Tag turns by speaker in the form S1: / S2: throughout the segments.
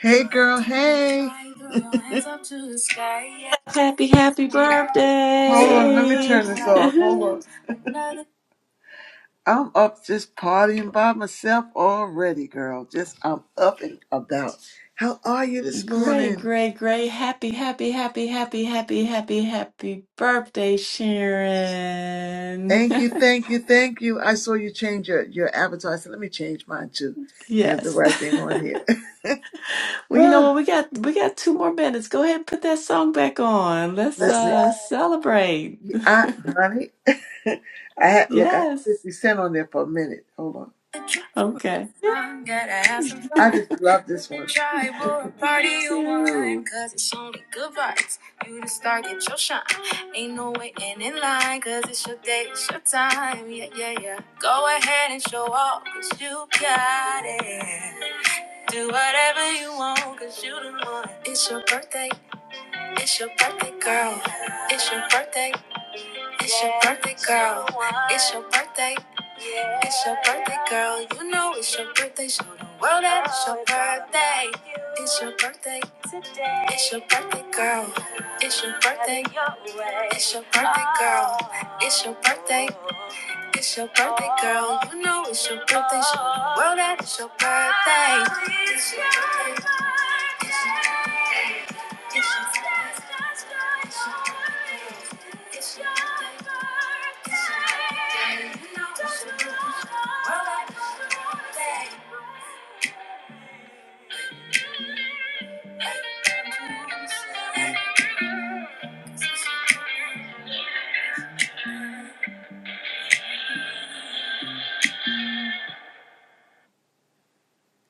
S1: Hey girl, hey. Hold
S2: Happy, happy
S1: on, let me
S2: birthday.
S1: turn this off. Hold on. I'm up just partying by myself already, girl. Just I'm up and about. How are you this
S2: great,
S1: morning?
S2: great, great. Happy, happy, happy, happy, happy, happy, happy birthday, Sharon.
S1: Thank you, thank you, thank you. I saw you change your, your avatar. I said, let me change mine too to have the
S2: yes.
S1: right thing on here.
S2: well, you know
S1: Ah,
S2: what? We got we got two more minutes. Go ahead and put that song back on. Let's
S1: let me,
S2: uh celebrate.
S1: I, honey, I had, look, I had
S2: Yes.
S1: 50 Cent on there for a minute. Hold on.
S2: Okay. Yay.
S1: I just love this one.
S2: Me too.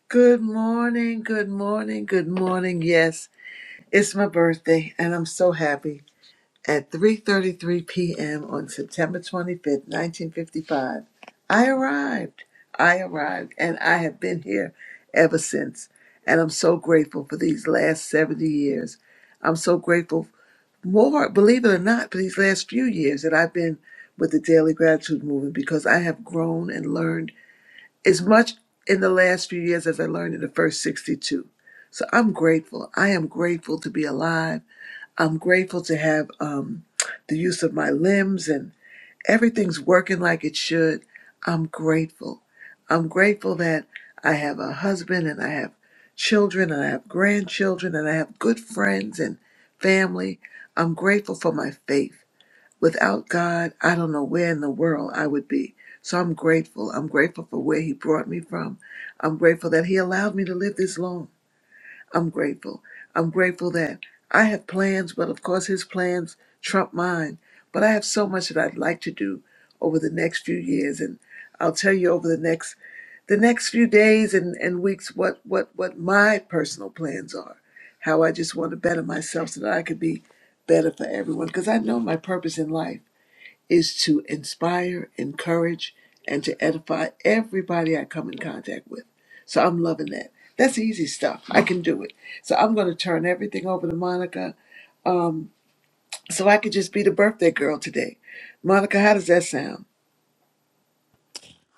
S1: Good morning, good morning, good morning. Yes, it's my birthday and I'm so happy. At 3:33 p.m. on September 25th, 1955, I arrived. I arrived and I have been here ever since. And I'm so grateful for these last 70 years. I'm so grateful more, believe it or not, for these last few years that I've been with the Daily Gratitude Movement because I have grown and learned as much in the last few years as I learned in the first 62. So I'm grateful. I am grateful to be alive. I'm grateful to have um, the use of my limbs and everything's working like it should. I'm grateful. I'm grateful that I have a husband and I have children and I have grandchildren and I have good friends and family. I'm grateful for my faith. Without God, I don't know where in the world I would be. So I'm grateful. I'm grateful for where He brought me from. I'm grateful that He allowed me to live this long. I'm grateful. I'm grateful that I have plans, but of course his plans trump mine. But I have so much that I'd like to do over the next few years and I'll tell you over the next the next few days and, and weeks what, what, what my personal plans are. How I just want to better myself so that I could be better for everyone. Because I know my purpose in life is to inspire, encourage, and to edify everybody I come in contact with. So I'm loving that. That's easy stuff. I can do it. So I'm going to turn everything over to Monica um, so I could just be the birthday girl today. Monica, how does that sound?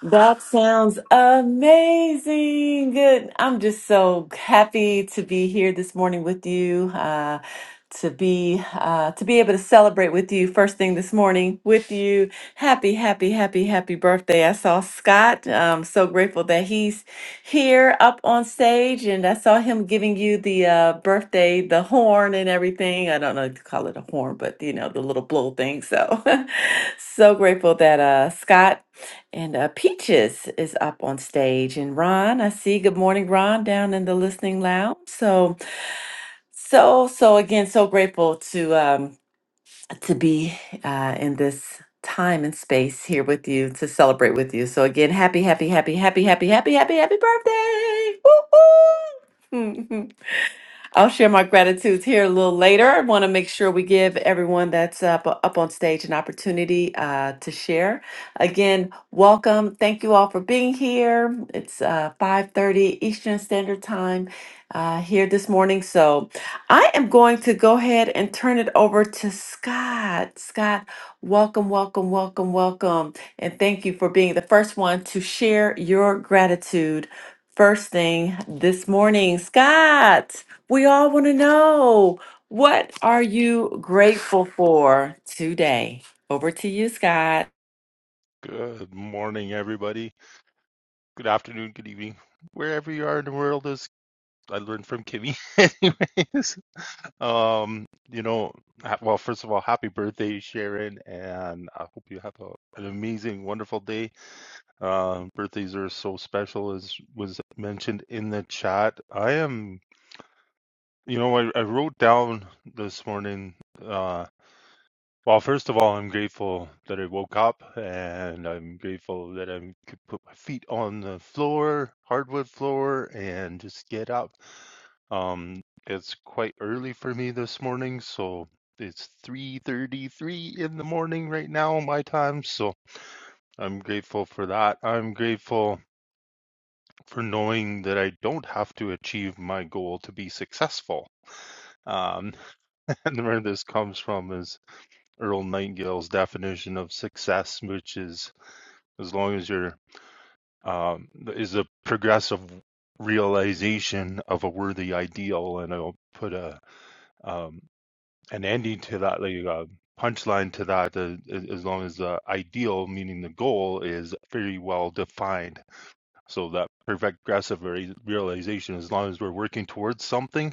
S2: That sounds amazing. Good. I'm just so happy to be here this morning with you. Uh, to be uh, to be able to celebrate with you first thing this morning with you. Happy, happy, happy, happy birthday! I saw Scott. I'm so grateful that he's here up on stage, and I saw him giving you the uh, birthday, the horn, and everything. I don't know if you call it a horn, but you know the little blow thing. So, so grateful that uh, Scott. And uh, Peaches is up on stage, and Ron, I see. Good morning, Ron, down in the listening lounge. So, so, so again, so grateful to um, to be uh, in this time and space here with you to celebrate with you. So again, happy, happy, happy, happy, happy, happy, happy, happy birthday! Woo-hoo! I'll share my gratitudes here a little later. I want to make sure we give everyone that's up, up on stage an opportunity uh, to share. Again, welcome. Thank you all for being here. It's uh, 5.30 Eastern Standard Time uh, here this morning. So I am going to go ahead and turn it over to Scott. Scott, welcome, welcome, welcome, welcome. And thank you for being the first one to share your gratitude first thing this morning. Scott. We all want to know what are you grateful for today? Over to you, Scott.
S3: Good morning, everybody. Good afternoon, good evening, wherever you are in the world. Is I learned from Kimmy, anyways. Um, you know, ha- well, first of all, happy birthday, Sharon, and I hope you have a, an amazing, wonderful day. Um, birthdays are so special, as was mentioned in the chat. I am, you know, I, I wrote down this morning. um Well, first of all, I'm grateful that I woke up and I'm grateful that I could put my feet on the floor, hardwood floor, and just get up. Um, it's quite early for me this morning, so it's 3:33 in the morning right now my time, so I'm grateful for that. I'm grateful for knowing that I don't have to achieve my goal to be successful. Um, and where this comes from is Earl Nightingale's definition of success, which is as long as you're um, is a progressive realization of a worthy ideal, and I'll put a um, an ending to that, like a punchline to that, uh, as long as the ideal, meaning the goal, is very well defined. So that progressive re- realization, as long as we're working towards something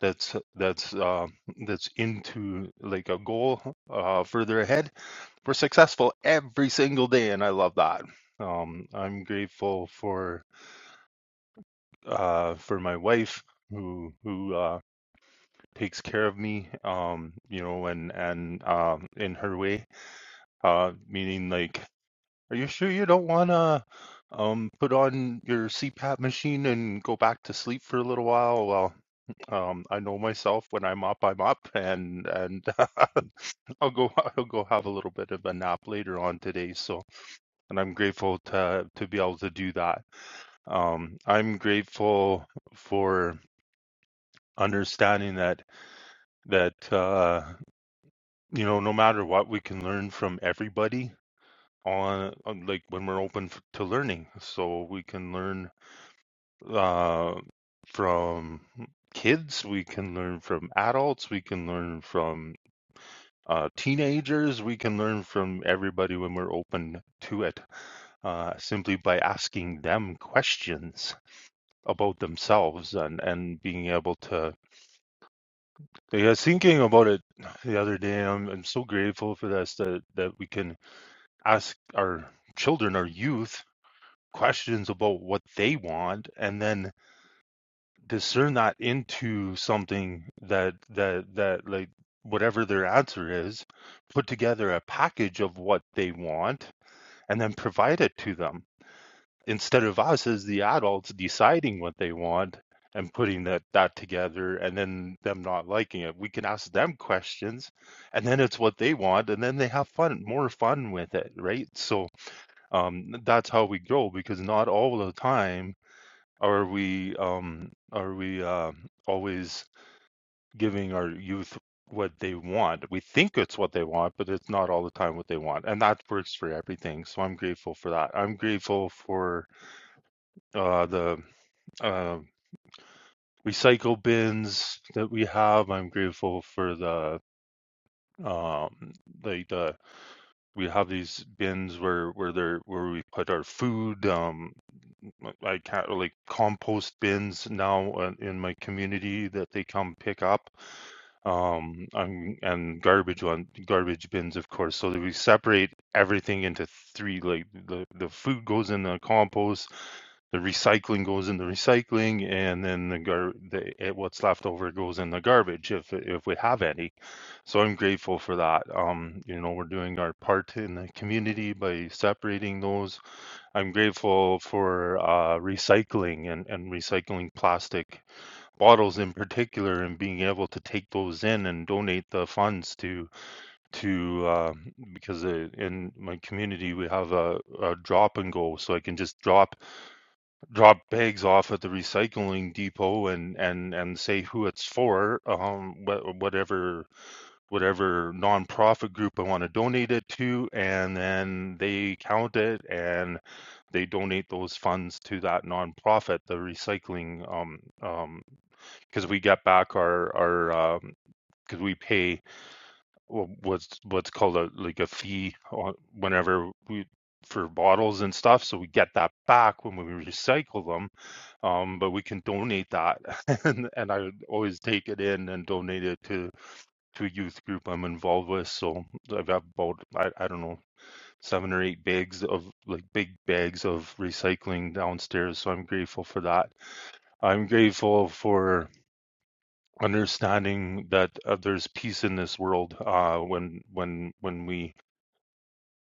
S3: that's that's uh, that's into like a goal uh, further ahead. We're successful every single day, and I love that. Um, I'm grateful for uh, for my wife who who uh, takes care of me, um, you know, and and um, in her way, uh, meaning like, are you sure you don't wanna um, put on your CPAP machine and go back to sleep for a little while? Well, Um, I know myself when I am up, I am up, and and I'll go I'll go have a little bit of a nap later on today. So, and I'm grateful to to be able to do that. Um, I'm grateful for understanding that that uh, you know no matter what we can learn from everybody on, on like when we're open f- to learning. So we can learn uh, from kids, we can learn from adults, we can learn from uh, teenagers, we can learn from everybody when we're open to it, uh, simply by asking them questions about themselves and, and being able to. I was thinking about it the other day. I'm, I'm so grateful for this that, that we can ask our children, our youth, questions about what they want and then discern that into something that, that, that, like, whatever their answer is, put together a package of what they want and then provide it to them instead of us as the adults deciding what they want and putting that that together and then them not liking it we can ask them questions and then it's what they want and then they have fun more fun with it right so um that's how we grow because not all the time are we um are we uh, always giving our youth what they want. We think it's what they want, but it's not all the time what they want. And that works for everything. So I'm grateful for that. I'm grateful for uh, the uh, recycle bins that we have. I'm grateful for the um like the we have these bins where where there where we put our food um i can't like compost bins now uh, in my community that they come pick up um on and garbage on garbage bins of course so that we separate everything into three like the the food goes in the compost the recycling goes in the recycling and then the gar the eh, what's left over goes in the garbage if if we have any so i'm grateful for that um you know we're doing our part in the community by separating those i'm grateful for uh recycling and and recycling plastic bottles in particular and being able to take those in and donate the funds to to um, because uh, in my community we have a, a drop and go so i can just drop drop bags off at the recycling depot and and and say who it's for um wha- whatever whatever nonprofit group i want to donate it to and then they count it and they donate those funds to that nonprofit the recycling um, um because we got back our our um, because we pay what's what's called a like a fee whenever we for bottles and stuff so we get that back when we recycle them um but we can donate that and and i would always take it in and donate it to to a youth group i'm involved with so i've got about i, I don't know seven or eight bags of like big bags of recycling downstairs so i'm grateful for that i'm grateful for understanding that uh, there's peace in this world uh, when when when we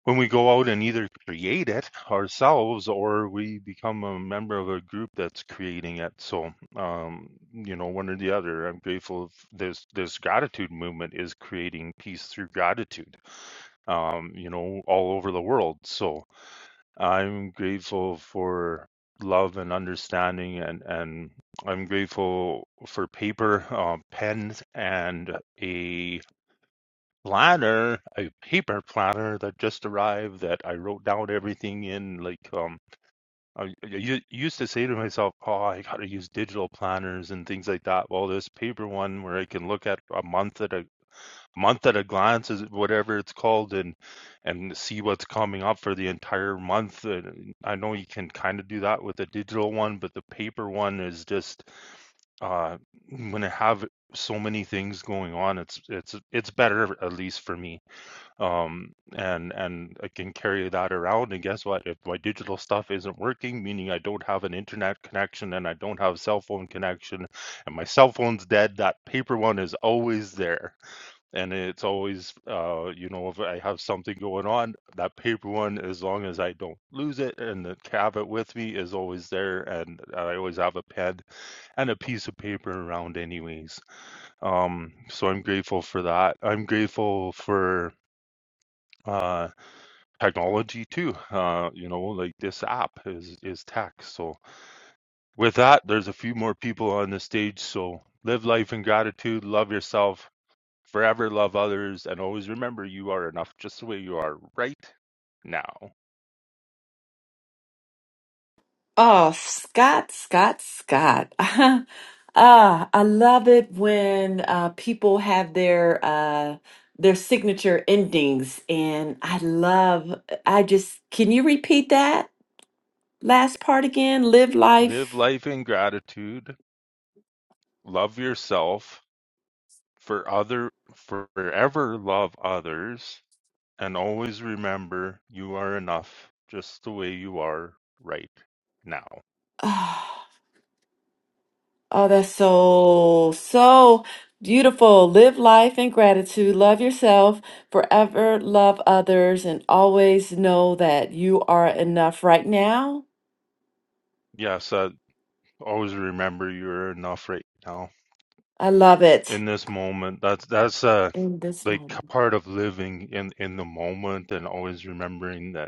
S3: when we go out and either create it ourselves or we become a member of a group that's creating it. So um, you know, one or the other. I'm grateful of this this gratitude movement is creating peace through gratitude. Um, you know, all over the world. So I'm grateful for love and understanding, and and I'm grateful for paper, um, pens, and a planner, a paper planner that just arrived that I wrote down everything in. Like um, I, I u- used to say to myself, "Oh, I gotta use digital planners and things like that." Well, this paper one where I can look at a month at a month at a glance is whatever it's called and and see what's coming up for the entire month and i know you can kind of do that with a digital one but the paper one is just uh when i have so many things going on it's it's it's better at least for me um and and i can carry that around and guess what if my digital stuff isn't working meaning i don't have an internet connection and i don't have cell phone connection and my cell phone's dead that paper one is always there and it's always uh you know if i have something going on that paper one as long as i don't lose it and the cabinet with me is always there and i always have a pen and a piece of paper around anyways um so i'm grateful for that i'm grateful for uh technology too uh you know like this app is is tech so with that there's a few more people on the stage so live life in gratitude love yourself Forever love others and always remember you are enough just the way you are right now.
S2: Oh, Scott, Scott, Scott. ah, I love it when uh, people have their uh, their signature endings, and I love. I just can you repeat that last part again? Live
S3: Live
S2: life.
S3: life in gratitude. Love yourself. For other forever love others and always remember you are enough just the way you are right now.
S2: Oh, that's so, so beautiful. Live life in gratitude. Love yourself forever. Love others and always know that you are enough right now.
S3: Yes, uh, always remember you're enough right now.
S2: I love
S3: In
S2: it
S3: this moment, that's that's uh
S2: in this
S3: like a
S2: moment.
S3: part of living in in the moment and always remembering that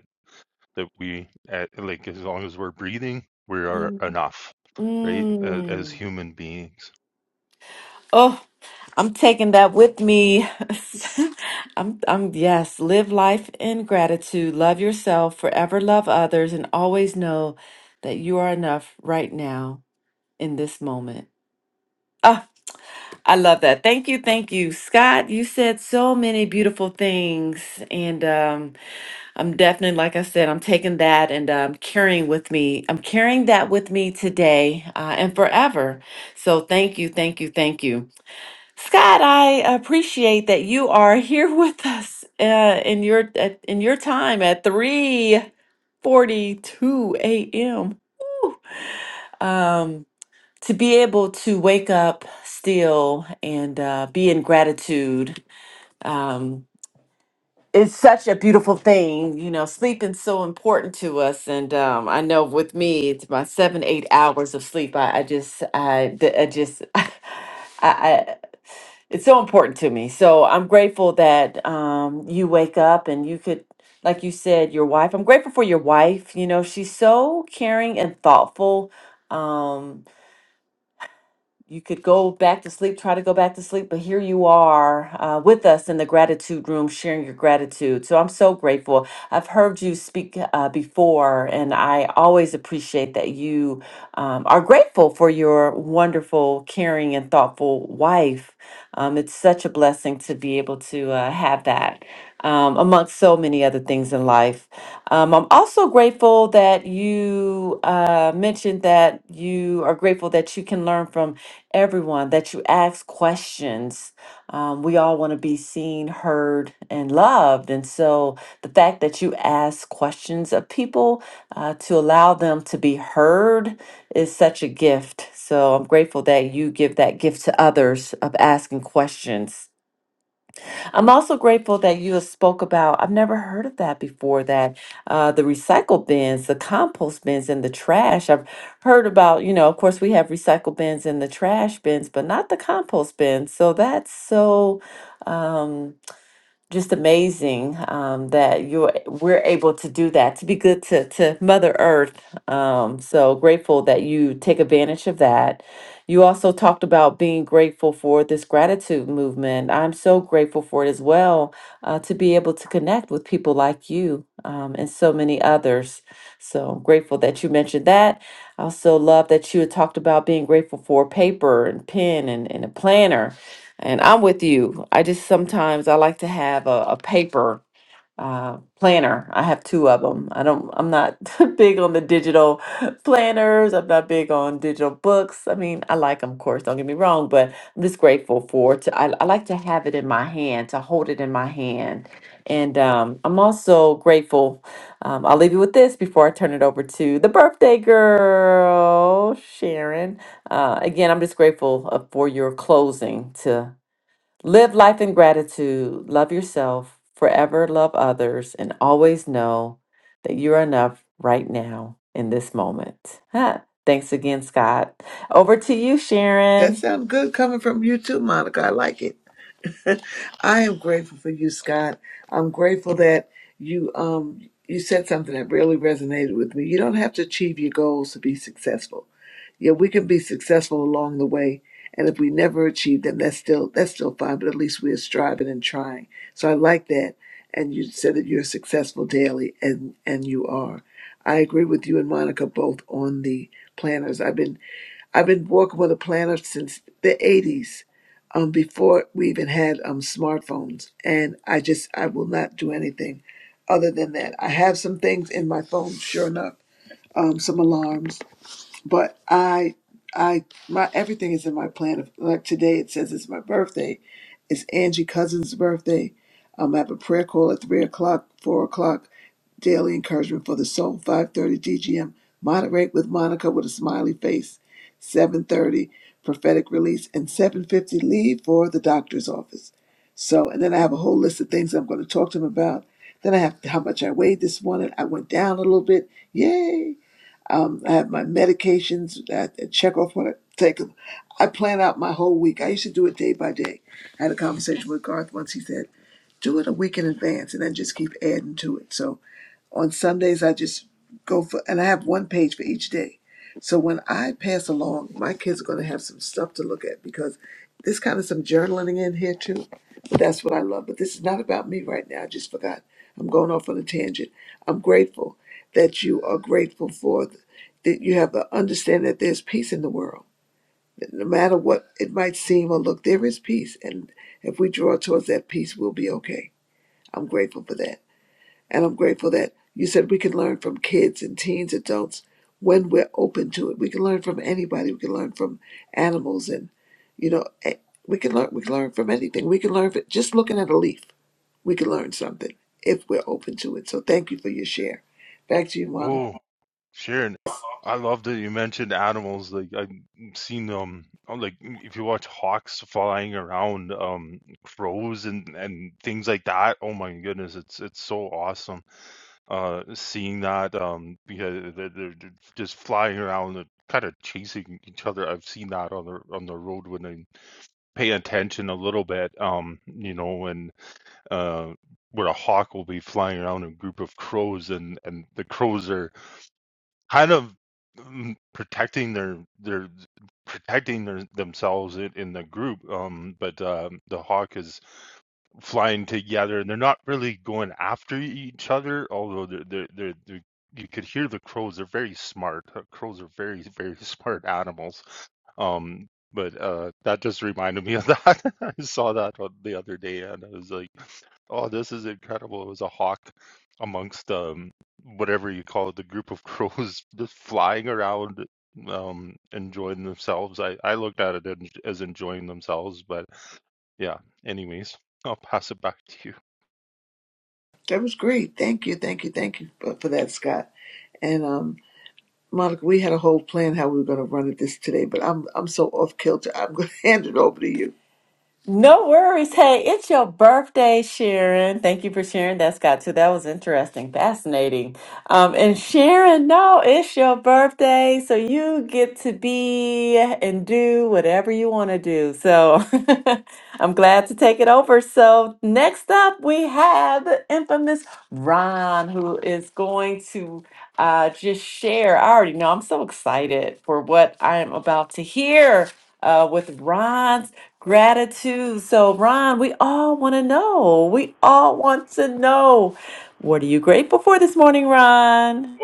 S3: that we at, like as long as we're breathing we are
S2: Mm.
S3: enough right as, as
S2: Mm.
S3: human beings
S2: Oh, I'm taking that with me. I'm, I'm, yes, live life in gratitude. Love yourself forever. Love others and always know that you are enough right now in this moment. Ah, I love that. Thank you. Thank you. Scott, you said so many beautiful things. And um, I'm definitely, like I said, I'm taking that and um, carrying with me. I'm carrying that with me today uh, and forever. So thank you. Thank you. Thank you. Scott, I appreciate that you are here with us uh, in your at, in your time at 3:42 a.m. Um, to be able to wake up still and uh, be in gratitude um, it's such a beautiful thing. You know, sleeping's so important to us, and um, I know with me, it's my seven, eight hours of sleep. I, I just, I, d- I just, I, I, it's so important to me. So I'm grateful that um, you wake up and you could, like you said, your wife. I'm grateful for your wife. You know, she's so caring and thoughtful. Um, you could go back to sleep, try to go back to sleep, but here you are uh, with us in the gratitude room sharing your gratitude. So I'm so grateful. I've heard you speak uh, before, and I always appreciate that you um, are grateful for your wonderful, caring, and thoughtful wife. Um, it's such a blessing to be able to uh, have that, um, amongst so many other things in life. Um, I'm also grateful that you uh, mentioned that you are grateful that you can learn from everyone, that you ask questions. Um, we all want to be seen, heard, and loved. And so the fact that you ask questions of people uh, to allow them to be heard is such a gift. So I'm grateful that you give that gift to others of asking questions. I'm also grateful that you have spoke about. I've never heard of that before. That uh, the recycle bins, the compost bins, and the trash. I've heard about. You know, of course, we have recycle bins and the trash bins, but not the compost bins. So that's so. Um, just amazing um, that you are- we're able to do that to be good to to Mother Earth. Um, so grateful that you take advantage of that. You also talked about being grateful for this gratitude movement. I'm so grateful for it as well uh, to be able to connect with people like you um, and so many others. So grateful that you mentioned that. I also love that you had talked about being grateful for paper and pen and, and a planner and I'm with you. I just sometimes I like to have a, a paper uh, planner. I have two of them. I don't. I'm not big on the digital planners. I'm not big on digital books. I mean, I like them, of course. Don't get me wrong, but I'm just grateful for. To, I, I like to have it in my hand, to hold it in my hand, and um, I'm also grateful. Um, I'll leave you with this before I turn it over to the birthday girl, Sharon. Uh, again, I'm just grateful uh, for your closing to Live life in gratitude. Love yourself, forever love others, and always know that you're enough right now in this moment. Huh. Thanks again, Scott. Over to you,
S1: That
S2: Sharon.
S1: sounds good coming from you too, Monica. I like it. I am grateful for you, Scott. I'm grateful that you um you said something that really resonated with me. You don't have to achieve your goals to be successful. Yeah, we can be successful along the way, and if we never achieve them, that's still that's still fine. But at least we are striving and trying. So I like that. And you said that you're successful daily, and and you are. I agree with you and Monica both on the planners. I've been I've been working with a planner since the 80s, um, before we even had um, smartphones. And I just, I will not do anything other than that. I have some things in my phone, sure enough, um, some alarms but I, I, my everything is in my plan. Of, like today, it says it's my birthday. It's Angie Cousins' birthday. Um, I have a prayer call at three o'clock, four o'clock. Daily encouragement for the soul. Five thirty DGM. Moderate with Monica with a smiley face. Seven thirty prophetic release and seven fifty leave for the doctor's office. So, and then I have a whole list of things I'm going to talk to him about. Then I have how much I weighed this morning. I went down a little bit. Yay! Um, I have my medications. I I check off when I take them. I plan out my whole week. I used to do it day by day. I had a conversation with Garth once. He said, "Do it a week in advance, and then just keep adding to it." So on Sundays, I just go for, and I have one page for each day. So when I pass along, my kids are going to have some stuff to look at because there's kind of some journaling in here too. But that's what I love. But this is not about me right now. I just forgot. I'm going off on a tangent. I'm grateful that you are grateful for that you have to understand that there's peace in the world. No matter what it might seem or look, there is peace. And if we draw towards that peace, we'll be okay. I'm grateful for that. And I'm grateful that you said we can learn from kids and teens, adults, when we're open to it. We can learn from anybody. We can learn from animals and, you know, eh, we can learn, we can learn from anything. We can learn from just looking at a leaf. We can learn something if we're open to it. So thank you for your share. Back to you, Monica.
S3: oh sharon i love that you mentioned animals like i've seen them, um like if you watch hawks flying around um crows and and things like that oh my goodness it's it's so awesome uh seeing that um because they're, they're they're just flying around and kind of chasing each other i've seen that on the on the road when i pay attention a little bit. Um, you know, and uh, where a hawk will be flying around a group of crows, and and the crows are kind of mm, protecting their their protecting their, themselves in, in the group. Um, but um, the hawk is flying together, and they're not really going after each other. Although they're they're they're, they're you could hear the crows. They're very smart. Uh, Crows are very very smart animals. Um, but uh, that just reminded me of that. I saw that on the other day, and I was like. Oh, this is incredible. It was a hawk amongst um whatever you call it, the group of crows just flying around um enjoying themselves. I I looked at it en- as enjoying themselves, but yeah, anyways, I'll pass it back to you.
S1: That was great. Thank you, thank you, thank you for, for that, Scott. And um, Monica, we had a whole plan how we were going to run it this today, but I'm I'm so off kilter. I'm going to hand it over to you.
S2: No worries. Hey, it's your birthday, Sharon. Thank you for sharing that, Scott, too. That was interesting, fascinating. Um, and Sharon, no, it's your birthday, so you get to be and do whatever you want to do. So I'm glad to take it over. So next up, we have the infamous Ron, who is going to uh, just share. I already know I'm so excited for what I am about to hear uh, with Ron Gratitude. So, Ron, we all want to know. We all want to know. What are you grateful for this morning, Ron?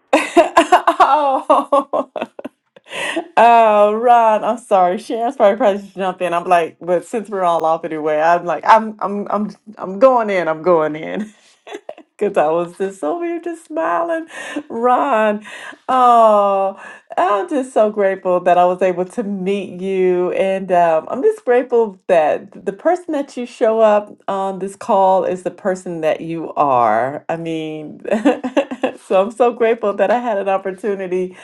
S2: oh, oh, Ron, I'm sorry. Sharon's probably probably should jump in. I'm like, but since we're all off anyway, I'm like, I'm, I'm, I'm, I'm going in. I'm going in. Because I was just over here just smiling. Ron, oh, I'm just so grateful that I was able to meet you. And um, I'm just grateful that the person that you show up on this call is the person that you are. I mean, so I'm so grateful that I had an opportunity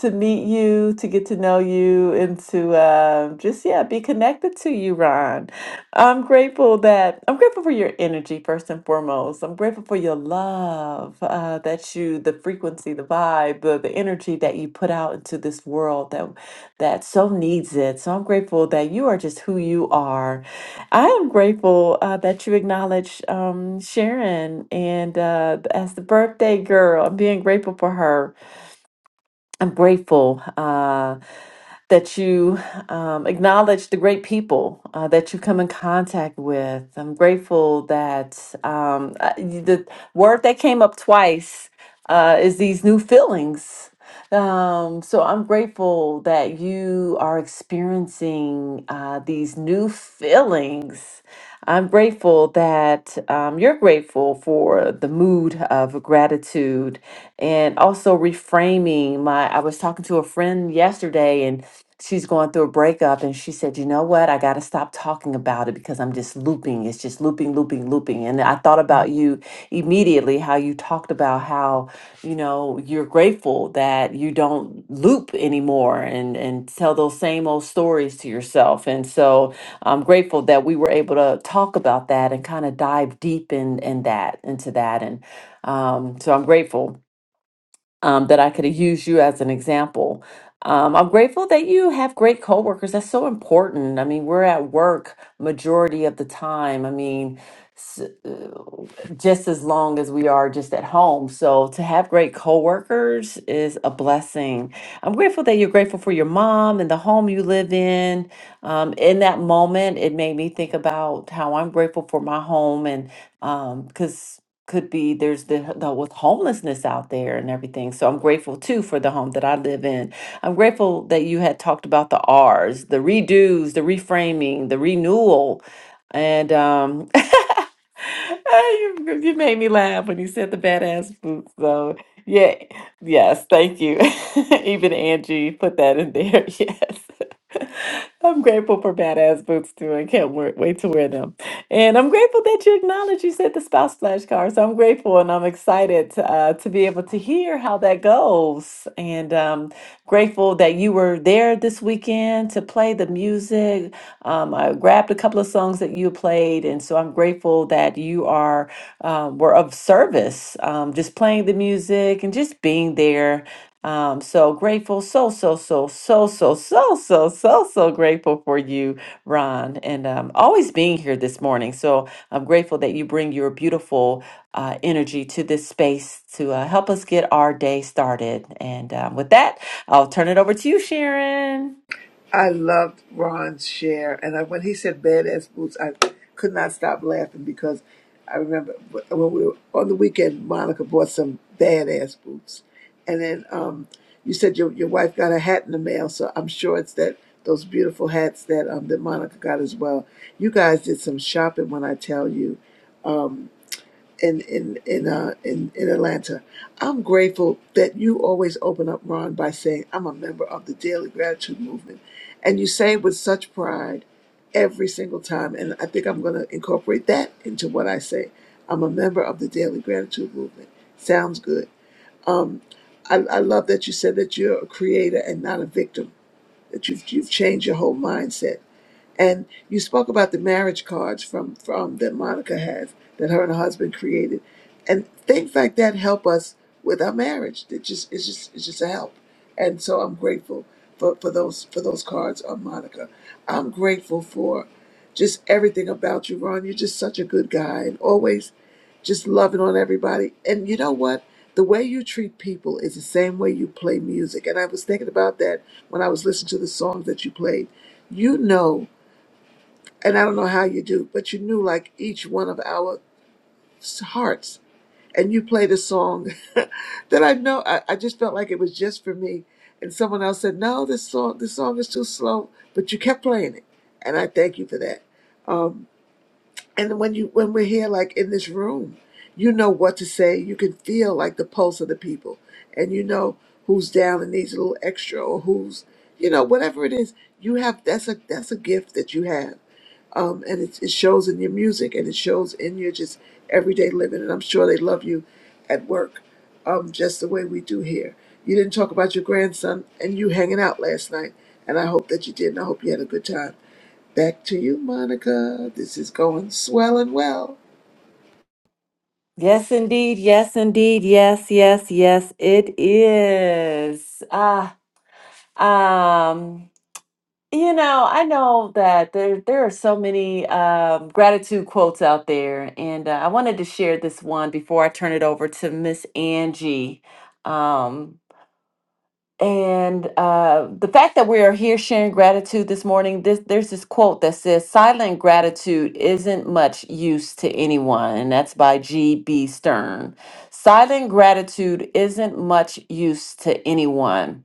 S2: to meet you, to get to know you, and to uh, just yeah be connected to you, Ron. I'm grateful that I'm grateful for your energy first and foremost. I'm grateful for your love uh, that you the frequency frequency, the vibe, the, the energy that you put out into this world that that so needs it. So I'm grateful that you are just who you are. I am grateful uh, that you acknowledge um, Sharon and uh, as the birthday girl. I'm being grateful for her. I'm grateful uh, that you um, acknowledge the great people uh, that you come in contact with. I'm grateful that um, uh, the word that came up twice uh, is these new feelings. Um, so I'm grateful that you are experiencing uh, these new feelings. I'm grateful that um, you're grateful for the mood of gratitude and also reframing my. I was talking to a friend yesterday and she's going through a breakup and she said, You know what? I got to stop talking about it because I'm just looping. It's just looping, looping, looping. And I thought about you immediately, how you talked about how, you know, you're grateful that you don't loop anymore and, and tell those same old stories to yourself. And so, I'm grateful that we were able to talk about that and kind of dive deep in in that into that, and um, so I'm grateful um, that I could use you as an example. Um, I'm grateful that you have great coworkers. That's so important. I mean, we're at work majority of the time. I mean, s- uh, just as long as we are just at home. So to have great coworkers is a blessing. I'm grateful that you're grateful for your mom and the home you live in. Um, in that moment, it made me think about how I'm grateful for my home and um because could be there's the, the with homelessness out there and everything so i'm grateful too for the home that i live in i'm grateful that you had talked about the r's the redos the reframing the renewal and um you, you made me laugh when you said the badass boots so yeah yes thank you even angie put that in there yes I'm grateful for badass boots too. I can't wait, wait to wear them. And I'm grateful that you acknowledge you said the spouse flashcards. I'm grateful and I'm excited uh, to be able to hear how that goes. And um, grateful that you were there this weekend to play the music. Um, I grabbed a couple of songs that you played. And so I'm grateful that you are um, were of service, um, just playing the music and just being there um, so grateful, so, so, so, so, so, so, so, so, so grateful for you, Ron, and um, always being here this morning. So I'm grateful that you bring your beautiful uh, energy to this space to uh, help us get our day started. And um, with that, I'll turn it over to you, Sharon.
S1: I loved Ron's share, and I, when he said "badass boots," I could not stop laughing because I remember when we were on the weekend, Monica bought some badass boots, and then um, you said your your wife got a hat in the mail, so I'm sure it's that those beautiful hats that um, that Monica got as well. You guys did some shopping when I tell you. Um, in in in uh in, in Atlanta. I'm grateful that you always open up, Ron, by saying I'm a member of the Daily Gratitude Movement, and you say it with such pride every single time. And I think I'm going to incorporate that into what I say. I'm a member of the Daily Gratitude Movement. Sounds good. Um, I, I love that you said that you're a creator and not a victim. That you've you've changed your whole mindset and you spoke about the marriage cards from from that Monica has that her and her husband created, and things like that help us with our marriage. It just it's just it's just a help, and so I'm grateful for for those for those cards on Monica. I'm grateful for just everything about you, Ron. You're just such a good guy, and always just loving on everybody. And you know what? The way you treat people is the same way you play music. And I was thinking about that when I was listening to the songs that you played. You know and I don't know how you do, but you knew like each one of our hearts. And you played a song that I know I, I just felt like it was just for me. And someone else said, "No, this song, this song is too slow," but you kept playing it, and I thank you for that. Um, and when you when we're here, like in this room, you know what to say. You can feel like the pulse of the people, and you know who's down and needs a little extra, or who's you know whatever it is. You have that's a that's a gift that you have um, and it, it shows in your music and it shows in your just everyday living and i'm sure they love you at work um, just the way we do here you didn't talk about your grandson and you hanging out last night and i hope that you did and i hope you had a good time back to you monica this is going swell and well
S2: Yes, indeed. Yes, indeed. Yes, yes, yes, it is. Ah, um, You know, I know that there there are so many um, gratitude quotes out there, and uh, I wanted to share this one before I turn it over to Miss Angie. Um, and uh, the fact that we are here sharing gratitude this morning, this, there's this quote that says, "Silent gratitude isn't much use to anyone," and that's by G. B. Stern. Silent gratitude isn't much use to anyone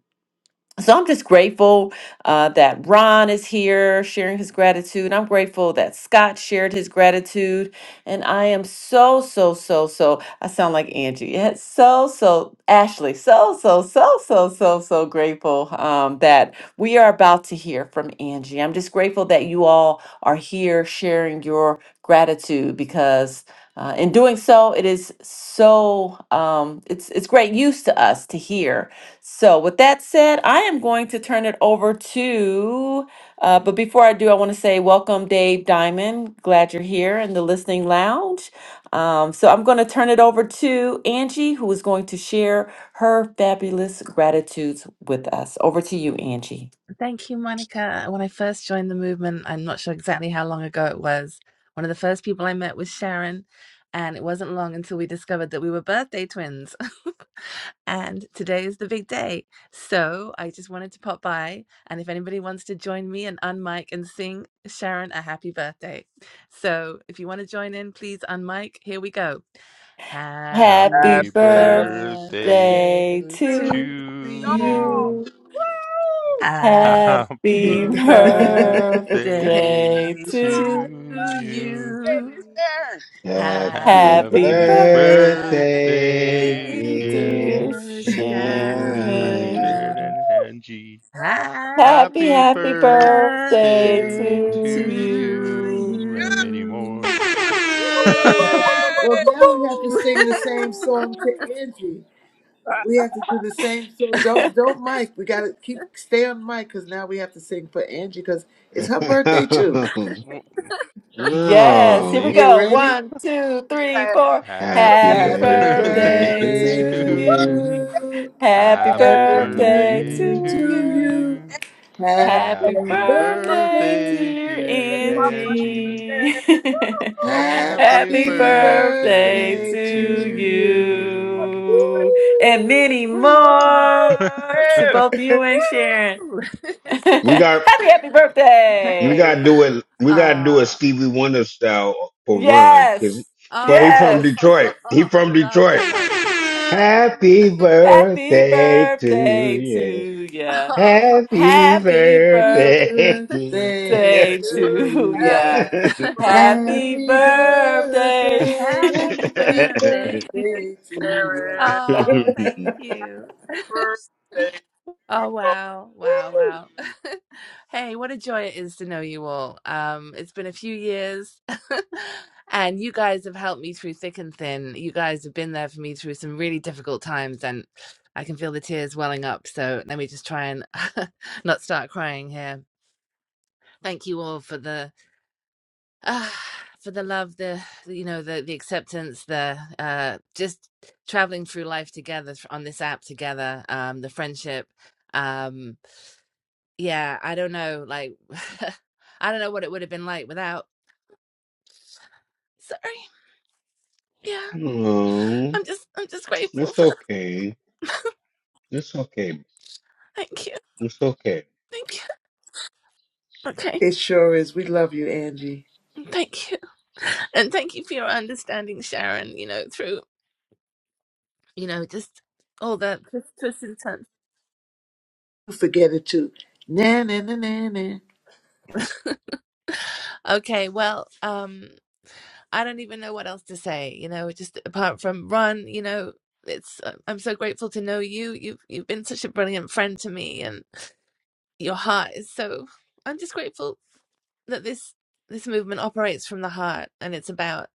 S2: so I'm just grateful uh, that Ron is here sharing his gratitude. I'm grateful that Scott shared his gratitude. And I am so, so, so, so I sound like Angie. Yes, so, so, Ashley, so, so, so, so, so, so grateful um, that we are about to hear from Angie. I'm just grateful that you all are here sharing your gratitude because uh, in doing so, it is so um, it's it's great use to us to hear. So, with that said, I am going to turn it over to. Uh, but before I do, I want to say welcome, Dave Diamond. Glad you're here in the listening lounge. Um, so I'm going to turn it over to Angie, who is going to share her fabulous gratitudes with us. Over to you, Angie.
S4: Thank you, Monica. When I first joined the movement, I'm not sure exactly how long ago it was. One of the first people I met was Sharon, and it wasn't long until we discovered that we were birthday twins. and today is the big day. So I just wanted to pop by, and if anybody wants to join me and unmic and sing Sharon a happy birthday. So if you want to join in, please unmic. Here we go.
S2: Happy
S4: Happy
S5: Happy
S3: Happy
S2: birthday
S4: birthday
S5: birthday
S3: birthday
S5: to
S3: to
S4: to
S2: to
S4: you.
S5: y'all.
S3: you.
S2: you.
S5: Woo!
S4: Happy
S3: Happy
S2: Happy
S4: birthday
S3: birthday
S2: birthday
S3: to
S4: to
S2: to
S5: God,
S3: you.
S5: it
S4: you.
S5: is
S2: you.
S5: there. Happy
S6: Happy
S2: Happy
S3: Happy
S4: Happy
S2: birthday,
S6: birthday,
S3: birthday,
S4: birthday,
S6: dear
S2: dear
S3: dear
S4: dear
S3: Sh- Sh- Auntie
S2: Sharon.
S6: you.
S3: Sharon
S4: Sharon.
S3: and Angie.
S5: birthday.
S2: Happy,
S3: Happy
S2: happy
S4: Happy
S3: birthday
S2: birthday
S4: birthday
S3: to
S2: to
S4: to
S2: you.
S3: you and many
S4: you.
S3: more.
S1: well now we have to sing the same song to angie
S5: Happy
S1: We have to do the same. So don't don't mic. We gotta keep stay on mic because now we have to sing for Angie because it's her birthday too.
S3: W- I said
S2: Yes,
S3: both
S2: here we
S6: oh,
S3: names.
S1: You
S2: go.
S1: ready?
S2: One, two, three, four.
S6: happy
S3: Happy
S2: Happy
S1: Happy
S6: birthday
S2: birthday
S3: birthday
S1: birthday to
S2: to
S3: to you.
S6: to
S2: you.
S1: you.
S2: Happy
S3: Happy
S1: Happy
S2: birthday
S3: birthday
S1: birthday
S3: to
S6: you.
S2: to
S1: to
S2: you.
S1: you.
S3: you.
S2: Happy
S1: Happy
S3: Happy
S2: birthday,
S1: birthday,
S3: birthday,
S2: dear
S1: dear
S3: dear
S1: Angie.
S3: Angie.
S2: Angie.
S3: Happy
S2: Happy
S1: Happy
S2: birthday
S3: birthday
S1: birthday
S3: to
S2: to
S1: to you.
S3: you.
S5: birthday.
S2: you. And
S1: Woo!
S2: many
S3: Woo!
S5: Woo!
S2: more to both you and Sharon.
S6: We got
S2: happy, happy
S6: we gotta do
S2: birthday.
S6: it we gotta do a
S4: Ah.
S6: Stevie Wonder style for Ron because
S2: Yes.
S6: but he from
S4: Oh,
S2: Yes.
S6: Detroit. He
S4: I
S6: from
S4: love, I
S6: Detroit.
S4: love, I
S3: Happy
S4: love
S6: Happy
S4: him.
S2: Happy
S6: birthday to
S2: birthday
S6: you.
S2: to ya.
S4: Oh,
S6: Happy
S2: Happy
S1: Happy
S2: birthday
S6: birthday.
S1: birthday
S2: to
S1: to ya.
S2: ya.
S5: Happy birthday.
S2: Happy
S1: Happy
S5: Happy
S3: birthday.
S2: birthday.
S1: birthday.
S4: happy
S1: Happy
S4: birthday.
S5: birthday,
S1: birthday to ya.
S5: Gary.
S4: Oh, thank you.
S5: Happy birthday
S4: Oh,
S5: to
S4: wow, wow,
S5: you.
S4: wow. Hey, what a joy it is to know you all. Um, it's been a few years, and you guys have helped me through thick and thin. You guys have been there for me through some really difficult times, and I can feel the tears welling up. So let me just try and not start crying here. thank you all for the uh, for the love the you know the the acceptance the uh just traveling through life together on this app together um the friendship um yeah i don't know like i don't know what it would have been like without sorry yeah
S6: oh,
S4: i'm just i'm just grateful
S6: it's
S4: for
S6: okay. It's okay.
S4: thank you
S6: It's okay.
S4: thank you okay
S1: It sure is. We love you, Angie.
S4: thank you and thank you for your understanding sharon you know through you know just all the twists twists and turns
S1: You forget it too. Na na na na na.
S4: okay well um I don't even know what else to say, you know, just apart from Ron, you know, it's I- I'm so grateful to know you. You've you've been such a brilliant friend to me and your heart is so I'm just grateful that this this movement operates from the heart and it's about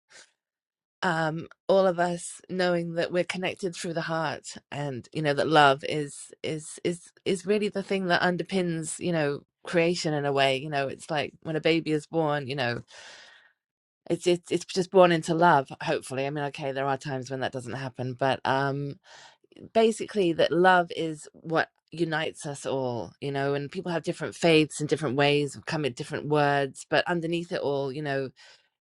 S4: um all of us knowing that we're connected through the heart and you know that love is is is is really the thing that underpins, you know, creation in a way, you know, it's like when a baby is born, you know, it's it's it's just born into love hopefully i mean okay there are times when that doesn't happen but um basically that love is what unites us all you know and people have different faiths and different ways of coming at different words but underneath it all you know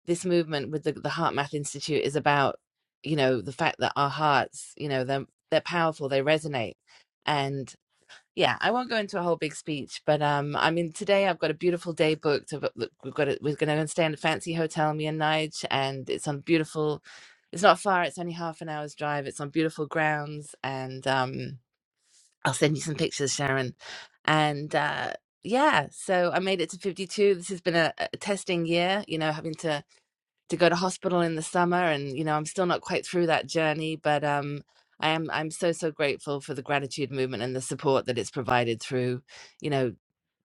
S4: this movement with the, the heart math institute is about you know the fact that our hearts you know they're they're powerful they resonate and yeah i won't go into a whole big speech but um i mean today i've got a beautiful day booked I've got- look, we've got it we're going to stay in a fancy hotel me and nige and it's on beautiful it's not far it's only half an hour's drive it's on beautiful grounds and um i'll send you some pictures sharon and uh yeah so i made it to 52 this has been a, a testing year you know having to to go to hospital in the summer and you know i'm still not quite through that journey but um i am i'm so so grateful for the gratitude movement and the support that it's provided through you know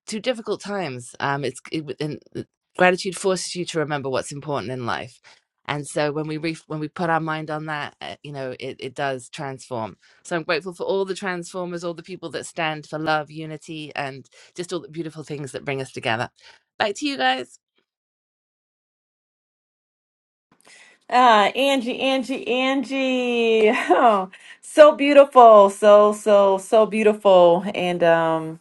S4: two difficult times um it's it, and uh, gratitude forces you to remember what's important in life and so when we re- when we put our mind on that uh, you know it, it does transform so i'm grateful for all the transformers all the people that stand for love unity and just all the beautiful things that bring us together back to you guys
S2: Ah, Angie, Angie, Angie. Oh, so beautiful. So, so, so beautiful. And, um,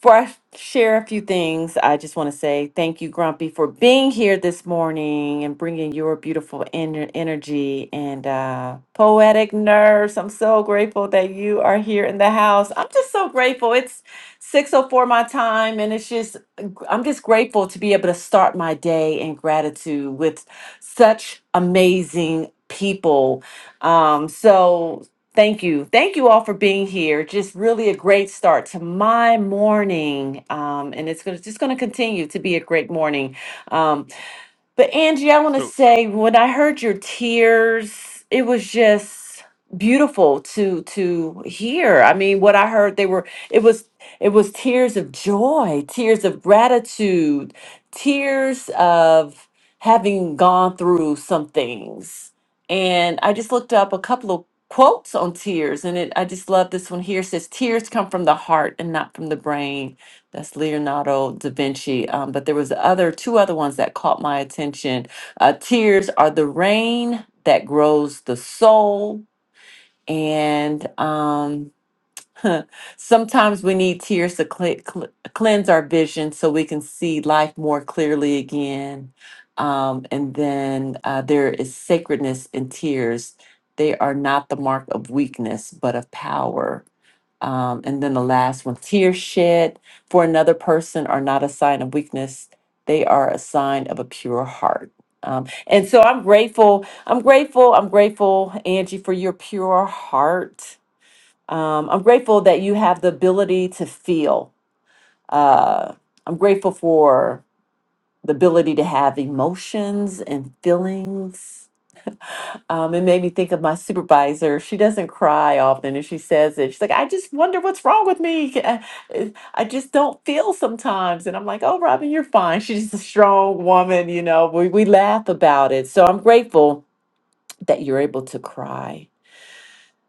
S2: Before I share a few things, I just want to say thank you, Grumpy, for being here this morning and bringing your beautiful ener- energy and uh, poetic nerves. I'm so grateful that you are here in the house. I'm just so grateful. It's 6:04 my time, and it's just I'm just grateful to be able to start my day in gratitude with such amazing people. Um, so thank you. Thank you all for being here. Just really a great start to my morning. Um, and it's gonna, just going to continue to be a great morning. Um, but Angie, I want to
S3: Oh,
S2: say when I heard your tears, it was just beautiful to to hear. I mean, what I heard they were it was it was tears of joy, tears of gratitude, tears of having gone through some things. And I just looked up a couple of quotes on tears and it I just love this one here It says tears come from the heart and not from the brain that's Leonardo da Vinci. Um, but there was other two other ones that caught my attention. Uh, Tears are the rain that grows the soul, and um, sometimes we need tears to cle- cle- cleanse our vision so we can see life more clearly again. Um, and then uh, there is sacredness in tears. They are not the mark of weakness, but of power um, and then the last one, tears shed for another person are not a sign of weakness. They are a sign of a pure heart. Um, and so I'm grateful. I'm grateful. I'm grateful, Angie, for your pure heart. Um, I'm grateful that you have the ability to feel. Uh, I'm grateful for the ability to have emotions and feelings um, it made me think of my supervisor. She doesn't cry often, and she says it. She's like, "I just wonder what's wrong with me. I, I I just don't feel sometimes." And I'm like, "Oh, Robin, you're fine." She's a strong woman, you know. We we laugh about it, so I'm grateful that you're able to cry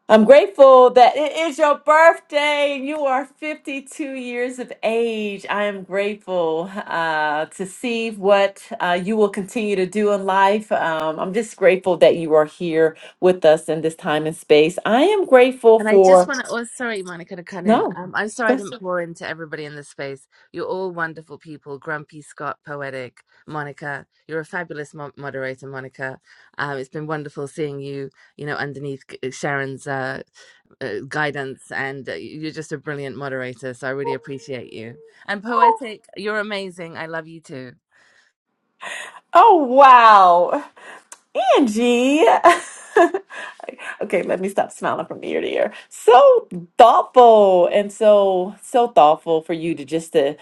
S2: I'm grateful that it is your birthday and you are 52 years of age. I am grateful uh, to see what uh, you will continue to do in life. Um, I'm just grateful that you are here with us in this time and space. I am grateful
S4: And I just
S2: for,
S4: want to, oh, sorry, Monica, to cut in.
S2: no,
S4: Um, I'm sorry I
S2: that's-
S4: didn't pour into everybody in this space. You're all wonderful people. Grumpy, Scott, Poetic, Monica. You're a fabulous mo- moderator, Monica. Um, it's been wonderful seeing you, you know, underneath G- uh, Sharon's uh, uh, guidance. And uh, you're just a brilliant moderator. So I really appreciate you. And
S2: oh,
S4: Poetic, you're amazing. I love you too.
S2: oh, wow. Angie. Okay, let me stop smiling from ear to ear. So thoughtful and so so thoughtful for you to just to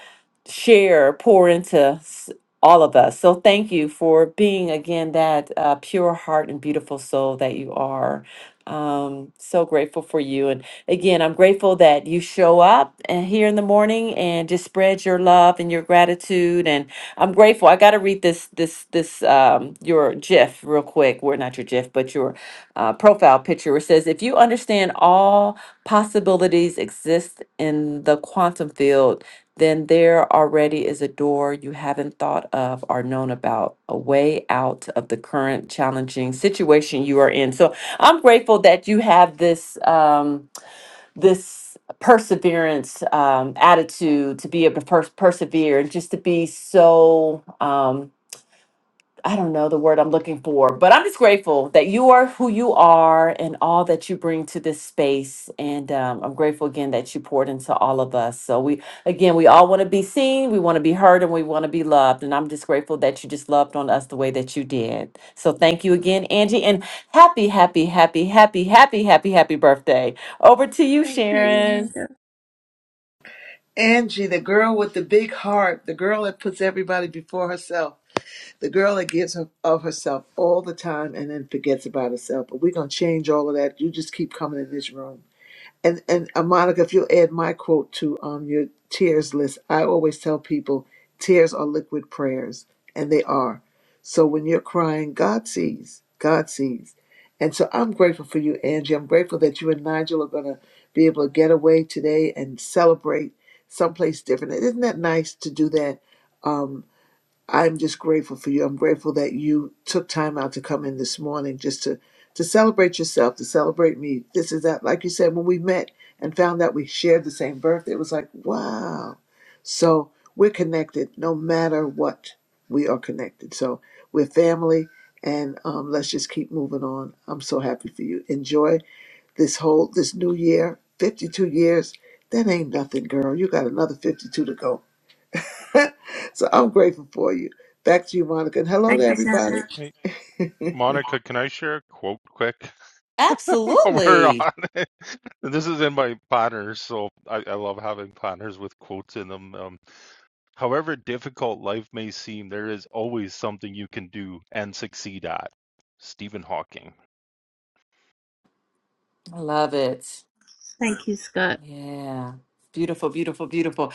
S2: share, pour into s- all of us. So thank you for being again that uh, pure heart and beautiful soul that you are. Um, so grateful for you, and again, I'm grateful that you show up uh, here in the morning and just spread your love and your gratitude. And I'm grateful. I got to read this this this um, your GIF real quick. We're not your GIF, but your uh, profile picture where it says, if you understand all possibilities exist in the quantum field, then there already is a door you haven't thought of or known about, a way out of the current challenging situation you are in. So I'm grateful that you have this um, this perseverance um, attitude to be able to pers- persevere and just to be so. Um, I don't know the word I'm looking for, but I'm just grateful that you are who you are and all that you bring to this space. And um, I'm grateful again that you poured into all of us. So we, again, we all want to be seen, we want to be heard, and we want to be loved. And I'm just grateful that you just loved on us the way that you did. So thank you again, Angie, and happy, happy, happy, happy, happy, happy, happy birthday. Over to you,
S4: Thank you,
S2: Sharon.
S4: Monica.
S1: Angie, the girl with the big heart, the girl that puts everybody before herself, the girl that gives her, of herself all the time and then forgets about herself. But we're going to change all of that. You just keep coming in this room. And and uh, Monica, if you'll add my quote to um your tears list, I always tell people tears are liquid prayers, and they are. So when you're crying, God sees. God sees. And so I'm grateful for you, Angie. I'm grateful that you and Nigel are gonna be able to get away today and celebrate someplace different. Isn't that nice to do that? Um, I'm just grateful for you. I'm grateful that you took time out to come in this morning just to to celebrate yourself, to celebrate me. This is that like you said when we met and found out we shared the same birthday, it was like, wow. So, we're connected no matter what. We are connected. So, we're family and um, let's just keep moving on. I'm so happy for you. Enjoy this whole this new year, 52 years. That ain't nothing, girl. You got another 52 to go. So I'm grateful for you. Back to you, Monica. And hello to
S4: Thank you,
S1: everybody.
S4: Sharon.
S3: hey, Monica, can I share a quote quick while we're on
S2: Absolutely.
S3: it? This is in my planners, so I, I love having planners with quotes in them. Um, however difficult life may seem, there is always something you can do and succeed at. Stephen Hawking.
S2: I love it.
S4: Thank you, Scott.
S2: Yeah. Beautiful, beautiful, beautiful.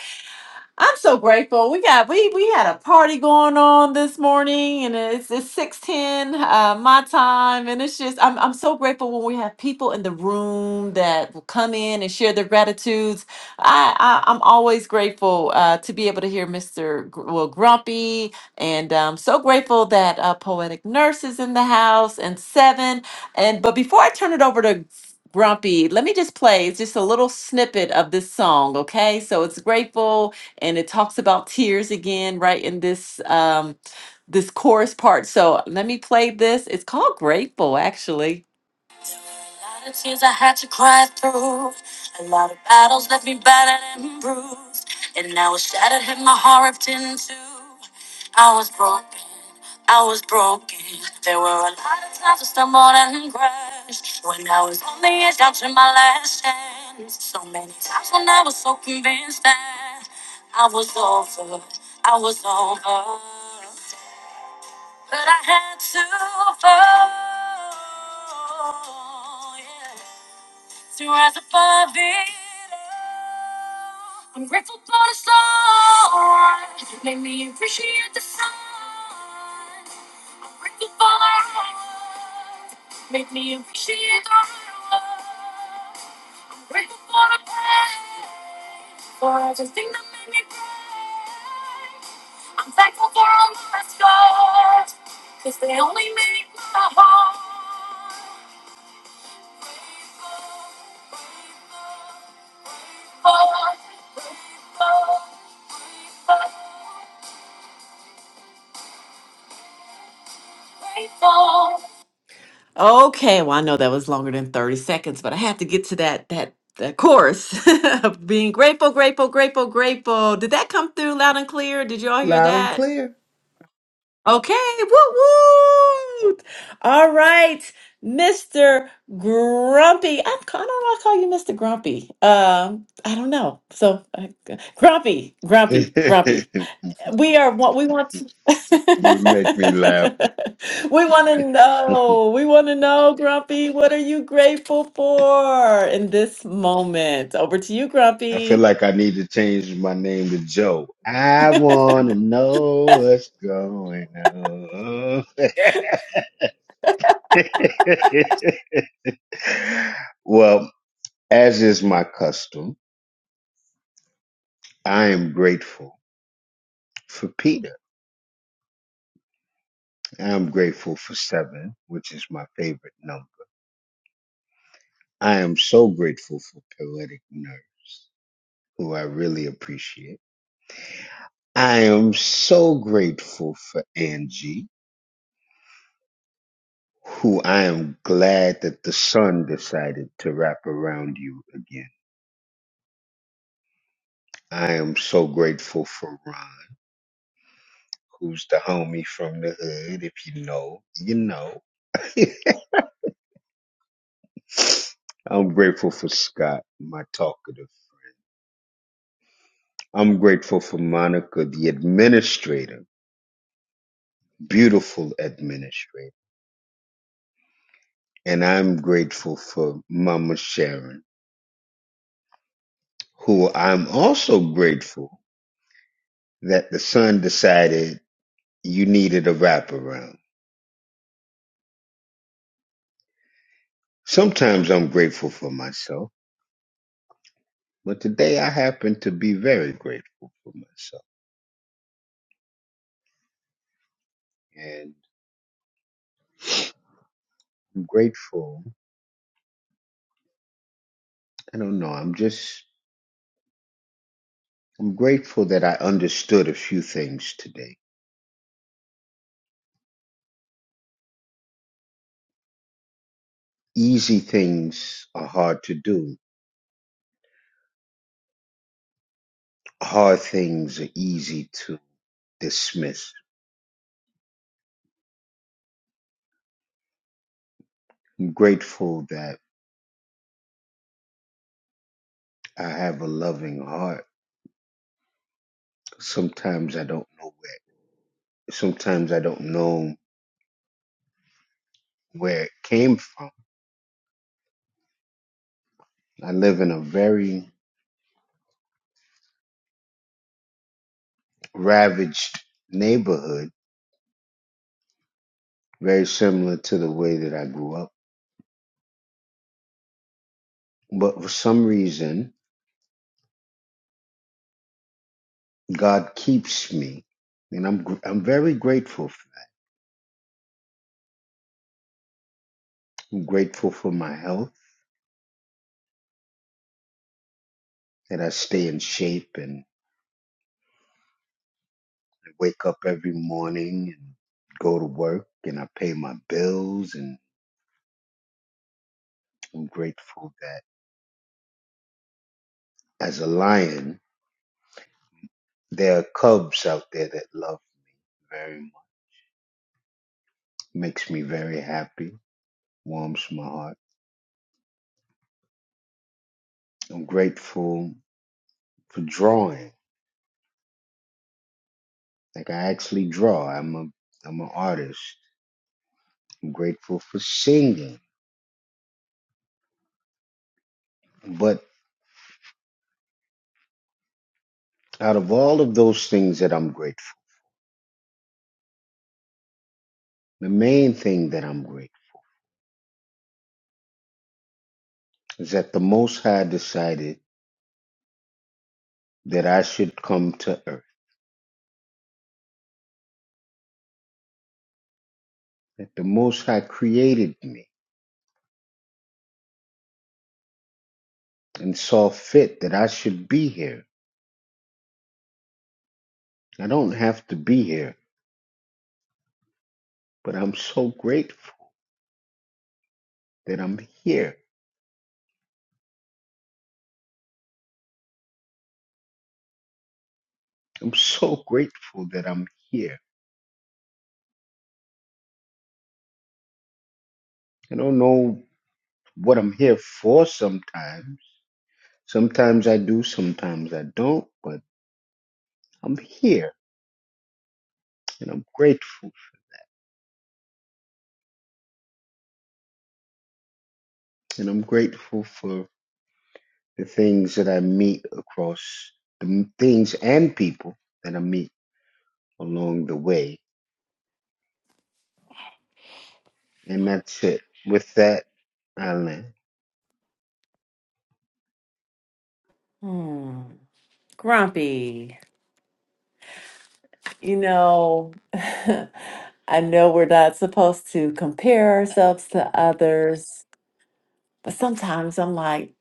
S2: I'm so grateful. We got we we had a party going on this morning, and it's it's six ten uh, my time, and it's just I'm I'm so grateful when we have people in the room that will come in and share their gratitudes. I, I I'm always grateful uh, to be able to hear Mister Gr- well Grumpy, and um, so grateful that uh, poetic nurse is in the house and seven. And but before I turn it over to Grumpy, let me just play just a little snippet of this song, okay? So it's grateful and it talks about tears again right in this um this chorus part so let me play this it's called grateful actually a lot of tears I had to cry through. A lot of battles left me battered and bruised. And I was shattered, had my heart ripped in two. I was broken, I was broken. There were a lot of times I stumbled and crashed. When I was on the edge, down to my last stand. So many times when I was so convinced that I was over, I was over. But I had to fall. Yeah to rise above it. all. I'm grateful for the soul. Made me appreciate the sun. I'm grateful for the rain. Made me appreciate the rain. Okay, well I know that was longer than 30 seconds, but I had to get to that that that chorus of being grateful, grateful, grateful, grateful. Did that come through loud and clear? Did you all hear
S1: Loud and
S2: that?
S1: clear.
S2: Okay, woo woo. All right, Mr. Grumpy. I'm, I don't know. why I call you Mr. Grumpy. Um, I don't know. So uh, Grumpy, Grumpy, Grumpy. We are what we want. To-
S6: you make me laugh.
S2: we want to know. We want to know, Grumpy. What are you grateful for in this moment? Over to you,
S6: I feel
S2: Grumpy.
S6: like I need to change my name to Joe. I want to know what's going on. well, as is my custom, I am grateful for Peter. I'm grateful for seven, which is my favorite number. I am so grateful for poetic nerves, who I really appreciate. I am so grateful for Angie, who I am glad that the sun decided to wrap around you again. I am so grateful for Ron, who's the homie from the hood. If you know, you know. I'm grateful for Scott, my talkative. I'm grateful for Monica, the administrator beautiful administrator. And I'm grateful for Mama Sharon, who I'm also grateful that the son decided you needed a wraparound. Sometimes I'm grateful for myself, but today I happen to be very grateful for myself. And I'm grateful, I don't know, I'm just, I'm grateful that I understood a few things today. Easy things are hard to do. Hard things are easy to dismiss grateful that I have a loving heart. Sometimes I don't know where sometimes I don't know where it came from. I live in a very ravaged neighborhood, very similar to the way that I grew up. But for some reason, God keeps me. And I'm gr- I'm very grateful. I'm grateful for my health, that I stay in shape and wake up every morning and go to work and I pay my bills and I'm grateful that. as a lion, there are cubs out there that love me very much. Makes me very happy, warms my heart. I'm grateful for drawing. Like I actually draw. I'm a I'm an artist. I'm grateful for singing. But out of all of those things that I'm grateful, the main thing that I'm grateful is that the Most High decided that I should come to earth. That the Most High created me and saw fit that I should be here. I don't have to be here. but I'm so grateful that I'm here. I'm so grateful that I'm here. I don't know what I'm here for sometimes. Sometimes I do, sometimes I don't, but I'm here and I'm grateful. And I'm grateful for the things that I meet across the m- things and people that I meet along the way. And that's it. With that, I land.
S2: Hmm, grumpy. You know, I know we're not supposed to compare ourselves to others, but sometimes I'm like,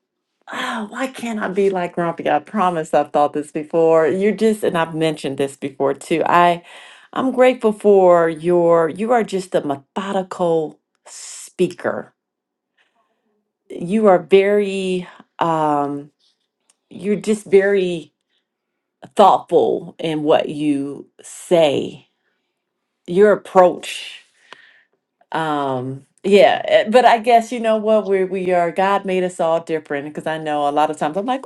S2: oh, why can't I be like Grumpy? I promise I've thought this before. You're just, and I've mentioned this before too. I, I'm grateful for your, you are just a methodical speaker. You are very, um, you're just very thoughtful in what you say, your approach. um yeah eh, but i guess you know what we we are god made us all different because i know a lot of times i'm like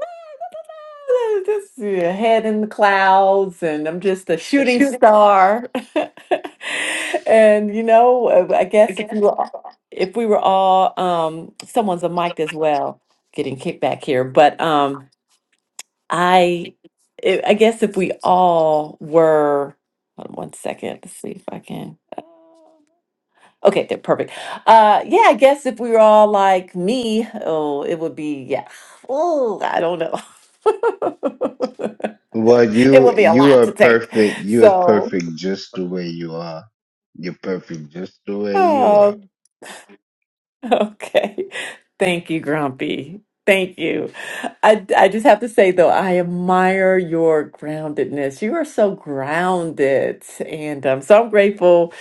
S2: "Ah, this yeah, head in the clouds and i'm just a shooting star and you know uh, i guess if we were all- if we were all um someone's a mic as well getting kicked back here but um i i I guess if we all were hold on one second let's see if i can uh, Okay, they're perfect. Uh, yeah, I guess if we were all like me, oh, it would be yeah. Oh, I don't know.
S6: Well,
S2: it
S6: you
S2: would be a
S6: you
S2: lot
S6: are
S2: to take.
S6: perfect. You are
S2: So,
S6: perfect just the way you are. You're perfect just the way you
S2: oh,
S6: are.
S2: Okay. Thank you, Grumpy. Thank you. I, I just have to say, though, I admire your groundedness. You are so grounded. And um, so I'm grateful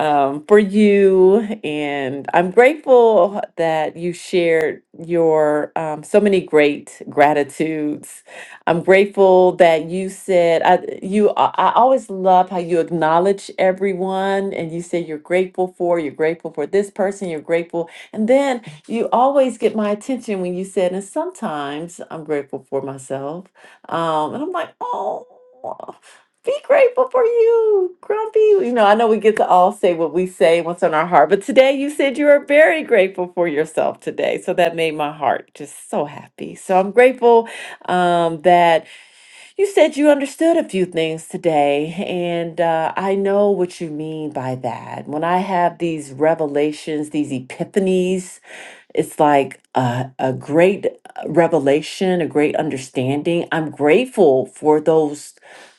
S2: um, for you. And I'm grateful that you shared your um, so many great gratitudes I'm grateful that you said I you I I always love how you acknowledge everyone and you say you're grateful for, you're grateful for this person, you're grateful. And then you always get my attention when you said, and sometimes I'm grateful for myself. Um, and I'm like, oh, be grateful for you, Grumpy. You know, I know we get to all say what we say, what's on our heart, but today you said you are very grateful for yourself today. So that made my heart just so happy. So I'm grateful um, that you said you understood a few things today, and uh, I know what you mean by that. When I have these revelations, these epiphanies, it's like a, a great uh, revelation, a great understanding. I'm grateful for those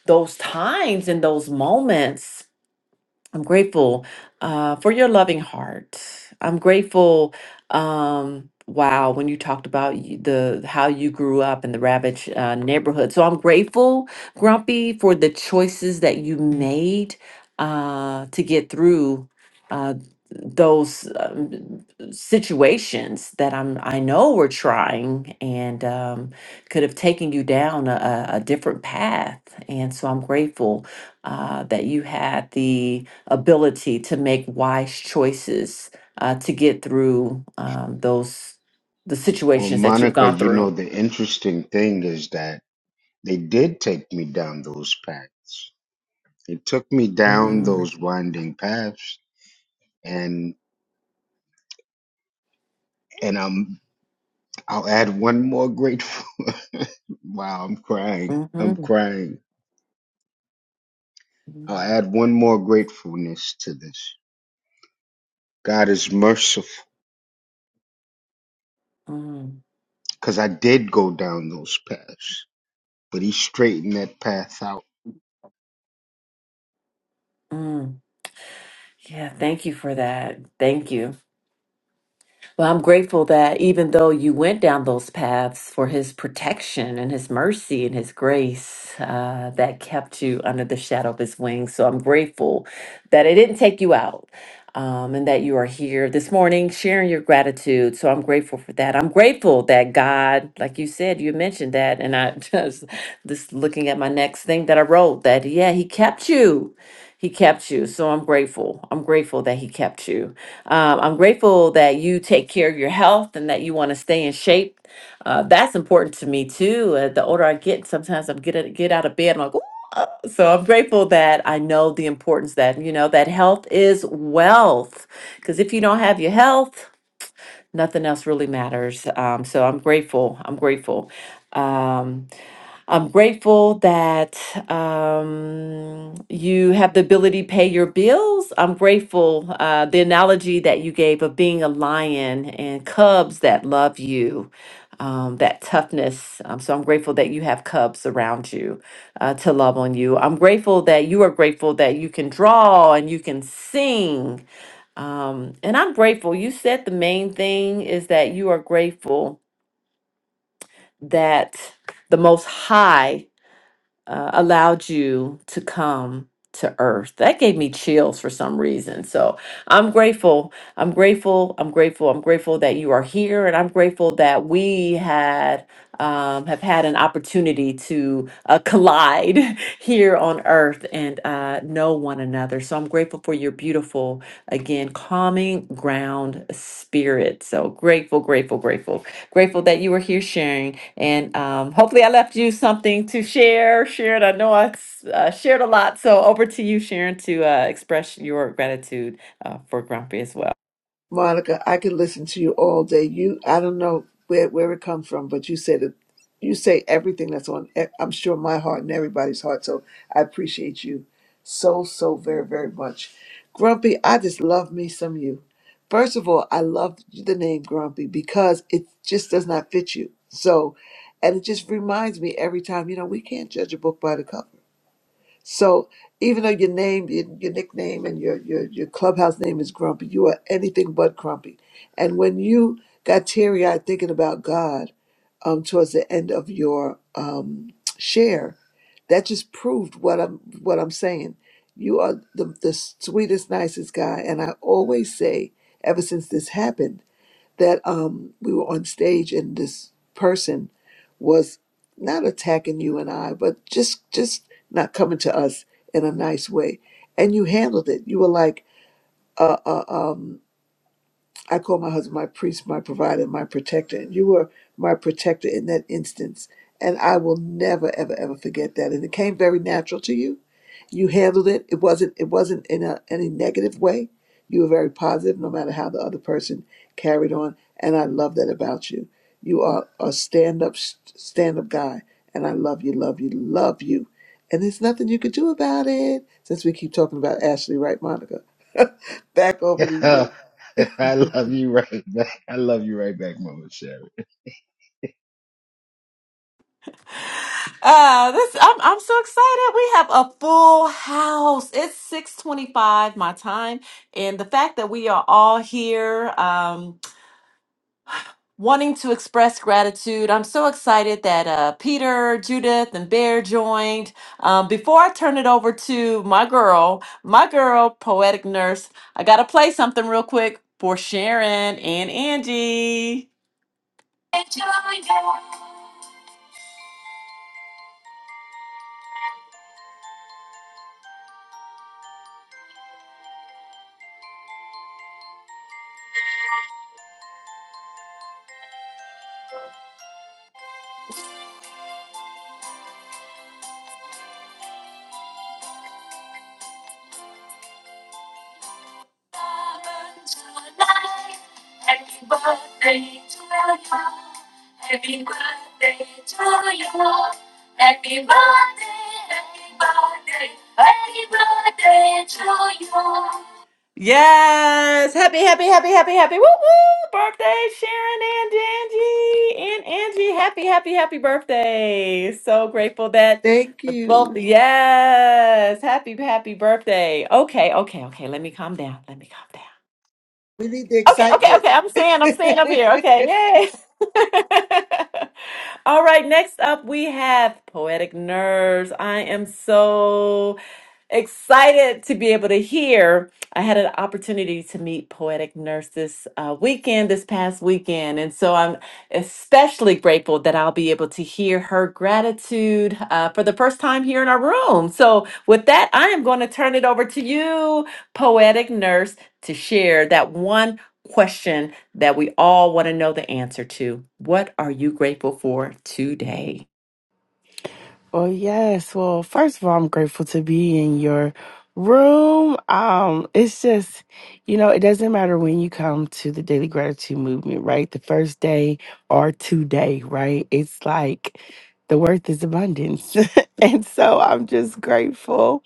S2: those times and those moments I'm grateful uh, for your loving heart. I'm grateful. Um, wow, when you talked about y- the how you grew up in the ravaged uh, neighborhood, so I'm grateful, Grumpy, for the choices that you made uh, to get through uh, those um, situations that I'm I know were trying and um, could have taken you down a, a a different path. And so I'm grateful uh, that you had the ability to make wise choices uh, to get through um, those the
S6: Well,
S2: situations that you've
S6: Monica,
S2: gone
S6: you know
S2: through.
S6: the interesting thing is that they did take me down those paths. They took me down
S2: Mm,
S6: those winding paths, and and I'm I'll add one more grateful. wow, I'm crying. I'm
S2: mhm,
S6: crying. I'll
S2: mm,
S6: add one more gratefulness to this. God is merciful
S2: mm,
S6: because I did go down those paths. but he straightened that path out.
S2: mm. Yeah, thank you for that. Thank you. Well, I'm grateful that even though you went down those paths for his protection and his mercy and his grace uh, that kept you under the shadow of his wings. So I'm grateful that it didn't take you out. um, and that you are here this morning sharing your gratitude. So I'm grateful for that. I'm grateful that God, like you said, you mentioned that, and I just this looking at my next thing that I wrote that yeah, He kept you. He kept you. So I'm grateful. I'm grateful that He kept you. Um, I'm grateful that you take care of your health and that you want to stay in shape. Uh, that's important to me too. Uh, the older I get, sometimes I'm get get out of bed. I'm like, "Ooh." Uh, so I'm grateful that I know the importance that, you know, that health is wealth. Because if you don't have your health, nothing else really matters. Um, so I'm grateful. I'm grateful. Um, I'm grateful that um, you have the ability to pay your bills. I'm grateful uh, the analogy that you gave of being a lion and cubs that love you, um, that toughness. Um, so I'm grateful that you have cubs around you uh, to love on you. I'm grateful that you are grateful that you can draw and you can sing. Um, and I'm grateful. You said the main thing is that you are grateful that the Most High uh, allowed you to come to earth. That gave me chills for some reason. So I'm grateful. I'm grateful. I'm grateful. I'm grateful that you are here. And I'm grateful that we had. Um, have had an opportunity to uh, collide here on earth and uh, know one another. So I'm grateful for your beautiful, again, calming ground spirit. So grateful, grateful, grateful Grateful that you were here sharing. And um, hopefully, I left you something to share. Sharon, I know I uh, shared a lot. So, over to you, Sharon, to uh, express your gratitude uh, for Grumpy as well.
S1: Monica, I could listen to you all day. You, I don't know where where it comes from, but you said it. You say everything that's on. e- I'm sure my heart and everybody's heart. So I appreciate you so so very very much, Grumpy. I just love me some you. First of all, I love the name Grumpy because it just does not fit you. So, and it just reminds me every time. You know, we can't judge a book by the cover so even though your name, your, your nickname, and your, your your clubhouse name is Grumpy, you are anything but Grumpy. And when you got teary eyed thinking about God um, towards the end of your um, share, that just proved what I'm what I'm saying. You are the, the sweetest, nicest guy, and I always say, ever since this happened that um, we were on stage and this person was not attacking you and I, but just just not coming to us in a nice way. And you handled it. You were like, uh, uh, um, I call my husband my priest, my provider, my protector. And you were my protector in that instance. And I will never, ever, ever forget that. And it came very natural to you you handled it. It wasn't it wasn't in a any negative way. You were very positive, no matter how the other person carried on. And I love that about you. You are a stand up stand up guy, and I love you, love you, love you. And there's nothing you could do about it since we keep talking about Ashley, right, Monica? Back over to you.
S6: I love you right back. I love you right back, Mama Sharon.
S2: Uh, this I'm I'm so excited. We have a full house. It's 6:25 my time, and the fact that we are all here, um, wanting to express gratitude. I'm so excited that uh, Peter, Judith, and Bear joined. Um, before I turn it over to my girl, my girl, Poetic Nurse, I got to play something real quick for Sharon and Angie. Yes. Happy, happy, happy, happy, happy. Woo woo. Birthday, Sharon and Angie. And Angie, happy, happy, happy birthday. So grateful that
S1: Thank
S2: the
S1: you.
S2: both yes. Happy, happy birthday. Okay, okay, okay. Let me calm down. Let me calm down.
S1: We need the
S2: Okay, okay,
S1: excitement.
S2: okay. I'm staying. I'm staying up here. Okay, yay. All right, next up we have Poetic Nerves. I am so excited to be able to hear. I had an opportunity to meet Poetic Nurse this uh, weekend, this past weekend. And so I'm especially grateful that I'll be able to hear her gratitude uh, for the first time here in our room. So, with that, I am going to turn it over to you, Poetic Nurse, to share that one question that we all want to know the answer to. What are you grateful for today?
S7: Well, yes. Well, first of all, I'm grateful to be in your room. Um, it's just, you know, it doesn't matter when you come to the Daily Gratitude Movement, right? The first day or today, right? It's like the worth is abundance. and so I'm just grateful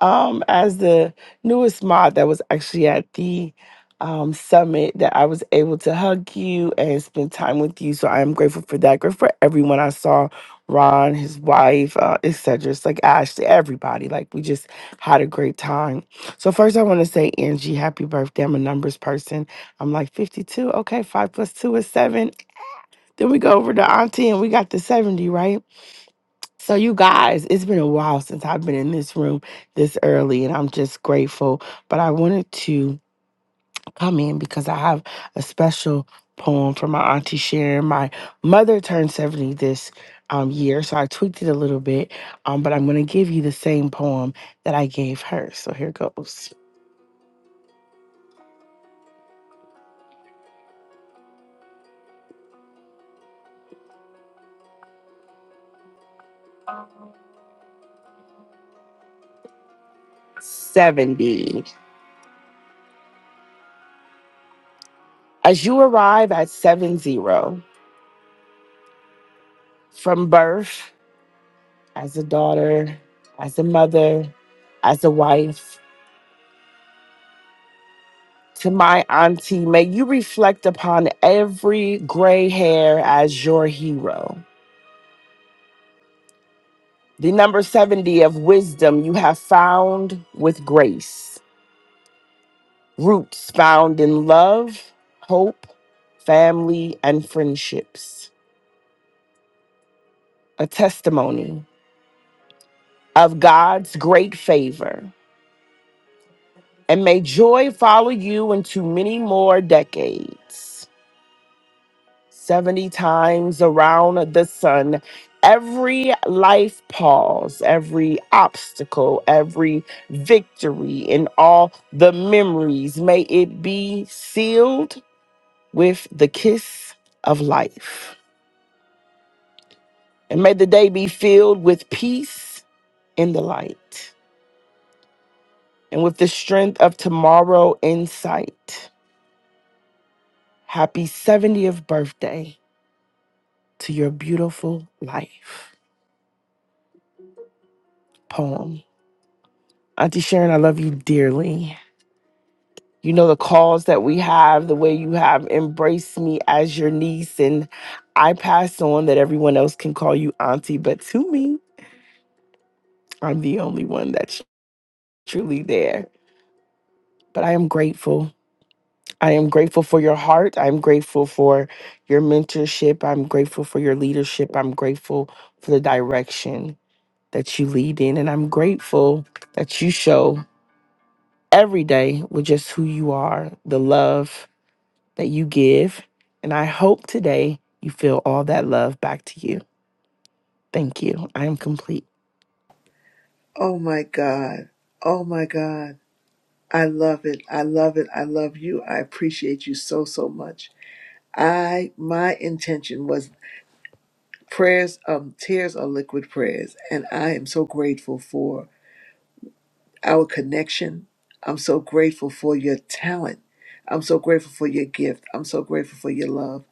S7: um, as the newest mod that was actually at the um, summit that I was able to hug you and spend time with you. So I am grateful for that. Grateful for everyone I saw, Ron, his wife, uh, etc. It's like Ashley, everybody. Like we just had a great time. So first I want to say, Angie, happy birthday. I'm a numbers person. I'm like 52. Okay, five plus two is seven. Then we go over to Auntie and we got the 70, right? So, you guys, it's been a while since I've been in this room this early, and I'm just grateful. But I wanted to come in because I have a special poem for my auntie Sharon. My mother turned 70 this um, year, so I tweaked it a little bit. Um, but I'm going to give you the same poem that I gave her. So, here goes 70. As you arrive at 70, from birth, as a daughter, as a mother, as a wife, to my auntie, may you reflect upon every gray hair as your hero. The number 70 of wisdom you have found with grace, roots found in love, hope, family, and friendships. A testimony of God's great favor. And may joy follow you into many more decades. 70 times around the sun. Every life pause, every obstacle, every victory, and all the memories, may it be sealed with the kiss of life. And may the day be filled with peace in the light and with the strength of tomorrow in sight. Happy 70th birthday to your beautiful life. Poem. Auntie Sharon, I love you dearly. you know the calls that we have the way you have embraced me as your niece and i pass on that everyone else can call you auntie but to me i'm the only one that's truly there but i am grateful i am grateful for your heart i'm grateful for your mentorship i'm grateful for your leadership i'm grateful for the direction that you lead in and i'm grateful that you show every day with just who you are the love that you give. And I hope today you feel all that love back to you. Thank you. I am complete.
S1: oh my God. Oh my God. I love it. I love it. I love you. I appreciate you so, so much. I my intention was prayers um tears are liquid prayers and I am so grateful for our connection. I'm so grateful for your talent. I'm so grateful for your gift. I'm so grateful for your love.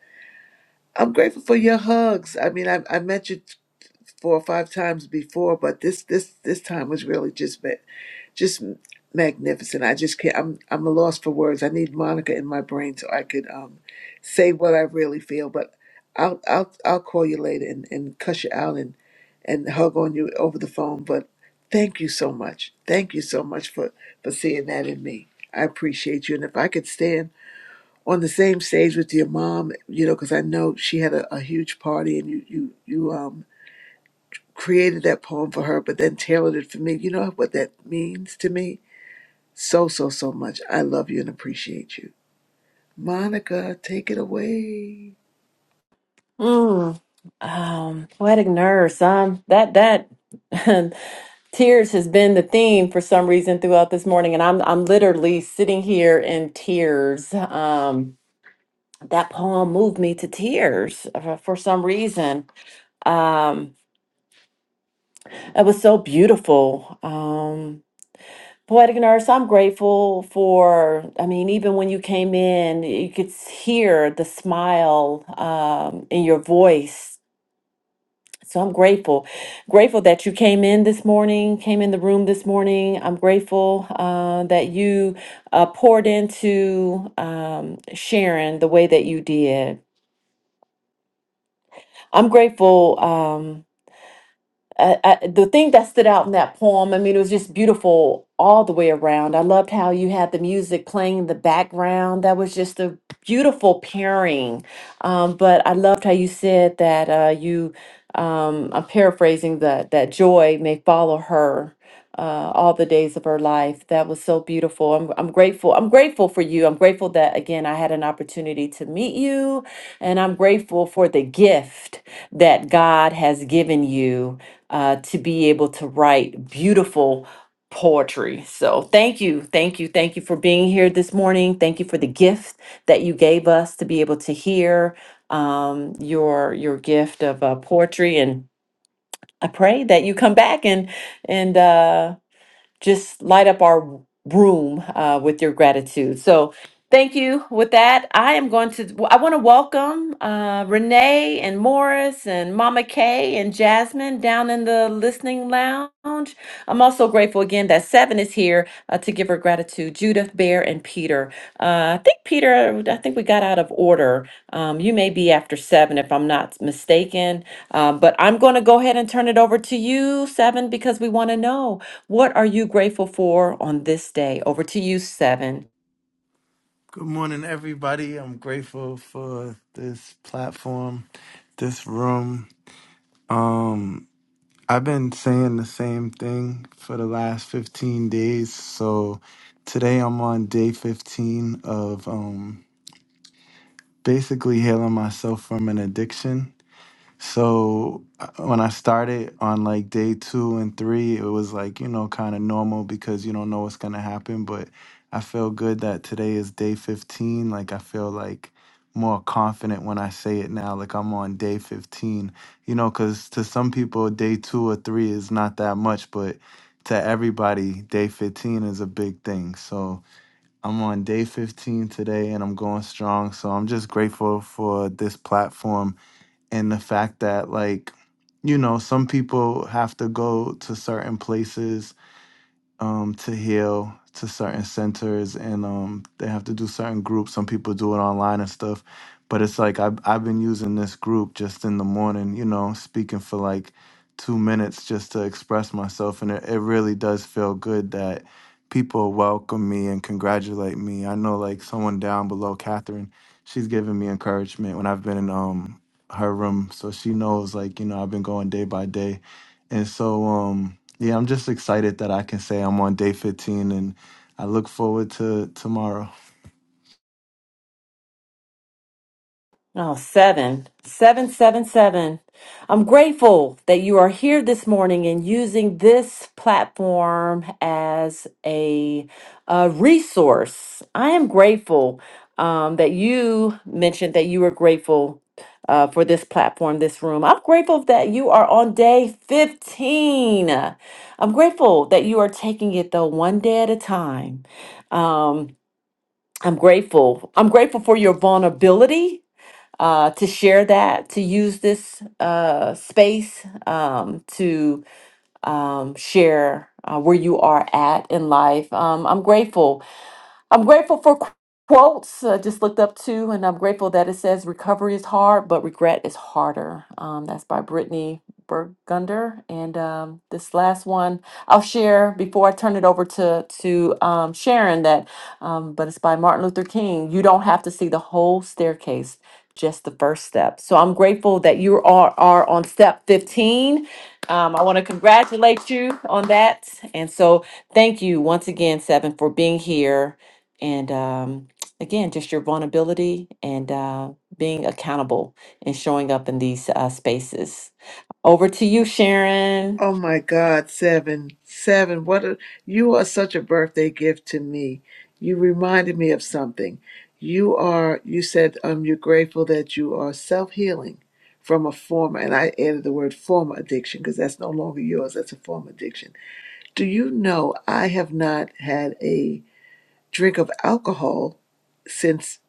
S1: I'm grateful for your hugs. I mean I I met you four or five times before, but this this this time was really just me- just magnificent. I just can't. I'm I'm a loss for words. I need Monica in my brain so I could um say what I really feel. But I'll I'll I'll call you later and and cuss you out and and hug on you over the phone. But thank you so much. Thank you so much for for seeing that in me. I appreciate you. And if I could stand on the same stage with your mom, you know, because I know she had a, a huge party and you you you um created that poem for her, but then tailored it for me. You know what that means to me? so, so, so much. I love you and appreciate you. Monica, take it away.
S2: Mm, um, poetic nurse. Um, that that tears has been the theme for some reason throughout this morning, and I'm I'm literally sitting here in tears. Um, that poem moved me to tears uh, for some reason. Um, it was so beautiful. Um, Poetic Nurse, I'm grateful for, I mean, even when you came in, you could s- hear the smile um, in your voice. So I'm grateful. Grateful that you came in this morning, came in the room this morning. I'm grateful uh, that you uh, poured into um, Sharon the way that you did. I'm grateful. Um, I, I, the thing that stood out in that poem, I mean, it was just beautiful all the way around. I loved how you had the music playing in the background. That was just a beautiful pairing. Um, but I loved how you said that uh, you, um, I'm paraphrasing that that joy may follow her uh, all the days of her life. That was so beautiful. I'm, I'm grateful. I'm grateful for you. I'm grateful that again I had an opportunity to meet you, and I'm grateful for the gift that God has given you uh, to be able to write beautiful poetry. So thank you, thank you, thank you for being here this morning. Thank you for the gift that you gave us to be able to hear um, your your gift of uh, poetry and. I pray that you come back and and uh, just light up our room uh, with your gratitude. So thank you. With that, I am going to, I want to welcome uh, Renee and Morris and Mama Kay and Jasmine down in the listening lounge. I'm also grateful again that Seven is here uh, to give her gratitude. Judith, Bear, and Peter. Uh, I think Peter, I think we got out of order. Um, you may be after Seven if I'm not mistaken. Um, but I'm going to go ahead and turn it over to you, Seven, because we want to know. What are you grateful for on this day? Over to you, seven.
S8: Good morning, everybody. I'm grateful for this platform, this room. Um, I've been saying the same thing for the last 15 days. So today I'm on day 15 of um, basically healing myself from an addiction. So uh, when I started on like day two and three, it was like, you know, kind of normal because you don't know what's going to happen. But I feel good that today is day 15. Like, I feel like more confident when I say it now. Like, I'm on day 15, you know, because to some people, day two or three is not that much. But to everybody, day 15 is a big thing. So I'm on day 15 today and I'm going strong. So I'm just grateful for this platform and the fact that like you know some people have to go to certain places um, to heal to certain centers, and um, they have to do certain groups. Some people do it online and stuff, but it's like I've I've been using this group just in the morning, you know, speaking for like two minutes just to express myself, and it, it really does feel good that people welcome me and congratulate me. I know like someone down below, Catherine, she's given me encouragement when I've been in um her room, so she knows like you know I've been going day by day, and so um. Yeah, I'm just excited that I can say I'm on day 15 and I look forward to tomorrow.
S2: Oh, seven. Seven, seven, seven. I'm grateful that you are here this morning and using this platform as a, a resource. I am grateful um, that you mentioned that you were grateful uh, for this platform, this room. I'm grateful that you are on day 15. I'm grateful that you are taking it though one day at a time. Um, I'm grateful. I'm grateful for your vulnerability uh, to share that, to use this uh, space um, to um, share uh, where you are at in life. Um, I'm grateful I'm grateful for qu- quotes. I just looked up two, and I'm grateful that it says recovery is hard, but regret is harder. Um, that's by Brittany Burgunder. And um, this last one I'll share before I turn it over to to um, Sharon. That, um, but it's by Martin Luther King. You don't have to see the whole staircase. Just the first step. So I'm grateful that you are, are on step 15. Um, I want to congratulate you on that. And so thank you once again, Seven, for being here and um, again, just your vulnerability and uh, being accountable and showing up in these uh, spaces. Over to you, Sharon.
S1: Oh my God, seven, seven. What a, you are such a birthday gift to me. You reminded me of something. You are, you said, um, you're grateful that you are self healing from a former, and I added the word former addiction because that's no longer yours. That's a former addiction. Do you know I have not had a drink of alcohol since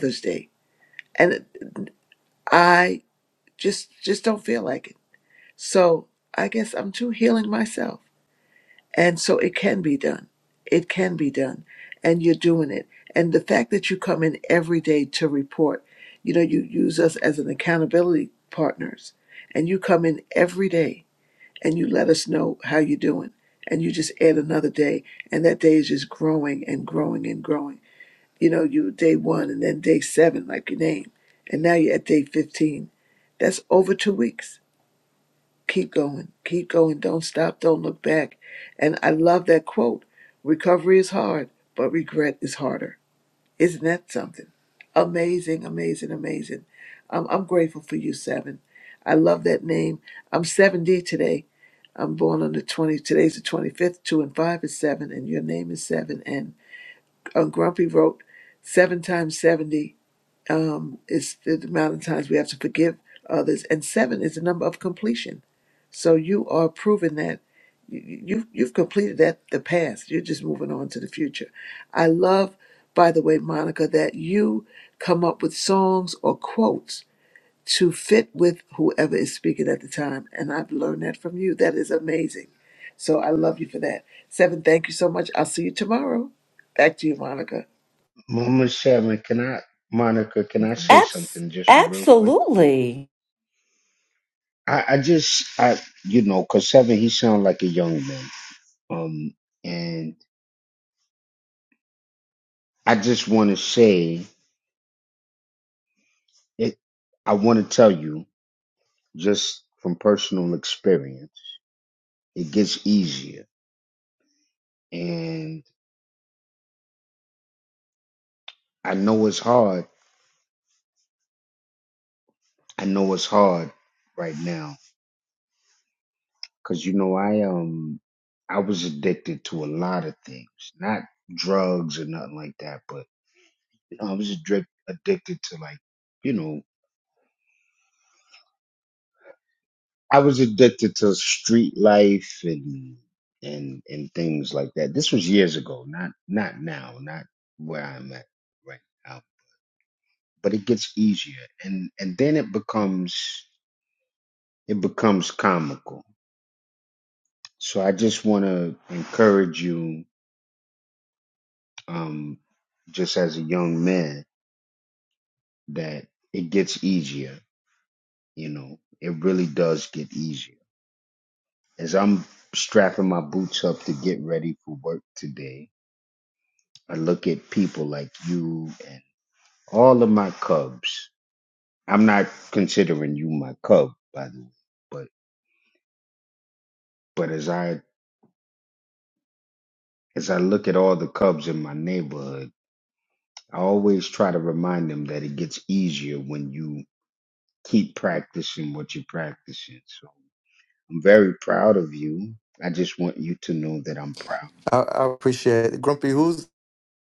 S1: Father's Day? And I Just just don't feel like it. So I guess I'm too healing myself. And so it can be done. It can be done. And you're doing it. And the fact that you come in every day to report, you know, you use us as an accountability partners. And you come in every day and you let us know how you're doing. And you just add another day. And that day is just growing and growing and growing. You know, you day one and then day seven, like your name. And now you're at day 15. That's over two weeks keep going, keep going, don't stop, don't look back. And I love that quote recovery is hard, but regret is harder. Isn't that something? Amazing, amazing, amazing. I'm, I'm grateful for you, Seven. I love that name. I'm 7D today. I'm born on the 20, today's the 25th, 2 and 5 is 7, and your name is 7. And um, Grumpy wrote, 7 times 70 um, is the amount of times we have to forgive others, and 7 is the number of completion. So you are proving that you, you- you've completed that the past. You're just moving on to the future. I love, by the way, Monica, that you come up with songs or quotes to fit with whoever is speaking at the time. And I've learned that from you. That is amazing. So I love you for that. Seven, thank you so much. I'll see you tomorrow. Back to you, Monica.
S6: Mama Sharon, can I, Monica, can I say
S2: Abs-
S6: something just real quick?
S2: absolutely.
S6: I, I just, I, you know, cause seven, he sound like a young man. Um, and I just want to say it. I want to tell you just from personal experience, it gets easier. And I know it's hard. I know it's hard right now Cause you know, I um I was addicted to a lot of things. Not drugs or nothing like that, but I was addic- addicted to like, you know, I was addicted to street life and and and things like that. This was years ago, not not now, not where I'm at right now. But it gets easier and and then it becomes it becomes comical. So I just want to encourage you um just as a young man that it gets easier. You know, it really does get easier. As I'm strapping my boots up to get ready for work today, I look at people like you and all of my cubs. I'm not considering you my cub, by the way, but but as I as I look at all the cubs in my neighborhood, I always try to remind them that it gets easier when you keep practicing what you're practicing. So I'm very proud of you. I just want you to know that I'm proud.
S8: I, I appreciate it. Grumpy, who's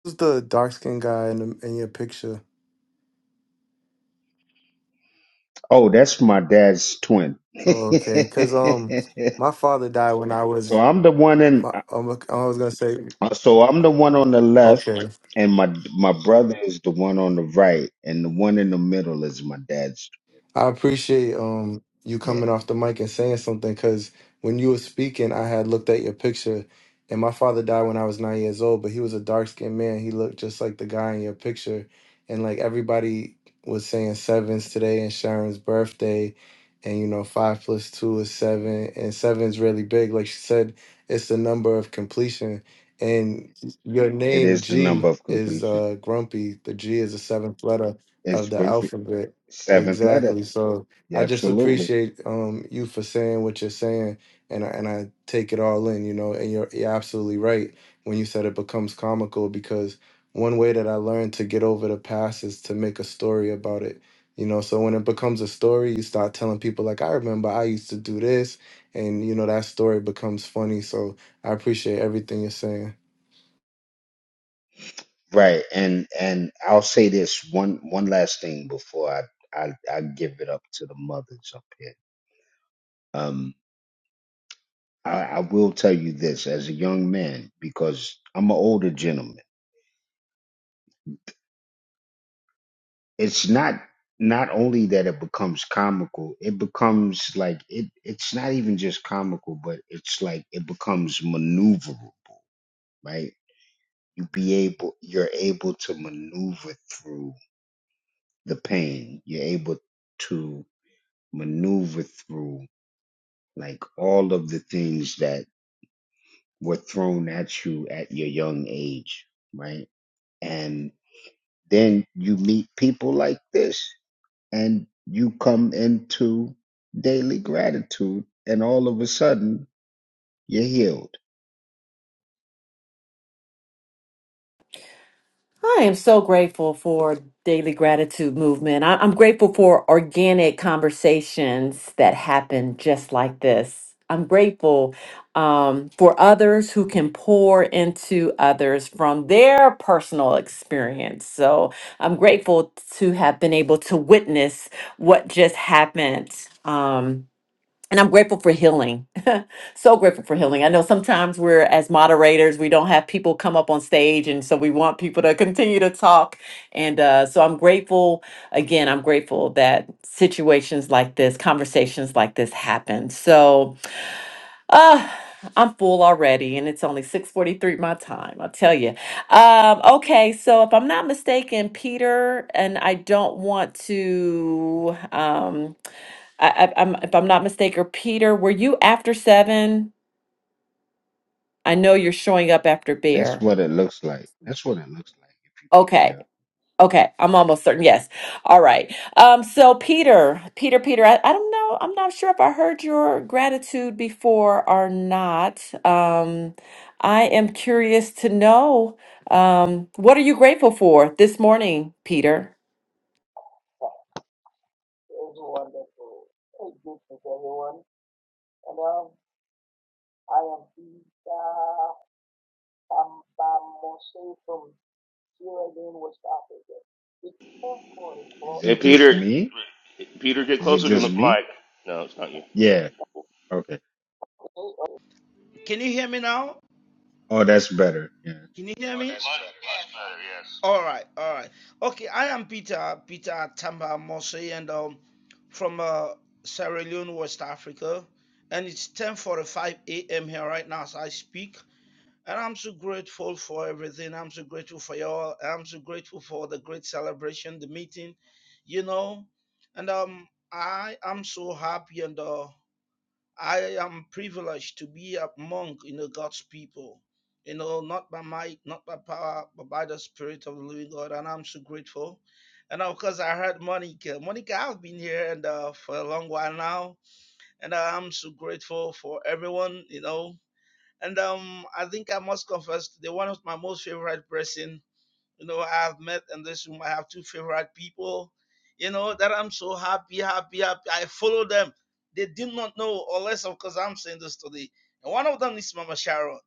S8: who's the dark skinned guy in the, in your picture?
S6: Oh, that's my dad's twin.
S8: Oh, okay. Cause um, my father died when I
S6: so
S8: was
S6: I'm the one in.
S8: my. Um, I was gonna say
S6: uh, So I'm the one on the left,
S8: okay.
S6: and my my brother is the one on the right, and the one in the middle is my dad's.
S8: I appreciate um you
S6: Yeah,
S8: coming off the mic and saying something because when you were speaking, I had looked at your picture, and my father died when I was nine years old, but he was a dark skinned man. He looked just like the guy in your picture, and like everybody was saying sevens today and Sharon's birthday, and you know five plus two is seven, and seven's really big. Like she said, it's the number of completion, and your
S6: it
S8: name
S6: is the number
S8: G
S6: of
S8: is
S6: completion.
S8: uh grumpy. The G is the seventh letter of
S6: It's
S8: the
S6: grumpy.
S8: alphabet
S6: Seventh letter.
S8: Exactly. So
S6: Yeah,
S8: I just
S6: absolutely
S8: appreciate um you for saying what you're saying and I, and I take it all in, you know, and you're, you're absolutely right when you said it becomes comical because one way that I learned to get over the past is to make a story about it. You know, so when it becomes a story, you start telling people like I remember I used to do this and you know that story becomes funny. So I appreciate everything you're saying.
S6: right. And and I'll say this one one last thing before I I, I give it up to the mothers up here. Um, I, I will tell you this as a young man, because I'm an older gentleman. It's not not only that it becomes comical, it becomes like it it's not even just comical, but it's like it becomes maneuverable, right? You be able you're able to maneuver through the pain. You're able to maneuver through like all of the things that were thrown at you at your young age, right? And Then you meet people like this and you come into daily gratitude and all of a sudden you're healed.
S2: I am so grateful for daily gratitude movement. I- I'm grateful for organic conversations that happen just like this. I'm grateful um, for others who can pour into others from their personal experience. So I'm grateful to have been able to witness what just happened. Um, and I'm grateful for healing. so grateful for healing. I know sometimes we're as moderators, we don't have people come up on stage, and so we want people to continue to talk. And uh, so I'm grateful. Again, I'm grateful that situations like this, conversations like this happen. So uh, I'm full already, and it's only 6:43 my time. I'll tell you. Um, okay, so if I'm not mistaken, Peter, and I don't want to um I, I, I'm if I'm not mistaken, Peter, were you after seven? I know you're showing up after
S6: That's
S2: Bear.
S6: what it looks like. That's what it looks like if
S2: Okay.
S6: you PTR.
S2: Okay, I'm almost certain. Yes. All right. Um, so Peter, Peter, Peter, I, I don't know. I'm not sure if I heard your gratitude before or not. Um, I am curious to know, um, what are you grateful for this morning, Peter?
S9: It's wonderful. Hey, greetings, everyone. And um, I am Peter Tambamose from Sierra Leone, West Africa. It's 1044
S6: Is
S10: Hey,
S6: it just
S10: Peter.
S9: a.m.
S6: me?
S10: Peter, get
S6: Is it
S10: closer to the
S6: just me?
S10: mic. No, it's not you.
S6: Yeah. Okay.
S9: Hey, oh, Can you hear me now?
S6: Oh, that's better. Yeah.
S9: Can you hear Oh, me? Much better, yes. All right, all right. Okay, I am Peter Peter Tambamose, and um from uh, Sierra Leone, West Africa, and it's 10:45 a.m. here right now as I speak. And I'm so grateful for everything. I'm so grateful for y'all. I'm so grateful for the great celebration, the meeting, you know. And um, I am so happy and uh, I am privileged to be among you know God's people. You know, not by might, not by power, but by the Spirit of the Living God. And I'm so grateful. And of course, I heard Monica. Monica, I've been here and uh, for a long while now, and uh, I'm so grateful for everyone. You know, and um, I think I must confess, they're one of my most favorite person. You know, I have met in this room. I have two favorite people. You know that I'm so happy, happy, happy. I follow them. They did not know, unless of course I'm saying this today. And one of them is Mama Sharon.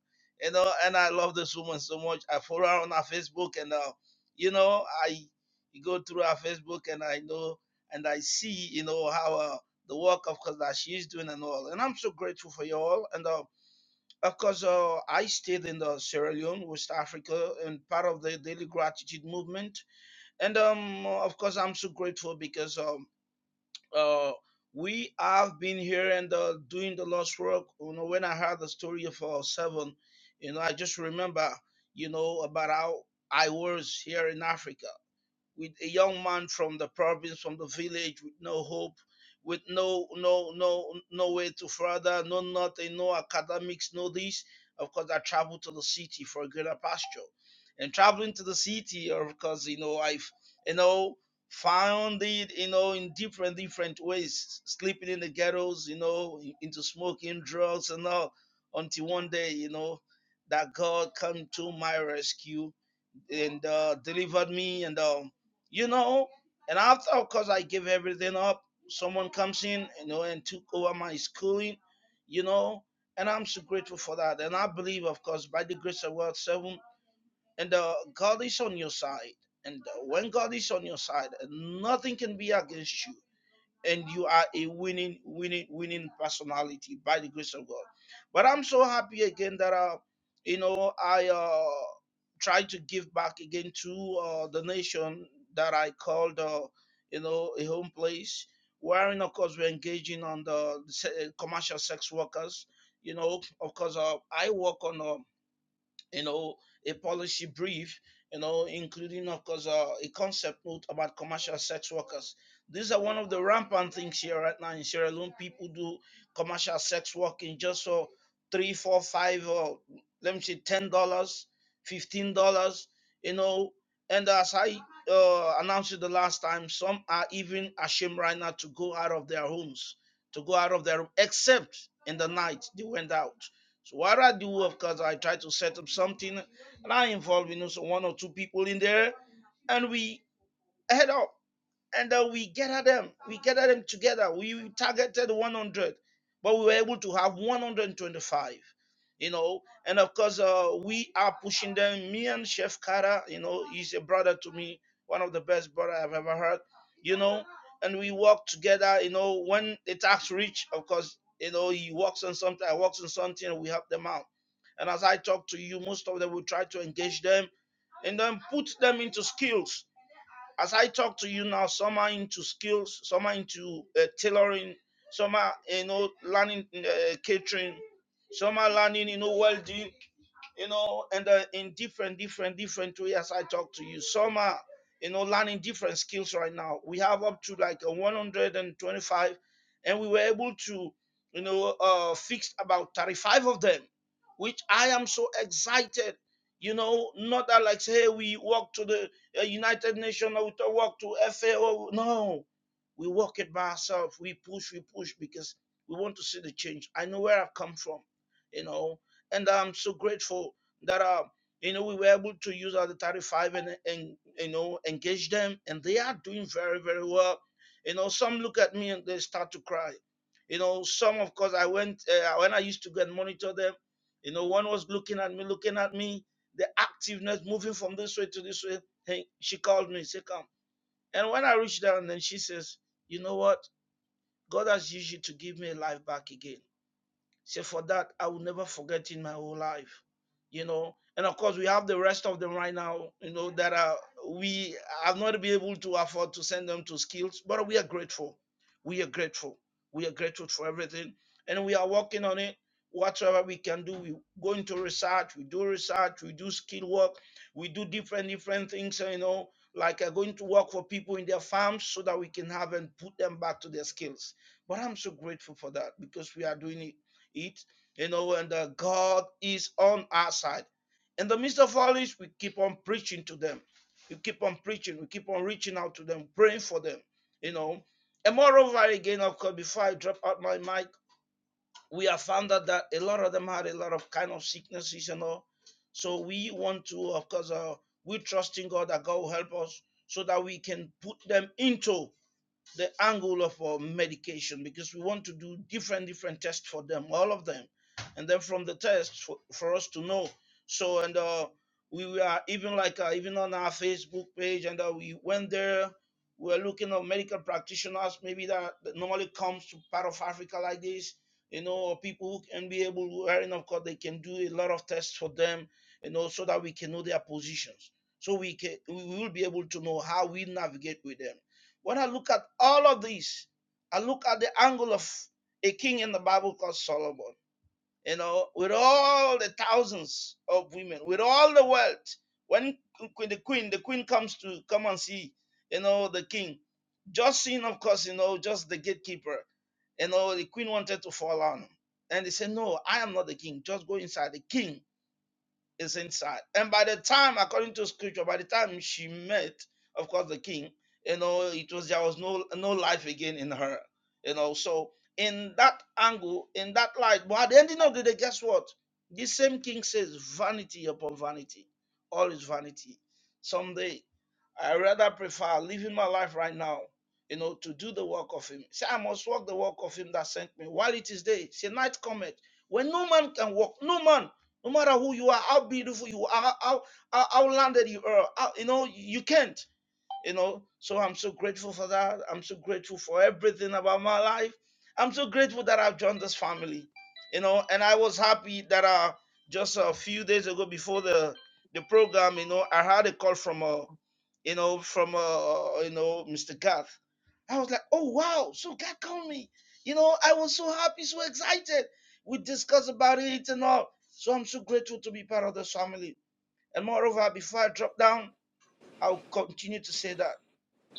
S9: You know, and I love this woman so much. I follow her on her Facebook, and uh, you know, I go through her Facebook, and I know, and I see, you know, how uh, the work of course that she is doing and all. And I'm so grateful for you all. And uh, because uh, I stayed in the Sierra Leone, West Africa, and part of the daily gratitude movement. And um, of course, I'm so grateful because um, uh, we have been here and uh, doing the Lord's work. You know, when I heard the story of uh, Seven, you know, I just remember, you know, about how I was here in Africa with a young man from the province, from the village, with no hope, with no no no no way to further, no nothing, no academics, no this. Of course, I traveled to the city for a greater pasture, and traveling to the city, of course, you know I've you know found it you know in different different ways, sleeping in the ghettos, you know, in- into smoking drugs and all, until one day, you know, that God come to my rescue and uh, delivered me and um, you know and after of course i gave everything up someone comes in you know and took over my schooling you know and i'm so grateful for that and i believe of course by the grace of god seven and uh, god is on your side and uh, when god is on your side nothing can be against you and you are a winning, winning, winning personality by the grace of God. But I'm so happy again that uh, you know I uh, tried to give back again to uh, the nation that I called uh, you know a home place, wherein of course we're engaging on the se- commercial sex workers. You know, of course, uh, I work on. Uh, you know, a policy brief, you know, including, of course, uh, a concept note about commercial sex workers. These are one of the rampant things here right now in Sierra Leone. People do commercial sex work in just for three, four, five, or let me say, ten dollars, fifteen dollars, you know. And as I uh, announced it the last time, some are even ashamed right now to go out of their homes, to go out of their except in the night they went out so what I do, of course, I try to set up something, and I involve you know so one or two people in there, and we head out and uh, we gather them we gather them together we targeted 100 but we were able to have 125 you know and of course uh, we are pushing them me and chef kara you know he's a brother to me one of the best brother i've ever heard you know and we work together you know when the tax reach of course you know he works on something i works on something and we help them out and as i talk to you most of them will try to engage them and then put them into skills as I talk to you now, some are into skills, some are into uh, tailoring, some are you know learning uh, catering, some are learning you know welding, you know, and uh, in different, different, different ways I talk to you. Some are, you know, learning different skills right now. We have up to like a 125, and we were able to, you know, uh, fix about 35 of them, which I am so excited. You know, not that like say hey, we walk to the uh, United Nations or we to- walk to FAO. No, we walk it by ourselves. We push, we push because we want to see the change. I know where I've come from. You know, and I'm so grateful that uh, you know we were able to use our 35 and and you know engage them, and they are doing very very well. You know, some look at me and they start to cry. You know, some of course I went uh, when I used to go and monitor them. You know, one was looking at me, looking at me, the activeness moving from this way to this way. Hey, she called me, say come. And when I reached down, then she says, you know what? God has used you to give me life back again. So for that, I will never forget in my whole life, you know. And of course, we have the rest of them right now, you know, that are we have not been able to afford to send them to skills, but we are grateful. We are grateful. We are grateful for everything, and we are working on it. Whatever we can do, we go into research. We do research. We do skill work. We do different different things, you know, like uh, going to work for people in their farms so that we can have and put them back to their skills. But I'm so grateful for that because we are doing it it, you know, and uh, God is on our side. In the midst of all this, we keep on preaching to them. We keep on preaching. We keep on reaching out to them, praying for them, you know. And moreover, again, of course, before I drop out my mic, we have found out that a lot of them had a lot of kind of sicknesses and all. So we want to, of course, uh, we trust in God that God will help us so that we can put them into the angle of our medication because we want to do different different tests for them all of them and then from the tests for, for us to know so and uh we we are even like uh, even on our facebook page and uh, we went there we we're looking at medical practitioners maybe that, that normally comes to part of africa like this you know or people who can be able wherein of course they can do a lot of tests for them you know so that we can know their positions so we can we will be able to know how we navigate with them when I look at all of these, I look at the angle of a king in the Bible called Solomon. You know, with all the thousands of women, with all the wealth, when the queen, the queen comes to come and see, you know, the king. Just seeing, of course, you know, just the gatekeeper. You know, the queen wanted to fall on him. And they said, No, I am not the king. Just go inside. The king is inside. And by the time, according to scripture, by the time she met, of course, the king, you know, it was there was no no life again in her. You know, so in that angle, in that light, but at the ending of the day, guess what? This same king says, vanity upon vanity. All is vanity. Someday, I rather prefer living my life right now, you know, to do the work of him. Say, I must walk the work of him that sent me while it is day. Say, night cometh when no man can walk. No man. No matter who you are, how beautiful you are, how how, how landed you are, how, you know you can't you know so i'm so grateful for that i'm so grateful for everything about my life i'm so grateful that i've joined this family you know and i was happy that uh just a few days ago before the the program you know i had a call from a you know from uh you know mr gath i was like oh wow so god called me you know i was so happy so excited we discussed about it and all so i'm so grateful to be part of this family and moreover before i drop down i'll continue to say that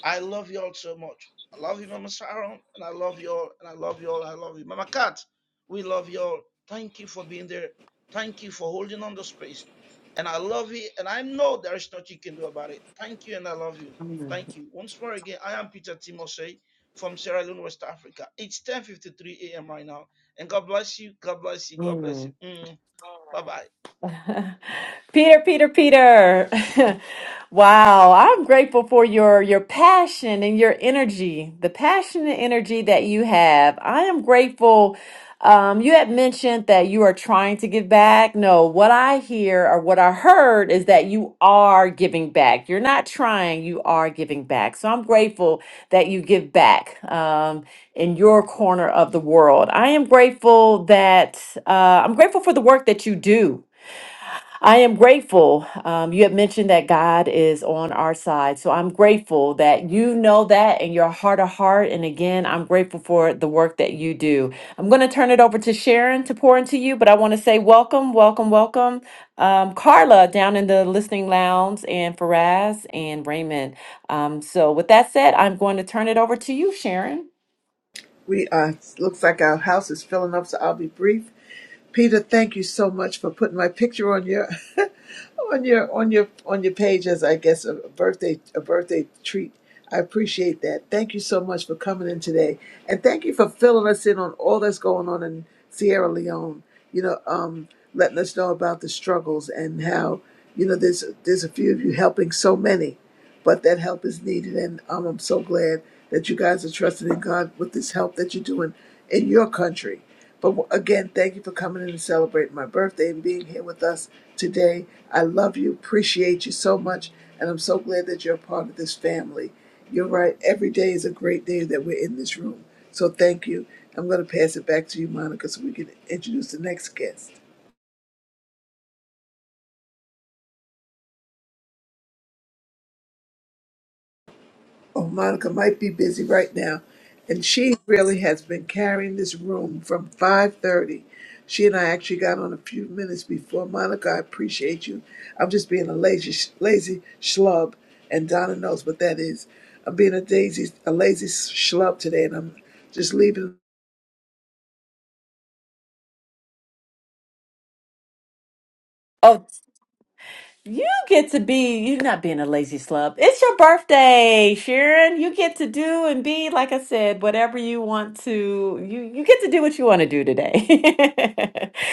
S9: I love y'all so much. I love you, Mama Sharon, and I love y'all, and I love y'all, I love you. Mama Cat, we love y'all. Thank you for being there. Thank you for holding on the space. And I love you, and I know there is nothing you can do about it. Thank you, and I love you. Thank you. Once more again, I am Peter Timosey from Sierra Leone, West Africa. It's 10.53 a.m. right now. And God bless you, God bless you, God bless
S2: Mm,
S9: you. Mm, bye-bye.
S2: Peter, Peter, Peter. wow, I'm grateful for your your passion and your energy, the passion and energy that you have. I am grateful. Um, you had mentioned that you are trying to give back. No, what I hear or what I heard is that you are giving back. You're not trying, you are giving back. So I'm grateful that you give back um, in your corner of the world. I am grateful that uh, I'm grateful for the work that you do. I am grateful. Um, you have mentioned that God is on our side. So I'm grateful that you know that in your heart of heart. And again, I'm grateful for the work that you do. I'm going to turn it over to Sharon to pour into you, but I want to say welcome, welcome, welcome. Um, Carla down in the listening lounge and Faraz and Raymond. Um, so with that said, I'm going to turn it over to you, Sharon.
S1: We uh, looks like our house is filling up, so I'll be brief. Peter, thank you so much for putting my picture on your on your on your on your page as I guess a birthday a birthday treat. I appreciate that. Thank you so much for coming in today, and thank you for filling us in on all that's going on in Sierra Leone. You know, um, letting us know about the struggles and how you know there's there's a few of you helping so many, but that help is needed, and um, I'm so glad that you guys are trusting in God with this help that you're doing in your country. But again, thank you for coming in and celebrating my birthday and being here with us today. I love you, appreciate you so much, and I'm so glad that you're a part of this family. You're right, every day is a great day that we're in this room. So thank you. I'm going to pass it back to you, Monica, so we can introduce the next guest. Oh, Monica might be busy right now, and she really has been carrying this room from five thirty. She and I actually got on a few minutes before. Monica, I appreciate you. I'm just being a lazy, sh- lazy schlub, and Donna knows what that is. I'm being a daisy, a lazy schlub today, and I'm just leaving.
S2: You get to be, you're not being a lazy slub. It's your birthday, Sharon. You get to do and be, like I said, whatever you want to. You you get to do what you want to do today.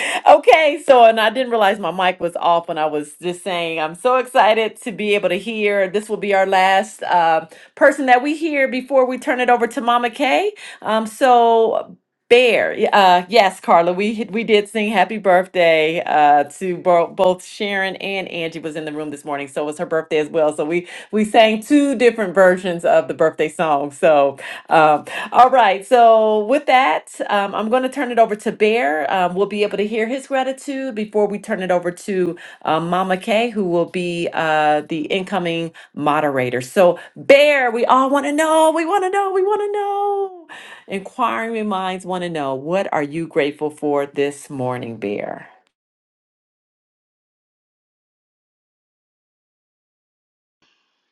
S2: okay, so and I didn't realize my mic was off when I was just saying I'm so excited to be able to hear. This will be our last uh, person that we hear before we turn it over to Mama Kay. Um, so Bear, y- uh, yes, Carla, we we did sing "Happy Birthday" uh, to bo- both Sharon and Angie was in the room this morning, so it was her birthday as well. So we we sang two different versions of the birthday song. So, um, all right. So with that, um, I'm going to turn it over to Bear. Um, we'll be able to hear his gratitude before we turn it over to um, Mama Kay, who will be uh, the incoming moderator. So, Bear, we all want to know. We want to know. We want to know. Inquiring minds want to know what are you grateful for this morning, Bear?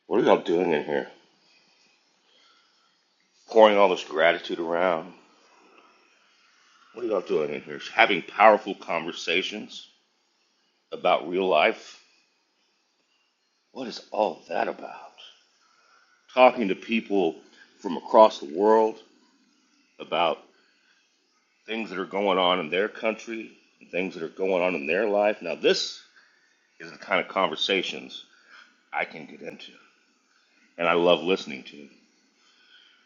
S10: What are y'all doing in here? Pouring all this gratitude around. What are y'all doing in here? Having powerful conversations about real life. What is all that about? Talking to people from across the world about things that are going on in their country and things that are going on in their life. Now, this is the kind of conversations I can get into, and I love listening to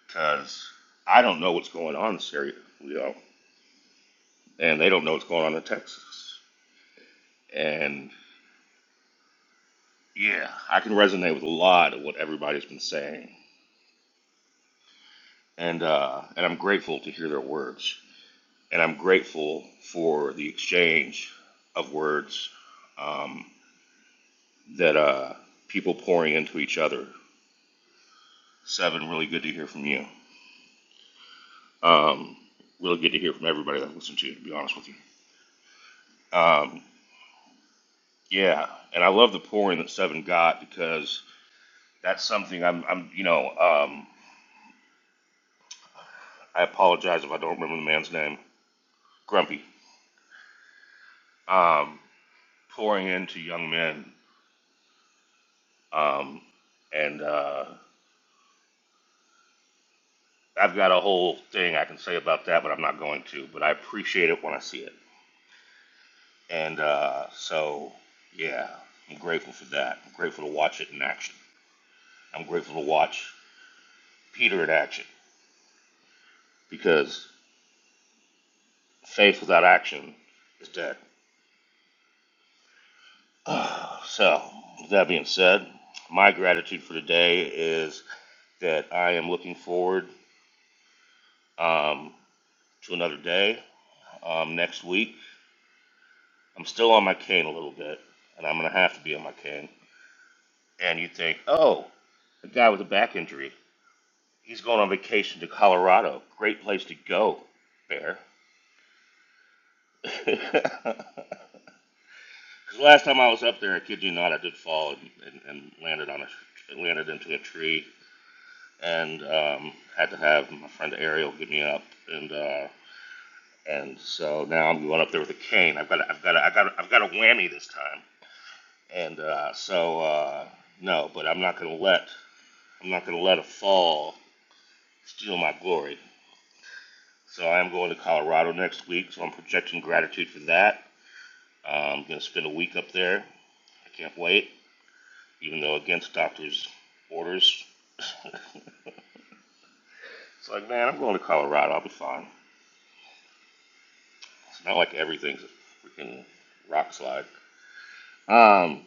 S10: because I don't know what's going on in Syria. and they don't know what's going on in Texas. And yeah, I can resonate with a lot of what everybody's been saying, and uh, and I'm grateful to hear their words, and I'm grateful for the exchange of words um, that uh, people pouring into each other. Seven, really good to hear from you. Um, really good to hear from everybody that listened to you. To be honest with you, um, yeah, and I love the pouring that Seven got because that's something I'm, I'm you know. Um, I apologize if I don't remember the man's name, Grumpy, um, pouring into young men. Um, and uh, I've got a whole thing I can say about that, but I'm not going to. But I appreciate it when I see it. And uh, so, yeah, I'm grateful for that. I'm grateful to watch it in action. I'm grateful to watch Peter in action because faith without action is dead. so, with that being said, my gratitude for today is that I am looking forward um, to another day um, next week. I'm still on my cane a little bit, and I'm going to have to be on my cane. And you think, oh, a guy with a back injury, he's going on vacation to Colorado. Great place to go, Bear. Because last time I was up there, I kid you not, I did fall and, and, and landed on a landed into a tree, and um, had to have my friend Ariel get me up, and uh, and so now I'm going up there with a cane. I've got a, I've got a, I've got a, I've got a whammy this time and uh, so uh, no, but I'm not gonna let I'm not gonna let a fall steal my glory. So I am going to Colorado next week, so I'm projecting gratitude for that. Uh, I'm gonna spend a week up there. I can't wait, even though against doctor's orders. it's like, man, I'm going to Colorado. I'll be fine. It's not like everything's a freaking rock slide. Um.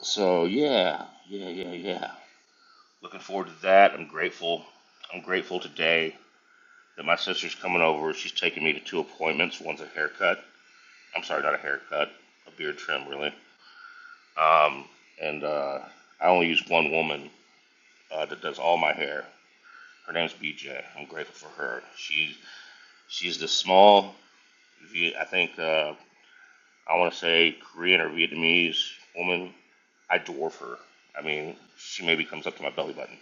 S10: So yeah, yeah, yeah, yeah. Looking forward to that. I'm grateful. I'm grateful today that my sister's coming over. She's taking me to two appointments. One's a haircut. I'm sorry, not a haircut, a beard trim, really. Um, and uh, I only use one woman uh, that does all my hair. Her name's BJ. I'm grateful for her. She's she's this small, I think uh, I want to say Korean or Vietnamese woman. I dwarf her. I mean, she maybe comes up to my belly button,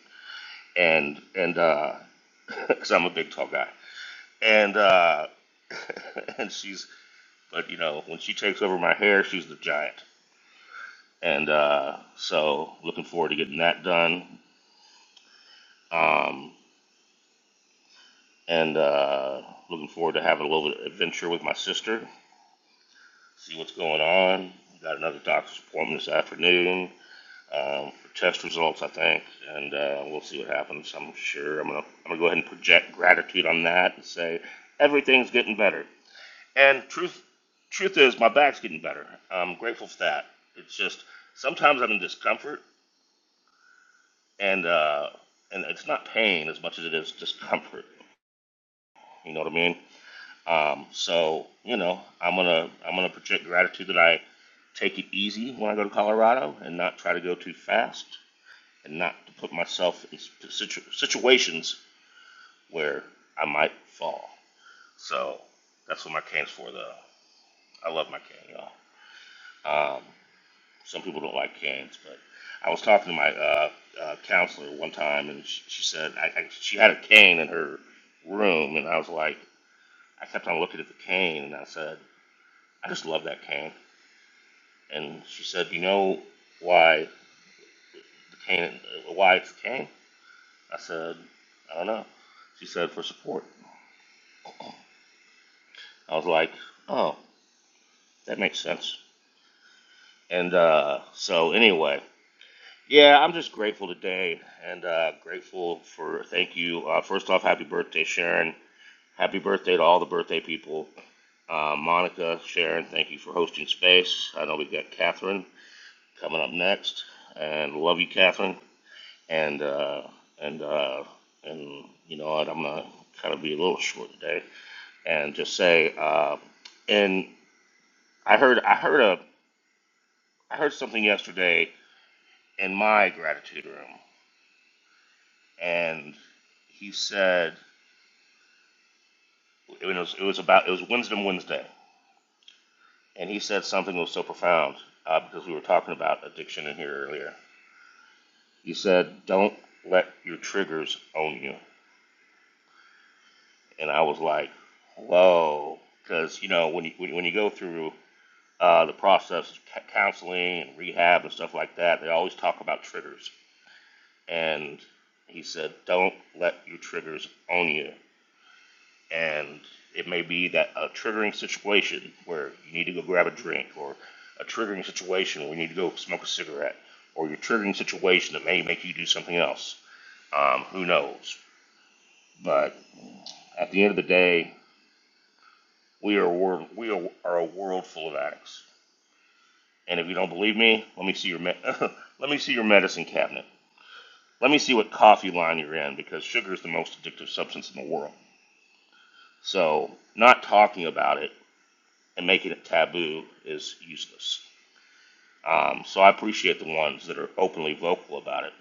S10: and and because I'm a big tall guy, and uh, and she's But you know, when she takes over my hair, she's the giant. And uh, so, looking forward to getting that done. Um, and uh, looking forward to having a little bit of adventure with my sister. See what's going on. Got another doctor's appointment this afternoon um, for test results, I think. And uh, we'll see what happens. I'm sure I'm gonna I'm gonna go ahead and project gratitude on that and say everything's getting better. And truth truth is, my back's getting better. I'm grateful for that. It's just sometimes I'm in discomfort and uh, and it's not pain as much as it is discomfort. You know what I mean? Um, so you know, I'm gonna I'm gonna project gratitude that I take it easy when I go to Colorado and not try to go too fast and not to put myself in situ- situations where I might fall. So that's what my cane's for, though. I love my cane, y'all. Um, Some people don't like canes, but I was talking to my uh, uh, counselor one time, and she, she said I, I, she had a cane in her room, and I was like, I kept on looking at the cane, and I said, I just love that cane. And she said, You know why the cane? uh, Why it's a cane? I said, I don't know. She said for support. I was like, Oh, that makes sense. And uh, so anyway, Yeah, I'm just grateful today and uh, grateful for, thank you. Uh, first off, happy birthday, Sharon. Happy birthday to all the birthday people. Uh, Monica, Sharon, thank you for hosting space. I know we've got Catherine coming up next, and love you, Catherine. And, uh, and, uh, and you know what, I'm going to kind of be a little short today and just say, uh, and I heard, I heard a, I heard something yesterday in my gratitude room, and he said, It was it was about it was Wisdom Wednesday, and he said something that was so profound uh, because we were talking about addiction in here earlier. He said, "Don't let your triggers own you," and I was like, "Whoa," because you know when you when, you go through uh, the process of counseling and rehab and stuff like that, they always talk about triggers. And he said, "Don't let your triggers own you." and it may be that a triggering situation where you need to go grab a drink or a triggering situation where you need to go smoke a cigarette or your triggering situation that may make you do something else um, who knows but at the end of the day we are a world we are, are a world full of addicts and if you don't believe me let me see your me- let me see your medicine cabinet let me see what coffee line you're in because sugar is the most addictive substance in the world so not talking about it and making it taboo is useless Um, so I appreciate the ones that are openly vocal about it,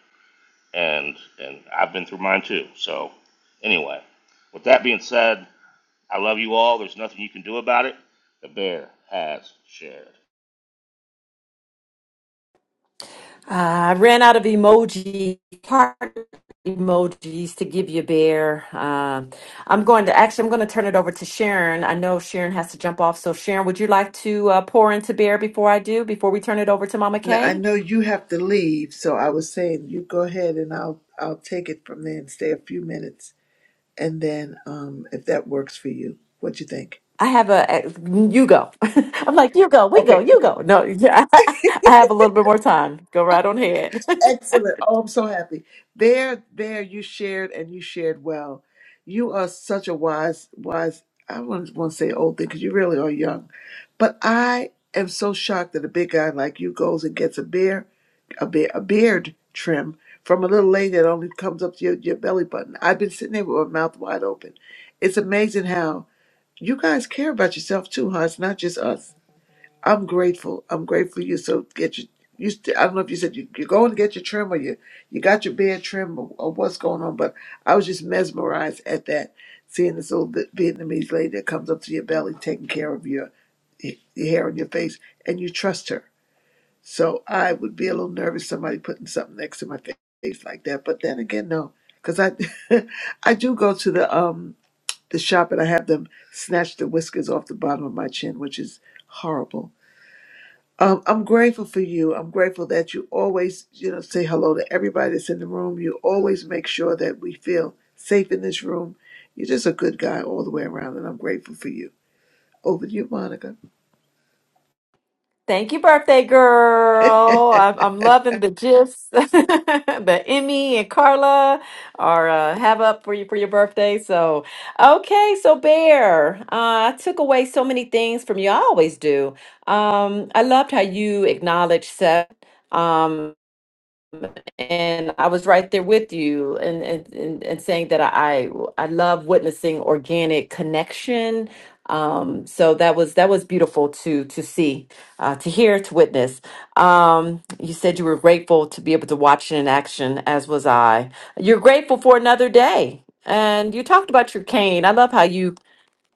S10: and and I've been through mine too. So anyway, with that being said, I love you all. There's nothing you can do about it. The bear has shared.
S2: I ran out of emoji heart emojis to give you, Bear. Um, I'm going to actually. I'm going to turn it over to Sharon. I know Sharon has to jump off, so Sharon, would you like to uh, pour into Bear before I do? Before we turn it over to Mama
S1: Now, I
S2: Kay,
S1: know you have to leave, so I was saying you go ahead, and I'll I'll take it from there and stay a few minutes, and then um, if that works for you, what you think?
S2: I have a. a- You go. I'm like you go. We go.
S1: Okay,
S2: You
S1: okay.
S2: go. No, yeah, I have a little bit more time. Go right on ahead.
S1: Excellent. Oh, I'm so happy. There, there, you shared and you shared well. You are such a wise, wise, I wouldn't want to say old thing because you really are young. But I am so shocked that a big guy like you goes and gets a beer, a, beer, a beard trim from a little lady that only comes up to your, your belly button. I've been sitting there with my mouth wide open. It's amazing how you guys care about yourself too, huh? It's not just us. I'm grateful. I'm grateful you so get your you st- I don't know if you said you, you're going to get your trim or you you got your beard trim or, or what's going on, but I was just mesmerized at that seeing this little Vi- Vietnamese lady that comes up to your belly taking care of your your hair and your face and you trust her. So I would be a little nervous somebody putting something next to my fa- face like that, but then again no, cuz I I do go to the um the shop and I have them snatch the whiskers off the bottom of my chin, which is horrible um, I'm grateful for you. I'm grateful that you always, you know, say hello to everybody that's in the room. You always make sure that we feel safe in this room. You're just a good guy all the way around, and I'm grateful for you. Over to you, Monica.
S2: Thank you, birthday girl. I'm, I'm loving the gifs. that Emmy and Carla are uh, have up for you for your birthday. So, okay, so Bear, uh, I took away so many things from you. I always do. Um, I loved how you acknowledged Seth. Um, and I was right there with you and and and, and saying that I I love witnessing organic connection. Um, so that was that was beautiful to to see, uh, to hear, to witness. Um, you said you were grateful to be able to watch it in action, as was I. You're grateful for another day, and you talked about your cane. I love how you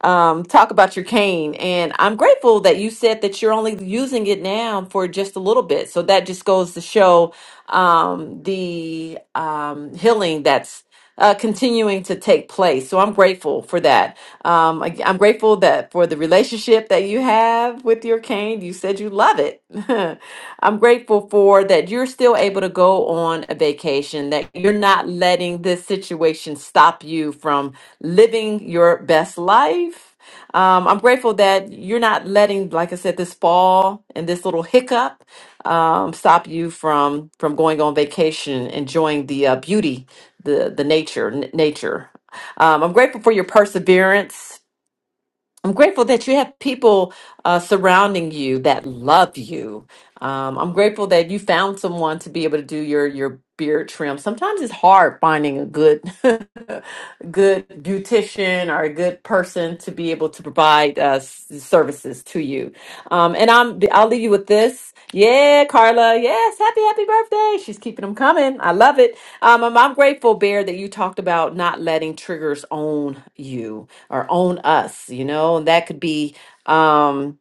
S2: um, talk about your cane. And I'm grateful that you said that you're only using it now for just a little bit. So that just goes to show um, the um, healing that's uh, continuing to take place. So I'm grateful for that. Um, I, I'm grateful that for the relationship that you have with your cane. You said you love it. I'm grateful for that you're still still able to go on a vacation, that you're not letting this situation stop you from living your best life. Um, I'm grateful that you're not letting, like I said, this fall and this little hiccup um, stop you from from going on vacation, enjoying the uh, beauty, the the nature, n- nature. Um, I'm grateful for your perseverance I'm grateful that you have people uh, surrounding you that love you. Um, I'm grateful that you found someone to be able to do your your beard trim. Sometimes it's hard finding a good good beautician or a good person to be able to provide us services to you. Um, and I'm I'll leave you with this. Yeah, Carla. Yes, happy happy birthday. She's keeping them coming. I love it. Um, I'm, I'm grateful, Bear, that you talked about not letting triggers own you or own us. You know, and that could be. Um,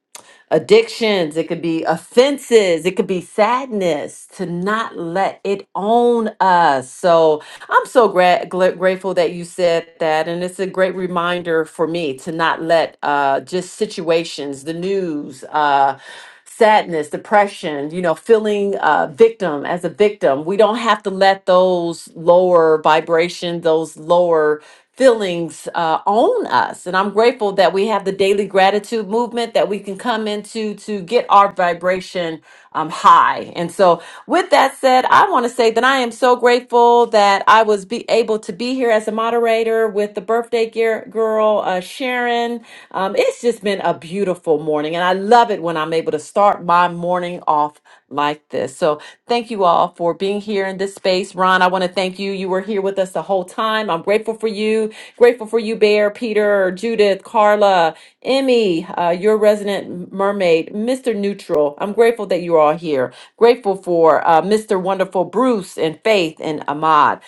S2: addictions, it could be offenses, it could be sadness to not let it own us. So I'm so gra- gla- grateful that you said that. And it's a great reminder for me to not let uh, just situations, the news, uh, sadness, depression, you know, feeling uh, victim as a victim. We don't have to let those lower vibrations, those lower feelings uh, own us. And I'm grateful that we have the daily gratitude movement that we can come into to get our vibration um, high. And so, with that said, I want to say that I am so grateful that I was be able to be here as a moderator with the birthday gear girl, uh, Sharon. Um, it's just been a beautiful morning, and I love it when I'm able to start my morning off like this. So, thank you all all for being here in this space. Ron, I want to thank you. You were here with us the whole time. I'm grateful for you. Grateful for you, Bear, Peter, Judith, Carla, Emmy, uh, your resident mermaid, Mr. Neutral. I'm grateful that you're all here. Grateful for uh, Mr. Wonderful Bruce and Faith and Ahmad.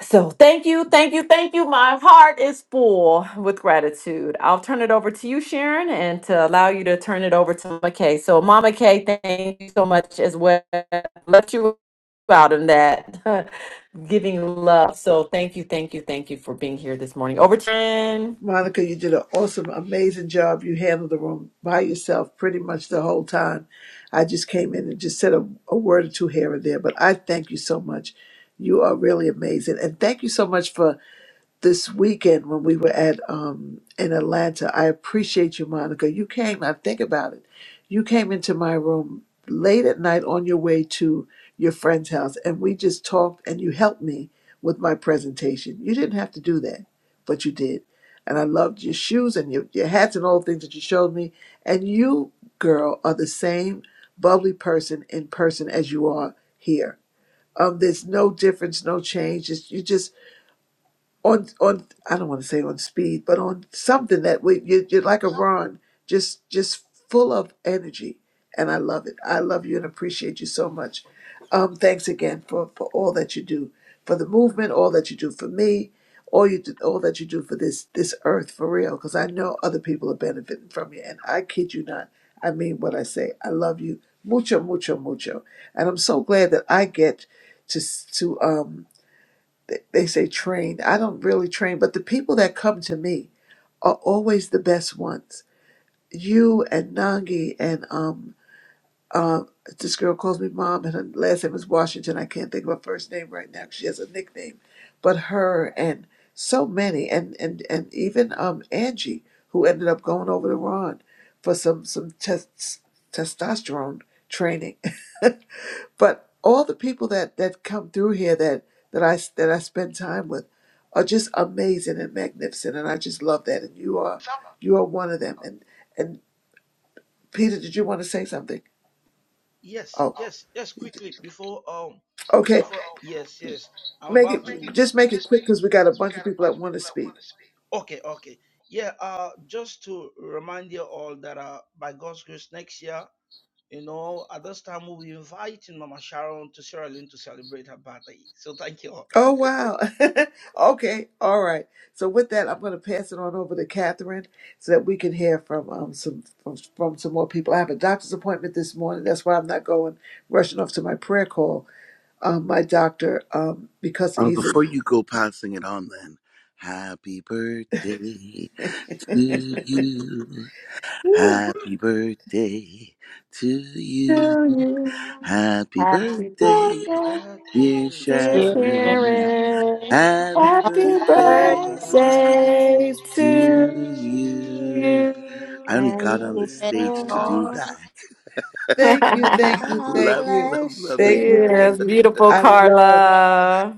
S2: So thank you, thank you, thank you. My heart is full with gratitude. I'll turn it over to you, Sharon, and to allow you to turn it over to Mama Kay. So Mama Kay, thank you so much as well. Let you out in that giving love. So thank you, thank you, thank you for being here this morning. Over to you. Sharon.
S1: Monica, you did an awesome, amazing job. You handled the room by yourself pretty much the whole time. I just came in and just said a, a word or two here and there, but I thank you so much. You are really amazing. And thank you so much for this weekend when we were at um in Atlanta. I appreciate you, Monica. You came, I think about it. You came into my room late at night on your way to your friend's house and we just talked and you helped me with my presentation. You didn't have to do that, but you did. And I loved your shoes and your, your hats and all the things that you showed me. And you, girl, are the same bubbly person in person as you are here. Um, there's no difference, no change. It's, you just on on I don't want to say on speed, but on something that we you, you're like a Ron, just just full of energy, and I love it. I love you and appreciate you so much. Um, thanks again for for all that you do for the movement, all that you do for me, all you do, all that you do for this this earth for real. Because I know other people are benefiting from you, and I kid you not, I mean what I say. I love you mucho mucho mucho, and I'm so glad that I get to s- to um they they say train. I don't really train, but the people that come to me are always the best ones. You and Nangi and um uh, this girl calls me mom, and her last name is Washington. I can't think of her first name right now. 'cause She has a nickname, but her and so many, and and and even um Angie, who ended up going over to Ron for some some test testosterone training. But all the people that that come through here that that I that I spend time with are just amazing and magnificent, and I just love that. And you are you are one of them. And and Peter, did you want to say something?
S9: Yes,
S1: Oh,
S9: yes, yes, quickly, before um
S1: okay.
S9: Before, Okay, yes, yes. I'm
S1: Make it
S9: about make to. it
S1: just make it
S9: just
S1: quick
S9: make it
S1: because we
S9: quick
S1: got a
S9: because we
S1: bunch of
S9: got a
S1: people
S9: bunch
S1: that
S9: of
S1: want to
S9: people that
S1: speak.
S9: want to speak. Okay, okay. Yeah, uh, just to remind you all that uh, by God's grace, next year, you know, at this time, we'll be inviting Mama Sharon to Sierra Leone to celebrate her birthday. So thank you all.
S1: Oh wow. okay. All right. So with that, I'm going to pass it on over to Catherine so that we can hear from um some from, from some more people. I have a doctor's appointment this morning. That's why I'm not going rushing off to my prayer call. uh, my doctor um, because
S11: Uh,
S1: he's a
S11: before you go passing it on, then, happy birthday to you. Happy birthday to
S2: to
S11: you.
S2: you.
S11: Happy
S2: Happy
S11: birthday,
S2: birthday,
S9: Happy
S11: dear
S9: birthday.
S2: dear
S12: you.
S11: Sharon.
S2: Sharon.
S11: Happy
S2: Happy
S13: Happy
S9: Happy
S12: Bird,
S11: birthday
S13: birthday
S2: birthday
S9: birthday
S13: to
S11: to
S2: to
S11: you.
S13: you.
S2: you.
S9: to
S11: I only
S14: And
S11: got on
S14: when
S11: the
S14: it
S12: many
S11: stage to
S9: you.
S11: do
S12: more.
S14: all-
S11: that.
S1: "Thank you,
S13: And
S1: thank you,
S13: God
S1: thank
S11: Love,
S1: you,
S11: love,
S13: bless
S11: love
S1: thank
S11: you.
S1: you,
S13: you.
S1: thank
S2: yes,
S1: you."
S2: beautiful
S1: I love,
S2: Carla.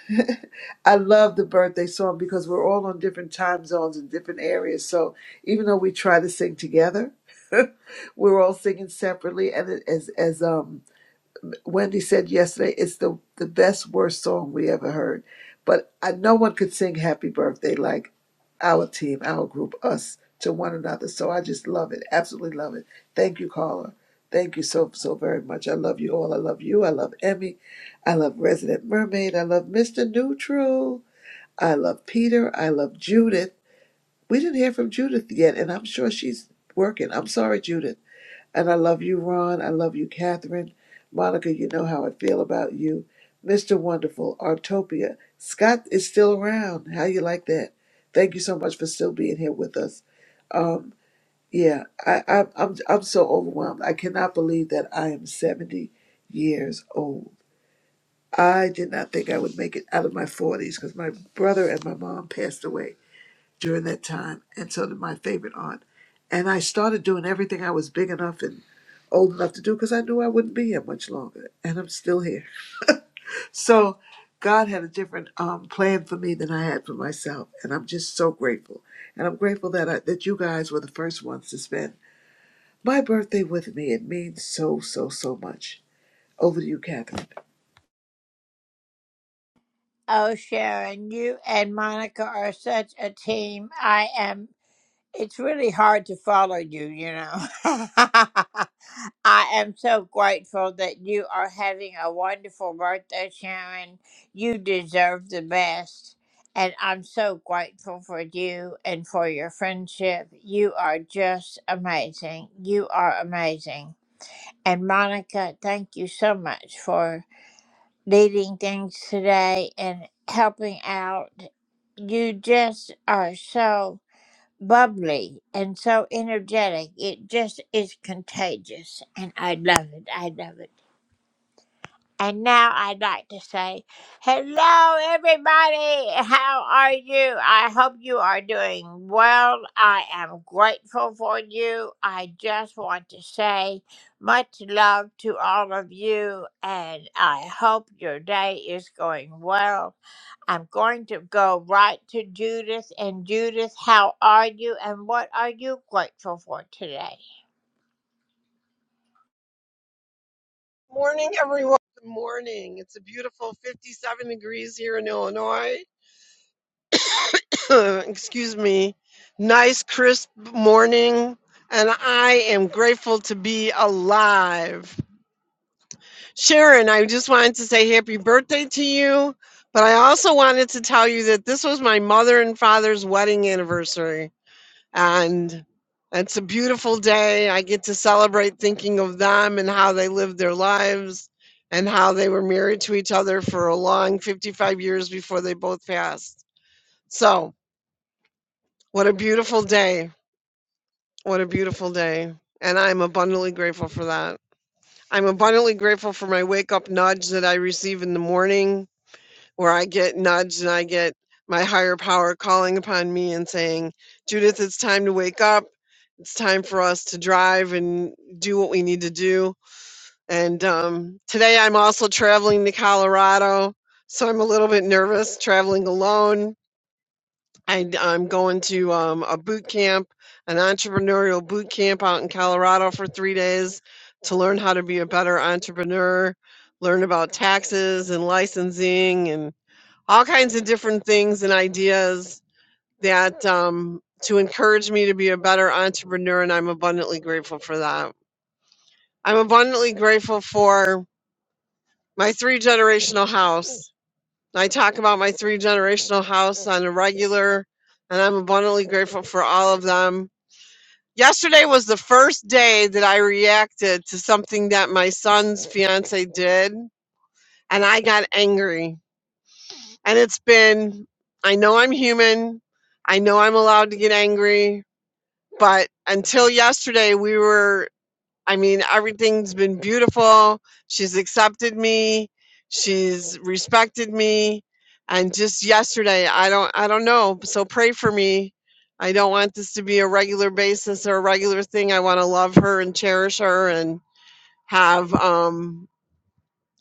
S1: I love the birthday song because we're all on different time zones and different areas. So even though we try to sing together, we're all singing separately, and it- as as um Wendy said yesterday, it's the, the best, worst song we ever heard. But I, no one could sing Happy Birthday like our team, our group, us to one another. So I just love it. Absolutely love it. Thank you, caller. Thank you so, so very much. I love you all. I love you. I love Emmy. I love Resident Mermaid. I love Mr. Neutral. I love Peter. I love Judith. We didn't hear from Judith yet, and I'm sure she's working. I'm sorry, Judith. And I love you, Ron. I love you, Catherine. Monica, you know how I feel about you. Mr. Wonderful, Artopia. Scott is still around. How you like that? Thank you so much for still being here with us. Um, yeah, I, I, I'm I'm so overwhelmed. I cannot believe that I am 70 years old. I did not think I would make it out of my 40s because my brother and my mom passed away during that time, and so did my favorite aunt. And I started doing everything I was big enough and old enough to do because I knew I wouldn't be here much longer, and I'm still here. So God had a different um, plan for me than I had for myself, and I'm just so grateful. And I'm grateful that I, that you guys were the first ones to spend my birthday with me. It means so so so much. Over to you, Catherine.
S12: Oh, Sharon, you and Monica are such a team. I am. It's really hard to follow you, you know. I am so grateful that you are having a wonderful birthday, Sharon. You deserve the best. And I'm so grateful for you and for your friendship. You are just amazing. You are amazing. And Monica, thank you so much for leading things today and helping out. You just are so bubbly and so energetic. It just is contagious. And I love it. I love it. And now I'd like to say, hello, everybody. How are you? I hope you are doing well. I am grateful for you. I just want to say much love to all of you, and I hope your day is going well. I'm going to go right to Judith. And Judith, how are you, and what are you grateful for today?
S15: Morning, everyone. Good morning. It's a beautiful 57 degrees here in Illinois. Excuse me. Nice, crisp morning. And I am grateful to be alive. Sharon, I just wanted to say happy birthday to you. But I also wanted to tell you that this was my mother and father's wedding anniversary. And it's a beautiful day. I get to celebrate thinking of them and how they lived their lives and how they were married to each other for a long 55 years before they both passed. So, what a beautiful day. What a beautiful day. And I'm abundantly grateful for that. I'm abundantly grateful for my wake up nudge that I receive in the morning where I get nudged and I get my higher power calling upon me and saying, Judith, it's time to wake up. It's time for us to drive and do what we need to do. And um, today I'm also traveling to Colorado. So I'm a little bit nervous traveling alone. I, am going to um, a boot camp, an entrepreneurial boot camp out in Colorado for three days to learn how to be a better entrepreneur, learn about taxes and licensing and all kinds of different things and ideas that um, to encourage me to be a better entrepreneur, and I'm abundantly grateful for that. I'm abundantly grateful for my three generational house. I talk about my three generational house on a regular, and I'm abundantly grateful for all of them. Yesterday was the first day that I reacted to something that my son's fiance did, and I got angry. And it's been, I know I'm human. I know I'm allowed to get angry. But until yesterday, we were, I mean, everything's been beautiful. She's accepted me. She's respected me. And just yesterday, I don't, I don't know. So pray for me. I don't want this to be a regular basis or a regular thing. I want to love her and cherish her and have um,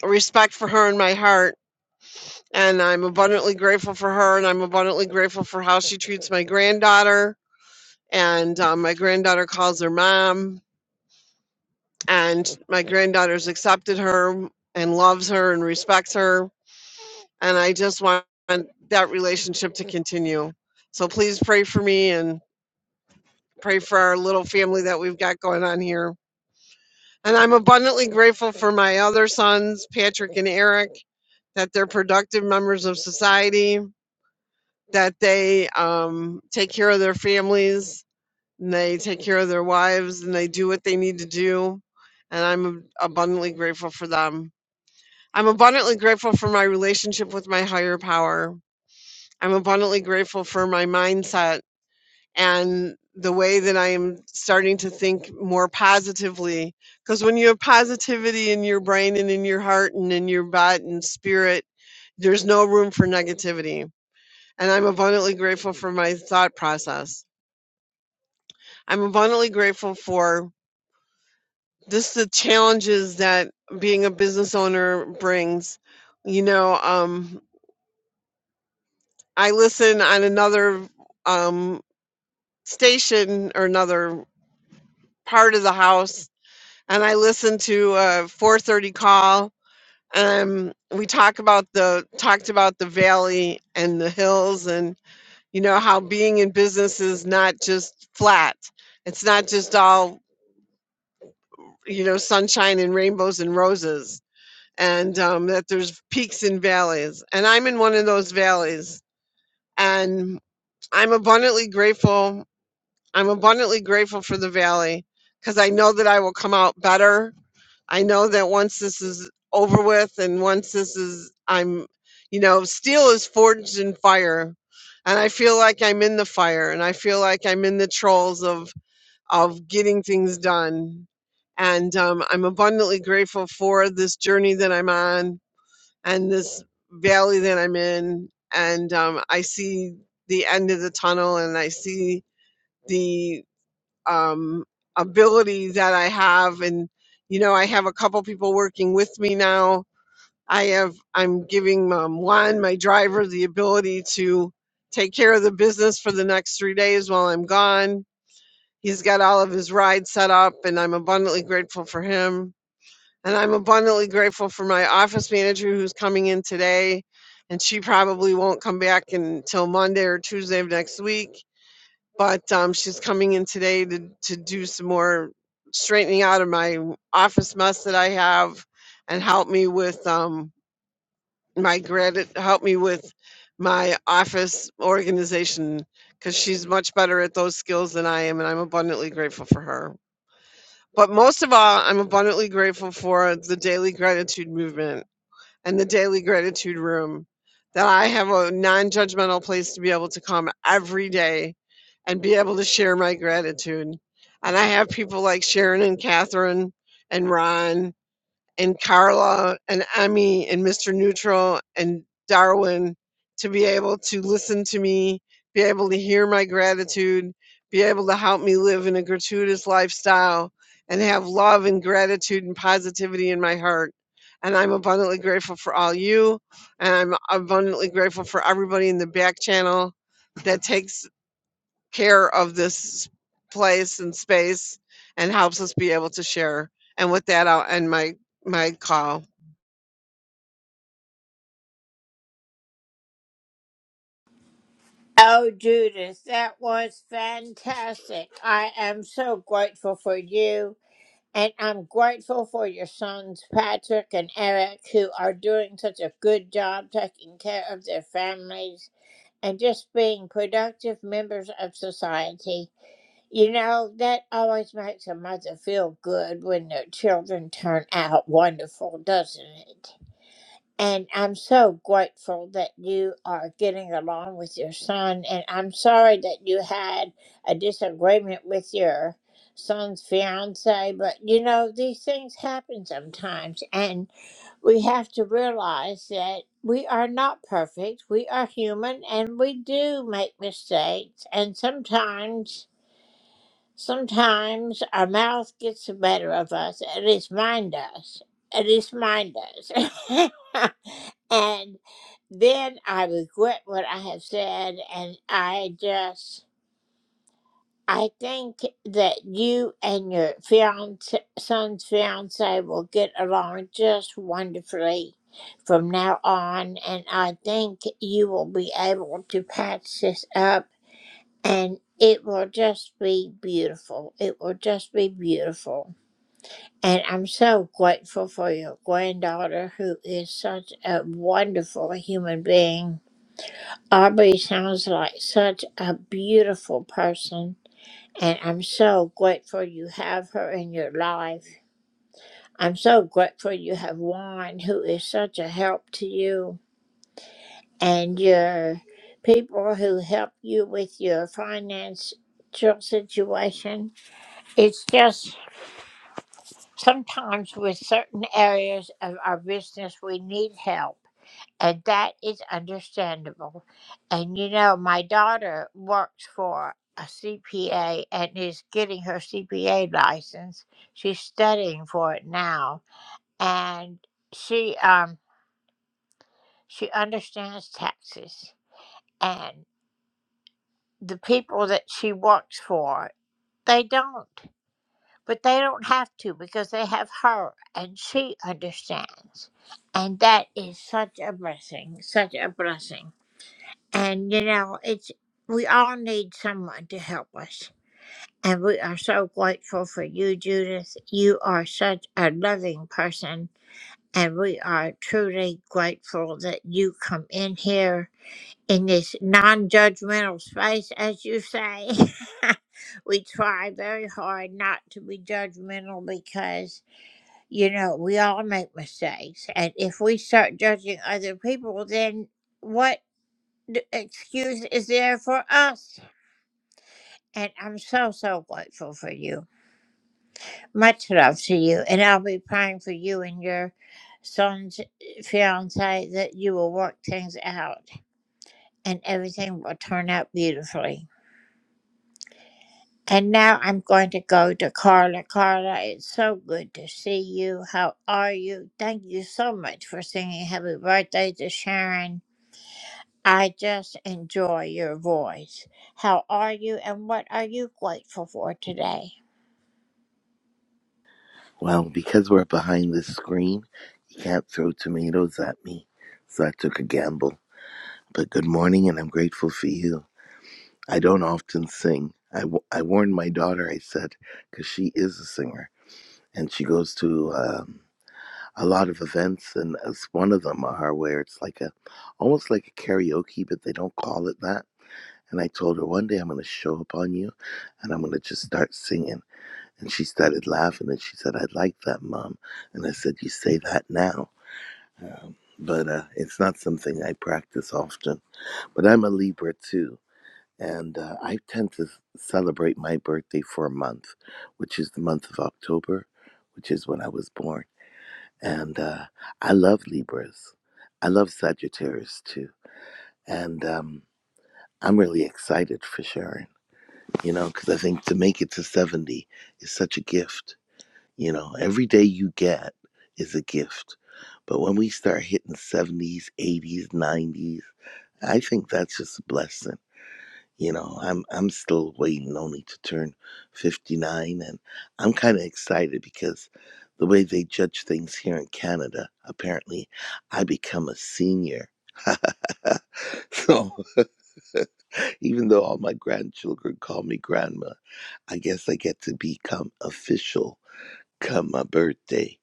S15: respect for her in my heart and I'm abundantly grateful for her, and I'm abundantly grateful for how she treats my granddaughter. And um, my granddaughter calls her mom, and my granddaughter's accepted her and loves her and respects her. And I just want that relationship to continue. So please pray for me and pray for our little family that we've got going on here. And I'm abundantly grateful for my other sons, Patrick and Eric, that they're productive members of society that they um, take care of their families and they take care of their wives and they do what they need to do. And I'm abundantly grateful for them. I'm abundantly grateful for my relationship with my higher power. I'm abundantly grateful for my mindset and the way that I am starting to think more positively. Because when you have positivity in your brain and in your heart and in your body and spirit, there's no room for negativity and I'm abundantly grateful for my thought process. I'm abundantly grateful for just the challenges that being a business owner brings. You know, um, I listen on another um, station or another part of the house, and I listen to a 4:30 call. And we talk about the talked about the valley and the hills, and you know how being in business is not just flat. It's not just all you know, sunshine and rainbows and roses, and um, that there's peaks and valleys. And I'm in one of those valleys, and I'm abundantly grateful. I'm abundantly grateful for the valley because I know that I will come out better. I know that once this is over with, and once this is, I'm, you know, steel is forged in fire. And I feel like I'm in the fire, and I feel like I'm in the trolls of of getting things done. And um, I'm abundantly grateful for this journey that I'm on and this valley that I'm in. And um, I see the end of the tunnel and I see the um, ability that I have. And, you know, I have a couple people working with me now. I have, I'm giving um, Juan, my driver, the ability to take care of the business for the next three days while I'm gone He's got all of his rides set up, and I'm abundantly grateful for him. And I'm abundantly grateful for my office manager who's coming in today, and she probably won't come back until Monday or Tuesday of next week. But um, she's coming in today to, to do some more straightening out of my office mess that I have and help me with um, my gratitude, help me with my office organization because she's much better at those skills than I am, and I'm abundantly grateful for her. But most of all, I'm abundantly grateful for the daily gratitude movement and the daily gratitude room that I have a non judgmental place to be able to come every day and be able to share my gratitude. And I have people like Sharon and Catherine and Ron and Carla and Emmy and Mr. Neutral and Darwin to be able to listen to me, be able to hear my gratitude, be able to help me live in a gratuitous lifestyle and have love and gratitude and positivity in my heart. And I'm abundantly grateful for all you. And I'm abundantly grateful for everybody in the back channel that takes care of this place and space and helps us be able to share. And with that, I'll end my, my call.
S12: Oh, Judith, that was fantastic. I am so grateful for you. And I'm grateful for your sons, Patrick and Eric, who are doing such a good job taking care of their families and just being productive members of society. You know, that always makes a mother feel good when their children turn out wonderful, doesn't it? And I'm so grateful that you are getting along with your son. And I'm sorry that you had a disagreement with your son's fiance. But you know, these things happen sometimes. And we have to realize that we are not perfect. We are human and we do make mistakes. And sometimes, sometimes our mouth gets the better of us. At least mine does. At least mine does. And then I regret what I have said, and I just, I think that you and your fiance, son's fiance will get along just wonderfully from now on, and I think you will be able to patch this up, and it will just be beautiful. It will just be beautiful. And I'm so grateful for your granddaughter, who is such a wonderful human being Aubrey sounds like such a beautiful person, and I'm so grateful you have her in your life. I'm so grateful you have Juan, who is such a help to you, and your people who help you with your financial situation. It's just sometimes with certain areas of our business, we need help. And that is understandable. And you know, my daughter works for a CPA and is getting her CPA license. She's studying for it now. And she um she understands taxes and the people that she works for, they don't. But they don't have to because they have her and she understands. And that is such a blessing, such a blessing. And, you know, it's, we all need someone to help us. And we are so grateful for you, Judith. You are such a loving person. And we are truly grateful that you come in here in this non judgmental space, as you say. we try very hard not to be judgmental because, you know, we all make mistakes. And if we start judging other people, then what? d- excuse is there for us. And I'm so, so grateful for you. Much love to you. And I'll be praying for you and your son's fiance that you will work things out and everything will turn out beautifully. And now I'm going to go to Carla. Carla, it's so good to see you. How are you? Thank you so much for singing happy birthday to Sharon. I just enjoy your voice. How are you and what are you grateful for today?
S11: Well, because we're behind the screen, you can't throw tomatoes at me. So I took a gamble. but good morning, and I'm grateful for you. I don't often sing. I, w- I warned my daughter, I said, because she is a singer, and she goes to um, a lot of events, and as one of them are where it's like a, almost like a karaoke, but they don't call it that. And I told her one day I'm going to show up on you, and I'm going to just start singing. And she started laughing, and she said, "I like that, mom." And I said, "You say that now." Um, but uh, it's not something I practice often. But I'm a Libra too, and uh, I tend to s- celebrate my birthday for a month, which is the month of October, which is when I was born. And uh, I love Libras. I love Sagittarius too. And um, I'm really excited for Sharon, you know, because I think to make it to 70 is such a gift. You know, every day you get is a gift. But when we start hitting 70s, 80s, 90s, I think that's just a blessing you know i'm i'm still waiting only to turn 59 and i'm kind of excited because the way they judge things here in canada apparently i become a senior so even though all my grandchildren call me grandma i guess i get to become official come my birthday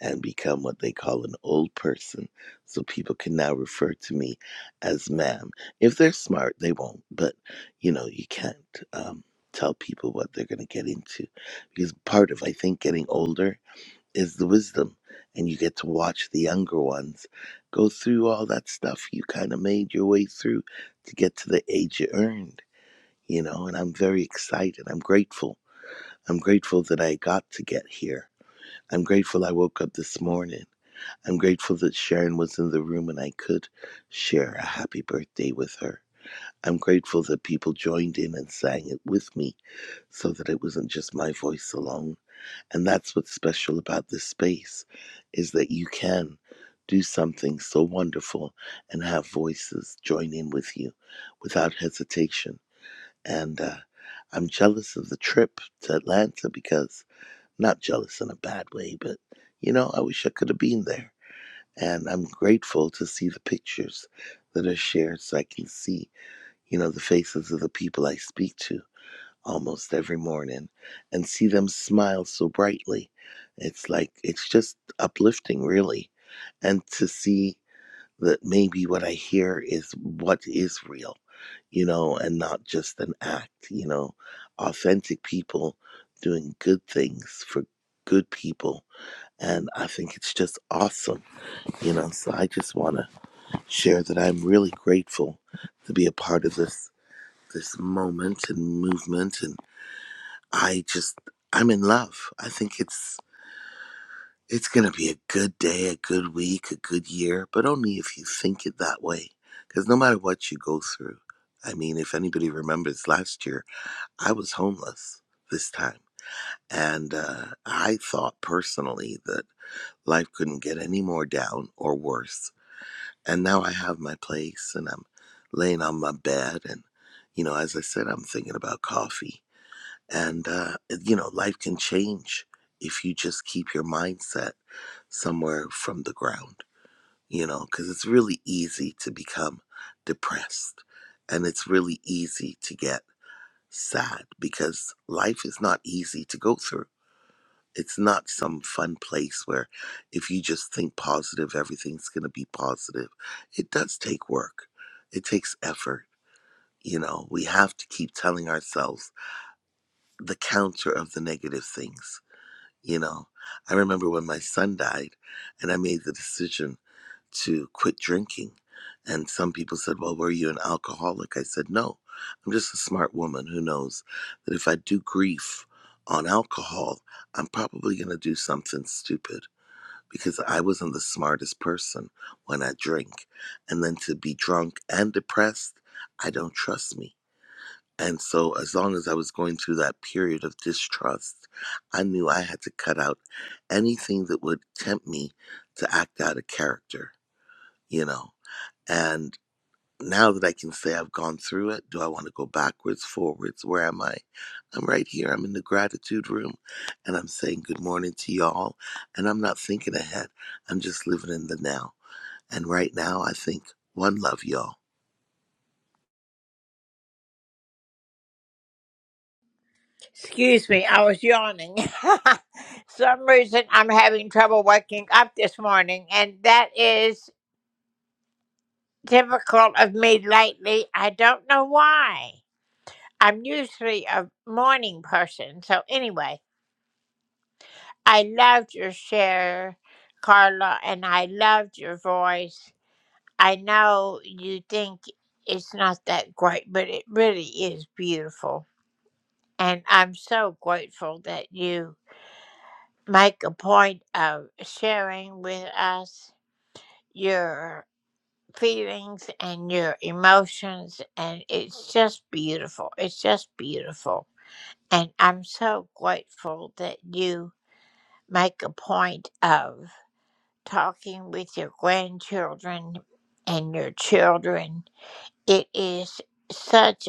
S11: and become what they call an old person so people can now refer to me as ma'am if they're smart they won't but you know you can't um, tell people what they're going to get into because part of i think getting older is the wisdom and you get to watch the younger ones go through all that stuff you kind of made your way through to get to the age you earned you know and i'm very excited i'm grateful i'm grateful that i got to get here I'm grateful I woke up this morning. I'm grateful that Sharon was in the room and I could share a happy birthday with her. I'm grateful that people joined in and sang it with me so that it wasn't just my voice alone. And that's what's special about this space is that you can do something so wonderful and have voices join in with you without hesitation. And uh, I'm jealous of the trip to Atlanta because not jealous in a bad way, but you know, I wish I could have been there. And I'm grateful to see the pictures that are shared so I can see, you know, the faces of the people I speak to almost every morning and see them smile so brightly. It's like, it's just uplifting, really. And to see that maybe what I hear is what is real, you know, and not just an act, you know, authentic people doing good things for good people. And I think it's just awesome, you know. So I just want to share that I'm really grateful to be a part of this this moment and movement. And I just I'm in love. I think it's It's going to be a good day, a good week, a good year, but only if you think it that way. Because no matter what you go through, I mean, if anybody remembers last year, I was homeless this time. And uh, I thought personally that life couldn't get any more down or worse. And now I have my place and I'm laying on my bed. And, you know, as I said, I'm thinking about coffee. And, uh, you know, life can change if you just keep your mindset somewhere from the ground, you know, because it's really easy to become depressed and it's really easy to get sad because life is not easy to go through. It's not some fun place where if you just think positive, everything's going to be positive. It does take work, it takes effort. You know, we have to keep telling ourselves the counter of the negative things. You know, I remember when my son died and I made the decision. to quit drinking. And some people said, Well, were you an alcoholic? I said, No, I'm just a smart woman who knows that if I do grief on alcohol, I'm probably going to do something stupid because I wasn't the smartest person when I drink. And then to be drunk and depressed, I don't trust me. And so, as long as I was going through that period of distrust, I knew I had to cut out anything that would tempt me to act out of character, you know. And now that I can say I've gone through it, do I want to go backwards, forwards? Where am I? I'm right here. I'm in the gratitude room and I'm saying good morning to y'all. And I'm not thinking ahead, I'm just living in the now. And right now, I think one love, y'all.
S12: Excuse me, I was yawning. Some reason I'm having trouble waking up this morning, and that is typical of me lately. I don't know why. I'm usually a morning person. So, anyway, I loved your share, Carla, and I loved your voice. I know you think it's not that great, but it really is beautiful. And I'm so grateful that you make a point of sharing with us your feelings and your emotions. And it's just beautiful. It's just beautiful. And I'm so grateful that you make a point of talking with your grandchildren and your children. It is such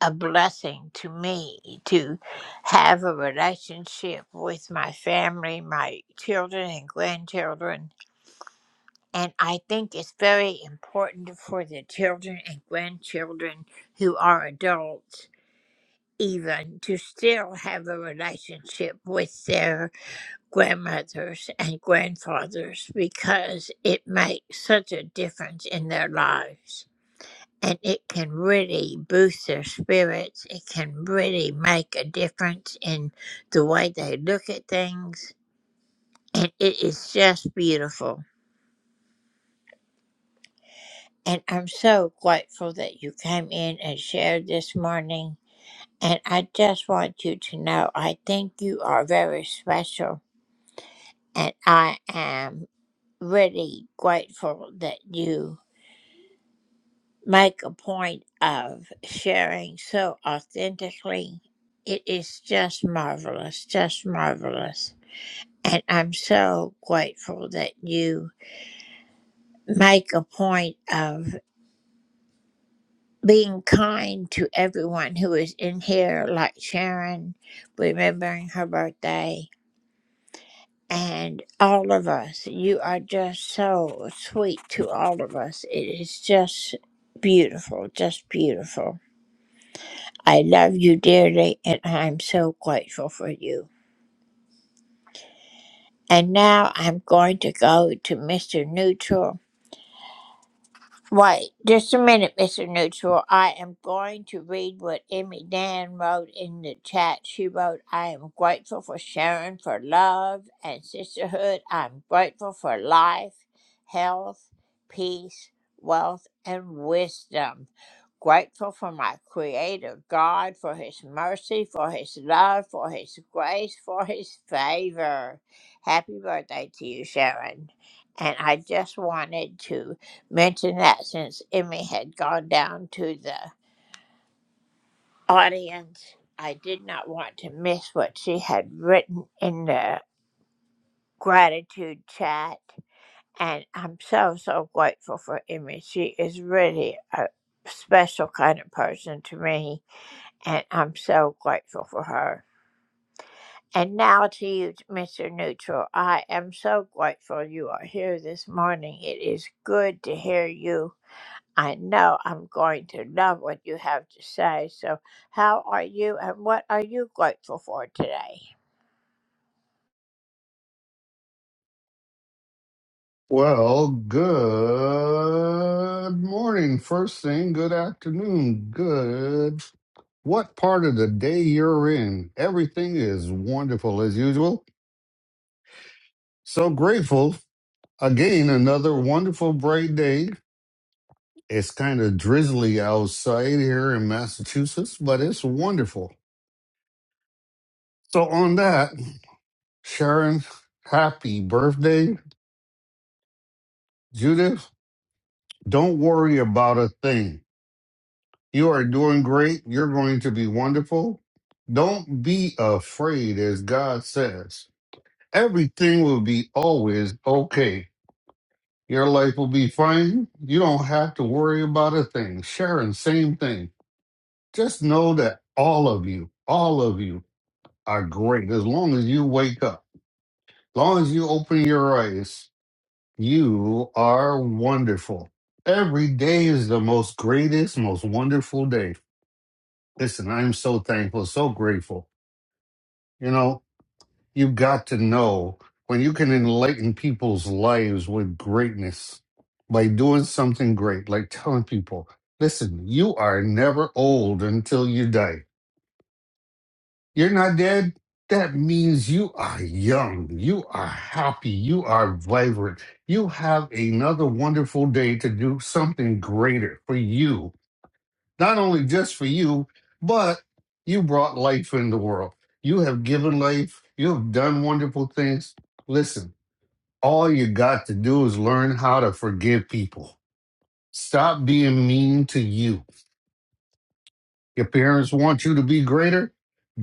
S12: a blessing to me to have a relationship with my family, my children and grandchildren. And I think it's very important for the children and grandchildren who are adults, even to still have a relationship with their grandmothers and grandfathers because it makes such a difference in their lives and it can really boost their spirits. It can really make a difference in the way they look at things. And it is just beautiful. And I'm so grateful that you came in and shared this morning. And I just want you to know I think you are very special. And I am really grateful that you. make a point of sharing so authentically. It is just marvelous, just marvelous. And I'm so grateful that you make a point of being kind to everyone who is in here, like Sharon, remembering her birthday, and all of us. You are just so sweet to all of us. It is just beautiful, just beautiful. I love you dearly, and I'm so grateful for you. And now I'm going to go to Mr. Neutral. Wait, just a minute, Mr. Neutral. I am going to read what Emmy Dan wrote in the chat. She wrote, I am grateful for Sharon for love and sisterhood. I'm grateful for life, health, peace, wealth, and wisdom. Grateful for my Creator God, for His mercy, for His love, for His grace, for His favor. Happy birthday to you, Sharon. And I just wanted to mention that since Emmy had gone down to the audience. I did not want to miss what she had written in the gratitude chat. And I'm so, so grateful for Emmy. She is really a special kind of person to me. And I'm so grateful for her. And now to you, Mr. Neutral. I am so grateful you are here this morning. It is good to hear you I know I'm going to love what you have to say. So, how are you and what are you grateful for today?
S16: Well, good morning. First thing, good afternoon. Good. What part of the day you're in? Everything is wonderful as usual. So grateful. Again, another wonderful bright day. It's kind of drizzly outside here in Massachusetts, but it's wonderful. So, on that, Sharon, happy birthday. Judith, don't worry about a thing. You are doing great. You're going to be wonderful. Don't be afraid, as God says. Everything will be always okay. Your life will be fine. You don't have to worry about a thing. Sharon, same thing. Just know that all of you, all of you are great as long as you wake up. As long as you open your eyes, you are wonderful. Every day is the most greatest, most wonderful day. Listen, I'm so thankful, so grateful. You know, you got to know when you can enlighten people's lives with greatness by doing something great, like telling people, listen, you are never old until you die. You're not dead. That means you are young, you are happy, you are vibrant. You have another wonderful day to do something greater for you not only just for you, but you brought life in the world. You have given life. You have done wonderful things. Listen, all you got to do is learn how to forgive people. Stop being mean to you. Your parents want you to be greater.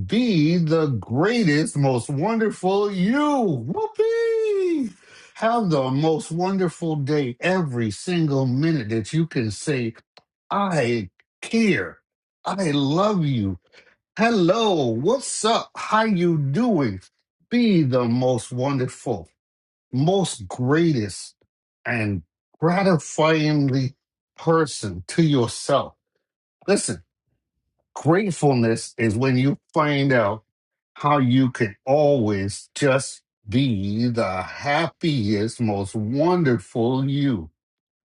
S16: Be the greatest, most wonderful you. Whoopee! Have the most wonderful day every single minute that you can say, I care. I love you. Hello, what's up? How you doing? Be the most wonderful, most greatest, and gratifyingly person to yourself. Listen, gratefulness is when you find out how you can always just be the happiest, most wonderful you.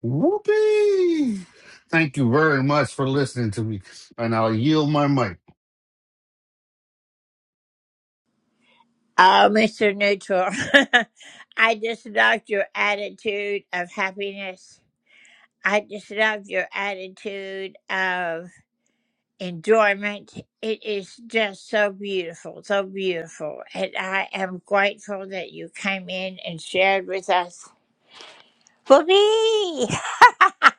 S16: Whoopee! Thank you very much for listening to me, and I'll yield my mic.
S12: Oh, Mr. Neutral, I just loved your attitude of happiness. I just love your attitude of enjoyment. It is just so beautiful, so beautiful. And I am grateful that you came in and shared with us. For me, I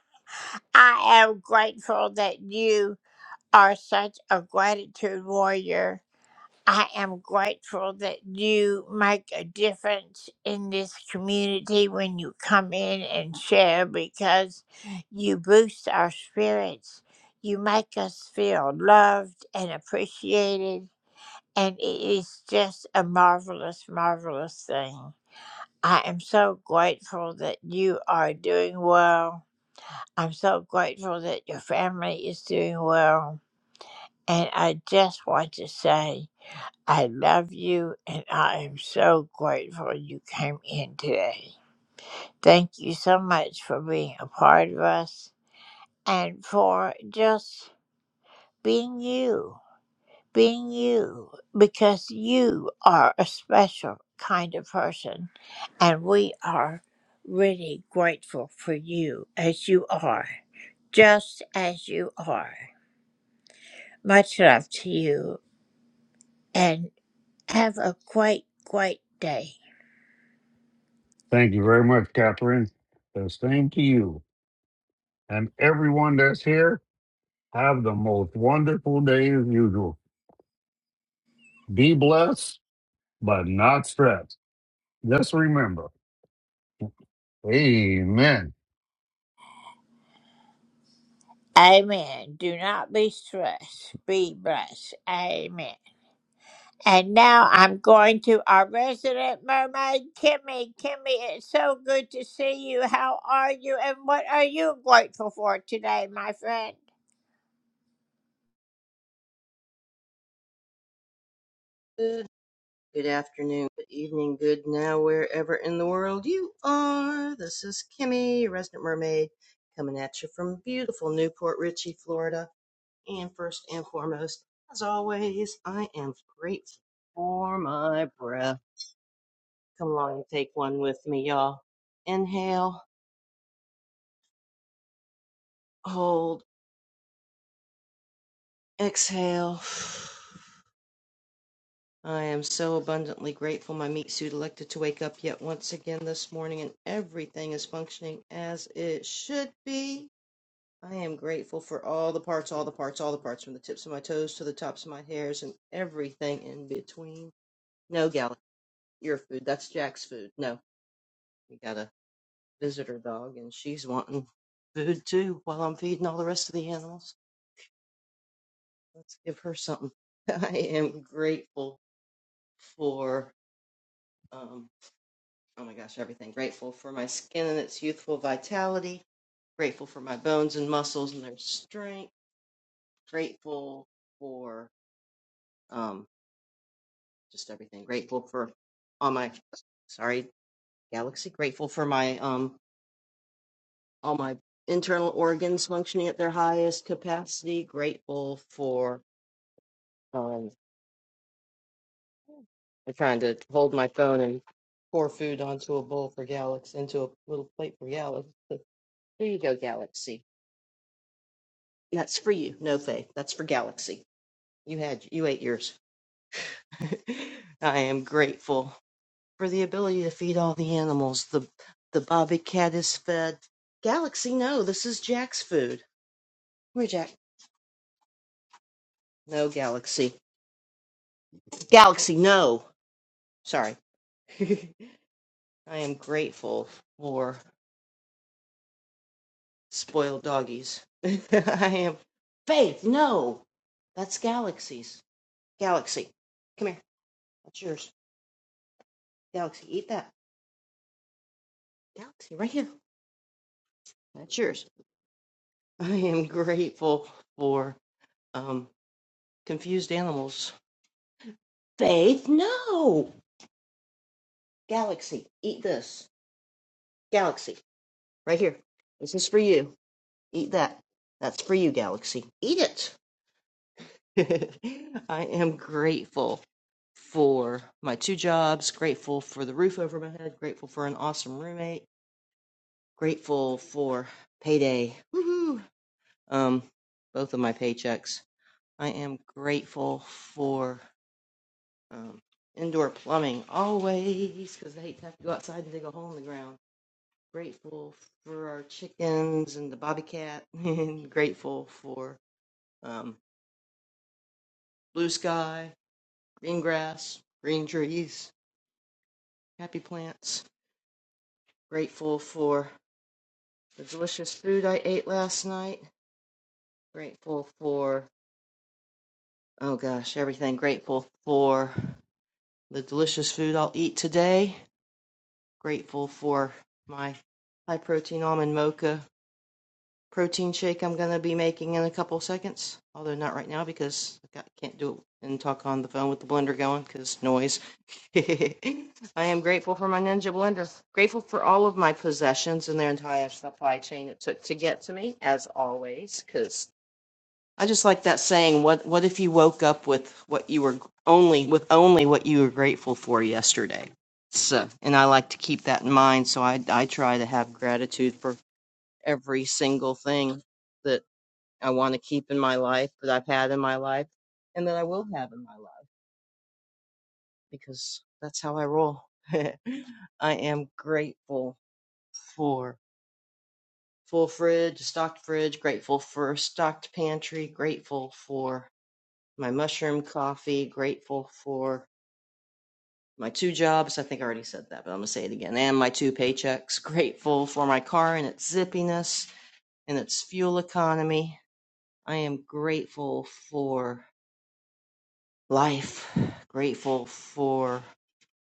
S12: am grateful that you are such a gratitude warrior. I am grateful that you make a difference in this community when you come in and share because you boost our spirits. You make us feel loved and appreciated. And it is just a marvelous, marvelous thing. I am so grateful that you are doing well. I'm so grateful that your family is doing well. And I just want to say, I love you and I am so grateful you came in today. Thank you so much for being a part of us and for just being you, being you, because you are a special kind of person and we are really grateful for you as you are, just as you are. Much love to you. and. Have a great, great day.
S16: Thank you very much, Catherine. The same to you. And everyone that's here, have the most wonderful day as usual. Be blessed, but not stressed. Just remember, amen.
S12: Amen. Do not be stressed. Be blessed. Amen. And now I'm going to our resident mermaid, Kimmy. Kimmy, it's so good to see you. How are you? And what are you grateful for today, my friend?
S14: Good afternoon, good evening, good now, wherever in the world you are. This is Kimmy, your resident mermaid, coming from beautiful Newport Richey, Florida. And first and foremost, as always, I am grateful for my breath. Come along and take one with me, y'all. Inhale, hold, exhale. I am so abundantly grateful my meat suit elected to wake up yet once again this morning and everything is functioning as it should be. I am grateful for all the parts, all the parts, all the parts, from the tips of my toes to the tops of my hairs and everything in between. No, Gala, your food. That's Jack's food. No, we got a visitor dog and she's wanting food too while I'm feeding all the rest of the animals. Let's give her something. I am grateful for. um, oh my gosh, everything. Grateful for my skin and its youthful vitality. Grateful for my bones and muscles and their strength. Grateful for um, just everything. Grateful for all my, sorry, galaxy. Grateful for my, um, all my internal organs functioning at their highest capacity. Grateful for, um, I'm trying to hold my phone and pour food onto a bowl for Galaxy, into a little plate for Galaxy. There you go, Galaxy. That's for you. No, Faith. That's for Galaxy. You had you ate yours. I am grateful for the ability to feed all the animals. The the bobby cat is fed. Galaxy, no, this is Jack's food. Where Jack? No, Galaxy. Galaxy, no. Sorry. I am grateful for spoiled doggies. I am Faith, no. That's Galaxy's. Galaxy. Come here. That's yours. Galaxy, eat that. Galaxy, right here. That's yours. I am grateful for um, confused animals. Faith, no. Galaxy, eat this. Galaxy, right here. This is for you. Eat that. That's for you, Galaxy. Eat it. I am grateful for my two jobs, grateful for the roof over my head, grateful for an awesome roommate, grateful for payday. Woohoo! Um, both of my paychecks. I am grateful for. Um, indoor plumbing always, because I hate to have to go outside and dig a hole in the ground. Grateful for our chickens and the bobby cat, and grateful for um, blue sky, green grass, green trees, happy plants. Grateful for the delicious food I ate last night. Grateful for, oh gosh, everything. Grateful for the delicious food I'll eat today. Grateful for my high protein almond mocha protein shake I'm going to be making in a couple seconds. Although not right now because I can't do it and talk on the phone with the blender going because noise. I am grateful for my Ninja blender. Grateful for all of my possessions and their entire supply chain it took to get to me, as always. Because I just like that saying. What What if you woke up with what you were only with only what you were grateful for yesterday? So, and I like to keep that in mind. So I I try to have gratitude for every single thing I want to keep in my life that I've had in my life and that I will have in my life because that's how I roll. I am grateful for full fridge, stocked fridge, grateful for stocked pantry, grateful for my mushroom coffee, grateful for my two jobs. I think I already said that, but I'm going to say it again. And my two paychecks, grateful for my car and its zippiness and its fuel economy. I am grateful for life, grateful for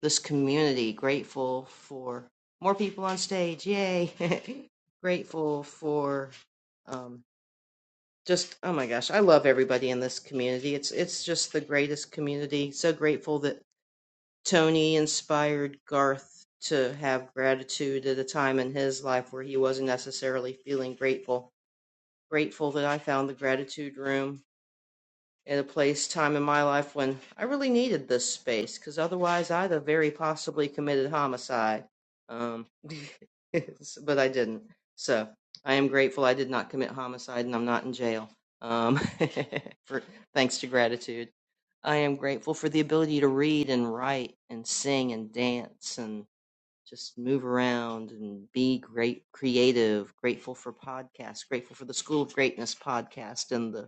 S14: this community, grateful for more people on stage, yay! grateful for um, just oh my gosh, I love everybody in this community. It's it's just the greatest community. So grateful that Tony inspired Garth to have gratitude at a time in his life where he wasn't necessarily feeling grateful. Grateful that I found the gratitude room at a place, time in my life when I really needed this space, because otherwise I'd have very possibly committed homicide. Um, but I didn't. So I am grateful I did not commit homicide and I'm not in jail. Um, for thanks to gratitude, I am grateful for the ability to read and write and sing and dance and just move around and be great creative. Grateful for podcasts. Grateful for the School of Greatness podcast and the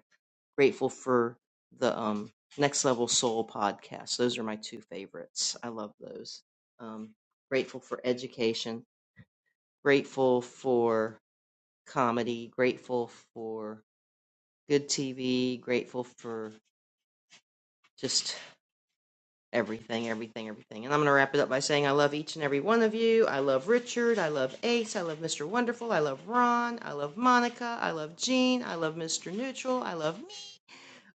S14: grateful for the um, Next Level Soul podcast. Those are my two favorites. I love those. Um, grateful for education, grateful for comedy, grateful for good TV, grateful for just everything, everything, everything. And I'm going to wrap it up by saying I love each and every one of you. I love Richard. I love Ace. I love Mr. Wonderful. I love Ron. I love Monica. I love Jean. I love Mr. Neutral. I love me.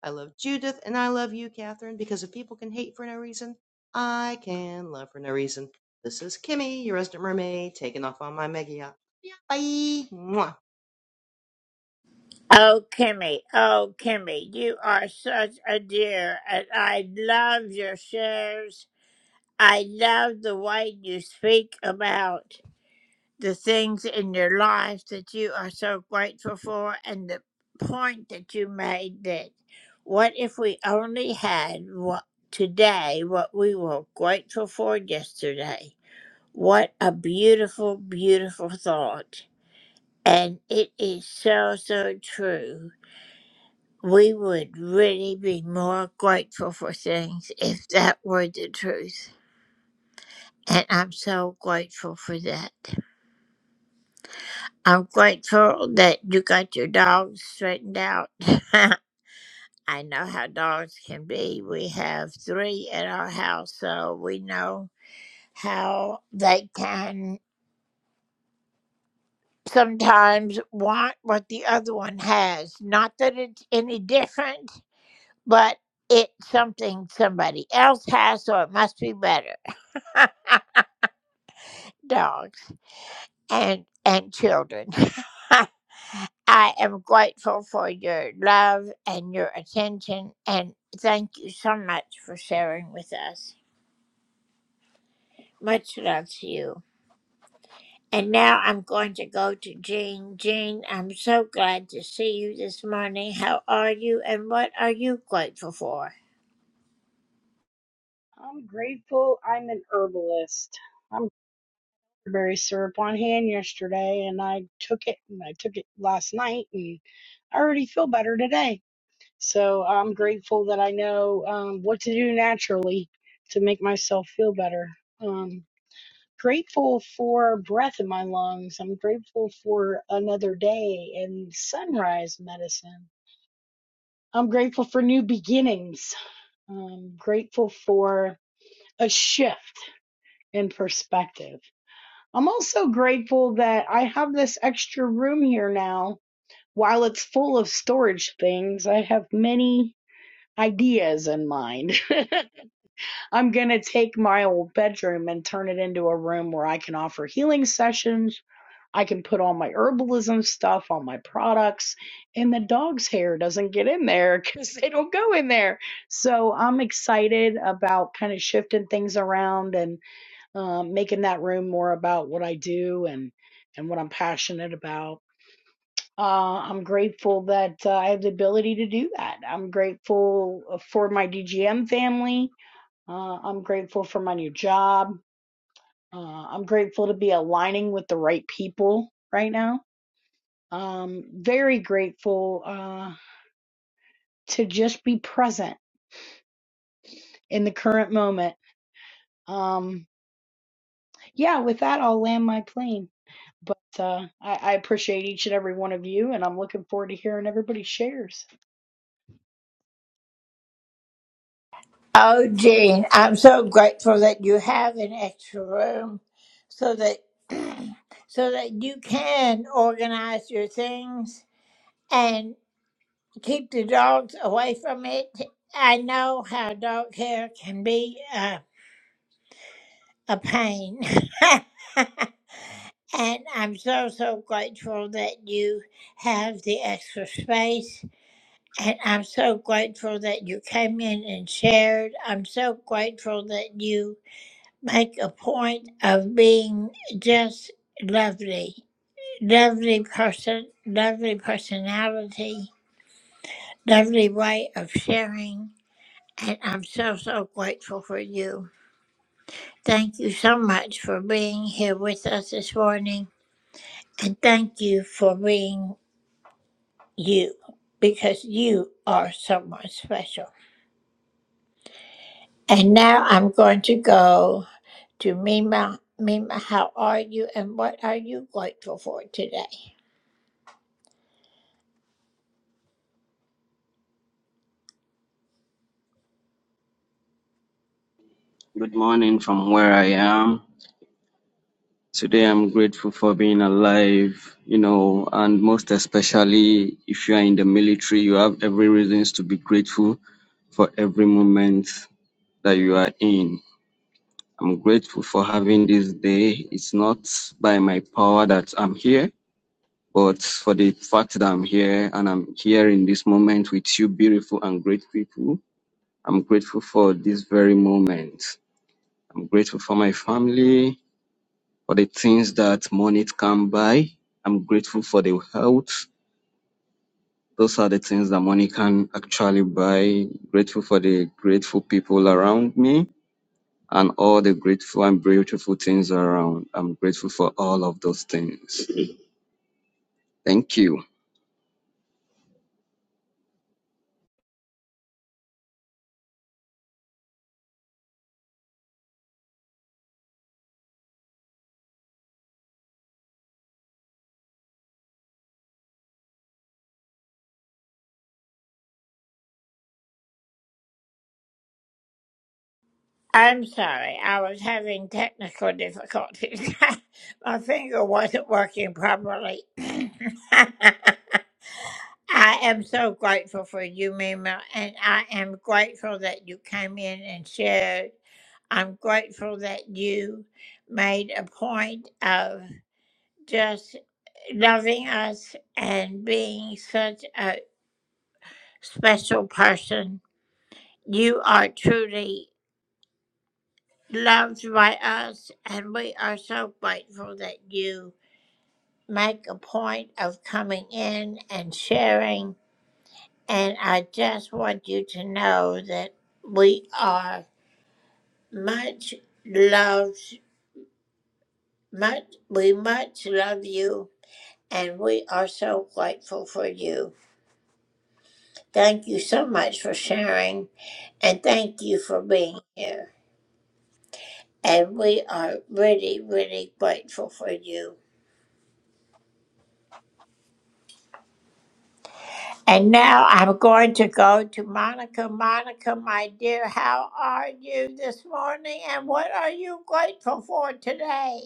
S14: I love Judith and I love you, Catherine, because if people can hate for no reason, I can love for no reason. This is Kimmy, your resident mermaid, taking off on my mega yacht. Bye. Mwah.
S12: Oh, Kimmy. Oh, Kimmy. You are such a dear. And I love your shares. I love the way you speak about the things in your life that you are so grateful for and the point that you made that what if we only had what today what we were grateful for yesterday what a beautiful beautiful thought and it is so so true we would really be more grateful for things if that were the truth and i'm so grateful for that I'm grateful that you got your dog straightened out. I know how dogs can be. We have three at our house, so we know how they can sometimes want what the other one has. Not that it's any different, but it's something somebody else has, so it must be better. Dogs and and children. I am grateful for your love and your attention, and thank you so much for sharing with us. Much love to you. And now I'm going to go to Jean. Jean, I'm so glad to see you this morning. How are you, and what are you grateful for?
S17: I'm grateful I'm an herbalist. I'm berry syrup on hand yesterday and I took it and I took it last night and I already feel better today. So I'm grateful that I know um, what to do naturally to make myself feel better. Um, grateful for breath in my lungs. I'm grateful for another day and sunrise medicine. I'm grateful for new beginnings. I'm grateful for a shift in perspective. I'm also grateful that I have this extra room here now. While it's full of storage things, I have many ideas in mind. I'm going to take my old bedroom and turn it into a room where I can offer healing sessions. I can put all my herbalism stuff, all my products, and the dog's hair doesn't get in there because they don't go in there. So I'm excited about kind of shifting things around and um, making that room more about what I do and and what I'm passionate about. Uh, I'm grateful that uh, I have the ability to do that. I'm grateful uh, for my DGM family. Uh, I'm grateful for my new job. Uh, I'm grateful to be aligning with the right people right now. Um, very grateful uh, to just be present in the current moment. Um, yeah, with that, I'll land my plane. But uh, I, I appreciate each and every one of you, and I'm looking forward to hearing everybody's shares.
S12: Oh, Jean, I'm so grateful that you have an extra room so that so that you can organize your things and. keep the dogs away from it. I know how dog hair can be uh, a pain. and I'm so, so grateful that you have the extra space. And I'm so grateful that you came in and shared. I'm so grateful that you make a point of being just lovely. Lovely person, lovely personality, lovely way of sharing. And I'm so, so grateful for you. Thank you so much for being here with us this morning. And thank you for being you because you are someone special. And now I'm going to go to Mima. Mima, how are you and what are you grateful for today?
S18: Good morning from where I am. Today I'm grateful for being alive, you know, and most especially if you are in the military, you have every reasons to be grateful for every moment that you are in. I'm grateful for having this day. It's not by my power that I'm here, but for the fact that I'm here and I'm here in this moment with you beautiful and great people. I'm grateful for this very moment. I'm grateful for my family. For the things that money can buy, I'm grateful for the health. Those are the things that money can actually buy. Grateful for the grateful people around me and all the grateful and beautiful things around. I'm grateful for all of those things. Thank you.
S12: I'm sorry, I was having technical difficulties. My finger wasn't working properly. I am so grateful for you, Mima, and I am grateful that you came in and shared. I'm grateful that you made a point of just loving us and being such a special person. You are truly loved by us, and we are so grateful that you make a point of coming in and sharing And I just want you to know that we are much loved, much, we much love you, and we are so grateful for you. Thank you so much for sharing, and thank you for being here. And we are really, really grateful for you. And now I'm going to go to Monica. Monica, my dear, how are you this morning, and what are you grateful for today?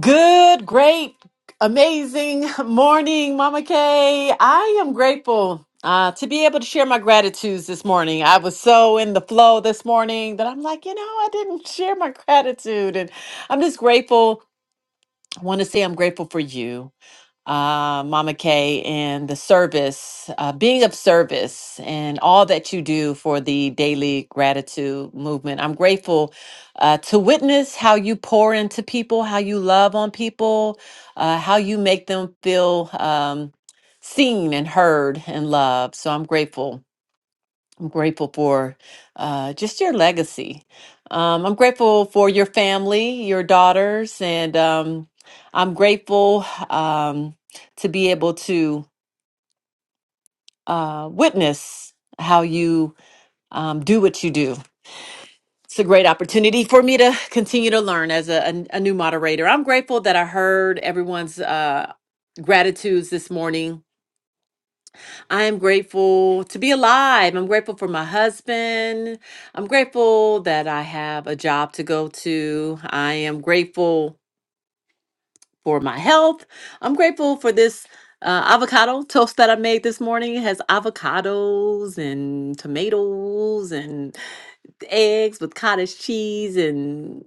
S2: Good, great, amazing morning, Mama Kay. I am grateful uh, to be able to share my gratitudes this morning. I was so in the flow this morning that I'm like, you know, I didn't share my gratitude. And I'm just grateful. I want to say I'm grateful for you uh, Mama Kay, and the service, uh, being of service, and all that you do for the daily gratitude movement. I'm grateful uh, to witness how you pour into people, how you love on people, uh, how you make them feel um, seen and heard and loved. So I'm grateful I'm grateful for uh, just your legacy. Um, I'm grateful for your family, your daughters, and um, I'm grateful um, to be able to uh, witness how you um, do what you do. It's a great opportunity for me to continue to learn as a, a, a new moderator. I'm grateful that I heard everyone's uh, gratitudes this morning I am grateful to be alive. I'm grateful for my husband. I'm grateful that I have a job to go to. I am grateful for my health. I'm grateful for this uh, avocado toast that I made this morning. It has avocados and tomatoes and eggs with cottage cheese and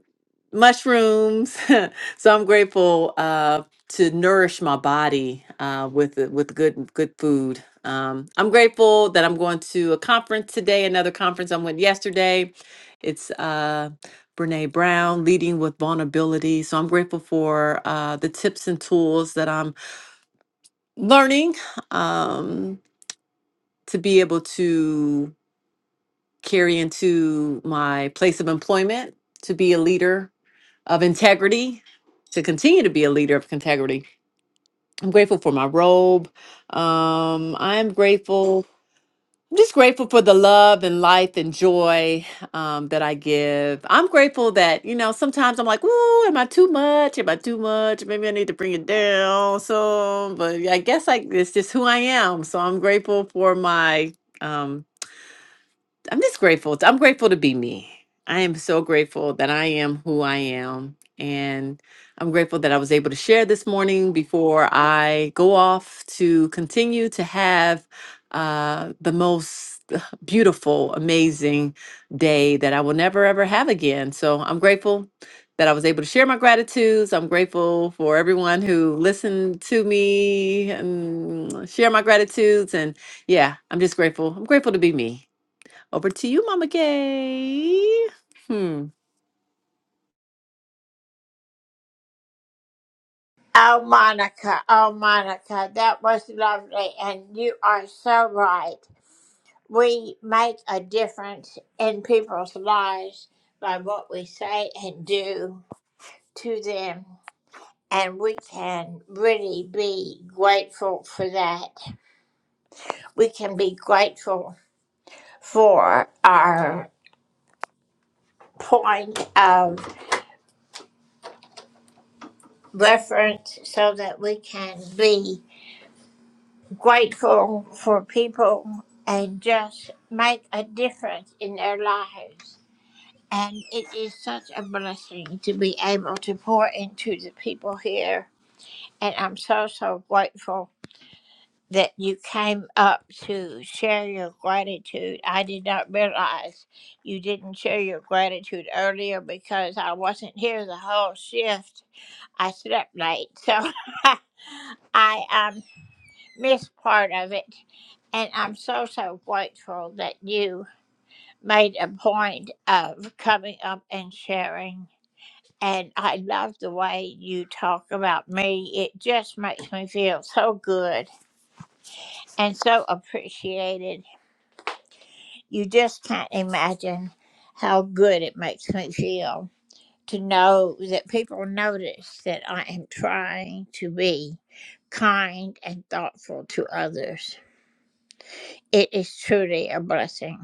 S2: mushrooms. so I'm grateful uh, to nourish my body uh, with the- with good good food. Um, I'm grateful that I'm going to a conference today. Another conference I went yesterday. It's uh, Brene Brown, Leading with Vulnerability. So I'm grateful for uh, the tips and tools that I'm learning um, to be able to carry into my place of employment, to be a leader of integrity, to continue to be a leader of integrity. I'm grateful for my robe. Um, I am grateful I'm just grateful for the love and life and joy um, that I give. I'm grateful that, you know, sometimes I'm like, ooh, am I too much? Am I too much? Maybe I need to bring it down. So, but yeah, I guess I, it's just who I am. So I'm grateful for my. um, I'm just grateful. I'm grateful to be me. I am so grateful that I am who I am. And I'm grateful that I was able to share this morning before I go off to continue to have uh, the most beautiful, amazing day that I will never, ever have again. So I'm grateful that I was able to share my gratitudes. I'm grateful for everyone who listened to me and share my gratitudes. And yeah, I'm just grateful. I'm grateful to be me. Over to you, Mama Kay. Hmm.
S12: Oh, Monica, oh, Monica, that was lovely. And you are so right. We make a difference in people's lives by what we say and do to them. And we can really be grateful for that. We can be grateful for our point of reference so that we can be grateful for people and just make a difference in their lives. And it is such a blessing to be able to pour into the people here. And I'm so, so grateful that you came up to share your gratitude. I did not realize you didn't share your gratitude earlier because I wasn't here the whole shift. I slept late. So. I am. Miss part of it, and I'm so so grateful that you made a point of coming up and sharing. And I love the way you talk about me. It just makes me feel so good and so appreciated. You just can't imagine how good it makes me feel to know that people notice that I am trying to be kind and thoughtful to others. It is truly a blessing.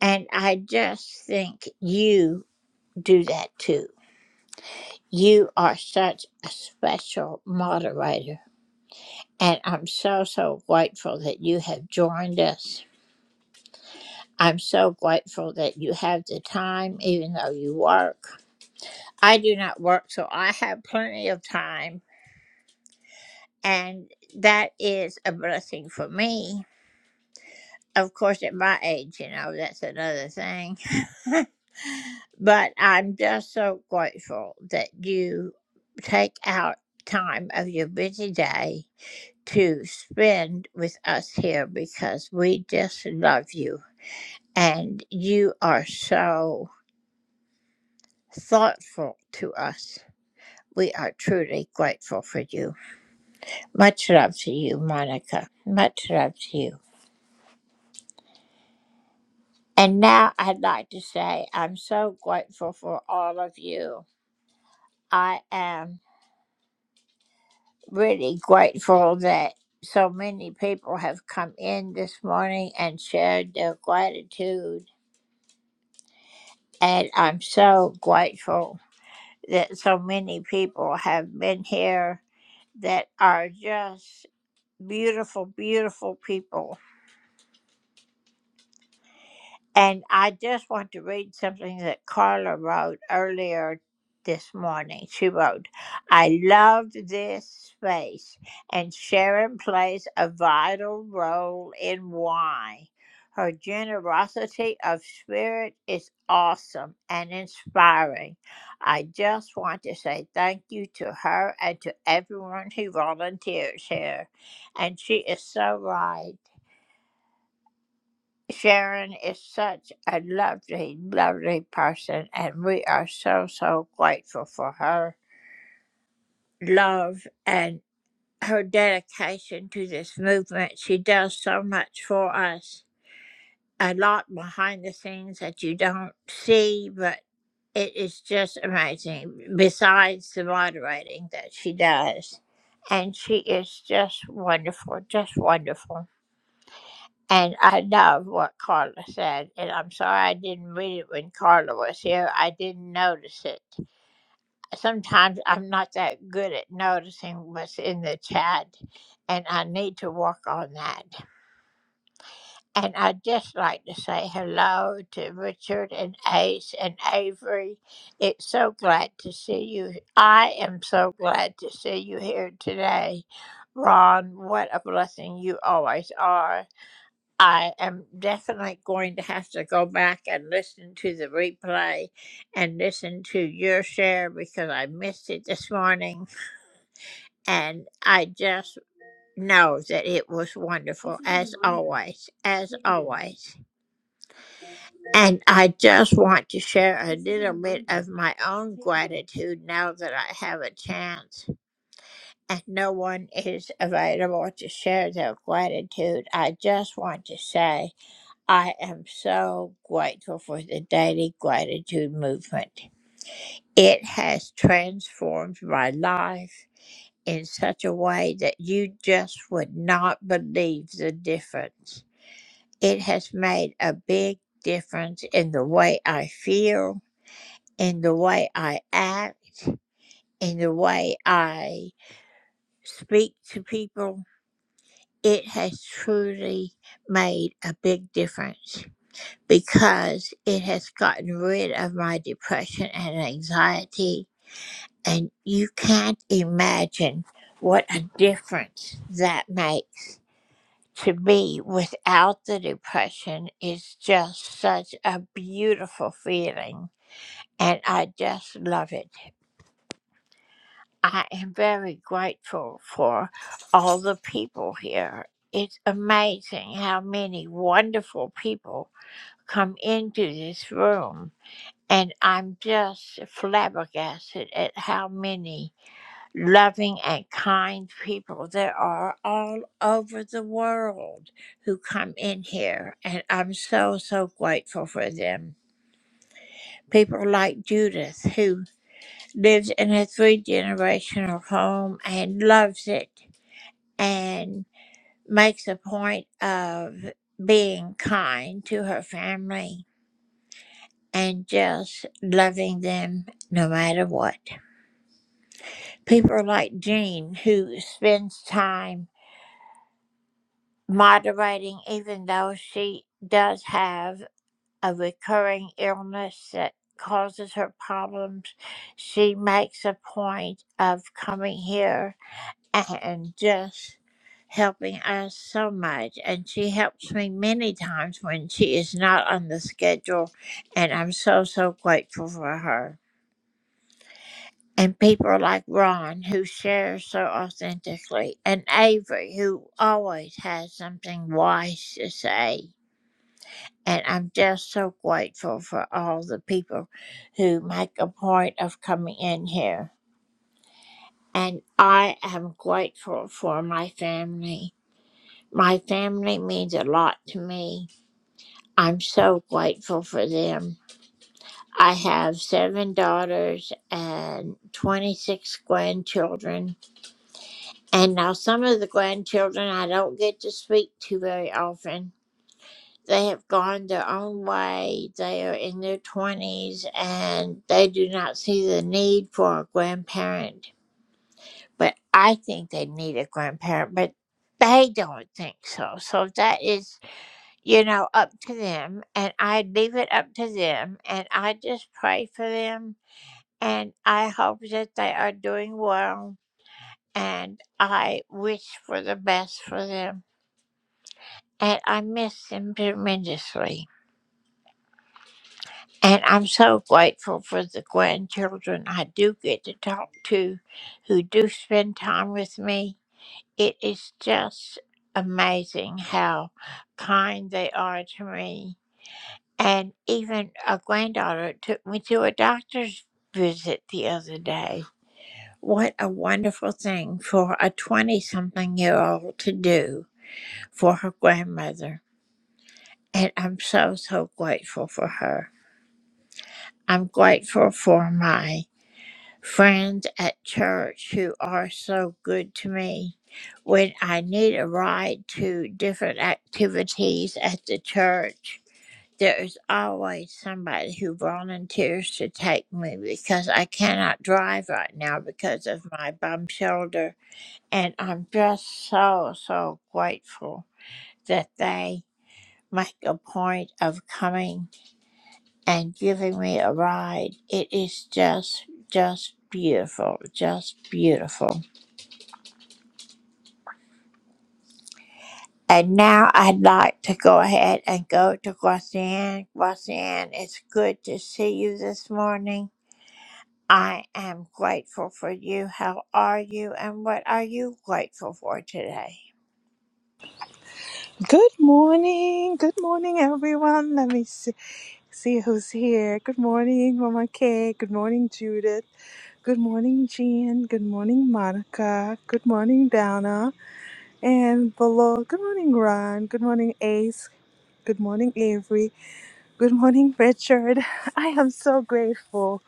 S12: And I just think you do that too. You are such a special moderator. And I'm so, so grateful that you have joined us. I'm so grateful that you have the time, even though you work. I do not work, so I have plenty of time. And that is a blessing for me. Of course, at my age, you know, that's another thing. But I'm just so grateful that you take out time of your busy day to spend with us here because we just love you and you are so thoughtful to us. We are truly grateful for you. Much love to you, Monica. Much love to you. And now I'd like to say I'm so grateful for all of you. I am really grateful that so many people have come in this morning and shared their gratitude. And I'm so grateful that so many people have been here that are just beautiful, beautiful people. And I just want to read something that Carla wrote earlier this morning. She wrote, I loved this space, and Sharon plays a vital role in why. Her generosity of spirit is awesome and inspiring. I just want to say thank you to her and to everyone who volunteers here. And she is so right. Sharon is such a lovely, lovely person, and we are so, so grateful for her love and her dedication to this movement. She does so much for us, a lot behind the scenes that you don't see, but it is just amazing, besides the moderating that she does. And she is just wonderful, just wonderful. And I love what Carla said. And I'm sorry I didn't read it when Carla was here. I didn't notice it. Sometimes I'm not that good at noticing what's in the chat, and I need to work on that. And I'd just like to say hello to Richard and Ace and Avery. It's so glad to see you. I am so glad to see you here today. Ron, what a blessing you always are. I am definitely going to have to go back and listen to the replay and listen to your share because I missed it this morning. And I just know that it was wonderful as always, as always. And I just want to share a little bit of my own gratitude now that I have a chance and no one is available to share their gratitude. I just want to say. I am so grateful for the daily gratitude movement. It has transformed my life in such a way that you just would not believe the difference. It has made a big difference in the way I feel, in the way I act, in the way I speak to people. It has truly made a big difference. because it has gotten rid of my depression and anxiety. And you can't imagine what a difference that makes to me without the depression. It's just such a beautiful feeling. And I just love it. I am very grateful for all the people here. It's amazing how many wonderful people come into this room And I'm just flabbergasted at how many loving and kind people there are all over the world who come in here. And I'm so, so grateful for them. People like Judith, who lives in a three generational home and loves it and makes a point of being kind to her family and just loving them no matter what. people like Jean who spends time moderating, even though she does have a recurring illness that causes her problems. She makes a point of coming here and just helping us so much. And she helps me many times when she is not on the schedule. And I'm so, so grateful for her. and people like Ron who shares so authentically, and Avery who always has something wise to say. And I'm just so grateful for all the people who make a point of coming in here. And I am grateful for my family. My family means a lot to me. I'm so grateful for them. I have seven daughters and 26 grandchildren And now some of the grandchildren I don't get to speak to very often. They have gone their own way. They are in their 20s and they do not see the need for a grandparent. But I think they need a grandparent, but they don't think so. So that is, you know, up to them. And I leave it up to them. And I just pray for them. And I hope that they are doing well. And I wish for the best for them. and I miss them tremendously. And I'm so grateful for the grandchildren I do get to talk to who do spend time with me. It is just amazing how kind they are to me. And even a granddaughter took me to a doctor's visit the other day. What a wonderful thing for a 20 something year old to do for her grandmother. And I'm so, so grateful for her. I'm grateful for my friends at church who are so good to me. When I need a ride to different activities at the church, there is always somebody who volunteers to take me because I cannot drive right now because of my bum shoulder. And I'm just so, so grateful that they make a point of coming and giving me a ride. It is just, just beautiful, just beautiful. And now I'd like to go ahead and go to Guasian. Guasian, it's good to see you this morning. I am grateful for you. How are you? And what are you grateful for today?
S19: Good morning. Good morning, everyone. Let me see, see who's here. Good morning, Mama Kay. Good morning, Judith. Good morning, Jean. Good morning, Monica. Good morning, Donna. And below, good morning, Ron. Good morning, Ace. Good morning, Avery. Good morning, Richard. I am so grateful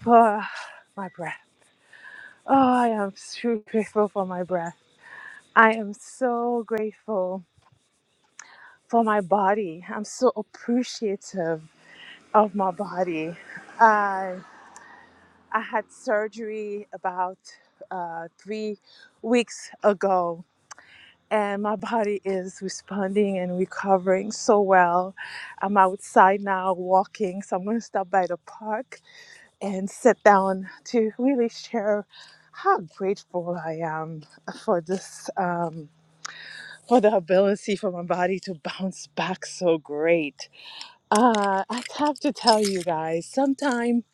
S19: for my breath. Oh, I am so grateful for my breath. I am so grateful for my body. I'm so appreciative of my body. I I had surgery about uh, three weeks ago, and my body is responding and recovering so well. I'm outside now walking, so I'm going to stop by the park and sit down to really share how grateful I am for this um, for the ability for my body to bounce back so great Uh, I have to tell you guys, sometimes,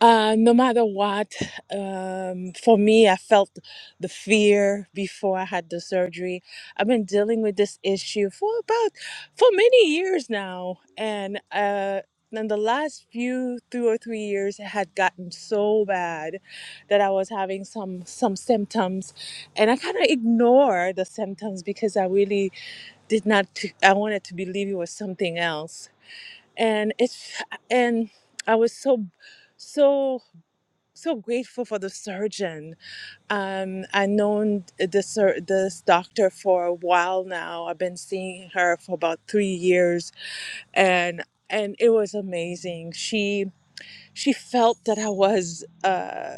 S19: uh, no matter what, um, for me, I felt the fear before I had the surgery. I've been dealing with this issue for about for many years now, and uh, in the last few two or three years, it had gotten so bad that I was having some some symptoms, and I kind of ignored the symptoms because I really did not. I wanted to believe it was something else and it's and i was so so so grateful for the surgeon um i known this sur- this doctor for a while now i've been seeing her for about three years and and it was amazing she she felt that i was uh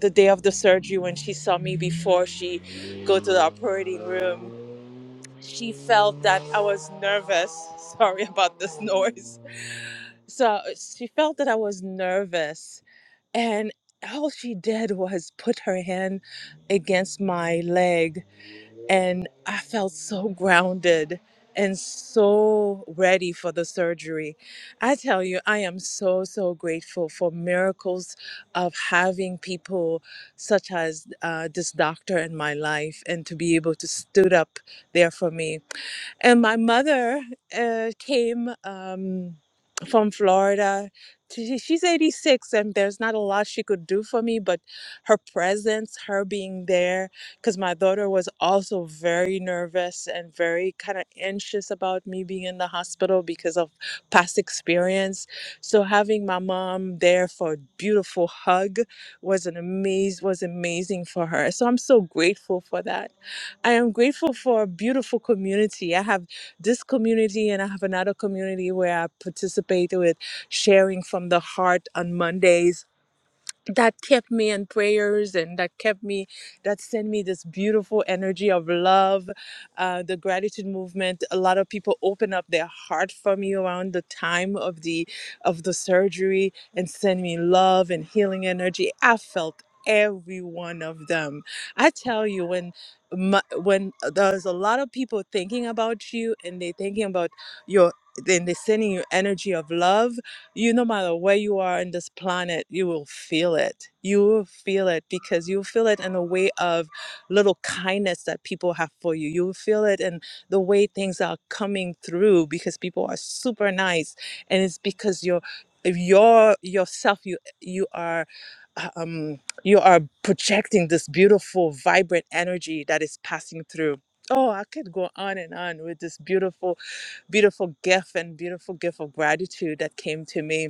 S19: the day of the surgery when she saw me before she go to the operating room she felt that i was nervous sorry about this noise so uh, she felt that I was nervous, and all she did was put her hand against my leg, and I felt so grounded and so ready for the surgery. I tell you, I am so, so grateful for miracles of having people such as uh, this doctor in my life and to be able to stood up there for me and my mother uh, came um, from Florida. She- She's 86, and there's not a lot she could do for me, but her presence, her being there, because my daughter was also very nervous and very kind of anxious about me being in the hospital because of past experience. So having my mom there for a beautiful hug was an amaz was amazing for her. So I'm so grateful for that I am grateful for a beautiful community. I have this community and I have another community where I participate with sharing from the heart on Mondays that kept me in prayers and that kept me that sent me this beautiful energy of love uh, the gratitude movement a lot of people open up their heart for me around the time of the of the surgery and send me love and healing energy i felt every one of them i tell you when my, when uh, there's a lot of people thinking about you and they thinking about your then they're sending you energy of love you no matter where you are in this planet you will feel it you will feel it because you feel it in a way of little kindness that people have for you you will feel it in the way things are coming through because people are super nice and it's because you're if you're yourself you you are uh, um you are projecting this beautiful vibrant energy that is passing through Oh, I could go on and on with this beautiful, beautiful gift and beautiful gift of gratitude that came to me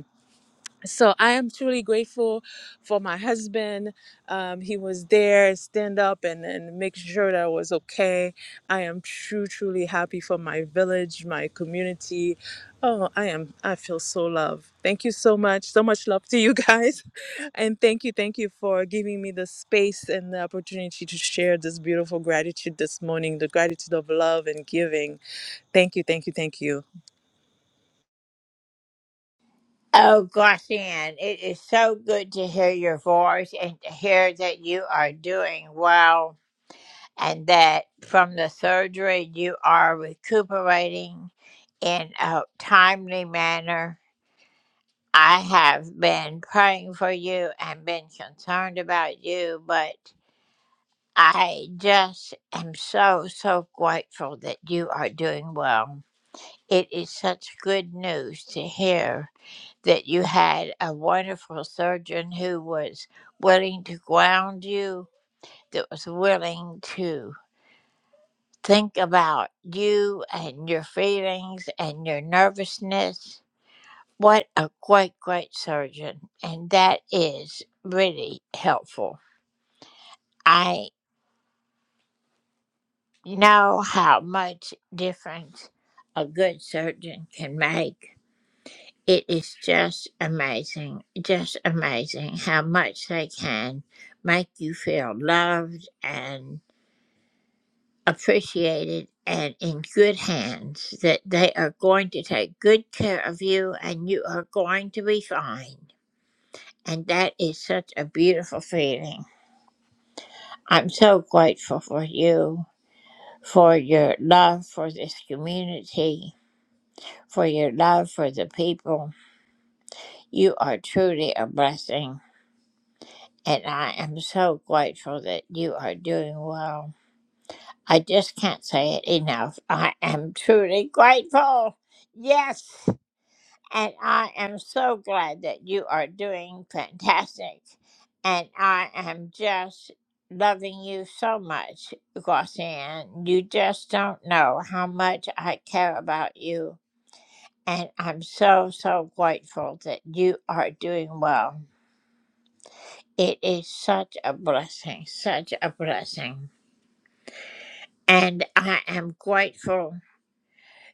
S19: so I am truly grateful for my husband. Um, he was there, stand up, and and make sure that I was okay. I am true, truly happy for my village, my community. Oh, I am. I feel so loved. Thank you so much. So much love to you guys, and thank you, thank you for giving me the space and the opportunity to share this beautiful gratitude this morning. The gratitude of love and giving. Thank you, thank you, thank you.
S12: Oh, Guasian, it is so good to hear your voice and to hear that you are doing well. and that from the surgery you are recuperating in a timely manner. I have been praying for you and been concerned about you, but I just am so, so grateful that you are doing well. It is such good news to hear that you had a wonderful surgeon who was willing to ground you, that was willing to Think about you and your feelings and your nervousness. What a great, great surgeon. And that is really helpful. I know how much difference a good surgeon can make. It is just amazing, just amazing how much they can make you feel loved and. appreciated and in good hands, that they are going to take good care of you and you are going to be fine. And that is such a beautiful feeling. I'm so grateful for you, for your love for this community, for your love for the people. You are truly a blessing. And I am so grateful that you are doing well. I just can't say it enough. I am truly grateful. Yes. And I am so glad that you are doing fantastic. And I am just loving you so much, Glossian. You just don't know how much I care about you. And I'm so, so grateful that you are doing well. It is such a blessing, such a blessing. And I am grateful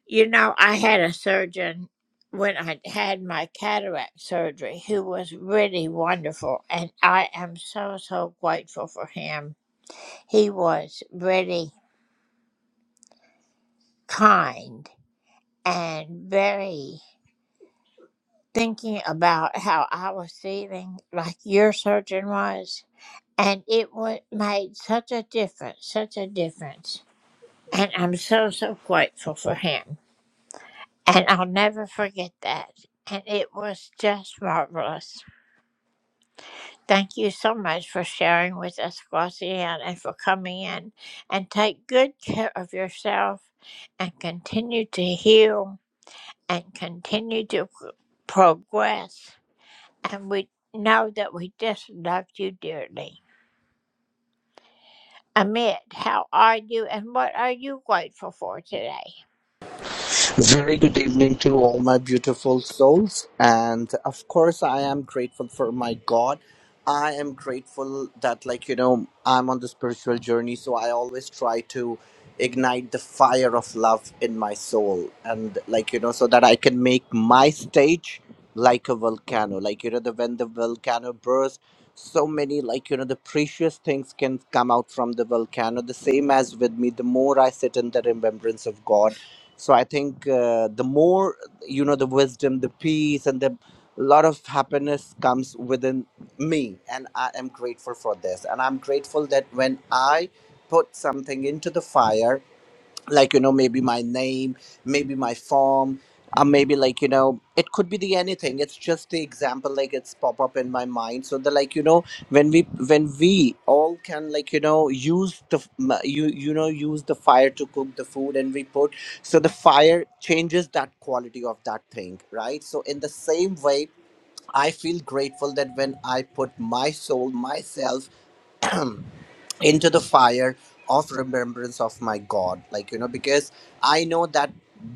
S12: You know, I had a surgeon when I had my cataract surgery who was really wonderful, and I am so, so grateful for him. He was really kind and very thinking about how I was feeling, like your surgeon was. And it was, made such a difference, such a difference. And I'm so, so grateful for him. And I'll never forget that. And it was just marvelous. Thank you so much for sharing with us, Glossian, and for coming in. And take good care of yourself and continue to heal and continue to p- progress. And we know that we just love you dearly. Amit, how are you and what are you grateful for today?
S20: Very good evening to all my beautiful souls. And of course, I am grateful for my God. I am grateful that, like, you know, I'm on the spiritual journey. So I always try to ignite the fire of love in my soul. And, like, you know, so that I can make my stage like a volcano. Like, you know, the, when the volcano bursts, so many, like, you know, the precious things can come out from the volcano. The same as with me, the more I sit in the remembrance of God so i think uh, the more you know the wisdom the peace and the lot of happiness comes within me and i am grateful for this and i'm grateful that when i put something into the fire like you know maybe my name maybe my form uh, maybe like you know it could be the anything it's just the example like it's pop up in my mind so the like you know when we when we all can like you know use the f- m- you you know use the fire to cook the food and we put so the fire changes that quality of that thing right so in the same way i feel grateful that when i put my soul myself into the fire of remembrance of my god like you know because i know that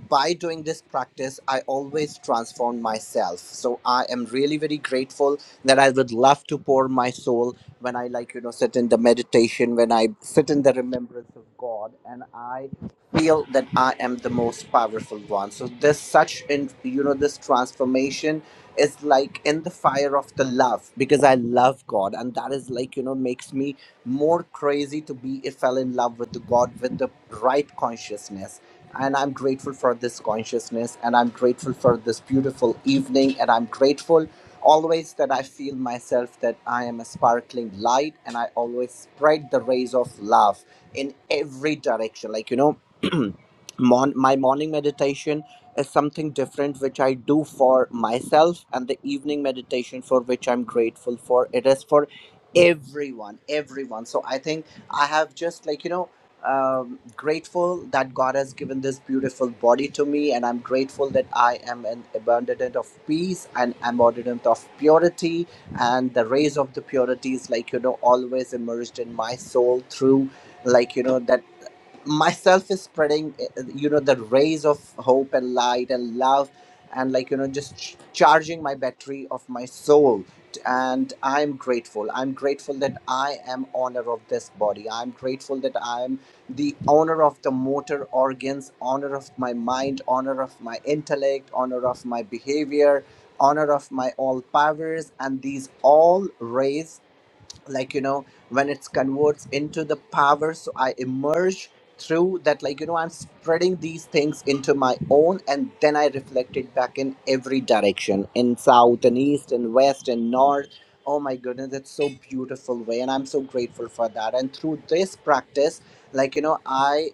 S20: by doing this practice i always transform myself so i am really very grateful that i would love to pour my soul when i like you know sit in the meditation when i sit in the remembrance of god and i feel that i am the most powerful one so this such in you know this transformation is like in the fire of the love because i love god and that is like you know makes me more crazy to be it fell in love with the god with the right consciousness and i'm grateful for this consciousness and i'm grateful for this beautiful evening and i'm grateful always that i feel myself that i am a sparkling light and i always spread the rays of love in every direction like you know mon- my morning meditation is something different which i do for myself and the evening meditation for which i'm grateful for it is for everyone everyone so i think i have just like you know um, grateful that god has given this beautiful body to me and i'm grateful that i am an abundant of peace and abundant of purity and the rays of the purity is like you know always emerged in my soul through like you know that myself is spreading uh, you know the rays of hope and light and love and like you know just ch- charging my battery of my soul and i'm grateful i'm grateful that i am owner of this body i'm grateful that i'm the owner of the motor organs owner of my mind owner of my intellect owner of my behavior honor of my all powers and these all rays like you know when it's converts into the power so i emerge through that like you know i'm spreading these things into my own and then i reflect it back in every direction in south and east and west and north oh my goodness that's so beautiful way and i'm so grateful for that and through this practice like you know i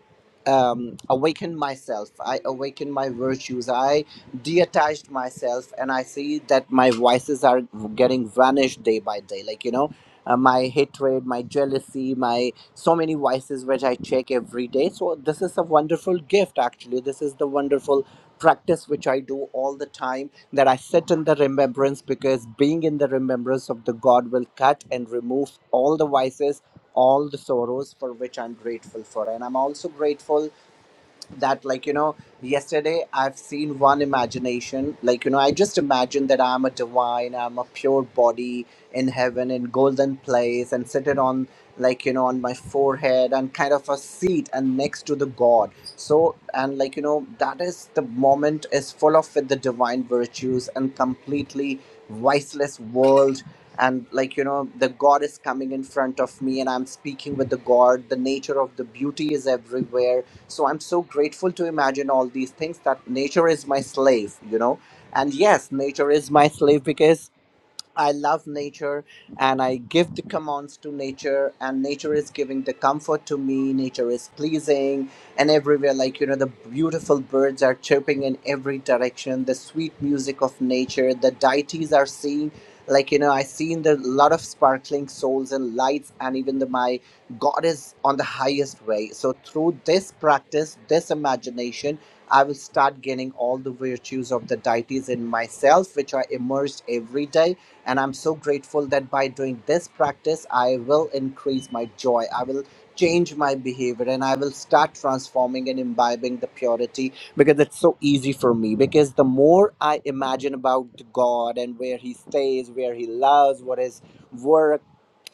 S20: um, awaken myself i awaken my virtues i detached myself and i see that my vices are getting vanished day by day like you know uh, my hatred, my jealousy, my so many vices which I check every day. So this is a wonderful gift actually. This is the wonderful practice which I do all the time that I sit in the remembrance because being in the remembrance of the God will cut and remove all the vices, all the sorrows for which I'm grateful for. And I'm also grateful that like you know yesterday i've seen one imagination like you know i just imagine that i'm a divine i'm a pure body in heaven in golden place and seated on like you know on my forehead and kind of a seat and next to the god so and like you know that is the moment is full of with the divine virtues and completely viceless world and like you know the god is coming in front of me and i'm speaking with the god the nature of the beauty is everywhere so I'm so grateful to imagine all these things that nature is my slave, you know. And yes, nature is my slave because I love nature and I give the commands to nature, and nature is giving the comfort to me. Nature is pleasing, and everywhere, like you know, the beautiful birds are chirping in every direction, the sweet music of nature, the deities are seeing. Like you know, I seen the lot of sparkling souls and lights, and even the my God is on the highest way. So through this practice, this imagination, I will start getting all the virtues of the deities in myself, which are immersed every day and I'm so grateful that by doing this practice, I will increase my joy. I will change my behavior and I will start transforming and imbibing the purity because it's so easy for me. Because the more I imagine about God and where He stays, where He loves, what His work,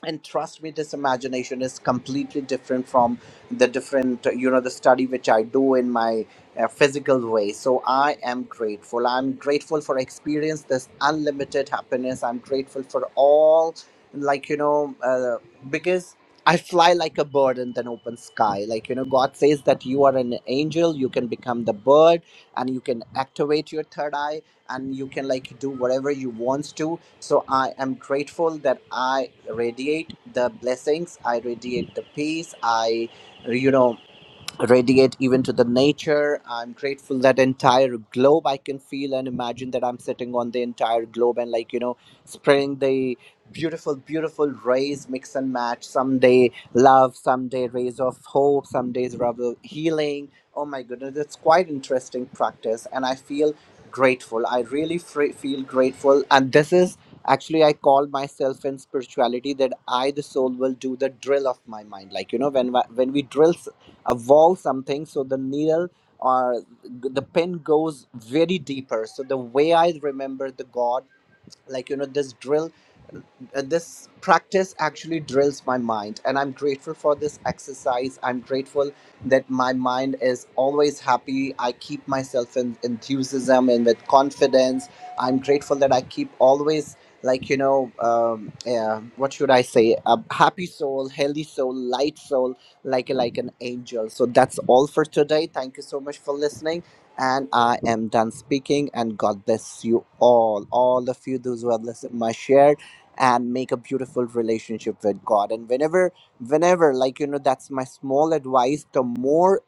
S20: and trust me this imagination is completely different from the different you know the study which i do in my a physical way. So I am grateful. I'm grateful for experience this unlimited happiness. I'm grateful for all, like you know, uh, because I fly like a bird in an open sky. Like you know, God says that you are an angel. You can become the bird, and you can activate your third eye, and you can like do whatever you want to. So I am grateful that I radiate the blessings. I radiate the peace. I you know radiate even to the nature. I'm grateful that entire globe I can feel and imagine that I'm sitting on the entire globe and like you know spreading the beautiful beautiful rays mix and match someday love someday rays of hope some days rays healing oh my goodness it's quite interesting practice and i feel grateful i really fre- feel grateful and this is actually i call myself in spirituality that i the soul will do the drill of my mind like you know when when we drill a wall something so the needle or the pin goes very deeper so the way i remember the god like you know this drill uh, this practice actually drills my mind and i'm grateful for this exercise i'm grateful that my mind is always happy i keep myself in enthusiasm and with confidence i'm grateful that i keep always like you know um, yeah, what should i say a happy soul healthy soul light soul like like an angel so that's all for today thank you so much for listening and i am done speaking and god bless you all all of you those who have listened my share and make a beautiful relationship with god and whenever whenever like you know that's my small advice the more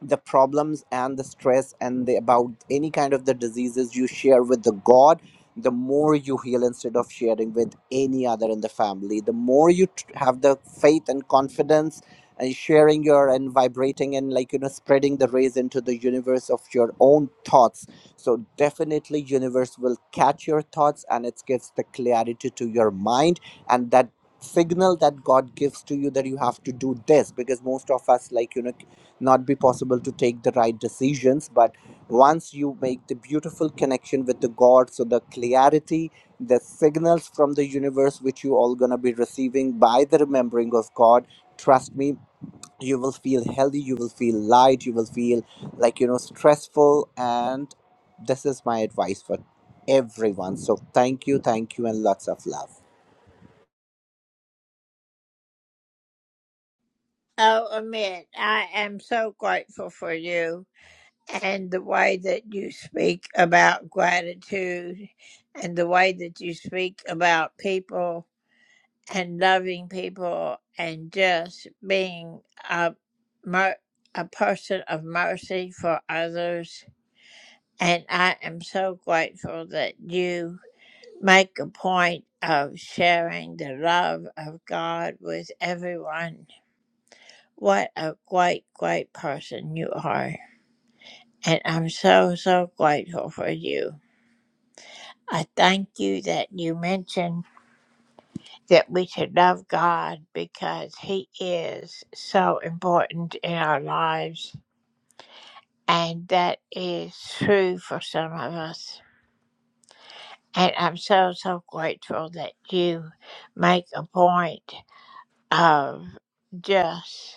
S20: the problems and the stress and the about any kind of the diseases you share with the god the more you heal instead of sharing with any other in the family the more you tr- have the faith and confidence and sharing your and vibrating and like you know spreading the rays into the universe of your own thoughts so definitely universe will catch your thoughts and it gives the clarity to your mind and that signal that god gives to you that you have to do this because most of us like you know not be possible to take the right decisions but once you make the beautiful connection with the god so the clarity the signals from the universe which you all gonna be receiving by the remembering of god trust me you will feel healthy you will feel light you will feel like you know stressful and this is my advice for everyone so thank you thank you and lots of love
S12: Oh, Amit, I am so grateful for you. and the way that you speak about gratitude and the way that you speak about people and loving people and just being a, mer- a person of mercy for others. And I am so grateful that you make a point of sharing the love of God with everyone. What a great, great person you are. And I'm so, so grateful for you. I thank you that you mentioned that we should love God because He is so important in our lives. And that is true for some of us. And I'm so, so grateful that you make a point of just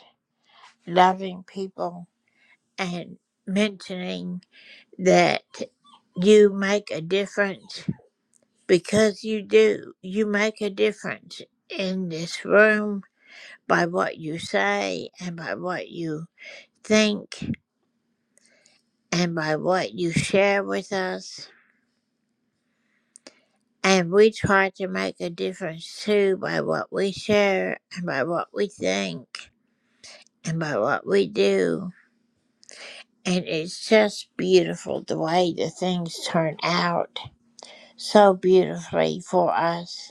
S12: loving people and mentioning that you make a difference because you do. You make a difference in this room by what you say and by what you think and by what you share with us. And we try to make a difference too by what we share and by what we think and by what we do. And it's just beautiful the way the things turn out so beautifully for us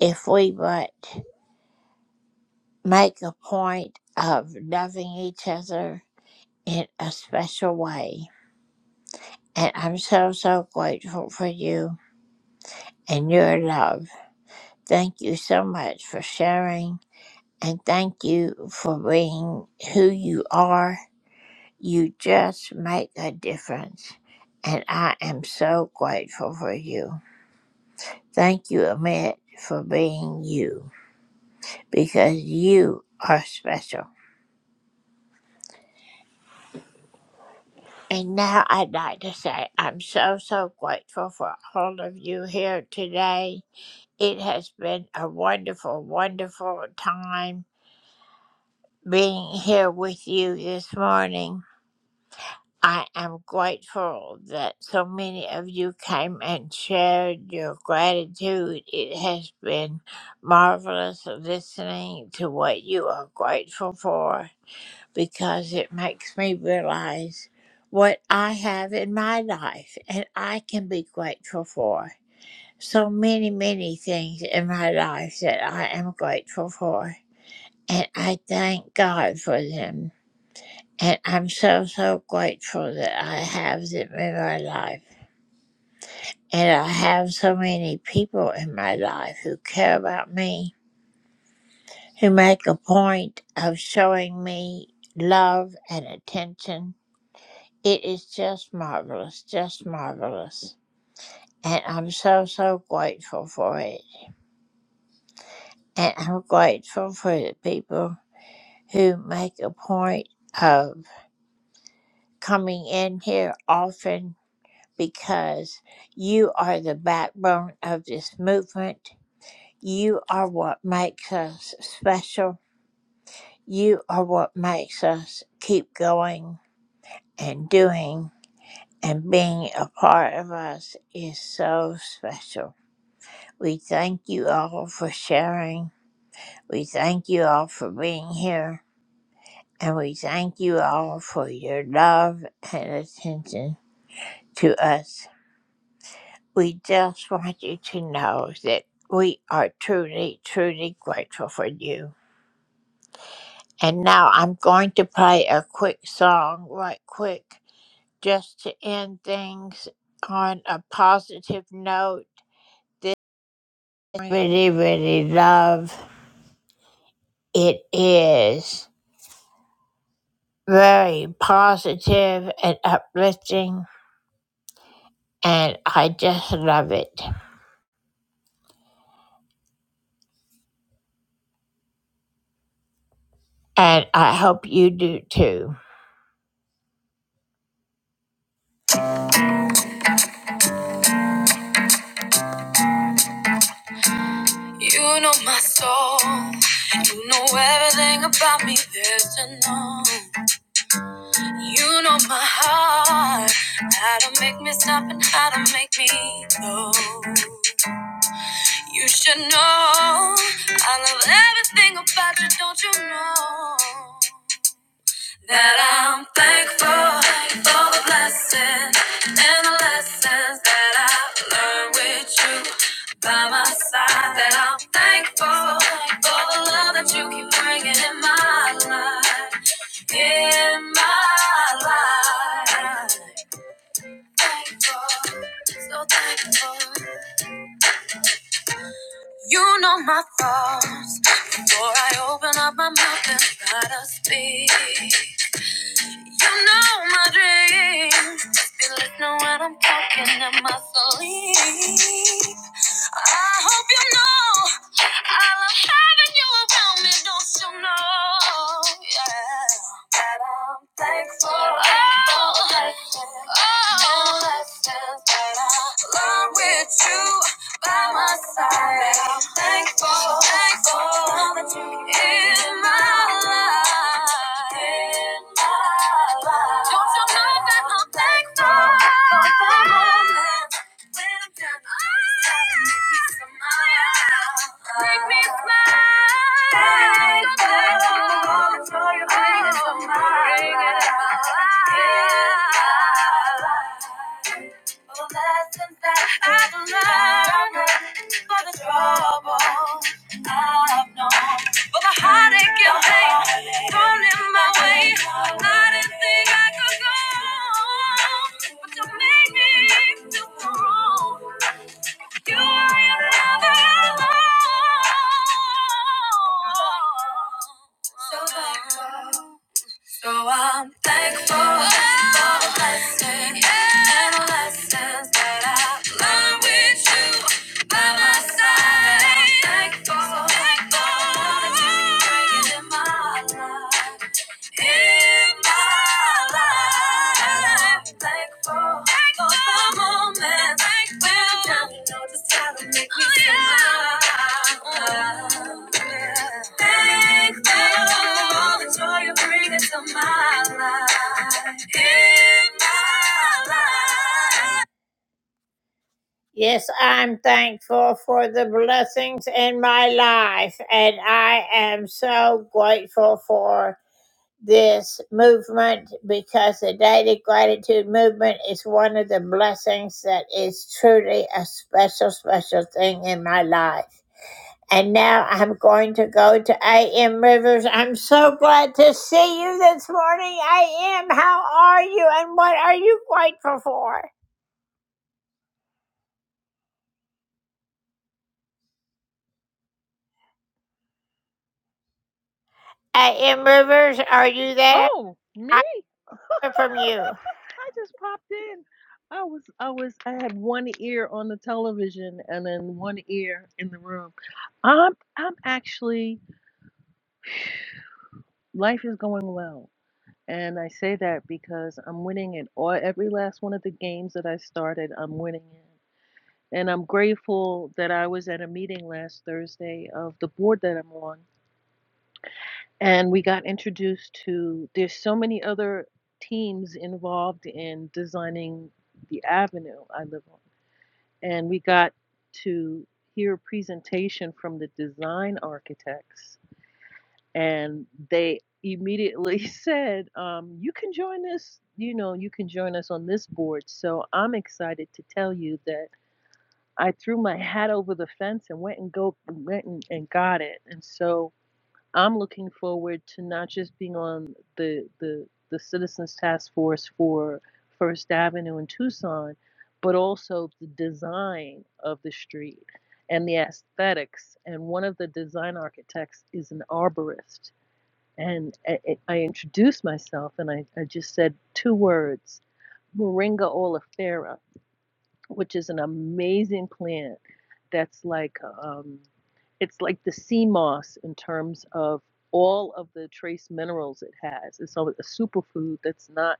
S12: if we but make a point of loving each other in a special way. And I'm so, so grateful for you and your love. Thank you so much for sharing. And thank you for being who you are. You just make a difference. And I am so grateful for you. Thank you, Amit, for being you because you are special. And now I'd like to say I'm so, so grateful for all of you here today. It has been a wonderful, wonderful time being here with you this morning. I am grateful that so many of you came and shared your gratitude. It has been marvelous listening to what you are grateful for because it makes me realize what I have in my life and I can be grateful for so many, many things in my life that I am grateful for. And I thank God for them. And I'm so, so grateful that I have them in my life. And I have so many people in my life who care about me, who make a point of showing me love and attention. It is just marvelous, just marvelous. And I'm so, so grateful for it. And I'm grateful for the people who make a point of coming in here often because you are the backbone of this movement. You are what makes us special. You are what makes us keep going and doing and being a part of us is so special. We thank you all for sharing. We thank you all for being here. And we thank you all for your love and attention. to us. We just want you to know that we are truly, truly grateful for you. And now I'm going to play a quick song, right quick, just to end things on a positive note. I really, really love it is very positive and uplifting, and I just love it. And I hope you do too. You know my soul. You know everything about me there's to know. You know my heart. How to make me stop and how to make me go. You should know. I love everything about you, don't you know? That I'm thankful for the blessings and the lessons that I've learned with you by my side. That I'm thankful for the love that you keep bringing in my life, in my life. Thankful, so thankful. You know my thoughts before I open up my mouth and try to speak. You know my dreams. Feel it know what I'm talking in my sleep. I hope you know I love having you around me. Don't you know? Yeah, that I'm thankful. Oh, oh, blessings that I learned with you by my side. I'm thankful, thankful for all that you did in my life. In my life. Don't you know that I'm thankful for the moments when I'm down, all this time to make me smile. Make me smile. Thankful, thankful for all that you're doing in my life. In my life. Oh, that's when I can learn for the trouble I've known. For the heartache and pain thrown in my way. I didn't think I could go on, but you made me feel so You are another alone. So thankful. So I'm thankful for the blessing and the lessons that I learned with you by my side. I'm thankful, thankful for the journey you're bringing in my life. In my life, thankful Thankful. for the moment. Thankful. Now you know just how to make me Oh, yeah. Thankful for all the joy you bring into my life. In my life. Yes, I'm thankful for the blessings in my life, and I am so grateful for this movement because the Daily Gratitude Movement is one of the blessings that is truly a special, special thing in my life. And now I'm going to go to A.M. Rivers. I'm so glad to see you this morning, A.M. How are you and what are you grateful for? A.M. Rivers, are you there?
S21: Oh,
S12: I
S21: me?
S12: hear from you.
S21: I just popped in. I was I was I had one ear on the television and then one ear in the room. I'm I'm actually life is going well. And I say that because I'm winning in all every last one of the games that I started, I'm winning in. And I'm grateful that I was at a meeting last Thursday of the board that I'm on and we got introduced to there's so many other teams involved in designing the avenue I live on. And we got to hear a presentation from the design architects and they immediately said, um, you can join us, you know, you can join us on this board. So I'm excited to tell you that I threw my hat over the fence and went and go went and, and got it. And so I'm looking forward to not just being on the the the Citizens Task Force for First Avenue in Tucson, but also the design of the street and the aesthetics. And one of the design architects is an arborist. And I, I introduced myself and I, I just said two words, Moringa oleifera which is an amazing plant that's like um, it's like the sea moss in terms of all of the trace minerals it has. It's a, a superfood that's not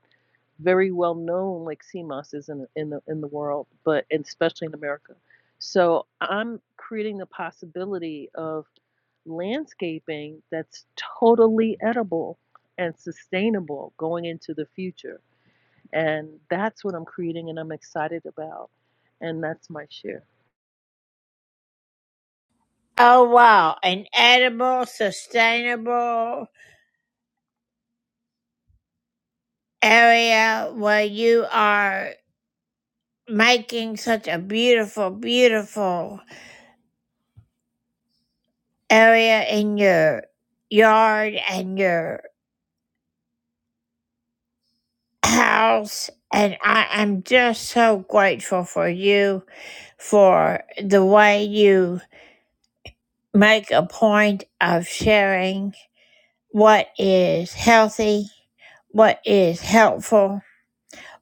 S21: very well known like sea moss is in, in the in the world, but and especially in America. So I'm creating the possibility of landscaping that's totally edible and sustainable going into the future. And that's what I'm creating and I'm excited about. And that's my share.
S12: Oh, wow. An edible, sustainable area where you are. making such a beautiful, beautiful area in your yard and your house. And I am just so grateful for you for the way you make a point of sharing what is healthy, what is helpful,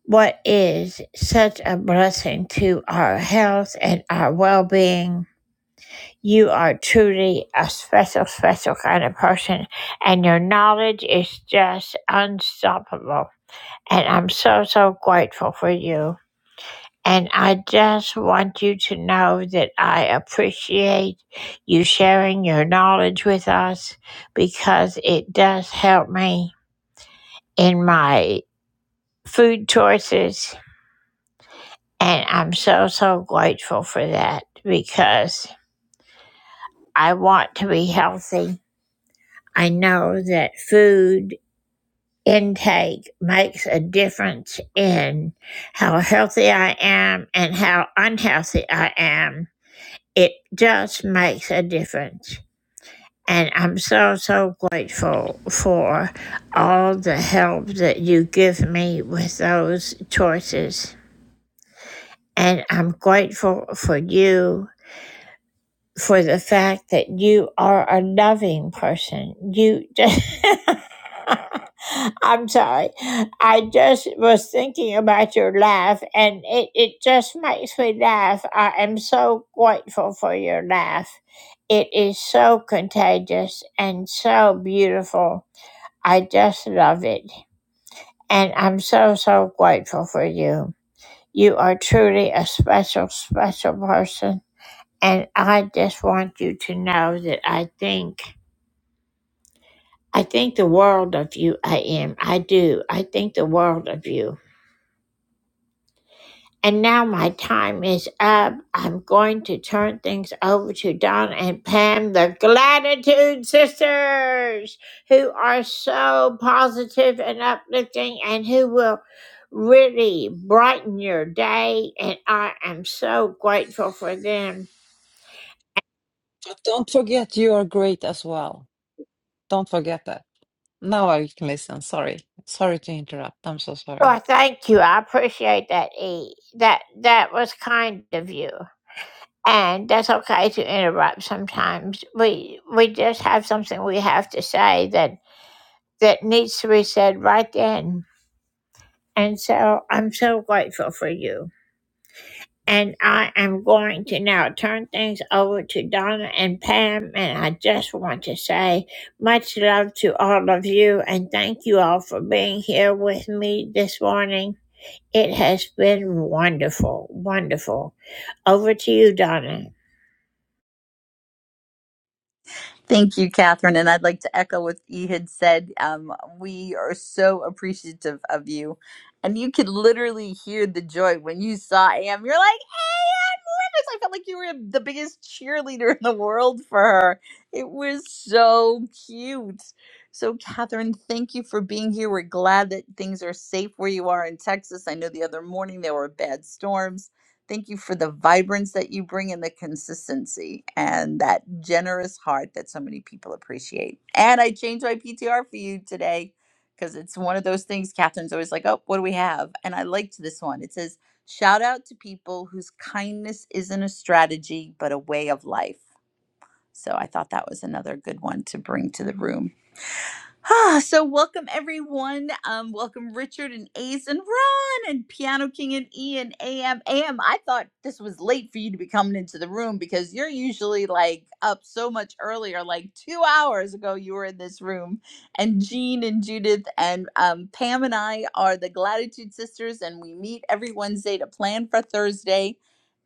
S12: what is such a blessing to our health and our well being. You are truly a special, special kind of person, and your knowledge is just unstoppable. And I'm so, so grateful for you. And I just want you to know that I appreciate you sharing your knowledge with us because it does help me in my food choices. And I'm so, so grateful for that because I want to be healthy. I know that food intake makes a difference in how healthy I am and how unhealthy I am. It just makes a difference. And I'm so, so grateful for all the help that you give me with those choices. And I'm grateful for you for the fact that you are a loving person. You just. I'm sorry. I just was thinking about your laugh and it, it just makes me laugh. I am so grateful for your laugh. It is so contagious and so beautiful. I just love it. And I'm so, so grateful for you. You are truly a special, special person. And I just want you to know that I think I think the world of you I am. I do. I think the world of you. And now my time is up. I'm going to turn things over to Don and Pam, the Gratitude Sisters, who are so positive and uplifting and who will really brighten your day. And I am so grateful for them.
S22: But don't forget you are great as well. Don't forget that. Now I can listen. Sorry. Sorry to interrupt. I'm so
S12: Well,
S22: sorry.
S12: thank you. I appreciate that, E. That that was kind of you. And that's okay to interrupt sometimes. We we just have something we have to say that that needs to be said right then. And so I'm so grateful for you. And I am going to now turn things over to Donna and Pam. And I just want to say much love to all of you. And thank you all for being here with me this morning. It has been wonderful, wonderful. Over to you, Donna.
S23: Thank you, Catherine. And I'd like to echo what E had said. Um, we are so appreciative of you. And you could literally hear the joy when you saw Am. You're like, "Hey, I felt like you were the biggest cheerleader in the world for her. It was so cute. So, Catherine, thank you for being here. We're glad that things are safe where you are in Texas. I know the other morning there were bad storms. Thank you for the vibrance that you bring and the consistency and that generous heart that so many people appreciate. And I changed my PTR for you today because it's one of those things. Catherine's always like, oh, what do we have? And I liked this one. It says, Shout out to people whose kindness isn't a strategy, but a way of life. So I thought that was another good one to bring to the room. Ah, so welcome everyone. Um, welcome Richard and Ace and Ron and Piano King and E and AM. AM, I thought this was late for you to be coming into the room because you're usually like up so much earlier. Like two hours ago, you were in this room. And Jean and Judith and um, Pam and I are the Gratitude Sisters, and we meet every Wednesday to plan for Thursday.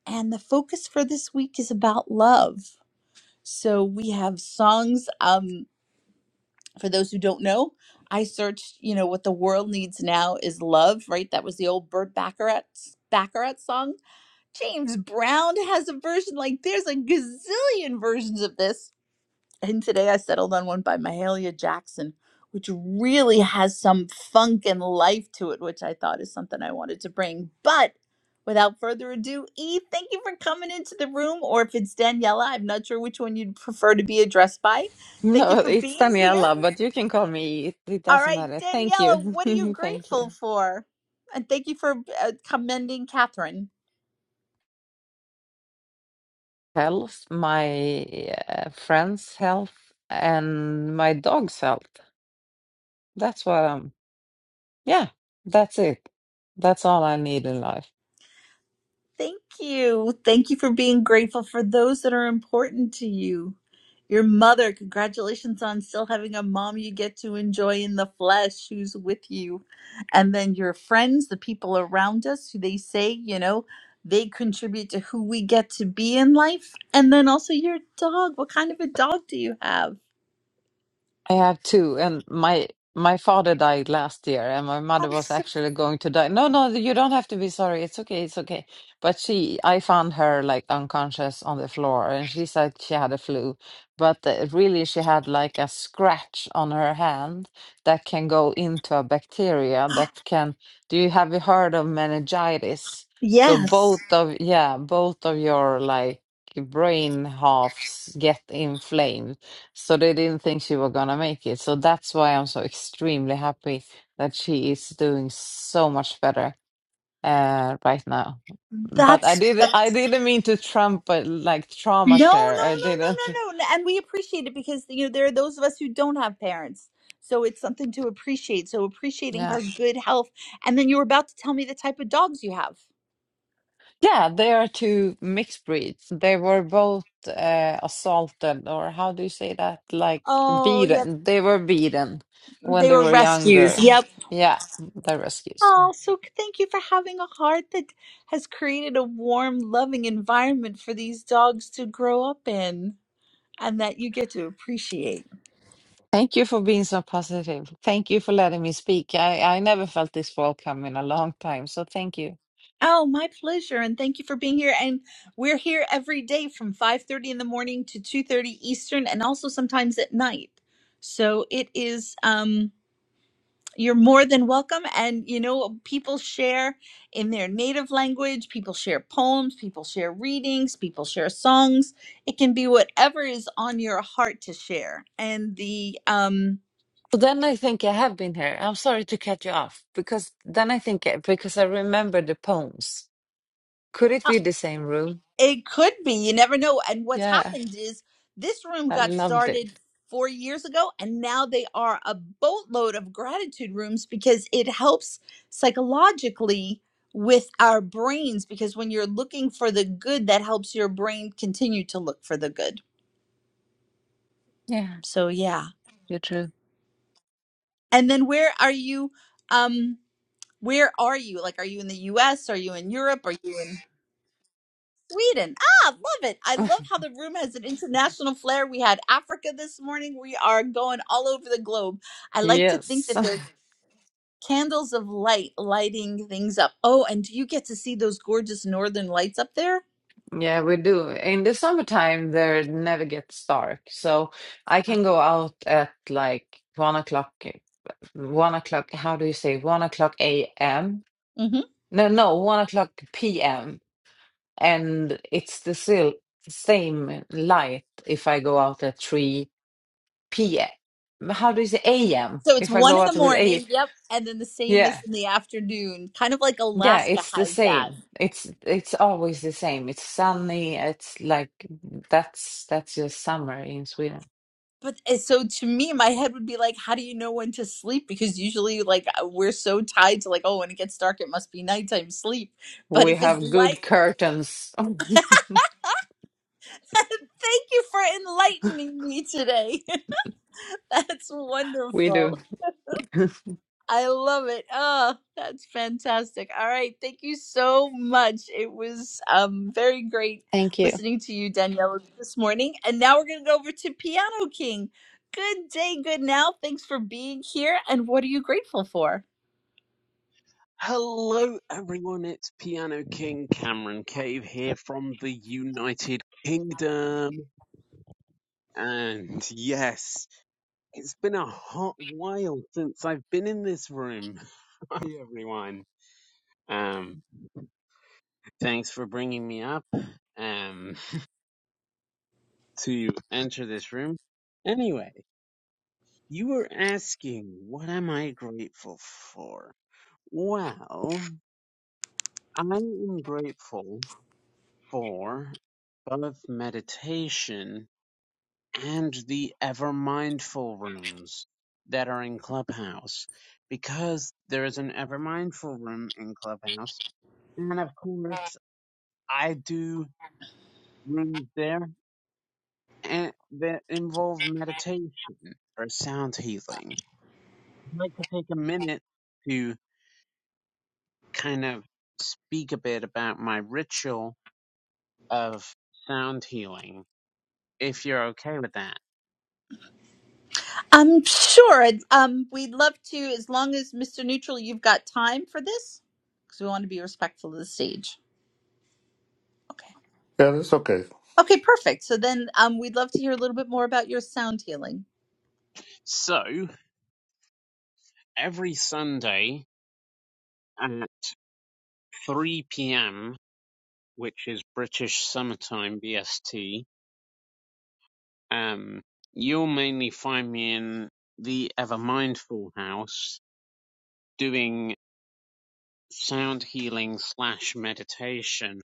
S23: And the focus for this week is about love. So we have songs. Um, for those who don't know, I searched, you know, what the world needs now is love, right? That was the old Burt Bacharach Bacharach song. James Brown has a version like there's a gazillion versions of this. And today I settled on one by Mahalia Jackson, which really has some funk and life to it, which I thought is something I wanted to bring. But without further ado, E, thank you for coming into the room. Or if it's Daniela, I'm not sure which one you'd prefer to be addressed by. Thank you
S22: No,
S23: for
S22: it's
S23: being here.
S22: Daniela, but you can call me. It, it
S23: All
S22: doesn't
S23: right,
S22: matter. Thank
S23: Daniela,
S22: you.
S23: what are you
S22: Thank
S23: grateful
S22: you.
S23: for? And thank you for uh, commending Catherine.
S22: Health, my uh, friend's health, and my dog's health. That's what I'm. Yeah, that's it. That's all I need in life.
S23: Thank you. Thank you for being grateful for those that are important to you. Your mother, congratulations on still having a mom you get to enjoy in the flesh who's with you. And then your friends, the people around us who they say, you know, they contribute to who we get to be in life. And then also your dog. What kind of a dog do you have?
S22: I have two, and my my father died last year, and my mother
S23: I'm
S22: was
S23: so-
S22: actually going to die. No, no, you don't have to be sorry. It's okay, it's okay. But she, I found her like unconscious on the floor, and she said she had a flu, but uh, really she had like a scratch on her hand that can go into a bacteria that can. Do you have you heard of meningitis? So
S23: Yes.
S22: both of yeah, both of your like brain halves get inflamed so they didn't think she was gonna make it. So that's why I'm so extremely happy that she is doing so much better uh, right now. But I
S23: That's
S22: did I
S23: that's
S22: didn't mean to trump but like
S23: no,
S22: trauma
S23: no, no,
S22: share. I didn't.
S23: no, no, no. And we appreciate it because you know there are those of us who don't have parents. So it's something to appreciate. So appreciating
S22: Yeah.
S23: her good health. And then you were about to tell me the type of dogs you have.
S22: Yeah, they are two mixed breeds. They were both uh, assaulted or how do you say that? Like
S23: Oh, yep.
S22: beaten. They were beaten when
S23: They
S22: they
S23: were
S22: were
S23: rescues.
S22: younger.
S23: Yep.
S22: Yeah, they're rescues.
S23: Oh, so c- thank you for having a heart that has created a warm, loving environment for these dogs to grow up in and that you get to appreciate.
S22: Thank you for being so positive. Thank you for letting me speak. I, I never felt this welcome in a long time, so thank you.
S23: Oh, my pleasure, and thank you for being here. And we're here every day from 5:30 in the morning to 2:30 Eastern and also sometimes at night. So it is um you're more than welcome and you know people share in their native language, people share poems, people share readings, people share songs. It can be whatever is on your heart to share. And the um
S22: But then I think I have been here. I'm sorry to cut you off because then I think eh, because I remember the poems. Could it be the same room?
S23: It could be. You never know. And what's
S22: Yeah,
S23: happened is this room
S22: I
S23: got
S22: loved it.
S23: started four years ago, and now they are a boatload of gratitude rooms because it helps psychologically with our brains. Because when you're looking for the good, that helps your brain continue to look for the good.
S22: Yeah,
S23: So, yeah.
S22: you're true.
S23: And then where are you? Um, where are you? Like, are you in the US? Are you in Europe? Are you in? Sweden. Ah, love it. I love how the room has an international flair. We had Africa this morning. We are going all over the globe. I like to think
S22: Yes.
S23: that there's candles of light lighting things up. Oh, and do you get to see those gorgeous northern lights up there?
S22: Yeah, we do. In the summertime, there never gets dark, so I can go out at like one o'clock. eh, One o'clock. How do you say? One o'clock a.m.
S23: hmm
S22: No, no, one o'clock p.m. and it's the still same light if I go out at 3 p.m. How do you say a.m.
S23: So it's
S22: if I
S23: one
S22: go
S23: in the
S22: out with a
S23: morning. Yep. And then the same is
S22: yeah.
S23: in the afternoon. Kind of like
S22: Yeah,
S23: Alaska
S22: it's the
S23: has that.
S22: same. It's it's always the same. It's sunny. It's like that's that's just summer in Sweden.
S23: But and so to me, my head would be like, how do you know when to sleep? Because usually, like, uh, we're so tied to, like, oh, when it gets dark, it must be nighttime sleep. But
S22: We
S23: if it's
S22: have
S23: light,
S22: good curtains.
S23: thank you for enlightening me today. that's
S22: We
S23: wonderful.
S22: do.
S23: I love it. Oh, that's fantastic. All right. Thank you so much. It was um, very great
S22: Thank you.
S23: listening to you, Daniela, this morning. And now we're going to go over to Piano King. Good day, good now. Thanks for being here. And what are you grateful for?
S24: Hello, everyone. It's Piano King Cameron Cave here from the United Kingdom. And yes, it's been a hot while since I've been in this room. Hi, everyone. Um, thanks for bringing me up um, to enter this room. Anyway, you were asking, what am I grateful for? Well, I am grateful for both meditation and the ever mindful rooms that are in Clubhouse because there is an ever mindful room in Clubhouse, and of course I do rooms there and that involve meditation or sound healing. I'd like to take a minute to kind of speak a bit about my ritual of sound healing, if you're okay with that.
S23: I'm sure. I'd- Um, we'd love to, as long as Mr. Neutral, you've got time for this, because we want to be respectful of the stage. Okay.
S16: Yeah, that's okay.
S23: Okay, perfect. So then, um, we'd love to hear a little bit more about your sound healing.
S24: So every Sunday at 3 p.m. which is British Summertime BST. Um, you'll mainly find me in the Ever Mindful House doing sound healing slash meditation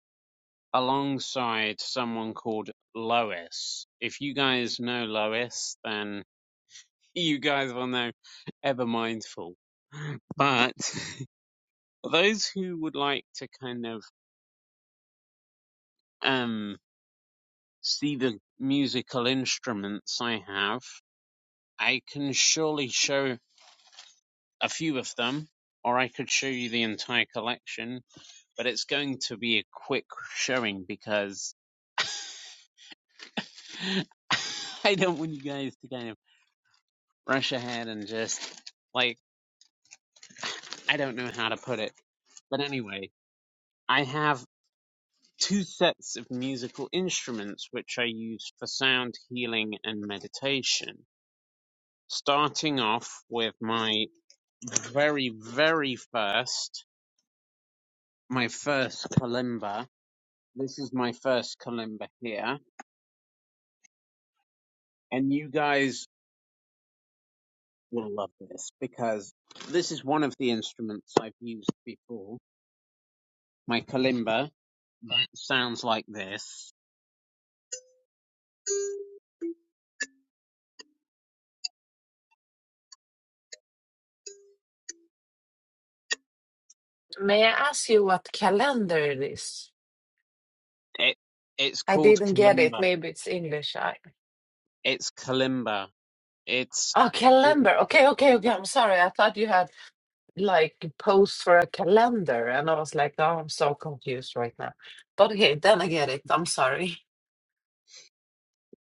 S24: alongside someone called Lois. If you guys know Lois, then you guys will know Ever Mindful. But those who would like to kind of um, see the musical instruments I have, I can surely show a few of them, or I could show you the entire collection, but it's going to be a quick showing because I don't want you guys to kind of rush ahead and just, like, I don't know how to put it. But anyway, I have two sets of musical instruments which I use for sound healing and meditation. Starting off with my very, very first, my first kalimba, This is my first kalimba here, and you guys will love this because this is one of the instruments I've used before. My kalimba that sounds like this.
S22: May I ask you what calendar it is?
S24: It it's
S22: I
S24: called
S22: didn't get it.
S24: kalimba.
S22: Maybe it's English.
S24: It's kalimba. It's
S22: Oh,
S24: it,
S22: calendar. Okay, okay, okay. I'm sorry. I thought you had like posed for a calendar, and I was like, oh, I'm so confused right now. But okay, then I get it. I'm sorry.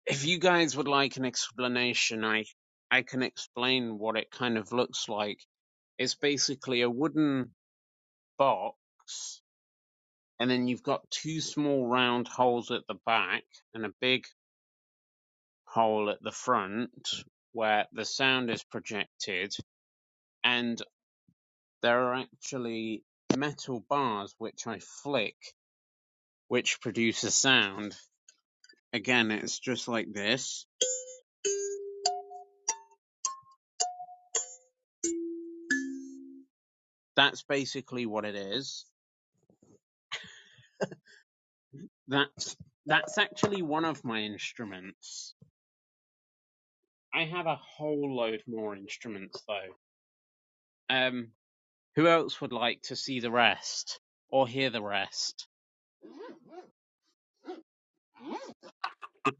S24: if you guys would like an explanation, I I can explain what it kind of looks like. It's basically a wooden box, and then you've got two small round holes at the back and a big hole at the front where the sound is projected and there are actually metal bars which I flick which produce a sound. Again, it's just like this. That's basically what it is. That's that's actually one of my instruments. I have a whole load more instruments though. Um who else would like to see the rest or hear the rest?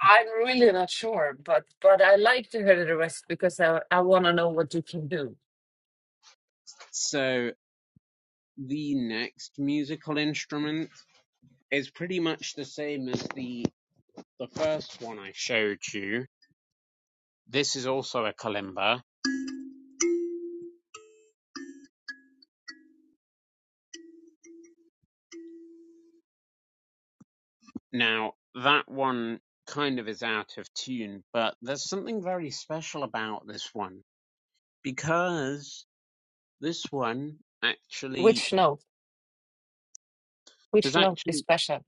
S22: I'm really not sure, but but I like to hear the rest because I I want to know what you can do.
S24: So the next musical instrument is pretty much the same as the the first one I showed you. This is also a kalimba. Now that one kind of is out of tune, but there's something very special about this one because this one actually
S22: Which note?
S24: there's
S22: Which note is
S24: actually
S22: special?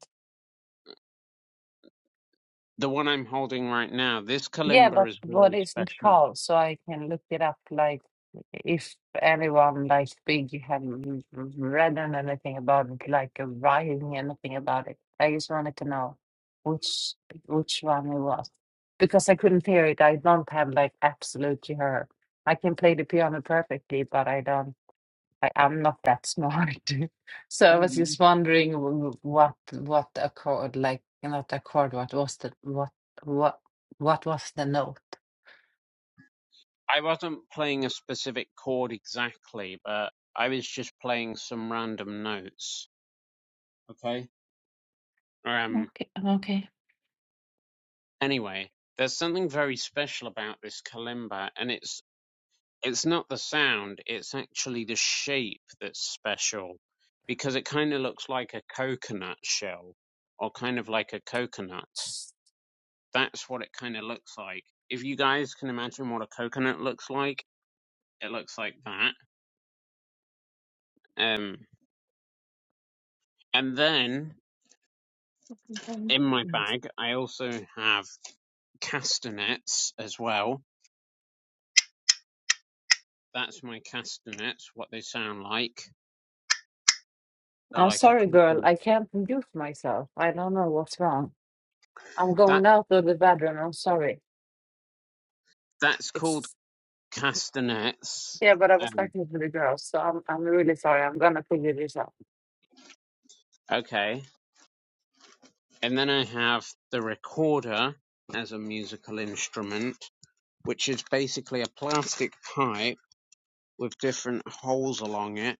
S24: the one I'm holding right now. This
S22: Yeah, but
S24: kalimba is
S22: what
S24: very
S22: is it
S24: special.
S22: called? So I can look it up. Like, if anyone like big have read on anything about it, like uh, writing anything about it, I just wanted to know which which one it was because I couldn't hear it. I don't have like absolutely her. I can play the piano perfectly, but I don't. I am not that smart. So
S24: Oh,
S22: I was
S24: yeah.
S22: just wondering w- what what accord like not accord what was the what what what was the note?
S24: I wasn't playing a specific chord exactly, but I was just playing some random notes. Okay. Um,
S22: Okay, okay.
S24: Anyway, there's something very special about this kalimba, and it's it's not the sound; it's actually the shape that's special, because it kind of looks like a coconut shell, or kind of like a coconut. That's what it kind of looks like. If you guys can imagine what a coconut looks like, it looks like that. Um, and then in my bag, I also have castanets as well. That's my castanets, what they sound like. They're
S22: I'm
S24: like a
S22: sorry, girl.
S24: coconut.
S22: I can't mute myself. I don't know what's wrong. I'm
S24: That
S22: going out of the bedroom. I'm sorry.
S24: that's called
S22: It's
S24: castanets.
S22: yeah, but I was
S24: Um,
S22: talking to the girls, so I'm I'm really sorry. I'm gonna figure this out.
S24: okay, and then I have the recorder as a musical instrument, which is basically a plastic pipe with different holes along it,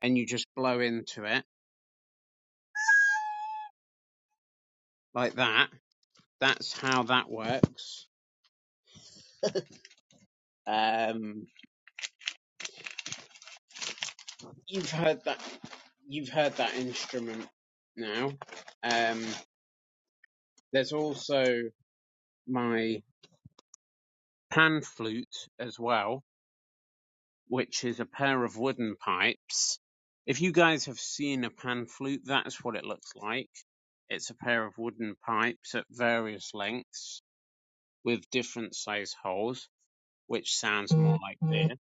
S24: and you just blow into it like that. That's how that works. Um, you've heard that. You've heard that instrument now. Um, there's also my pan flute as well which is a pair of wooden pipes. If you guys have seen a pan flute, that's what it looks like. It's a pair of wooden pipes at various lengths with different size holes, which sounds more like this.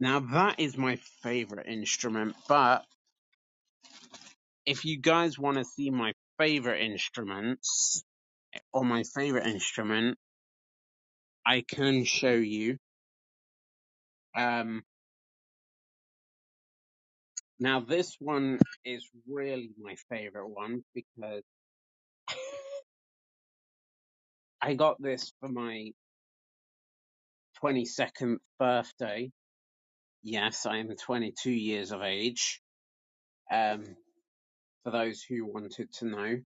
S24: Now, that is my favorite instrument, but if you guys want to see my favorite instruments or my favorite instrument, I can show you. Um, now, this one is really my favorite one because I got this for my 22nd birthday. Yes, I am 22 years of age. Um, for those who wanted to know,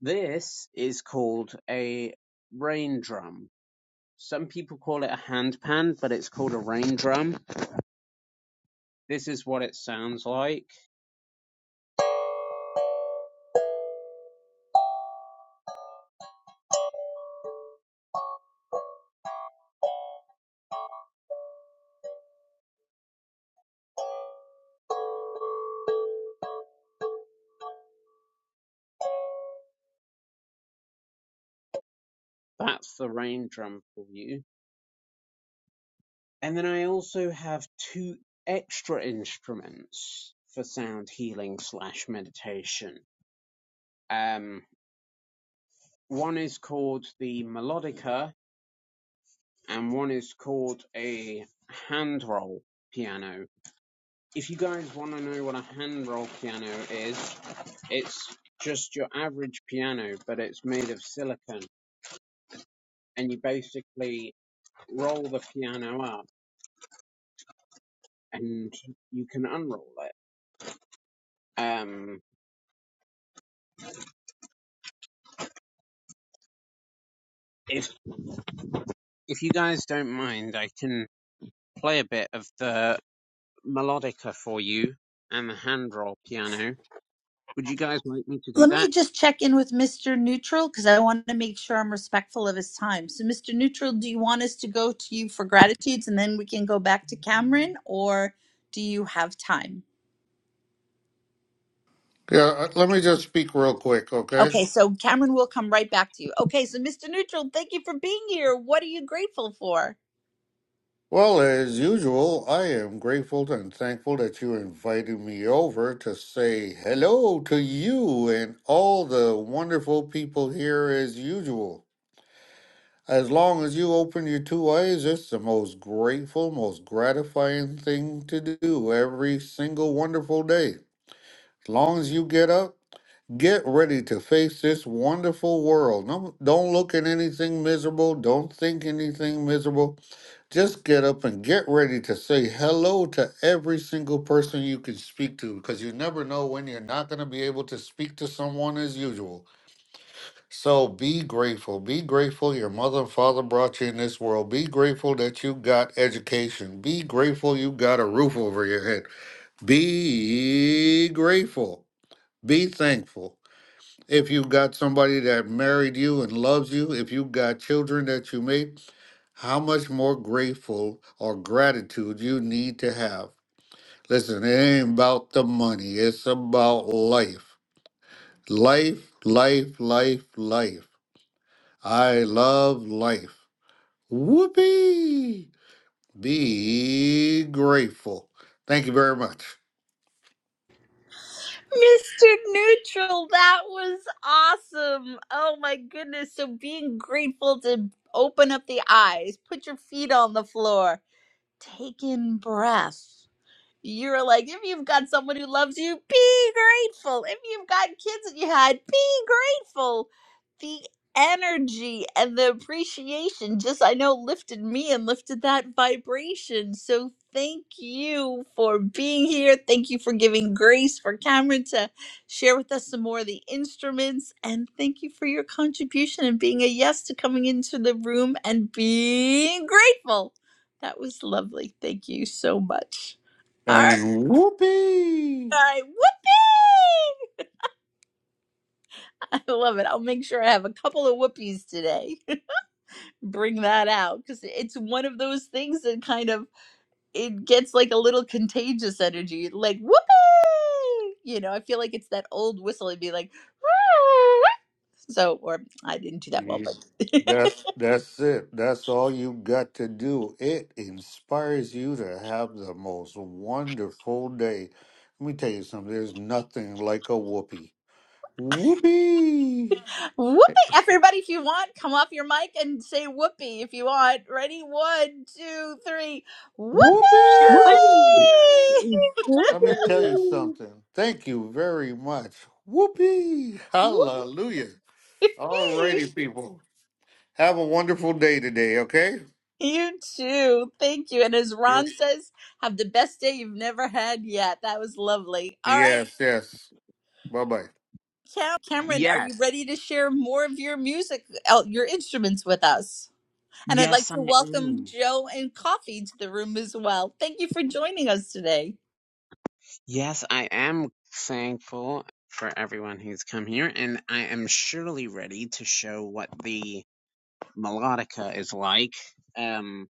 S24: this is called a rain drum. Some people call it a handpan, but it's called a rain drum. This is what it sounds like. That's the rain drum for you. And then I also have two extra instruments for sound healing slash meditation. Um, One is called the melodica and one is called a hand roll piano. If you guys want to know what a hand roll piano is, it's just your average piano, but it's made of silicon and you basically roll the piano up and you can unroll it. Um, if, if you guys don't mind, I can play a bit of the melodica for you and the hand roll piano. Would you guys like me to do
S23: Let
S24: that?
S23: me just check in with Mr. Neutral because I want to make sure I'm respectful of his time. So, Mr. Neutral, do you want us to go to you for gratitudes and then we can go back to Cameron, or do you have time?
S16: Yeah, uh, let me just speak real quick, okay?
S23: Okay, so Cameron will come right back to you. Okay, so Mr. Neutral, thank you for being here. What are you grateful for?
S16: Well, as usual, I am grateful and thankful that you invited me over to say hello to you and all the wonderful people here as usual. As long as you open your two eyes, it's the most grateful, most gratifying thing to do every single wonderful day. As long as you get up, get ready to face this wonderful world. No, don't look at anything miserable. Don't think anything miserable. Just get up and get ready to say hello to every single person you can speak to because you never know when you're not going to be able to speak to someone as usual. So be grateful. Be grateful your mother and father brought you in this world. Be grateful that you got education. Be grateful you got a roof over your head. Be grateful. Be thankful. If you got somebody that married you and loves you, if you got children that you made, how much more grateful or gratitude you need to have. Listen, it ain't about the money, it's about life. Life, life, life, life. I love life. Whoopee! Be grateful. Thank you very much.
S23: Mr. Neutral, that was awesome. Oh my goodness. So being grateful to open up the eyes, put your feet on the floor, take in breath. You're like, if you've got someone who loves you, be grateful. If you've got kids that you had, be grateful. The energy and the appreciation just, I know, lifted me and lifted that vibration. So thank you for being here. Thank you for giving grace for Cameron to share with us some more of the instruments. And thank you for your contribution and being a yes to coming into the room and being grateful. That was lovely. Thank you so much. All right.
S16: And
S23: All
S16: whoopee!
S23: right. Whoopee! I love it. I'll make sure I have a couple of whoopies today. Bring that out because it's one of those things that kind of it gets like a little contagious energy, like whoopee. You know, I feel like it's that old whistle. It'd be like, so, or I didn't do that well,
S16: Yeah,
S23: but
S16: That's that's it. That's all you got to do. It inspires you to have the most wonderful day. Let me tell you something. There's nothing like a whoopee. Whoopee!
S23: whoopee. Everybody, if you want, come off your mic and say whoopee if you want. Ready? One, two, three. Whoopee!
S16: Whoopee!
S25: Whoopee.
S24: Yes.
S16: Let me tell you something. Thank you very much. Whoopee!
S23: Whoopee!
S16: Hallelujah! All righty, people. Have a wonderful day today, okay?
S23: You too. Thank you. And as
S16: Yep.
S23: Ron says, have the best day you've never had yet. That was lovely. All right,
S16: Yes, yes. Bye bye.
S23: Cam- Cameron, are
S24: Yes.
S23: you ready to share more of your music, uh, your instruments with us? And I'd like
S24: Yes,
S23: to
S24: I
S23: welcome
S24: am.
S23: Joe and Coffee to the room as well. Thank you for joining us today.
S24: Yes, I am thankful for everyone who's come here, and I am surely ready to show what the melodica is like. Um,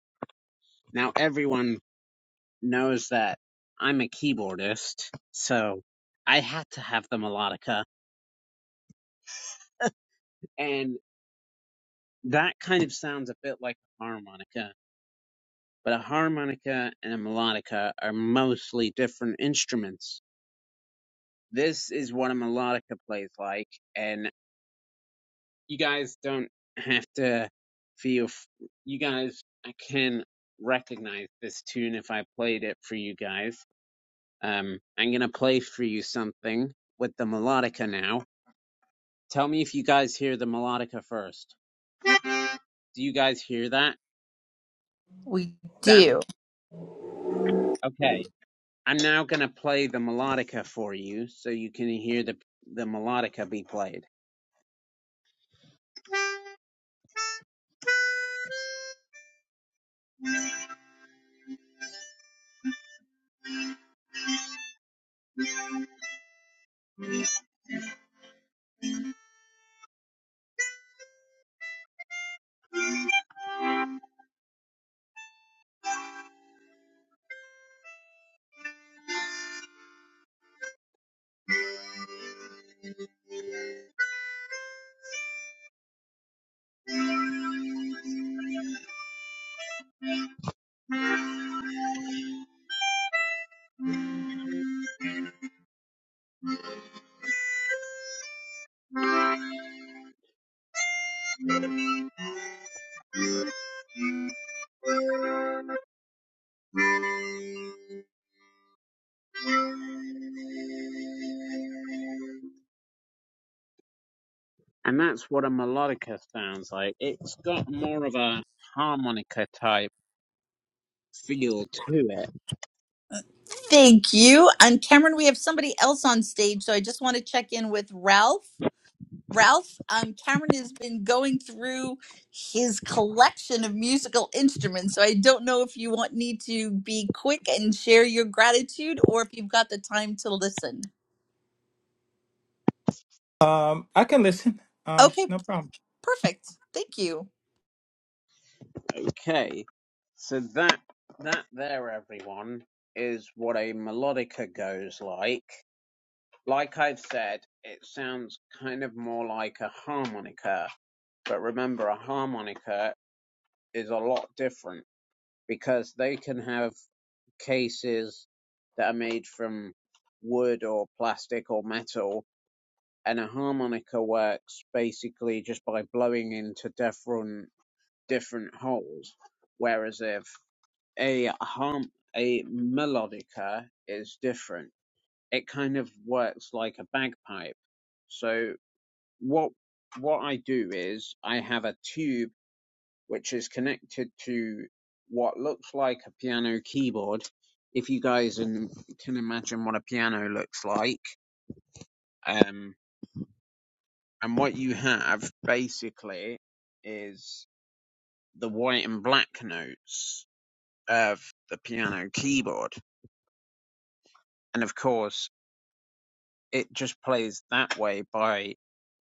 S24: now everyone knows that I'm a keyboardist, so I had to have the melodica, and that kind of sounds a bit like a harmonica, but a harmonica and a melodica are mostly different instruments This is what a melodica plays like, and you guys don't have to feel. F- you guys I can recognize this tune if I played it for you guys. Um, I'm gonna play for you something with the melodica now. Tell me if you guys hear the melodica first. Do you guys hear that?
S23: We
S24: That's
S23: do.
S24: okay. I'm now gonna play the melodica for you, so you can hear the the melodica be played. and that's what a melodica sounds like. It's got more of a harmonica type feel to it.
S23: Thank you. And Cameron, we have somebody else on stage, so I just want to check in with Ralph. Ralph, um, Cameron has been going through his collection of musical instruments, so I don't know if you want me to be quick and share your gratitude or if you've got the time to listen.
S26: Um, I can listen. Um,
S23: Okay, p-
S26: no problem.
S23: perfect. Thank you.
S24: Okay, so that that there, everyone, is what a melodica goes like. Like I've said, it sounds kind of more like a harmonica, but remember, a harmonica is a lot different because they can have cases that are made from wood or plastic or metal and a harmonica works basically just by blowing into different different holes. Whereas if a harm a melodica is different, it kind of works like a bagpipe. So what what I do is I have a tube which is connected to what looks like a piano keyboard. If you guys in- can imagine what a piano looks like, um. And what you have basically is the white and black notes of the piano keyboard. And of course, it just plays that way by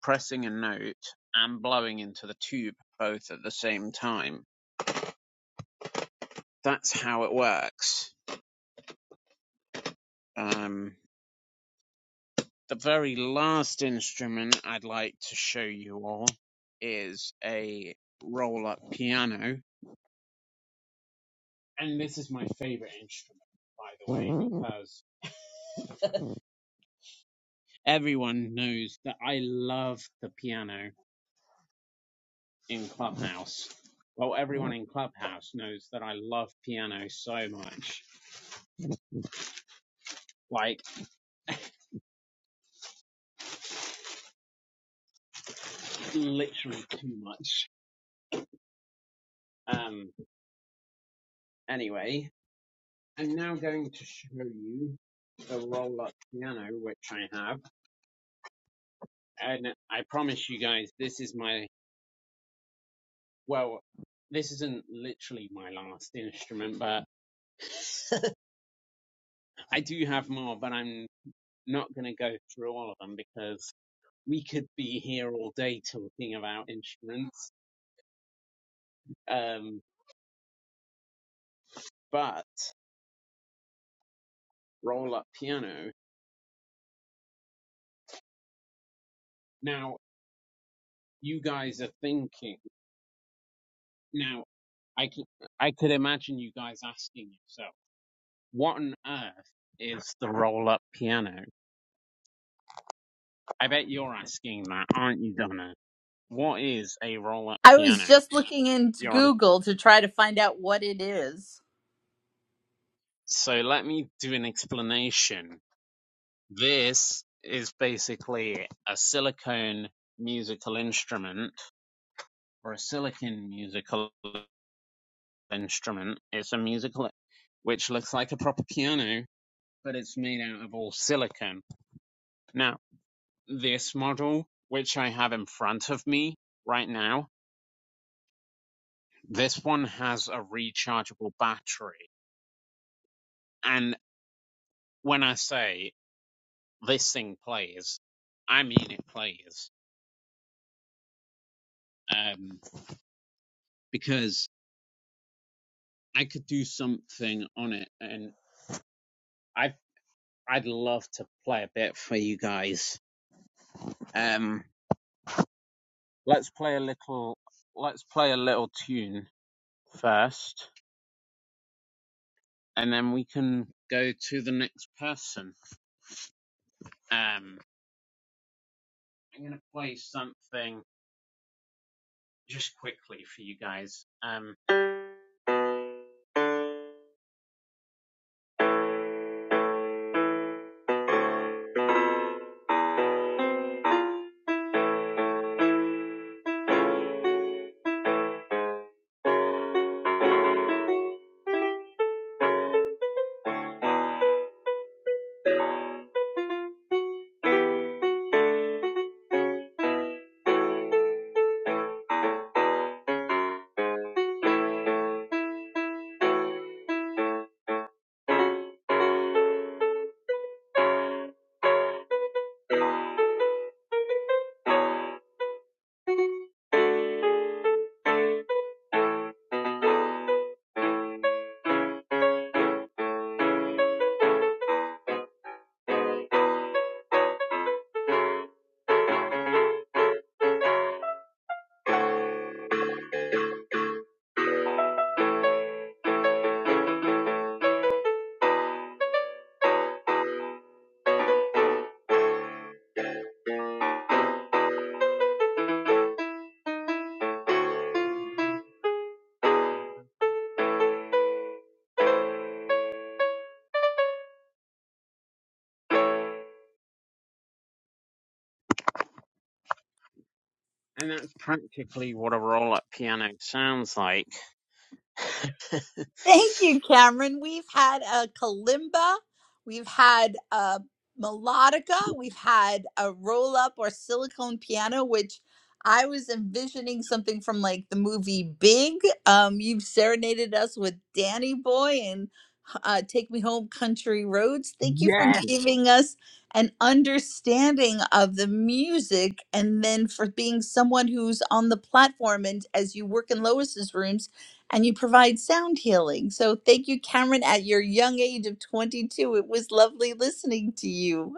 S24: pressing a note and blowing into the tube both at the same time. That's how it works. Um, the very last instrument I'd like to show you all is a roll up piano. And this is my favorite instrument, by the way, because everyone knows that I love the piano in Clubhouse. Well, everyone in Clubhouse knows that I love piano so much, like literally too much. Um, anyway, I'm now going to show you the roll up piano, which I have. And I promise you guys, this is my, well, this isn't literally my last instrument, but I do have more, but I'm not going to go through all of them because we could be here all day talking about instruments. Um, but roll up piano. Now you guys are thinking. Now I could I could imagine you guys asking yourself, what on earth is the roll up piano? I bet you're asking that, aren't you, Donna? What is a roll up
S23: I was
S24: piano?
S23: just looking into
S24: You're
S23: Google to try to find out what it is.
S24: so let me do an explanation. This is basically a silicone musical instrument Brasilican musical instrument. It's a musical which looks like a proper piano, but it's made out of all silicone. Now, this model, which I have in front of me right now, this one has a rechargeable battery. And when I say this thing plays, I mean it plays. Um, because I could do something on it and I I'd love to play a bit for you guys. Um Let's play a little. Let's play a little tune first, and then we can go to the next person. Um, I'm gonna play something just quickly for you guys. Um, and that's practically what a roll-up piano sounds like.
S23: Thank you, Cameron. We've had a kalimba, we've had a melodica, we've had a roll up or silicone piano, which I was envisioning something from like the movie Big. Um, you've serenaded us with Danny Boy and uh, Take Me Home Country Roads. Thank you for
S24: Yes,
S23: giving us an understanding of the music and then for being someone who's on the platform. And as you work in Lois's rooms, and you provide sound healing. So thank you, Cameron, at your young age of 22. It was lovely listening to you.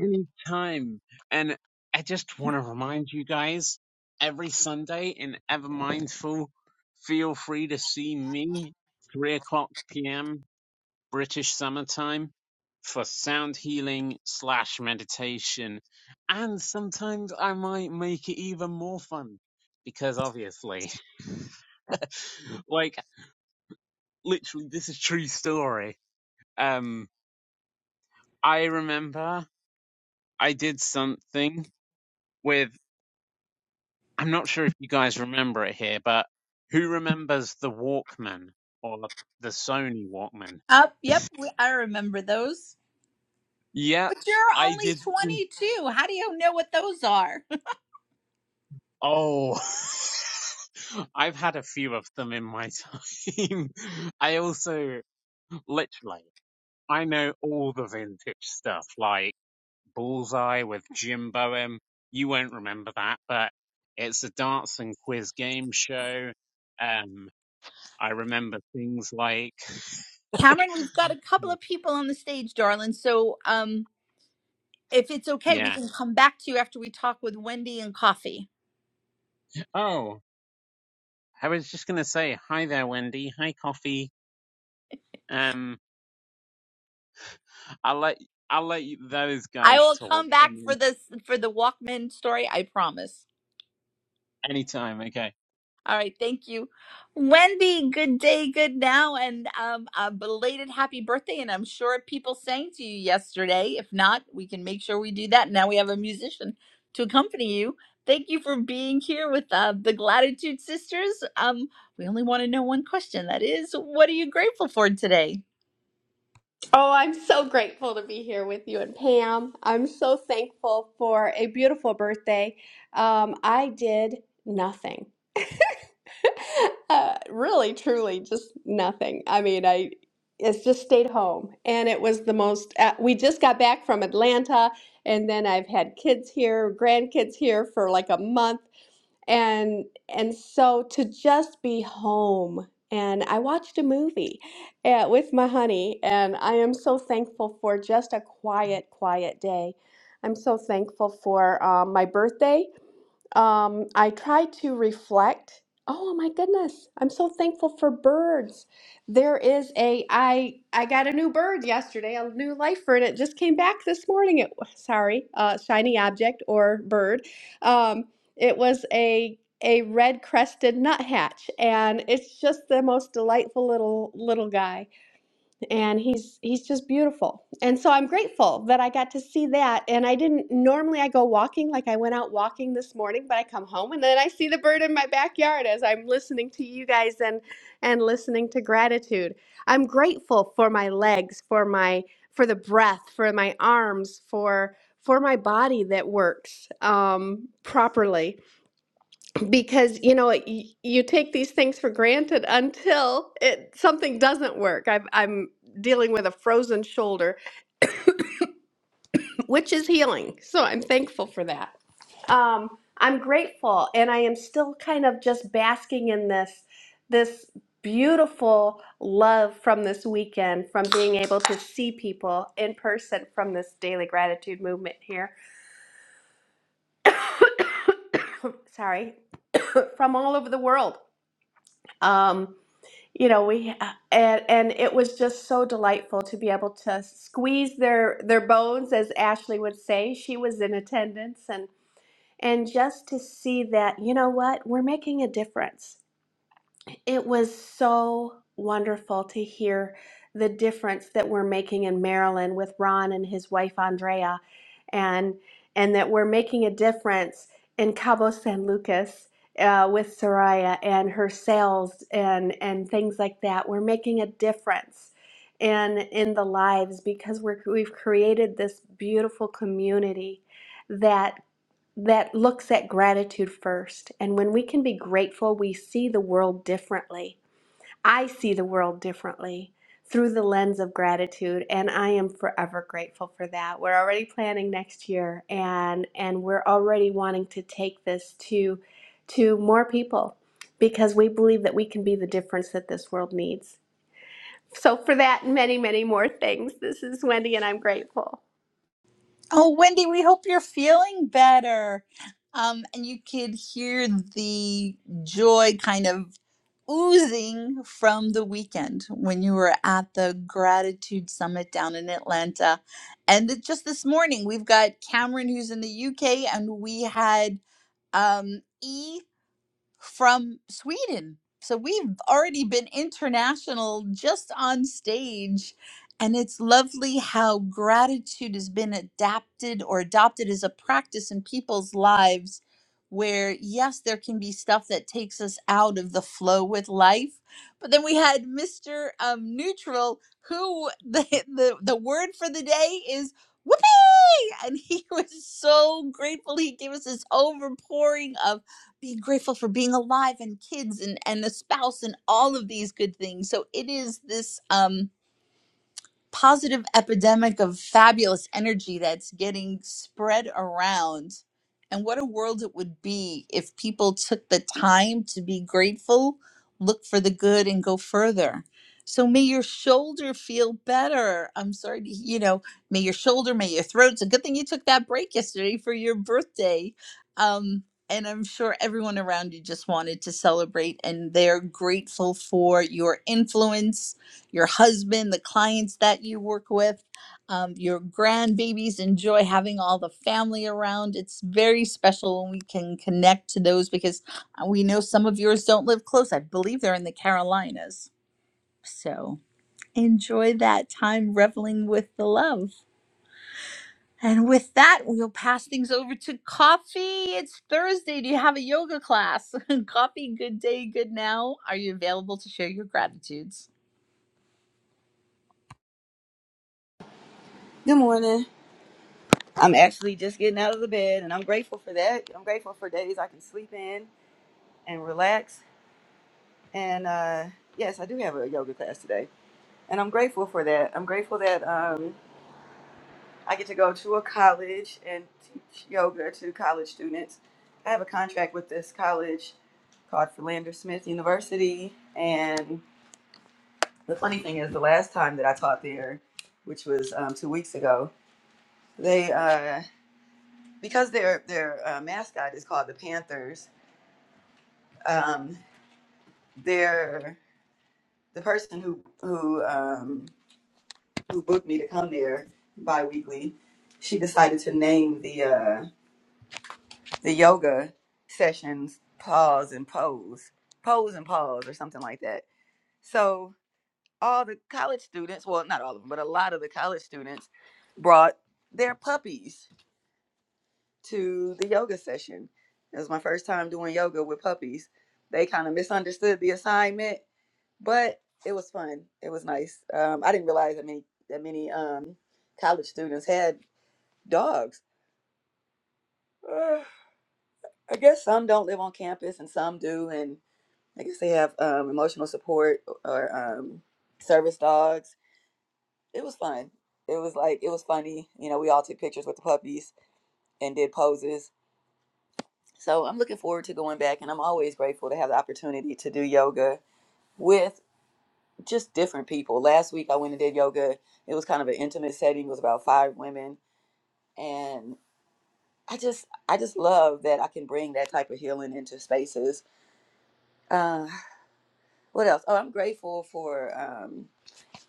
S24: anytime. And I just want to remind you guys every Sunday in Ever Mindful, feel free to see me, 3 o'clock p.m. British summertime for sound healing slash meditation. And sometimes I might make it even more fun because obviously, like literally this is a true story. Um, I remember I did something with, I'm not sure if you guys remember it here, but who remembers the Walkman or the Sony Walkman?
S23: Up, yep, we, I remember those.
S24: Yep.
S23: But you're
S24: I
S23: only
S24: did
S23: 22. How do you know what those are?
S24: Oh, I've had a few of them in my time. I also, literally, I know all the vintage stuff, like Bullseye with Jim Boehm. You won't remember that, but it's a dance and quiz game show. Um, I remember things like,
S23: Cameron, we've got a couple of people on the stage, darling. So um, if it's okay, we
S24: yeah.
S23: can come back to you after we talk with Wendy and Coffee.
S24: Oh, I was just gonna say hi there, Wendy. Hi, Coffee. Um, I'll let I'll let you, those
S23: I
S24: guys
S23: will
S24: talk
S23: come back for
S24: and
S23: this for the Walkman story, I promise.
S24: anytime. Okay.
S23: All right, thank you, Wendy. Good day, good now, and um, a belated happy birthday. And I'm sure people sang to you yesterday. If not, we can make sure we do that. Now we have a musician to accompany you. Thank you for being here with uh, the Gratitude Sisters. Um, we only want to know one question. That is, what are you grateful for today?
S27: Oh, I'm so grateful to be here with you and Pam. I'm so thankful for a beautiful birthday. Um, I did nothing. uh, really, truly, just nothing. I mean, I it's just stayed home, and it was the most. Uh, we just got back from Atlanta, and then I've had kids here, grandkids here for like a month and and so to just be home and i watched a movie uh, with my honey and i am so thankful for just a quiet quiet day i'm so thankful for um, my birthday um, I try to reflect. Oh my goodness, I'm so thankful for birds. There is a I I got a new bird yesterday, a new lifer, and it just came back this morning. It sorry, uh, shiny object or bird. Um, it was a a red crested nuthatch, and it's just the most delightful little little guy and he's he's just beautiful and so i'm grateful that i got to see that and i didn't normally i go walking like i went out walking this morning but i come home and then i see the bird in my backyard as i'm listening to you guys and and listening to gratitude i'm grateful for my legs for my for the breath for my arms for for my body that works um, properly because you know you, you take these things for granted until it something doesn't work I've, i'm dealing with a frozen shoulder which is healing so i'm thankful for that um, i'm grateful and i am still kind of just basking in this this beautiful love from this weekend from being able to see people in person from this daily gratitude movement here sorry from all over the world um, you know we and and it was just so delightful to be able to squeeze their their bones as Ashley would say she was in attendance and and just to see that you know what we're making a difference it was so wonderful to hear the difference that we're making in Maryland with Ron and his wife Andrea and and that we're making a difference in Cabo San Lucas uh, with Soraya and her sales and and things like that. We're making a difference in in the lives because we're we've created this beautiful community that that looks at gratitude first. And when we can be grateful, we see the world differently. I see the world differently through the lens of gratitude and I am forever grateful for that. We're already planning next year and and we're already wanting to take this to to more people because we believe that we can be the difference that this world needs. So for that and many many more things, this is Wendy and I'm grateful.
S23: Oh, Wendy, we hope you're feeling better. Um, and you could hear the joy kind of oozing from the weekend when you were at the Gratitude Summit down in Atlanta. And it- just this morning, we've got Cameron who's in the UK, and we had um, E from Sweden. So we've already been international just on stage. And it's lovely how gratitude has been adapted or adopted as a practice in people's lives. Where, yes, there can be stuff that takes us out of the flow with life. But then we had Mr. Um, Neutral, who the, the, the word for the day is whoopee. And he was so grateful. He gave us this overpouring of be grateful for being alive and kids and and a spouse and all of these good things so it is this um, positive epidemic of fabulous energy that's getting spread around. And what a world it would be if people took the time to be grateful, look for the good, and go further. So may your shoulder feel better. I'm sorry, to, you know, may your shoulder, may your throat. It's a good thing you took that break yesterday for your birthday. Um, and I'm sure everyone around you just wanted to celebrate and they're grateful for your influence your husband, the clients that you work with. Um, your grandbabies enjoy having all the family around. It's very special when we can connect to those because uh, we know some of yours don't live close. I believe they're in the Carolinas. So enjoy that time reveling with the love. And with that, we'll pass things over to coffee. It's Thursday. Do you have a yoga class? coffee, good day, good now. Are you available to share your gratitudes?
S28: Good morning. I'm actually just getting out of the bed, and I'm grateful for that. I'm grateful for days I can sleep in and relax. And uh, yes, I do have a yoga class today, and I'm grateful for that. I'm grateful that um, I get to go to a college and teach yoga to college students. I have a contract with this college called Philander Smith University, and the funny thing is, the last time that I taught there, which was um, two weeks ago, they. uh, because their their uh, mascot is called the Panthers. Um, their the person who who um, who booked me to come there biweekly, she decided to name the uh, the yoga sessions pause and pose, pose and pause, or something like that. So all the college students, well, not all of them, but a lot of the college students brought their puppies to the yoga session. It was my first time doing yoga with puppies. They kind of misunderstood the assignment, but it was fun. It was nice. Um, I didn't realize that many that many um, college students had dogs. Uh, I guess some don't live on campus and some do, and I guess they have um, emotional support or um, service dogs. It was fun. It was like it was funny. You know, we all took pictures with the puppies and did poses So I'm looking forward to going back, and I'm always grateful to have the opportunity to do yoga with just different people. Last week I went and did yoga. It was kind of an intimate setting. It was about five women, and I just I just love that I can bring that type of healing into spaces. Uh, what else? Oh, I'm grateful for um,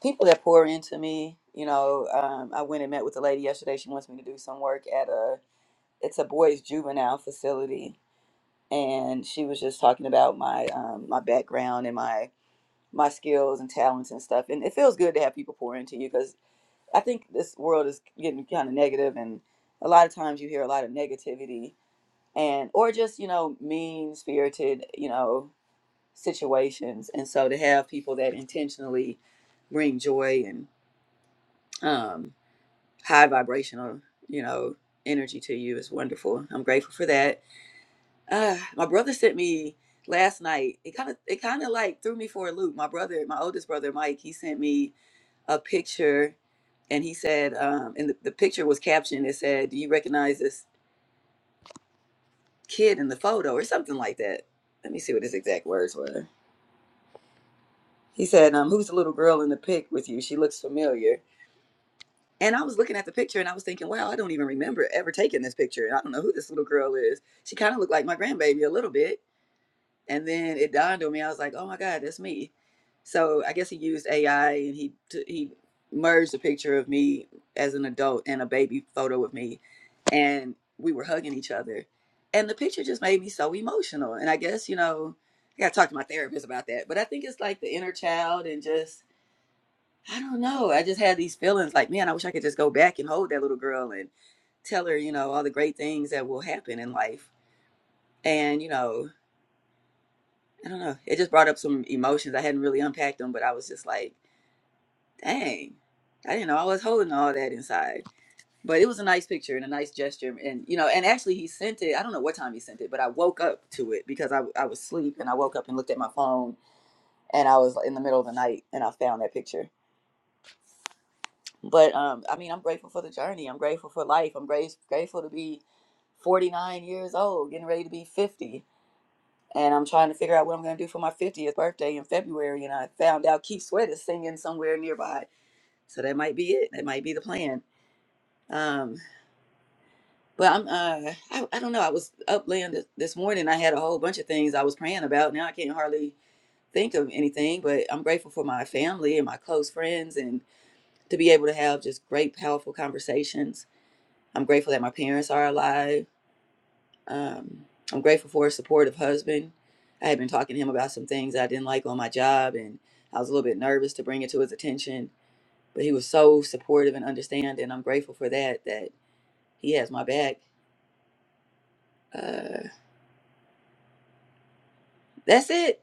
S28: people that pour into me. You know, um, I went and met with a lady yesterday. She wants me to do some work at a it's a boys juvenile facility, and she was just talking about my um, my background and my my skills and talents and stuff. And it feels good to have people pour into you because I think this world is getting kind of negative, and a lot of times you hear a lot of negativity and or just you know mean spirited you know situations. And so to have people that intentionally bring joy and um, high vibrational you know energy to you is wonderful. I'm grateful for that. Uh, my brother sent me last night. It kind of it kind of like threw me for a loop. My brother, my oldest brother Mike, he sent me a picture and he said, um, and the, the picture was captioned, it said, Do you recognize this kid in the photo or something like that? Let me see what his exact words were. He said, um, Who's the little girl in the pic with you? She looks familiar. And I was looking at the picture and I was thinking, Wow, I don't even remember ever taking this picture. And I don't know who this little girl is. She kind of looked like my grandbaby a little bit And then it dawned on me. I was like, "Oh my God, that's me." So I guess he used AI and he t- he merged a picture of me as an adult and a baby photo of me, and we were hugging each other, and the picture just made me so emotional. And I guess you know, I got to talk to my therapist about that. But I think it's like the inner child and just I don't know. I just had these feelings like, man, I wish I could just go back and hold that little girl and tell her, you know, all the great things that will happen in life. And you know, I don't know. It just brought up some emotions. I hadn't really unpacked them, but I was just like, dang, I didn't know I was holding all that inside. But it was a nice picture and a nice gesture. And, you know, and actually he sent it. I don't know what time he sent it, but I woke up to it because I, I was asleep and I woke up and looked at my phone and I was in the middle of the night and I found that picture. But, um, I mean, I'm grateful for the journey. I'm grateful for life. I'm grace, grateful to be 49 years old, getting ready to be 50 and I'm trying to figure out what I'm going to do for my 50th birthday in February. And I found out Keith Sweat is singing somewhere nearby, so that might be it. That might be the plan. Um, but I'm uh, I, I don't know. I was up laying th- this morning. I had a whole bunch of things I was praying about. Now I can't hardly think of anything. But I'm grateful for my family and my close friends, and to be able to have just great, powerful conversations. I'm grateful that my parents are alive. Um, I'm grateful for a supportive husband. I had been talking to him about some things I didn't like on my job, and I was a little bit nervous to bring it to his attention. But he was so supportive and understanding. I'm grateful for that. That he has my back. Uh, that's it.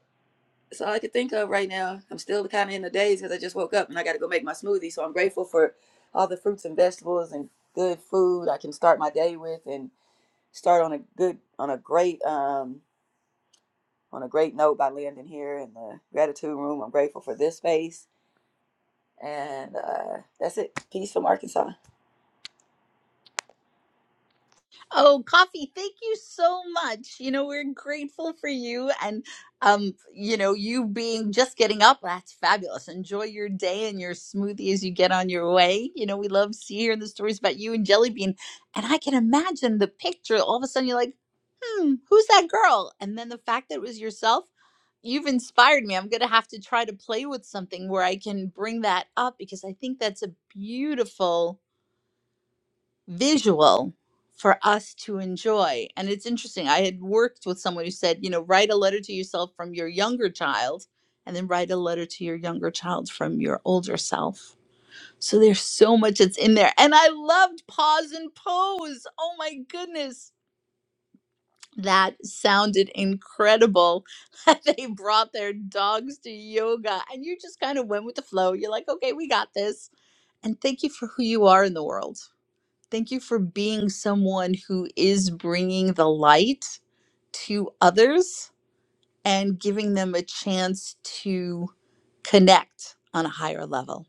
S28: That's all I could think of right now. I'm still kind of in the daze because I just woke up and I got to go make my smoothie. So I'm grateful for all the fruits and vegetables and good food I can start my day with and start on a good, on a great um, on a great note by landing here in the gratitude room. I'm grateful for this space. And uh, that's it. Peace from Arkansas.
S23: Oh, Coffee, thank you so much. You know, we're grateful for you and um, you know, you being just getting up, that's fabulous. Enjoy your day and your smoothie as you get on your way. You know, we love see hearing the stories about you and Jelly Bean. And I can imagine the picture. All of a sudden you're like, hmm, who's that girl? And then the fact that it was yourself, you've inspired me. I'm gonna have to try to play with something where I can bring that up because I think that's a beautiful visual for us to enjoy. And it's interesting. I had worked with someone who said, you know, write a letter to yourself from your younger child and then write a letter to your younger child from your older self. So there's so much that's in there. And I loved pause and pose. Oh my goodness. That sounded incredible. That they brought their dogs to yoga and you just kind of went with the flow. You're like, okay, we got this. And thank you for who you are in the world Thank you for being someone who is bringing the light to others and giving them a chance to connect on a higher level.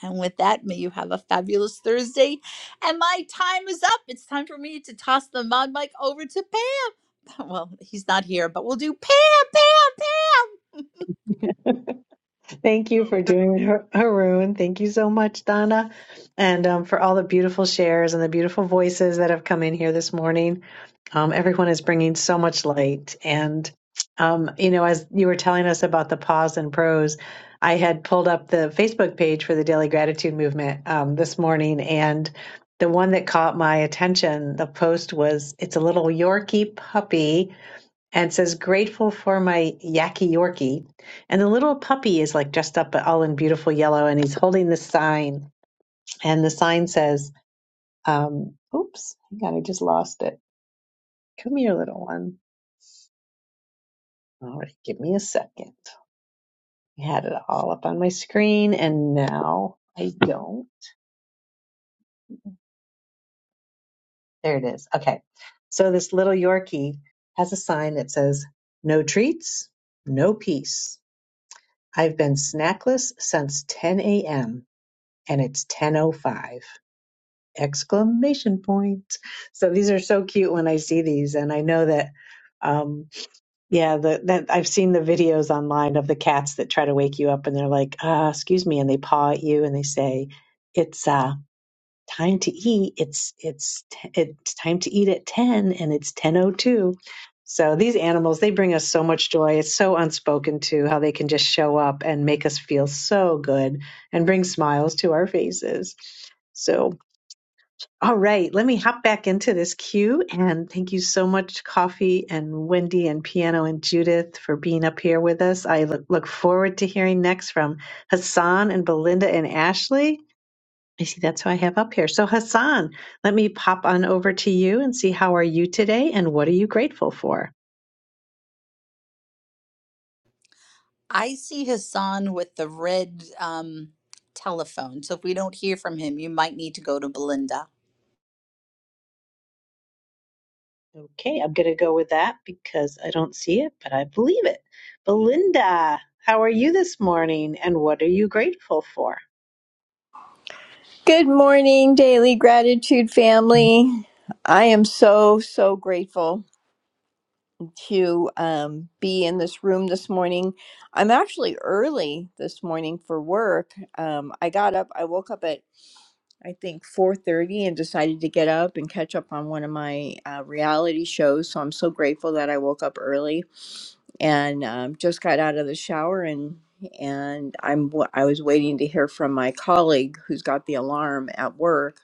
S23: And with that, may you have a fabulous Thursday. And my time is up. It's time for me to toss the mod mic over to Pam. Well, he's not here, but we'll do Pam, Pam, Pam.
S25: Thank you for doing Har- Haroon. Thank you so much, Donna, and um, for all the beautiful shares and the beautiful voices that have come in here this morning. Um, everyone is bringing so much light. And, um, you know, as you were telling us about the pause and prose, I had pulled up the Facebook page for the Daily Gratitude Movement um, this morning, and the one that caught my attention, the post was, It's a little Yorkie puppy and says grateful for my Yaki Yorkie. And the little puppy is like dressed up all in beautiful yellow, and he's holding the sign, and the sign says, um, "Oops, hang on, I just lost it. Come here, little one. All right, give me a second. I had it all up on my screen, and now I don't. There it is. Okay, so this little Yorkie has a sign that says, "No treats, no peace." I've been snackless since 10 a.m. and it's 1005 exclamation point. so these are so cute when i see these and i know that um yeah the, that i've seen the videos online of the cats that try to wake you up and they're like uh excuse me and they paw at you and they say it's uh time to eat it's it's t- it's time to eat at 10 and it's 1002 so these animals they bring us so much joy it's so unspoken to how they can just show up and make us feel so good and bring smiles to our faces so all right let me hop back into this queue and thank you so much coffee and wendy and piano and judith for being up here with us i look, look forward to hearing next from hassan and belinda and ashley I see that's who I have up here. So Hassan, let me pop on over to you and see how are you today and what are you grateful for?
S23: I see Hassan with the red um, telephone. So if we don't hear from him, you might need to go to Belinda.
S25: Okay, I'm going to go with that because I don't see it, but I believe it. Belinda, how are you this morning and what are you grateful for?
S29: Good morning, Daily Gratitude family. I am so, so grateful to um, be in this room this morning. I'm actually early this morning for work. Um, I got up, I woke up at I think 4:30 and decided to get up and catch up on one of my uh, reality shows. So I'm so grateful that I woke up early and um, just got out of the shower and and I'm wa- I was waiting to hear from my colleague who's got the alarm at work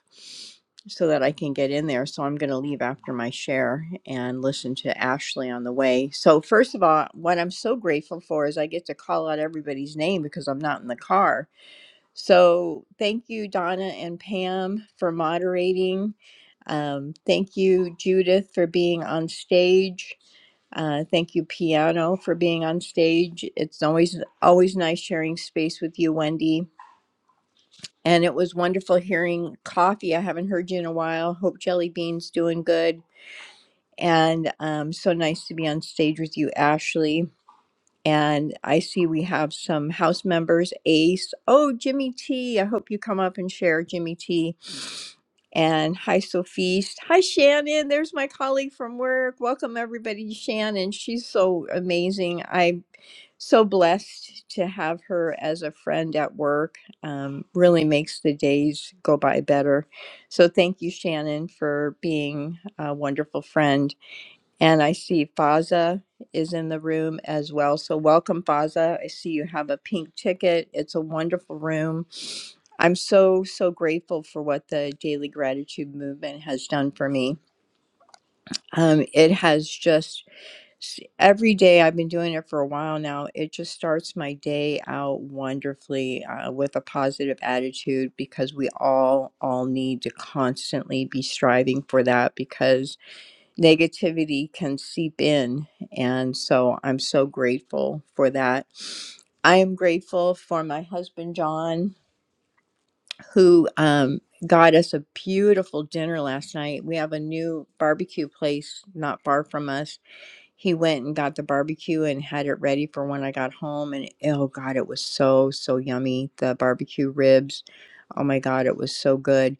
S29: so that I can get in there. So I'm going to leave after my share and listen to Ashley on the way. So first of all, what I'm so grateful for is I get to call out everybody's name because I'm not in the car. So thank you Donna and Pam for moderating. Um, thank you Judith for being on stage. Uh, thank you, Piano, for being on stage. It's always always nice sharing space with you, Wendy. And it was wonderful hearing Coffee. I haven't heard you in a while. Hope Jelly Bean's doing good. And um, so nice to be on stage with you, Ashley. And I see we have some house members. Ace. Oh, Jimmy T. I hope you come up and share, Jimmy T. And hi, Sophiste. Hi, Shannon. There's my colleague from work. Welcome, everybody, to Shannon. She's so amazing. I so blessed to have her as a friend at work. Um, really makes the days go by better. So thank you, Shannon, for being a wonderful friend. And I see Faza is in the room as well. So welcome, Faza. I see you have a pink ticket. It's a wonderful room. I'm so, so grateful for what the Daily Gratitude Movement has done for me. Um, it has just s- every day I've been doing it for a while now. It just starts my day out wonderfully uh, with a positive attitude because we all all need to constantly be striving for that because negativity can seep in, and so I'm so grateful for that. I am grateful for my husband John who um got us a beautiful dinner last night. We have a new barbecue place not far from us he went and got the barbecue and had it ready for when I got home. And oh God, it was so, so yummy. The barbecue ribs. Oh my God, it was so good.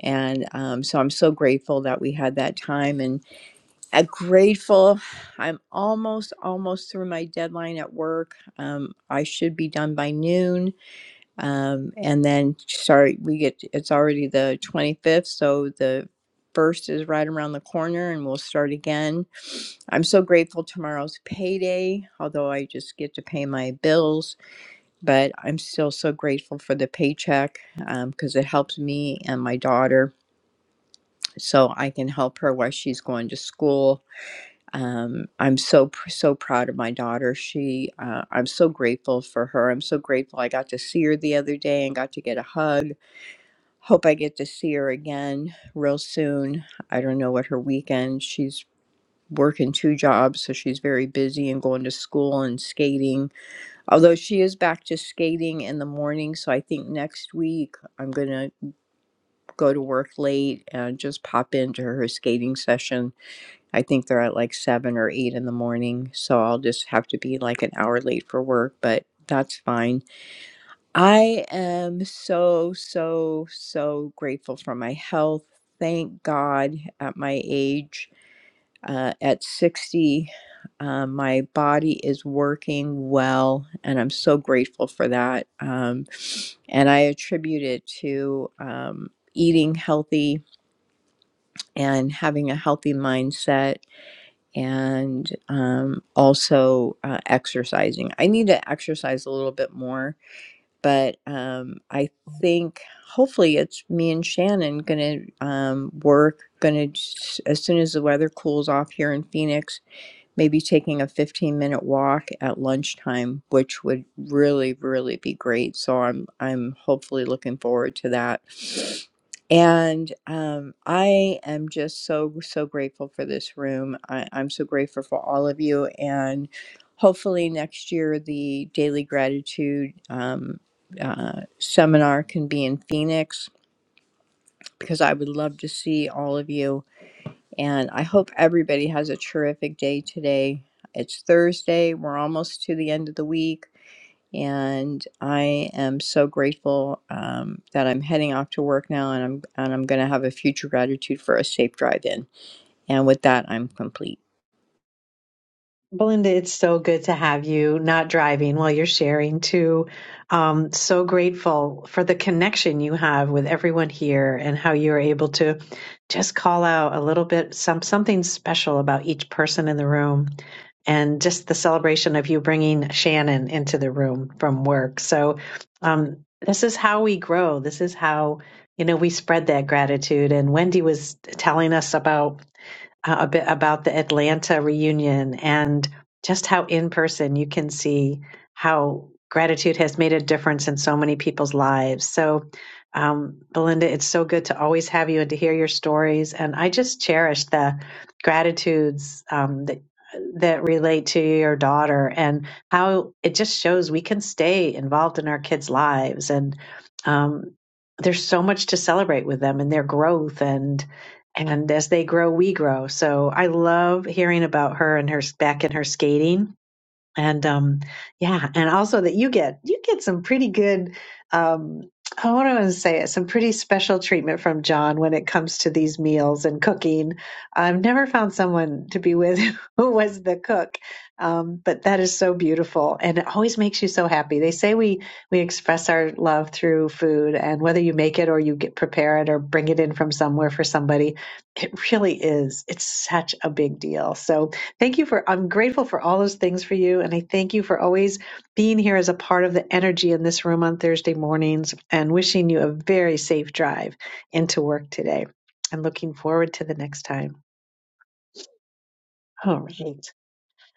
S29: And um, so I'm so grateful that we had that time and uh, grateful. I'm almost, almost through my deadline at work. Um, I should be done by noon um, and then start. we get it's already the 25th so the first is right around the corner and we'll start again i'm so grateful tomorrow's payday although i just get to pay my bills but i'm still so grateful for the paycheck because it helps me and my daughter so i can help her while she's going to school um, i'm so pr- so proud of my daughter she uh, i'm so grateful for her i'm so grateful i got to see her the other day and got to get a hug Hope I get to see her again real soon. I don't know what her weekend. She's working two jobs, so she's very busy and going to school and skating. Although she is back to skating in the morning, so I think next week I'm gonna go to work late and just pop into her skating session. I think they're at like seven or eight in the morning, so I'll just have to be like an hour late for work, but that's fine. I am so, so, so grateful for my health. Thank God at my age, uh, at 60, uh, my body is working well, and I'm so grateful for that. Um, and I attribute it to um, eating healthy and having a healthy mindset and um, also uh, exercising. I need to exercise a little bit more but um, I think hopefully it's me and Shannon gonna um, work. Gonna s- as soon as the weather cools off here in Phoenix, maybe taking a 15 minute walk at lunchtime which would really really be great so i'm i'm hopefully looking forward to that and um, i am just so so grateful for this room I, i'm so grateful for all of you and hopefully next year the daily gratitude um, uh, seminar can be in phoenix because i would love to see all of you and I hope everybody has a terrific day today. It's Thursday. We're almost to the end of the week. And I am so grateful um, that I'm heading off to work now and I'm, and I'm going to have a future gratitude for a safe drive in. And with that, I'm complete.
S25: Belinda, it's so good to have you not driving while you're sharing too. Um, so grateful for the connection you have with everyone here and how you're able to just call out a little bit some something special about each person in the room and just the celebration of you bringing Shannon into the room from work. So um, this is how we grow. This is how you know we spread that gratitude. And Wendy was telling us about uh, a bit about the Atlanta reunion and just how in person you can see how gratitude has made a difference in so many people's lives. So, um, Belinda, it's so good to always have you and to hear your stories. And I just cherish the gratitudes um, that that relate to your daughter and how it just shows we can stay involved in our kids' lives and um, there's so much to celebrate with them and their growth and. And as they grow, we grow. So I love hearing about her and her back in her skating and um yeah and also that you get you get some pretty good um I want to say it some pretty special treatment from John when it comes to these meals and cooking. I've never found someone to be with who was the cook, um, but that is so beautiful and it always makes you so happy. They say we we express our love through food, and whether you make it or you get prepare it or bring it in from somewhere for somebody, it really is. It's such a big deal. So Thank you for, I'm grateful for all those things for you. And I thank you for always being here as a part of the energy in this room on Thursday mornings and wishing you a very safe drive into work today and looking forward to the next time. All right.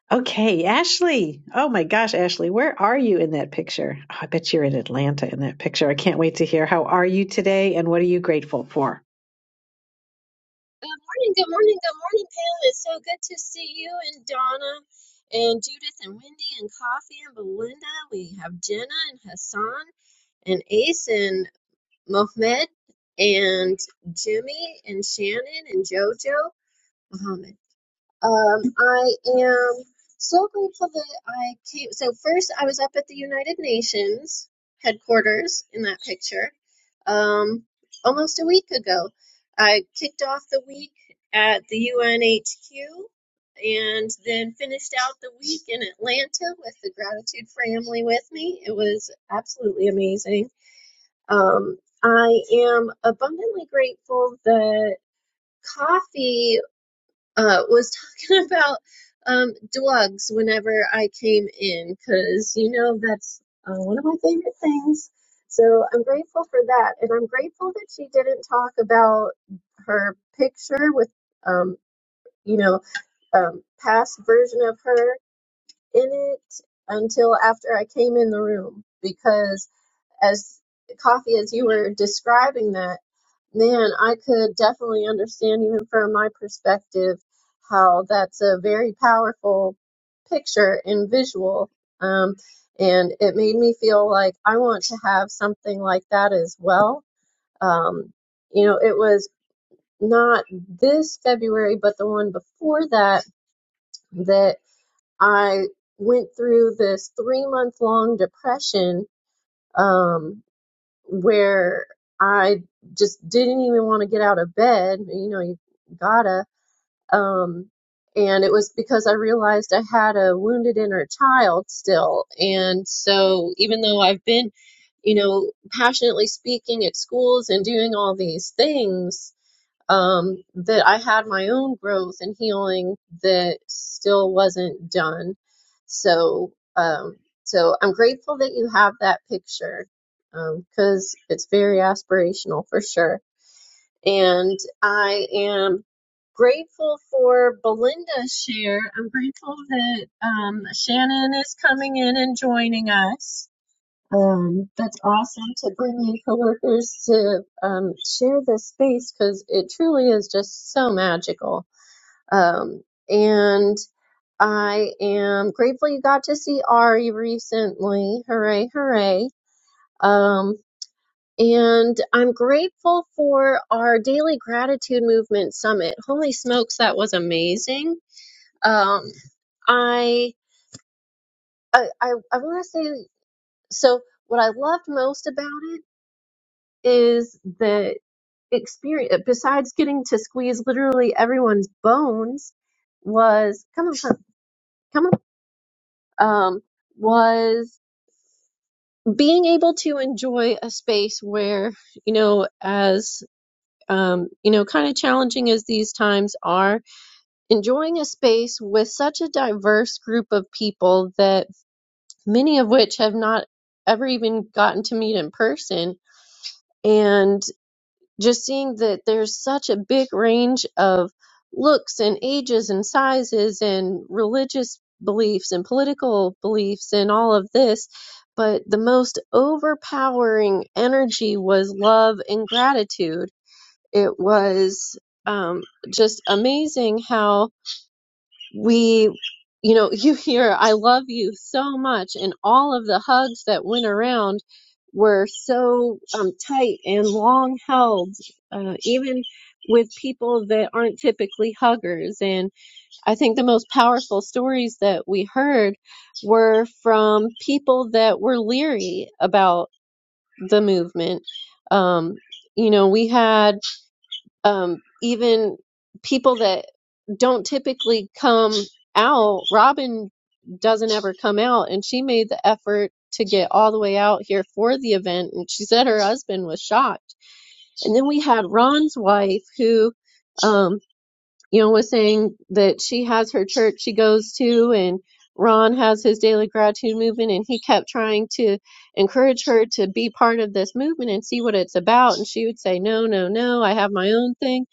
S25: Okay, Ashley. Oh my gosh, Ashley, where are you in that picture? Oh, I bet you're in Atlanta in that picture. I can't wait to hear. How are you today and what are you grateful for?
S30: Good morning, good morning, good morning, Pam. It's so good to see you and Donna and Judith and Wendy and Coffee and Belinda. We have Jenna and Hassan and Ace and Mohammed and Jimmy and Shannon and Jojo. Mohammed. Um, I am so grateful that I came. So first, I was up at the United Nations headquarters in that picture, um, almost a week ago. I kicked off the week at the UNHQ, and then finished out the week in Atlanta with the gratitude family with me. It was absolutely amazing. Um, I am abundantly grateful that coffee uh, was talking about um, drugs whenever I came in, because you know that's uh, one of my favorite things. So I'm grateful for that, and I'm grateful that she didn't talk about her picture with, um, you know, um, past version of her in it until after I came in the room, because as Coffee, as you were describing that. Man, I could definitely understand, even from my perspective, how that's a very powerful picture and visual. Um, and it made me feel like I want to have something like that as well. Um, you know, it was not this February, but the one before that, that I went through this three month long depression. Um, where I just didn't even want to get out of bed. You know, you gotta. Um, and it was because I realized I had a wounded inner child still. And so even though I've been, you know, passionately speaking at schools and doing all these things, um, that I had my own growth and healing that still wasn't done. So, um, so I'm grateful that you have that picture um, because it's very aspirational for sure. And I am grateful for Belinda's share. I'm grateful that um, Shannon is coming in and joining us. Um, that's awesome to bring in coworkers to um, share this space because it truly is just so magical. Um, and I am grateful you got to see Ari recently. Hooray, hooray. Um, and I'm grateful for our daily gratitude movement summit. Holy smokes, that was amazing. Um, I I I, I want to say so. What I loved most about it is that experience besides getting to squeeze literally everyone's bones was come on come on um was being able to enjoy a space where you know as um you know kind of challenging as these times are enjoying a space with such a diverse group of people that many of which have not ever even gotten to meet in person and. just seeing that there's such a big range of looks and ages and sizes and religious beliefs and political beliefs and all of this. But the most overpowering energy was love and gratitude. It was um, just amazing how we you know you hear i love you so much and all of the hugs that went around were so um, tight and long held uh, even with people that aren't typically huggers and i think the most powerful stories that we heard were from people that were leery about the movement um, you know we had um, even people that don't typically come out. Robin doesn't ever come out, and she made the effort to get all the way out here for the event. And she said her husband was shocked. And then we had Ron's wife, who um, you know, was saying that she has her church she goes to, and Ron has his daily gratitude movement, and he kept trying to encourage her to be part of this movement and see what it's about. And she would say, No, no, no, I have my own thing.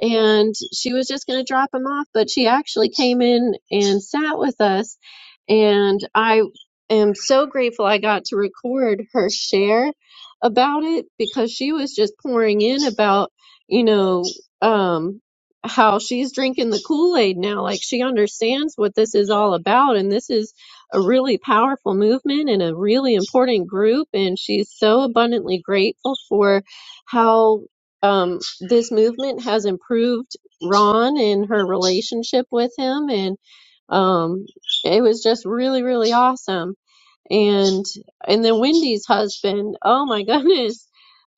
S30: And she was just going to drop him off, but she actually came in and sat with us. And I am so grateful I got to record her share about it because she was just pouring in about, you know, um, how she's drinking the Kool-Aid now. Like she understands what this is all about, and this is a really powerful movement and a really important group. And she's so abundantly grateful for how um, this movement has improved Ron and her relationship with him. And um, it was just really, really awesome. And and then Wendy's husband, oh my goodness.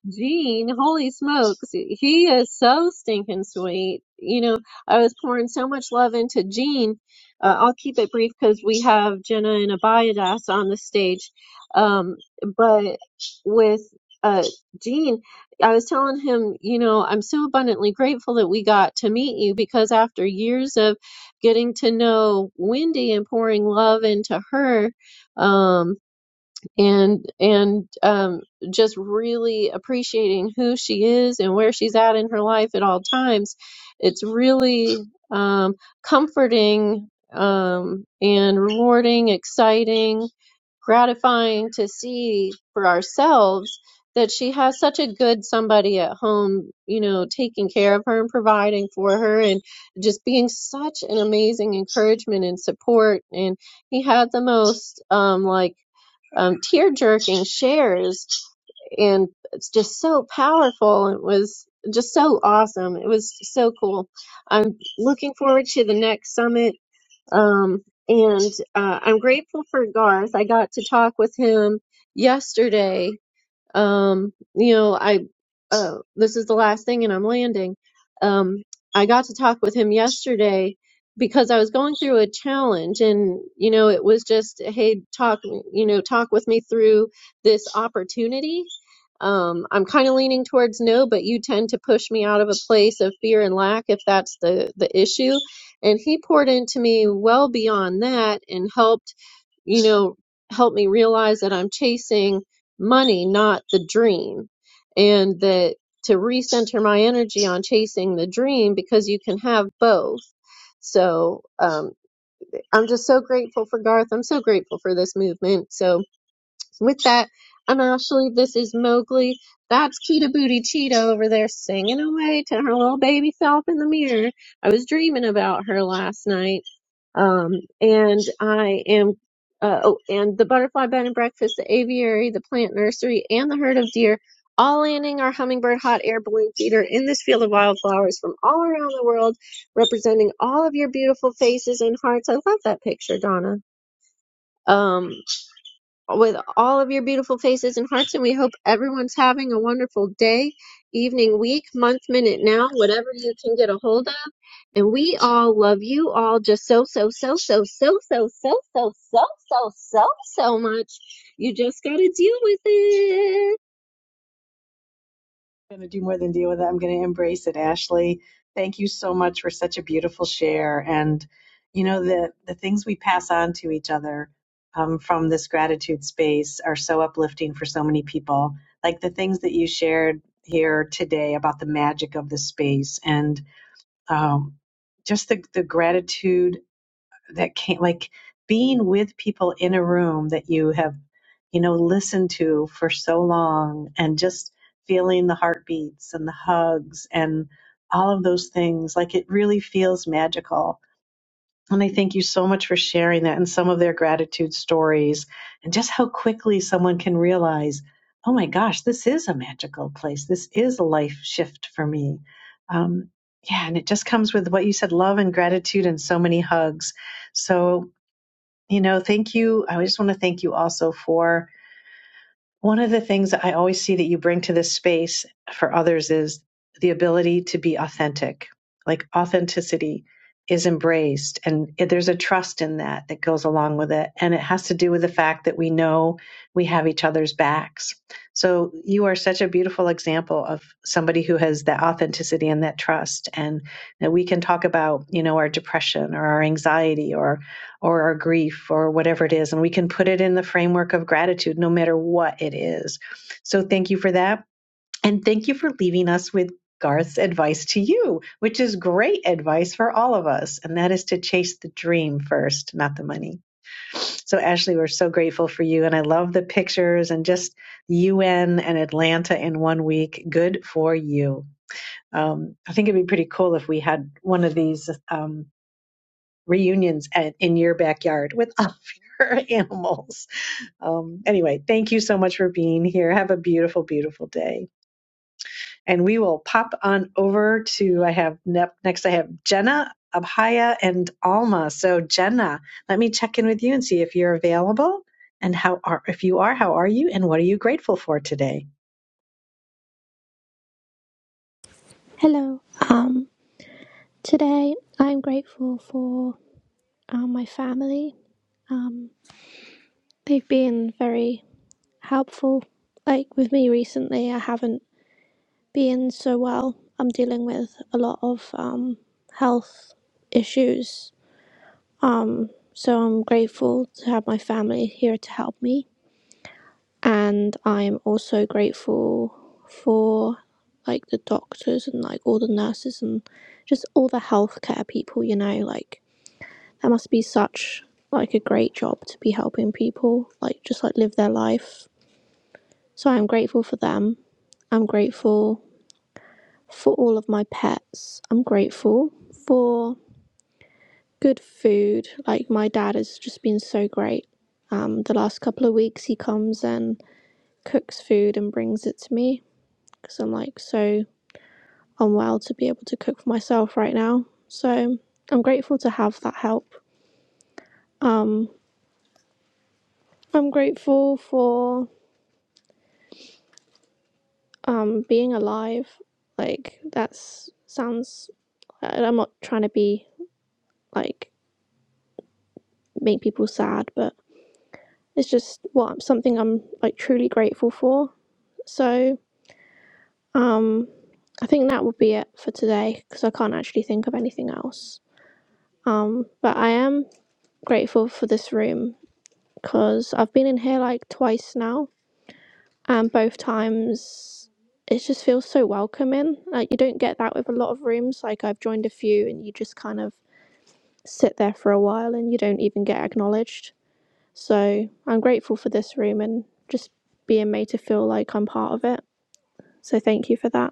S30: Gene, holy smokes, he is so stinking sweet. You know, I was pouring so much love into Gene. Uh, I'll keep it brief because we have Jenna and Abiadas on the stage. Um, but with uh, Gene, I was telling him, you know, I'm so abundantly grateful that we got to meet you because after years of getting to know Wendy and pouring love into her, um, and and um, just really appreciating who she is and where she's at in her life at all times. It's really um, comforting um, and rewarding, exciting, gratifying to see for ourselves that she has such a good somebody at home, you know, taking care of her and providing for her and just being such an amazing encouragement and support. And he had the most um like um, tear jerking shares and it's just so powerful. It was just so awesome. It was so cool. I'm looking forward to the next summit. Um, and uh, I'm grateful for Garth. I got to talk with him yesterday um you know i uh this is the last thing and i'm landing um i got to talk with him yesterday because i was going through a challenge and you know it was just hey talk you know talk with me through this opportunity um i'm kind of leaning towards no but you tend to push me out of a place of fear and lack if that's the the issue and he poured into me well beyond that and helped you know, helped me realize that I'm chasing money, not the dream. And that to recenter my energy on chasing the dream because you can have both. So um, I'm just so grateful for Garth. I'm so grateful for this movement. So with that, I'm Ashley. This is Mowgli. That's Cheetah Booty Cheetah over there singing away to her little baby self in the mirror. I was dreaming about her last night. Um, and I am, uh, oh, and the butterfly bed and breakfast, the aviary, the plant nursery, and the herd of deer, all landing our hummingbird hot air balloon feeder in this field of wildflowers from all around the world, representing all of your beautiful faces and hearts. I love that picture, Donna. Um, with all of your beautiful faces and hearts. And we hope everyone's having a wonderful day, evening, week, month, minute, now, whatever you can get a hold of. And we all love you all just so, so, so, so, so, so, so, so, so, so, so, so much. You just got to deal with it.
S25: going to do more than deal with it. I'm going to embrace it, Ashley. Thank you so much for such a beautiful share. And, you know, the, the things we pass on to each other um, from this gratitude space are so uplifting for so many people. Like the things that you shared here today about the magic of the space. And um, just the, the gratitude that came like being with people in a room that you have you know listened to for so long and just feeling the heartbeats and the hugs and all of those things like it really feels magical and I thank you so much for sharing that and some of their gratitude stories and just how quickly someone can realize, oh my gosh, this is a magical place. This is a life shift for me. Um, yeah, and it just comes with what you said love and gratitude and so many hugs. So, you know, thank you. I just want to thank you also for. One of the things that I always see that you bring to this space for others is the ability to be authentic. Like authenticity is embraced, and it- there's a trust in that that goes along with it. And it has to do with the fact that we know we have each other's backs. So you are such a beautiful example of somebody who has that authenticity and that trust. And that we can talk about, you know, our depression or our anxiety or or our grief or whatever it is. And we can put it in the framework of gratitude, no matter what it is. So thank you for that. And thank you for leaving us with Garth's advice to you, which is great advice for all of us. And that is to chase the dream first, not the money. So, Ashley, we're so grateful for you. And I love the pictures and just the UN and Atlanta in one week. Good for you. Um, I think it'd be pretty cool if we had one of these. Um, reunions at, in your backyard with all of your animals. Um, anyway, thank you so much for being here. Have a beautiful, beautiful day and we will pop on over to I have next I have Jenna Abhaya and Alma. So Jenna, let me check in with you and see if you're available and how are if you are, how are you and what are you grateful for today?
S31: Hello. Um, today I'm grateful for uh, my family. Um, they've been very helpful. Like with me recently, I haven't been so well. I'm dealing with a lot of um, health issues. So I'm grateful to have my family here to help me. And I'm also grateful for like the doctors and like all the nurses and just all the healthcare people, you know, like that must be such like a great job to be helping people like just like live their life so i'm grateful for them i'm grateful for all of my pets i'm grateful for good food like my dad has just been so great um the last couple of weeks he comes and cooks food and brings it to me because i'm like so unwell to be able to cook for myself right now so i'm grateful to have that help um i'm grateful for um being alive like that's sounds and i'm not trying to be like make people sad but it's just what something i'm like truly grateful for so um i think that would be it for today because i can't actually think of anything else um but i am grateful for this room because i've been in here like twice now and both times it just feels so welcoming like you don't get that with a lot of rooms like i've joined a few and you just kind of sit there for a while and you don't even get acknowledged. So I'm grateful for this room and just being made to feel like I'm part of it. So thank you for that.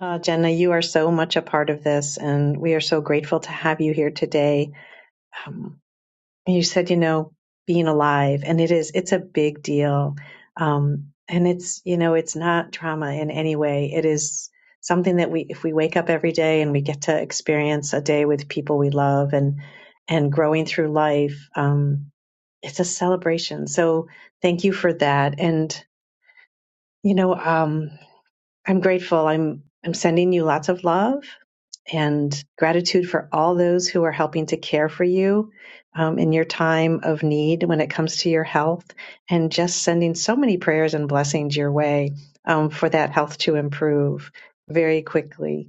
S25: Uh, Jenna, you are so much a part of this, and we are so grateful to have you here today. Um, you said, you know, being alive, and it is, it's a big deal. Um, and it's, you know, it's not trauma in any way. It is something that we, if we wake up every day and we get to experience a day with people we love and, and growing through life, um, it's a celebration. So thank you for that. And, you know, um, I'm grateful. I'm, I'm sending you lots of love and gratitude for all those who are helping to care for you um, in your time of need when it comes to your health, and just sending so many prayers and blessings your way um, for that health to improve very quickly.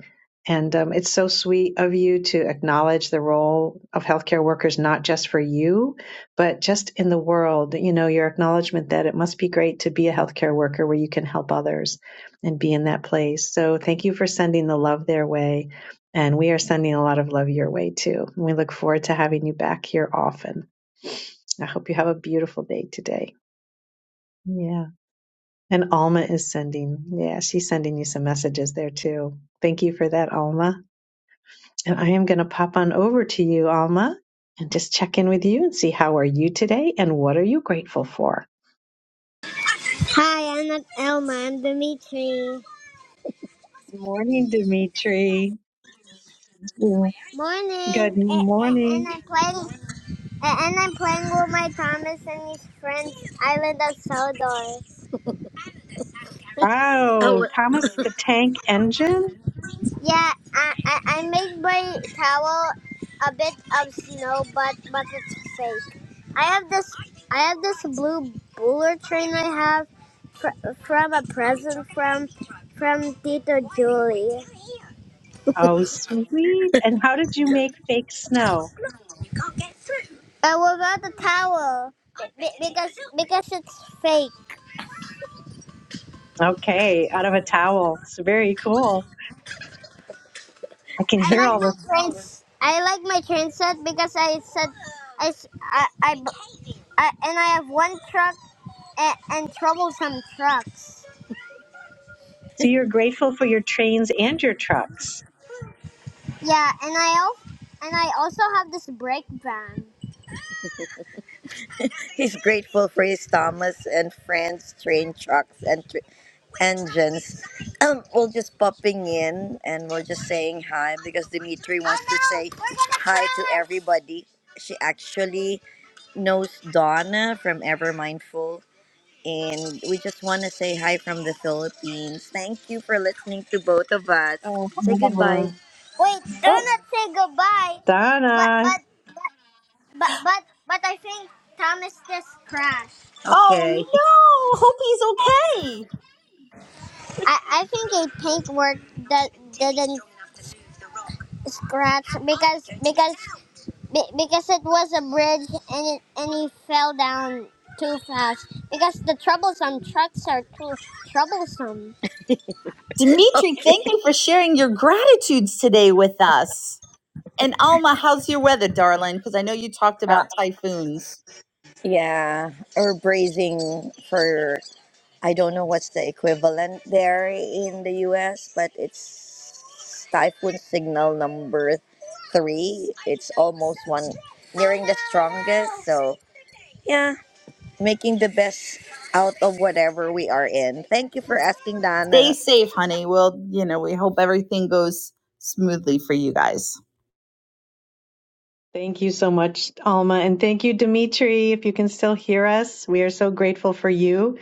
S25: And um, it's so sweet of you to acknowledge the role of healthcare workers, not just for you, but just in the world. You know, your acknowledgement that it must be great to be a healthcare worker where you can help others and be in that place. So thank you for sending the love their way and we are sending a lot of love your way too. And we look forward to having you back here often. I hope you have a beautiful day today. Yeah. And Alma is sending, yeah, she's sending you some messages there too. Thank you for that, Alma. And I am going to pop on over to you, Alma, and just check in with you and see how are you today and what are you grateful for?
S32: Hi, I'm Elma. I'm Dimitri.
S25: Good morning, Dimitri. Yeah.
S32: Morning.
S25: Good
S32: A- and
S25: morning.
S32: I'm playing. And I'm playing with my Thomas and his friends, Island of Sodor.
S25: Wow, Thomas the Tank Engine?
S32: Yeah, I I, I made my towel a bit of snow, but but it's fake. I have this I have this blue bowler train I have fr- from a present from from Tito Julie.
S25: Oh, sweet. And how did you make fake snow?
S32: I will the towel be- because because it's fake.
S25: Okay, out of a towel. It's very cool. I can
S32: I
S25: hear
S32: like
S25: all
S32: my
S25: the.
S32: trains. I like my train set because I said I, I, I, I and I have one truck and, and troublesome trucks.
S25: So you're grateful for your trains and your trucks.
S32: Yeah, and I al- and I also have this brake van. He's grateful for his Thomas and Friends train trucks and tr- engines. Um, we're just popping in and we're just saying hi because Dimitri wants to say hi to everybody. She actually knows Donna from Ever Mindful And we just want to say hi from the Philippines. Thank you for listening to both of us.
S25: Oh,
S32: Say goodbye.
S25: Alma.
S32: Wait, don't
S25: Oh,
S32: not say goodbye. But
S25: Donna.
S32: but but but but I think Thomas just crashed.
S23: Oh
S32: Okay.
S23: no! Hope he's okay.
S32: I, I think a paintwork that didn't scratch because because be- because it was a bridge and it and he fell down too fast because the troublesome trucks are too troublesome.
S23: Dimitri,
S32: Okay.
S23: thank you for sharing your gratitudes today with us. And Alma, how's your weather, darling? Because I know you talked
S32: Uh,
S23: about typhoons.
S32: Yeah, or braising for I don't know what's the equivalent there in the US, but it's typhoon signal number three. It's almost one nearing the strongest. So yeah, making the best out of whatever we are in. Thank you for asking,
S23: Stay
S32: Dana.
S23: safe, honey. Well, you know, we hope everything goes smoothly for you guys.
S25: Thank you so much, Alma. And thank you, Dimitri. If you can still hear us, we are so grateful for you.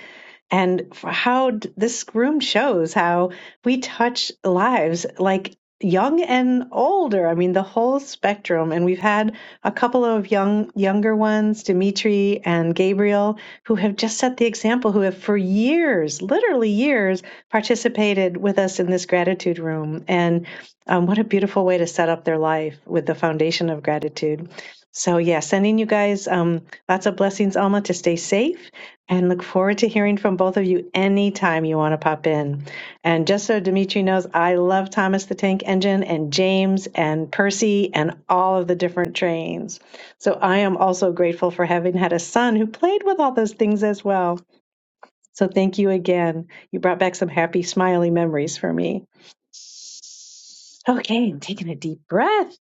S25: and for how d- this room shows how we touch lives like young and older i mean the whole spectrum and we've had a couple of young younger ones dimitri and gabriel who have just set the example who have for years literally years participated with us in this gratitude room and um, what a beautiful way to set up their life with the foundation of gratitude so yeah sending you guys um, lots of blessings alma to stay safe and look forward to hearing from both of you anytime you want to pop in. And just so Dimitri knows, I love Thomas the Tank Engine and James and Percy and all of the different trains. So I am also grateful for having had a son who played with all those things as well. So thank you again. You brought back some happy, smiley memories for me. Okay, I'm taking a deep breath.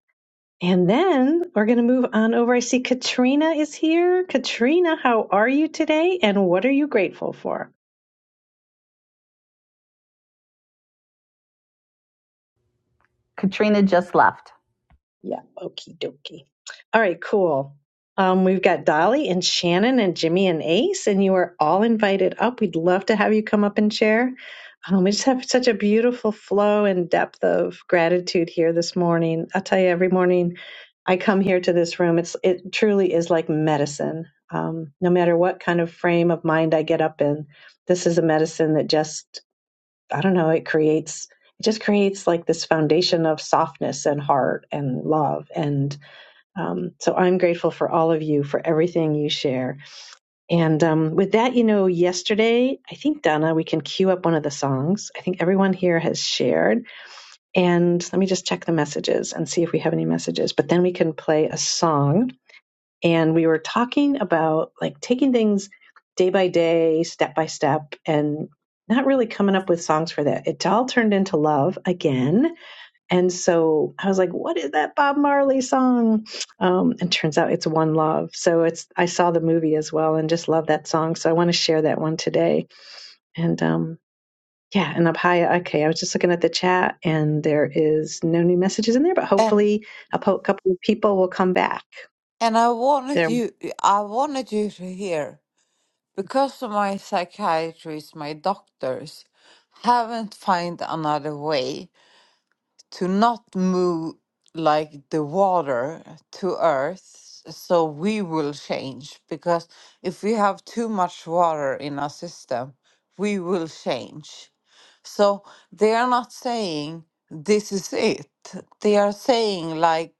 S25: And then we're going to move on over. I see Katrina is here. Katrina, how are you today? And what are you grateful for?
S23: Katrina just left.
S25: Yeah, okie dokie. All right, cool. Um, we've got Dolly and Shannon and Jimmy and Ace, and you are all invited up. We'd love to have you come up and share. Um, we just have such a beautiful flow and depth of gratitude here this morning. I'll tell you, every morning I come here to this room, it's it truly is like medicine. Um, no matter what kind of frame of mind I get up in, this is a medicine that just I don't know, it creates it just creates like this foundation of softness and heart and love. And um, so I'm grateful for all of you for everything you share. And um, with that, you know, yesterday, I think, Donna, we can cue up one of the songs. I think everyone here has shared. And let me just check the messages and see if we have any messages. But then we can play a song and we were talking about like taking things day by day, step by step, and not really coming up with songs for that. It all turned into love again. And so I was like, what is that Bob Marley song? Um, and turns out it's One Love. So it's, I saw the movie as well and just love that song. So I want to share that one today. And, um, yeah, and Abhaya, okay, I was just looking at the chat and there is no new messages in there, but
S22: And
S25: hopefully a po- couple of people will come back
S22: and I
S25: there.
S22: wanted you I wanted you to hear. because my psychiatrist, my doctors haven't found another way to not move like the water to earth so we will change because if we have too much water in our system we will change so they are not saying this is it they are saying like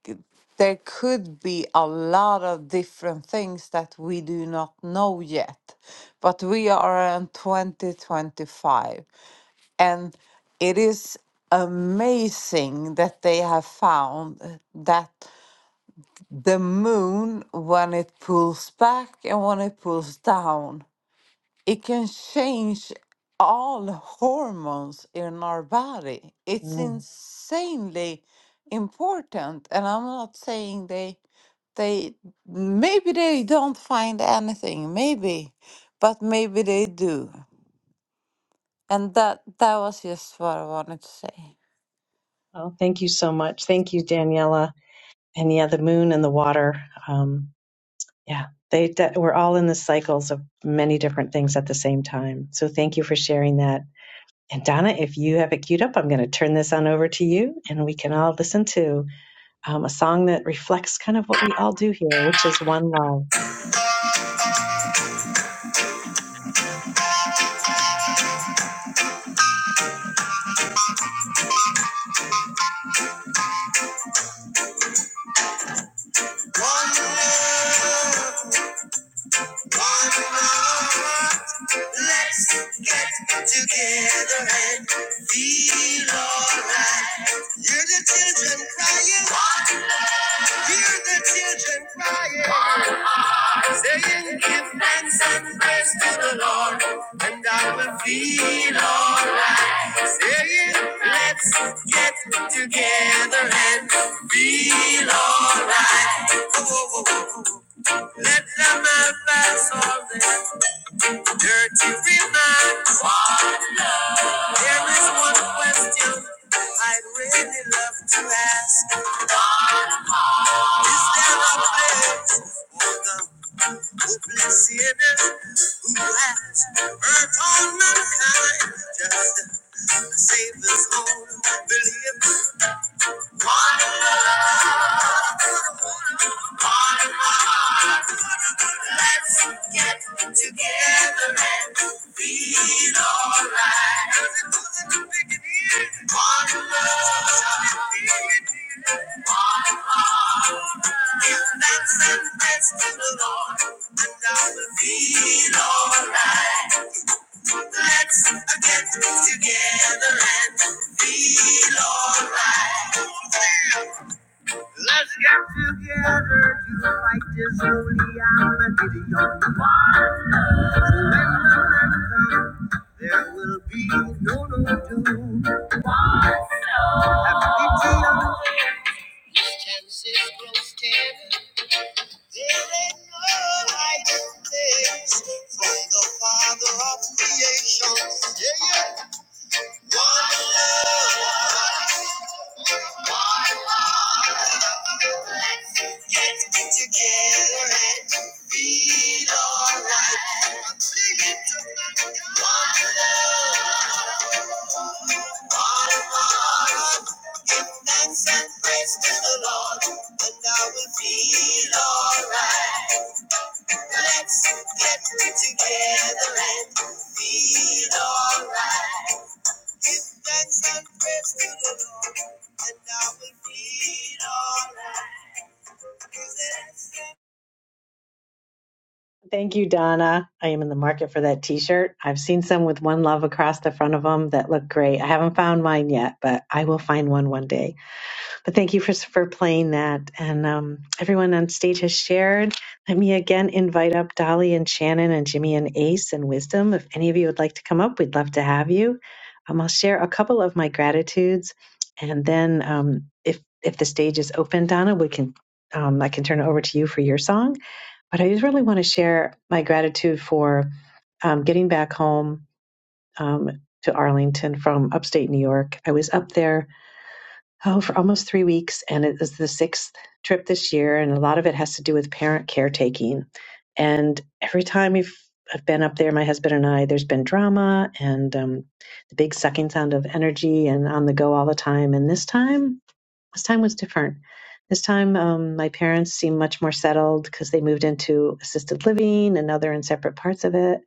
S22: there could be a lot of different things that we do not know yet but we are in 2025 and it is amazing that they have found uh, that the moon, when it pulls back and when it pulls down, it can change all hormones in our body. It's
S25: Mm.
S22: insanely important. And I'm not saying they they maybe they don't find anything, maybe, but maybe they do. And that that was just what I wanted to say.
S25: Oh, thank you so much. Thank you, Daniela. And yeah, the moon and the water. Um, yeah, they that we're all in the cycles of many different things at the same time. So thank you for sharing that. And Donna, if you have it queued up, I'm going to turn this on over to you, and we can all listen to um, a song that reflects kind of what we all do here, which is one love.
S23: Let's get together and feel alright. Hear the children crying. Hear the children crying. Saying, Give thanks and praise to the Lord, and I will feel alright. Saying, Let's get together and feel alright. Let them have us all day. Dirty reminds, there is one question I'd really love to ask. Is there a place for the hopeless sinners who has hurt all mankind? Just a Savior's own belief. Let's get together and feel alright. One love, one if that's the best of the Lord, and I will feel alright. Let's get together and feel alright. Let's get together to fight this holy and the Gideon war. So when the night comes, there will be no no doom. After the chances grow scarce, there ain't no hiding place from the Father of creation. Yeah, yeah. Let's get together and feel alright. Give thanks and praise to the Lord, and I will be alright.
S25: Thank you, Donna. I am in the market for that T-shirt. I've seen some with one love across the front of them that look great. I haven't found mine yet, but I will find one one day. But thank you for for playing that, and um, everyone on stage has shared. Let me again invite up Dolly and Shannon and Jimmy and Ace and Wisdom. If any of you would like to come up, we'd love to have you. Um, I'll share a couple of my gratitudes, and then um, if if the stage is open, Donna, we can um, I can turn it over to you for your song but I just really want to share my gratitude for um, getting back home um, to Arlington from upstate New York. I was up there oh for almost three weeks, and it is the sixth trip this year, and a lot of it has to do with parent caretaking. And every time we've I've been up there, my husband and I, there's been drama and um, the big sucking sound of energy and on the go all the time. And this time this time was different. This time, um, my parents seemed much more settled because they moved into assisted living and now they're in separate parts of it.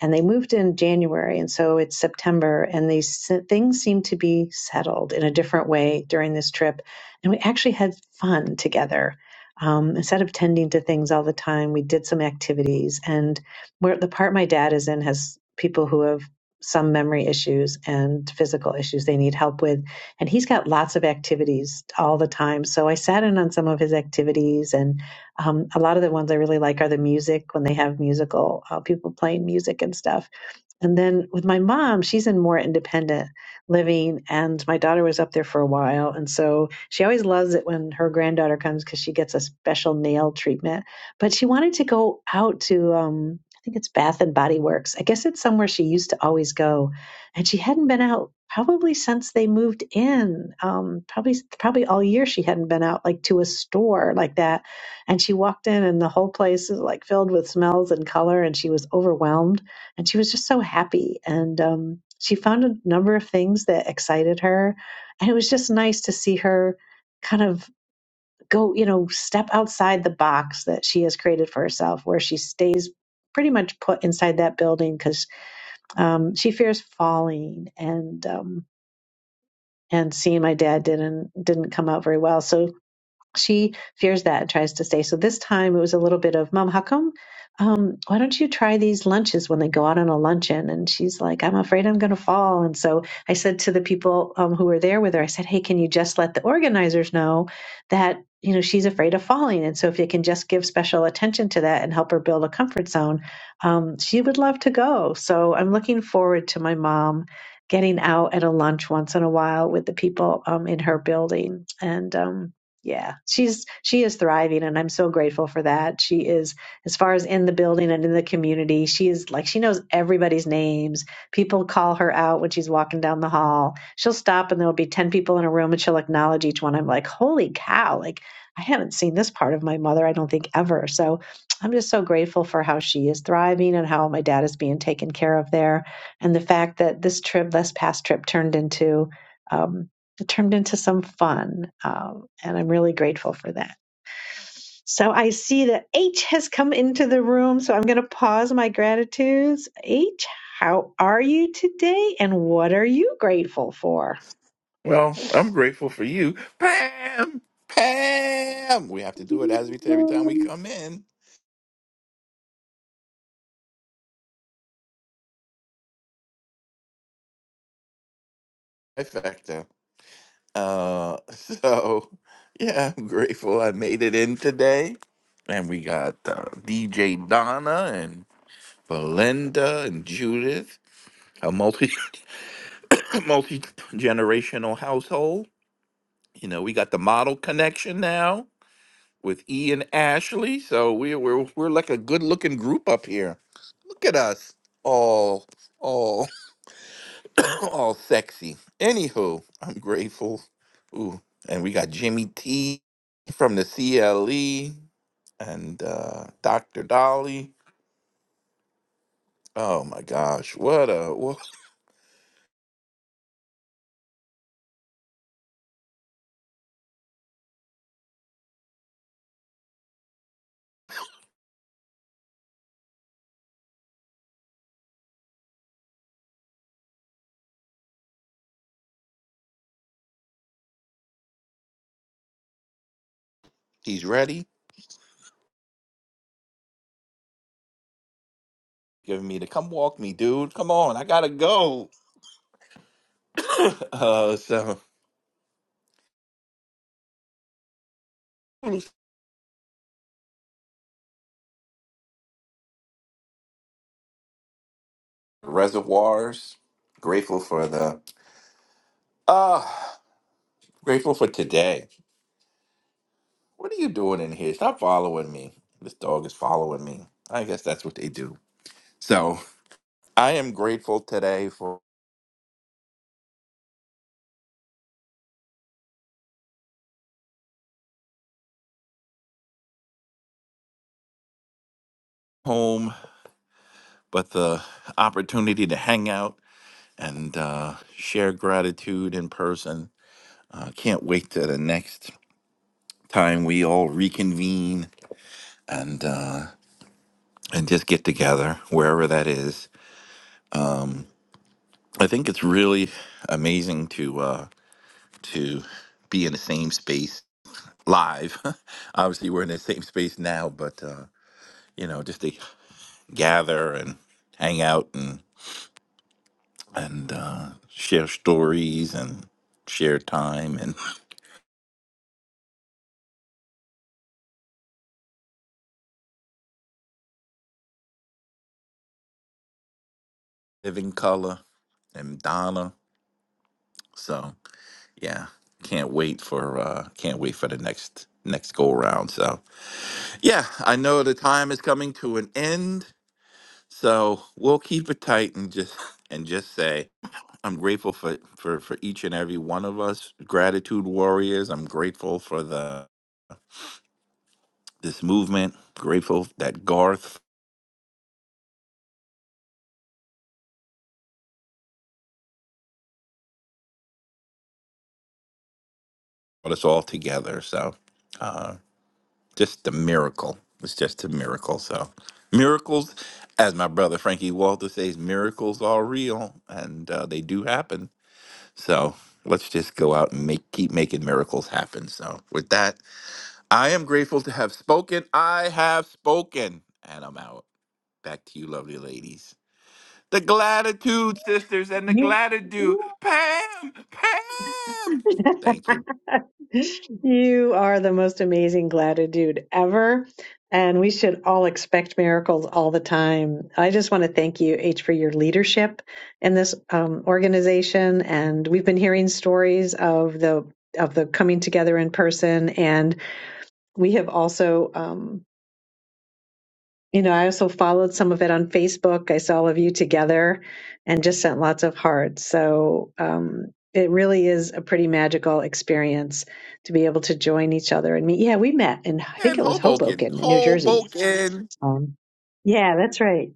S25: And they moved in January, and so it's September, and these s- things seem to be settled in a different way during this trip. And we actually had fun together. Um, instead of tending to things all the time, we did some activities. And where the part my dad is in has people who have some memory issues and physical issues they need help with and he's got lots of activities all the time. So I sat in on some of his activities, and um, a lot of the ones I really like are the music when they have musical uh, people playing music and stuff and then with my mom, she's in more independent living, and my daughter was up there for a while. And so she always loves it when her granddaughter comes because she gets a special nail treatment. But she wanted to go out to, um, I think it's Bath and Body Works. I guess it's somewhere she used to always go. And she hadn't been out probably since they moved in. Um, probably, probably all year she hadn't been out like to a store like that. And she walked in, and the whole place is like filled with smells and color, and she was overwhelmed and she was just so happy and um, she found a number of things that excited her and it was just nice to see her kind of go you know step outside the box that she has created for herself where she stays pretty much put inside that building because um, she fears falling and um, and seeing my dad didn't didn't come out very well so she fears that and tries to stay. So this time it was a little bit of, Mom, how come? Um, why don't you try these lunches when they go out on a luncheon? And she's like, I'm afraid I'm going to fall. And so I said to the people um, who were there with her, I said, Hey, can you just let the organizers know that, you know, she's afraid of falling. And so if they can just give special attention to that and help her build a comfort zone, um, she would love to go. So I'm looking forward to my mom getting out at a lunch once in a while with the people um, in her building. And, um, yeah she's she is thriving and i'm so grateful for that she is as far as in the building and in the community she is like she knows everybody's names people call her out when she's walking down the hall she'll stop and there'll be 10 people in a room and she'll acknowledge each one i'm like holy cow like i haven't seen this part of my mother i don't think ever so i'm just so grateful for how she is thriving and how my dad is being taken care of there and the fact that this trip this past trip turned into um, it turned into some fun. Um, and I'm really grateful for that. So I see that H has come into the room, so I'm going to pause my gratitudes. H, how are you today, and what are you grateful for?
S33: Well, I'm grateful for you. Pam! Pam! We have to do it as we every time we
S25: You,
S33: come in. Perfecto. Uh so yeah, I'm grateful I made it in today. And we got uh, DJ Donna and Belinda and Judith, a multi multi generational household. You know, we got the model connection now. with E and Ashley. So we we're we're like a good looking group up here. Look at us, all all all sexy. Anywho, I'm grateful. Ooh, and we got Jimmy T from the CLE and uh, Dr. Dolly. Oh my gosh, what a wha- he's ready. Giving me to come walk me, dude. Come on, I gotta go. uh, so reservoirs. Grateful for the. ah, Grateful for today. What are you doing in here? Stop following me. This dog is following me. I guess that's what they do. So I am grateful today for home, but the opportunity to hang out and uh, share gratitude in person. Uh, can't wait to the next time we all reconvene and uh, and just get together wherever that is. I think it's really amazing to uh, to be in the same space live. Obviously, we're in the same space now, but uh, you know, just to gather and hang out and and uh, share stories and share time and living color and Donna. So yeah, can't wait for uh, can't wait for the next next go around. So yeah, I know the time is coming to an end. So we'll keep it tight and just and just say I'm grateful for for for each and every one of us gratitude warriors. I'm grateful for the this movement. Grateful that Garth brought us all together. So uh, just a miracle. It's just a miracle. So miracles, as my brother Frankie Walter says, miracles are real and uh, they do happen. So let's just go out and make keep making miracles happen. So with that. I am grateful to have spoken. I have spoken, and I'm out. Back to you, lovely ladies. The Gratitude Sisters and the Gratitude.
S25: you,
S33: Pam, Pam. Thank you.
S25: You are the most amazing gratitude ever. And we should all expect miracles all the time. I just want to thank you, H, for your leadership in this um, organization. And we've been hearing stories of the of the coming together in person, and we have also. Um, you know, I also followed some of it on Facebook. I saw all of you together and just sent lots of hearts. So um, it really is a pretty magical experience to be able to join each other and meet. Yeah, we met in, I think
S33: And
S25: it was
S33: Hoboken,
S25: Hoboken in New Jersey.
S33: Hoboken.
S25: Um, yeah, that's right.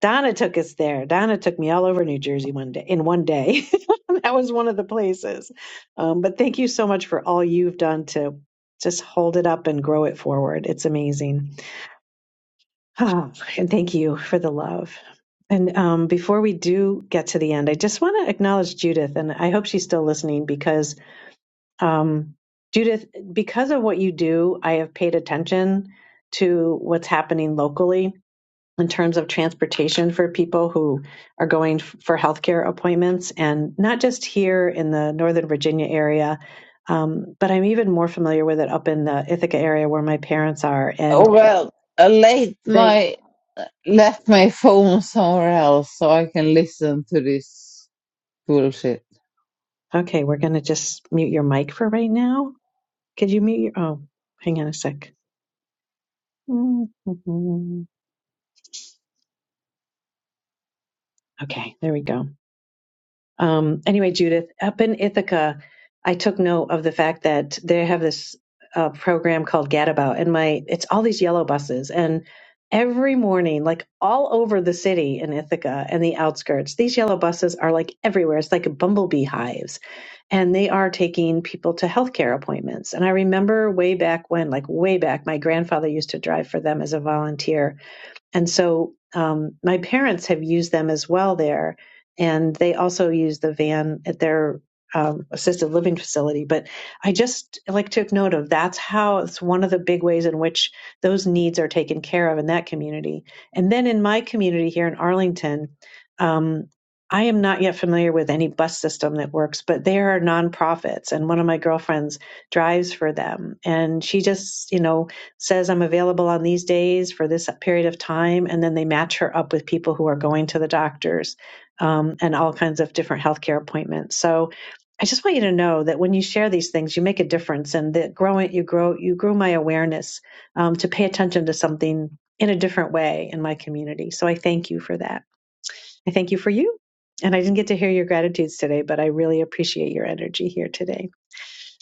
S25: Donna took us there. Donna took me all over New Jersey one day, in one day. that was one of the places. Um, but thank you so much for all you've done to just hold it up and grow it forward. It's amazing. Oh, and thank you for the love. And um, before we do get to the end, I just want to acknowledge Judith, and I hope she's still listening because um, Judith, because of what you do, I have paid attention to what's happening locally in terms of transportation for people who are going f- for healthcare appointments, and not just here in the Northern Virginia area, um, but I'm even more familiar with it up in the Ithaca area where my parents are,
S22: Oh
S25: and.
S22: well, I laid
S25: they.
S22: my left my phone somewhere else so I can listen to this bullshit.
S25: Okay, we're going to just mute your mic for right now. Could you mute your? Oh, hang on a sec. Mhm. Okay, there we go. Um, anyway, Judith, up in Ithaca, I took note of the fact that they have this uh, program called Gadabout, and my it's all these yellow buses, and every morning, like all over the city in Ithaca and the outskirts, these yellow buses are like everywhere. It's like bumblebee hives, and they are taking people to healthcare appointments. And I remember way back when, like way back, my grandfather used to drive for them as a volunteer, and so um, my parents have used them as well there. And they also use the van at their um, assisted living facility. But I just like took note of that's how it's one of the big ways in which those needs are taken care of in that community. And then in my community here in Arlington, um, I am not yet familiar with any bus system that works, but there are nonprofits. And one of my girlfriends drives for them. And she just, you know, says I'm available on these days for this period of time, and then they match her up with people who are going to the doctors um, and all kinds of different healthcare appointments. So I just want you to know that when you share these things, you make a difference, and that growing you grow you grew my awareness um, to pay attention to something in a different way in my community. So I thank you for that. I thank you for you. And I didn't get to hear your gratitudes today, but I really appreciate your energy here today.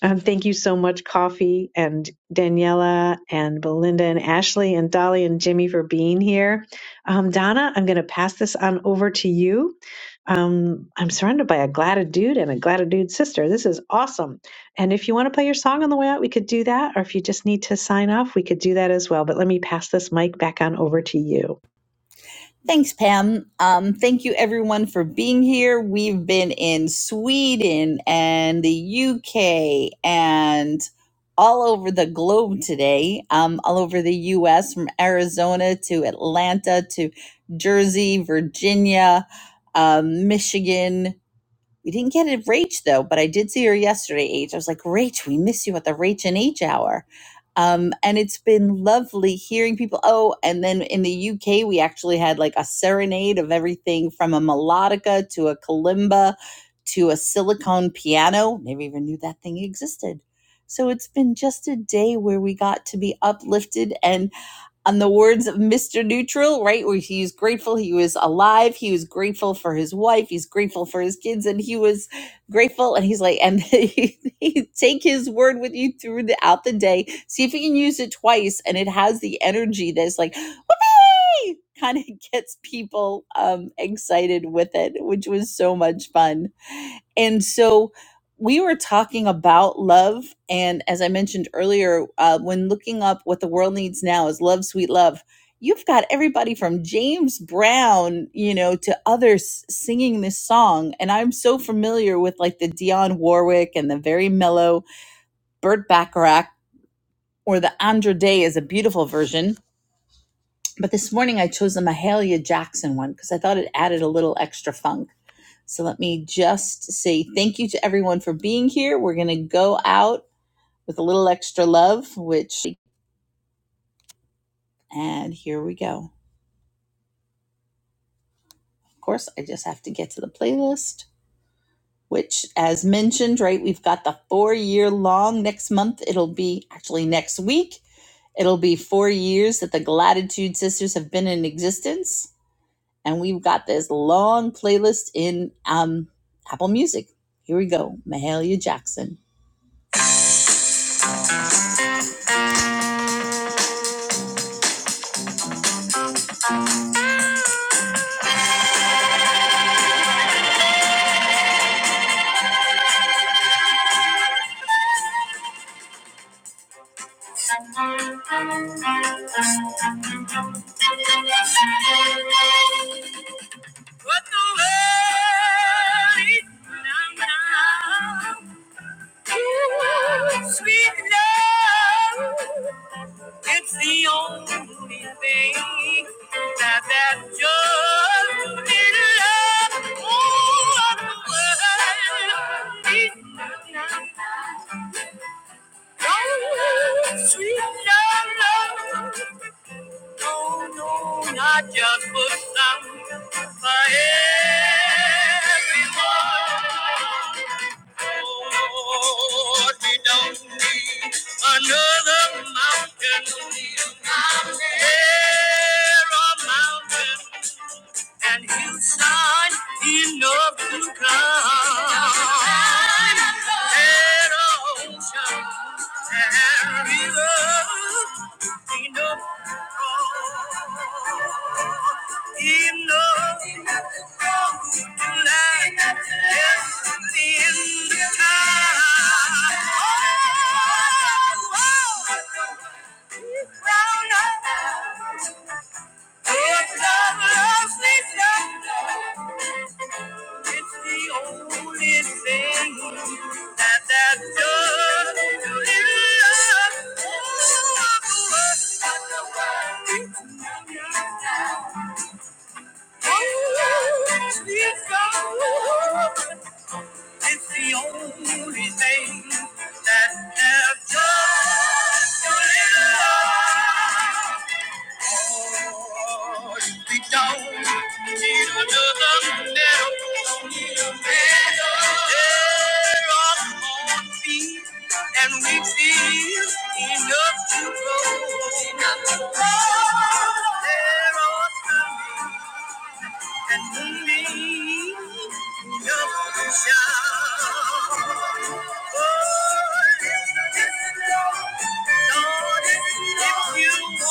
S25: Um, thank you so much, Coffee and Daniela and Belinda and Ashley and Dolly and Jimmy for being here. Um, Donna, I'm going to pass this on over to you. Um, I'm surrounded by a Gladadude and a Gladadude sister. This is awesome. And if you want to play your song on the way out, we could do that. Or if you just need to sign off, we could do that as well. But let me pass this mic back on over to you.
S23: Thanks, Pam. Um, thank you, everyone, for being here. We've been in Sweden and the UK and all over the globe today, um, all over the US, from Arizona to Atlanta to Jersey, Virginia, um, Michigan, We didn't get a Rach though, but I did see her yesterday, H. I was like, Rach, we miss you at the Rach and H hour. Um, and it's been lovely hearing people. Oh, and then in the UK, we actually had like a serenade of everything from a melodica to a kalimba to a silicone piano. Never even knew that thing existed. So it's been just a day where we got to be uplifted and on the words of Mr. Neutral, right? Where he's grateful he was alive, he was grateful for his wife, he's grateful for his kids, and he was grateful. And he's like, and he, he- take his word with you throughout the day. See if you can use it twice, and it has the energy that's like, whoopee! Kind of gets people um, excited with it, which was so much fun. And so we were talking about love. And as I mentioned earlier, uh, when looking up what the world needs now is love, sweet love. You've got everybody from James Brown, you know, to others singing this song. And I'm so familiar with like the Dionne Warwick and the very mellow Burt Bacharach or the Andra Day is a beautiful version but this morning I chose the Mahalia Jackson one because I thought it added a little extra funk. So let me just say thank you to everyone for being here. We're going to go out with a little extra love, which, and here we go. Of course, I just have to get to the playlist, which, as mentioned, right, we've got the four year long next month. It'll be actually next week. It'll be four years that the Gratitude Sisters have been in existence. and we've got this long playlist in um, Apple Music. Here we go, Mahalia Jackson. What the worry now, now, you sweet love. It's the only thing that that just little love all of the world needs. Don't love, love. No, no, not just for some, for everyone. Oh, we don't need another mountain. There are mountains and his son enough to come. And ocean and river enough to grow. enough to tonight just in time. Oh, oh, oh. Round up. It's not love station. It's the only thing that that done to love. It's the only thing that that does to love. Oh, We don't need another medal. There are more people and we feel enough to go. There are coming and we me enough to shout. Oh, listen, Lord, if you want,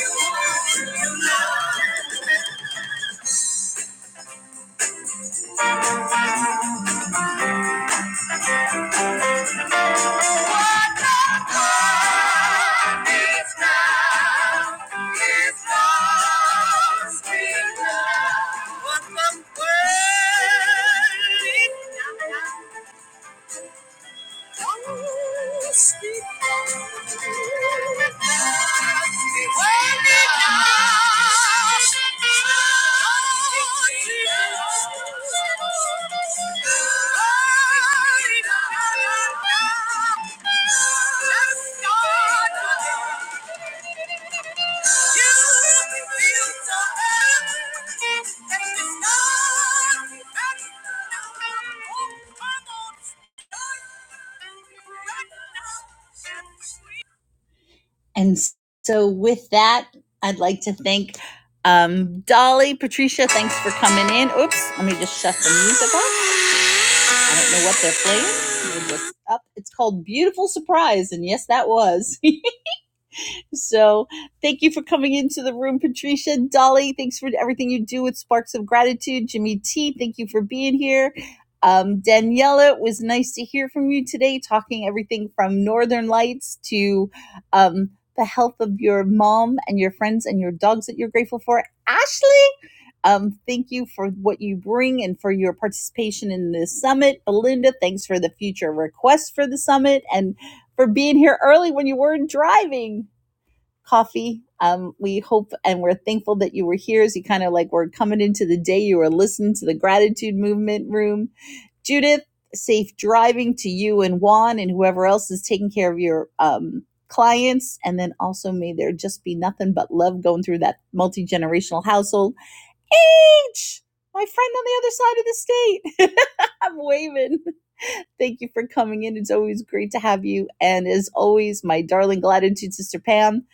S23: if you want, you know. What the world is now. Let's go! And so, with that, I'd like to thank um, Dolly, Patricia. Thanks for coming in. Oops, let me just shut the music off. I don't know what they're playing. We're just up. It's called Beautiful Surprise, and yes, that was. So thank you for coming into the room, Patricia. Dolly, thanks for everything you do with Sparks of Gratitude. Jimmy T, thank you for being here. Um, Daniela, it was nice to hear from you today, talking everything from Northern Lights to um, the health of your mom and your friends and your dogs that you're grateful for. Ashley, um, thank you for what you bring and for your participation in this summit. Belinda, thanks for the future request for the summit and for being here early when you weren't driving coffee. Um, we hope and we're thankful that you were here as you kind of like were coming into the day. You were listening to the gratitude movement room. Judith, safe driving to you and Juan and whoever else is taking care of your um, clients. And then also, may there just be nothing but love going through that multi generational household. H, my friend on the other side of the state. I'm waving. Thank you for coming in. It's always great to have you. And as always, my darling gratitude sister Pam,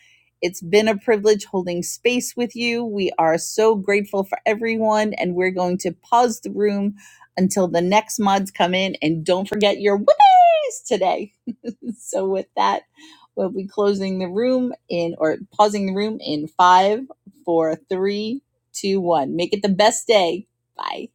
S23: it's been a privilege holding space with you. We are so grateful for everyone, and we're going to pause the room until the next mods come in. And don't forget your what is today. so with that, we'll be closing the room in or pausing the room in five, four, three, two, one. Make it the best day. Bye.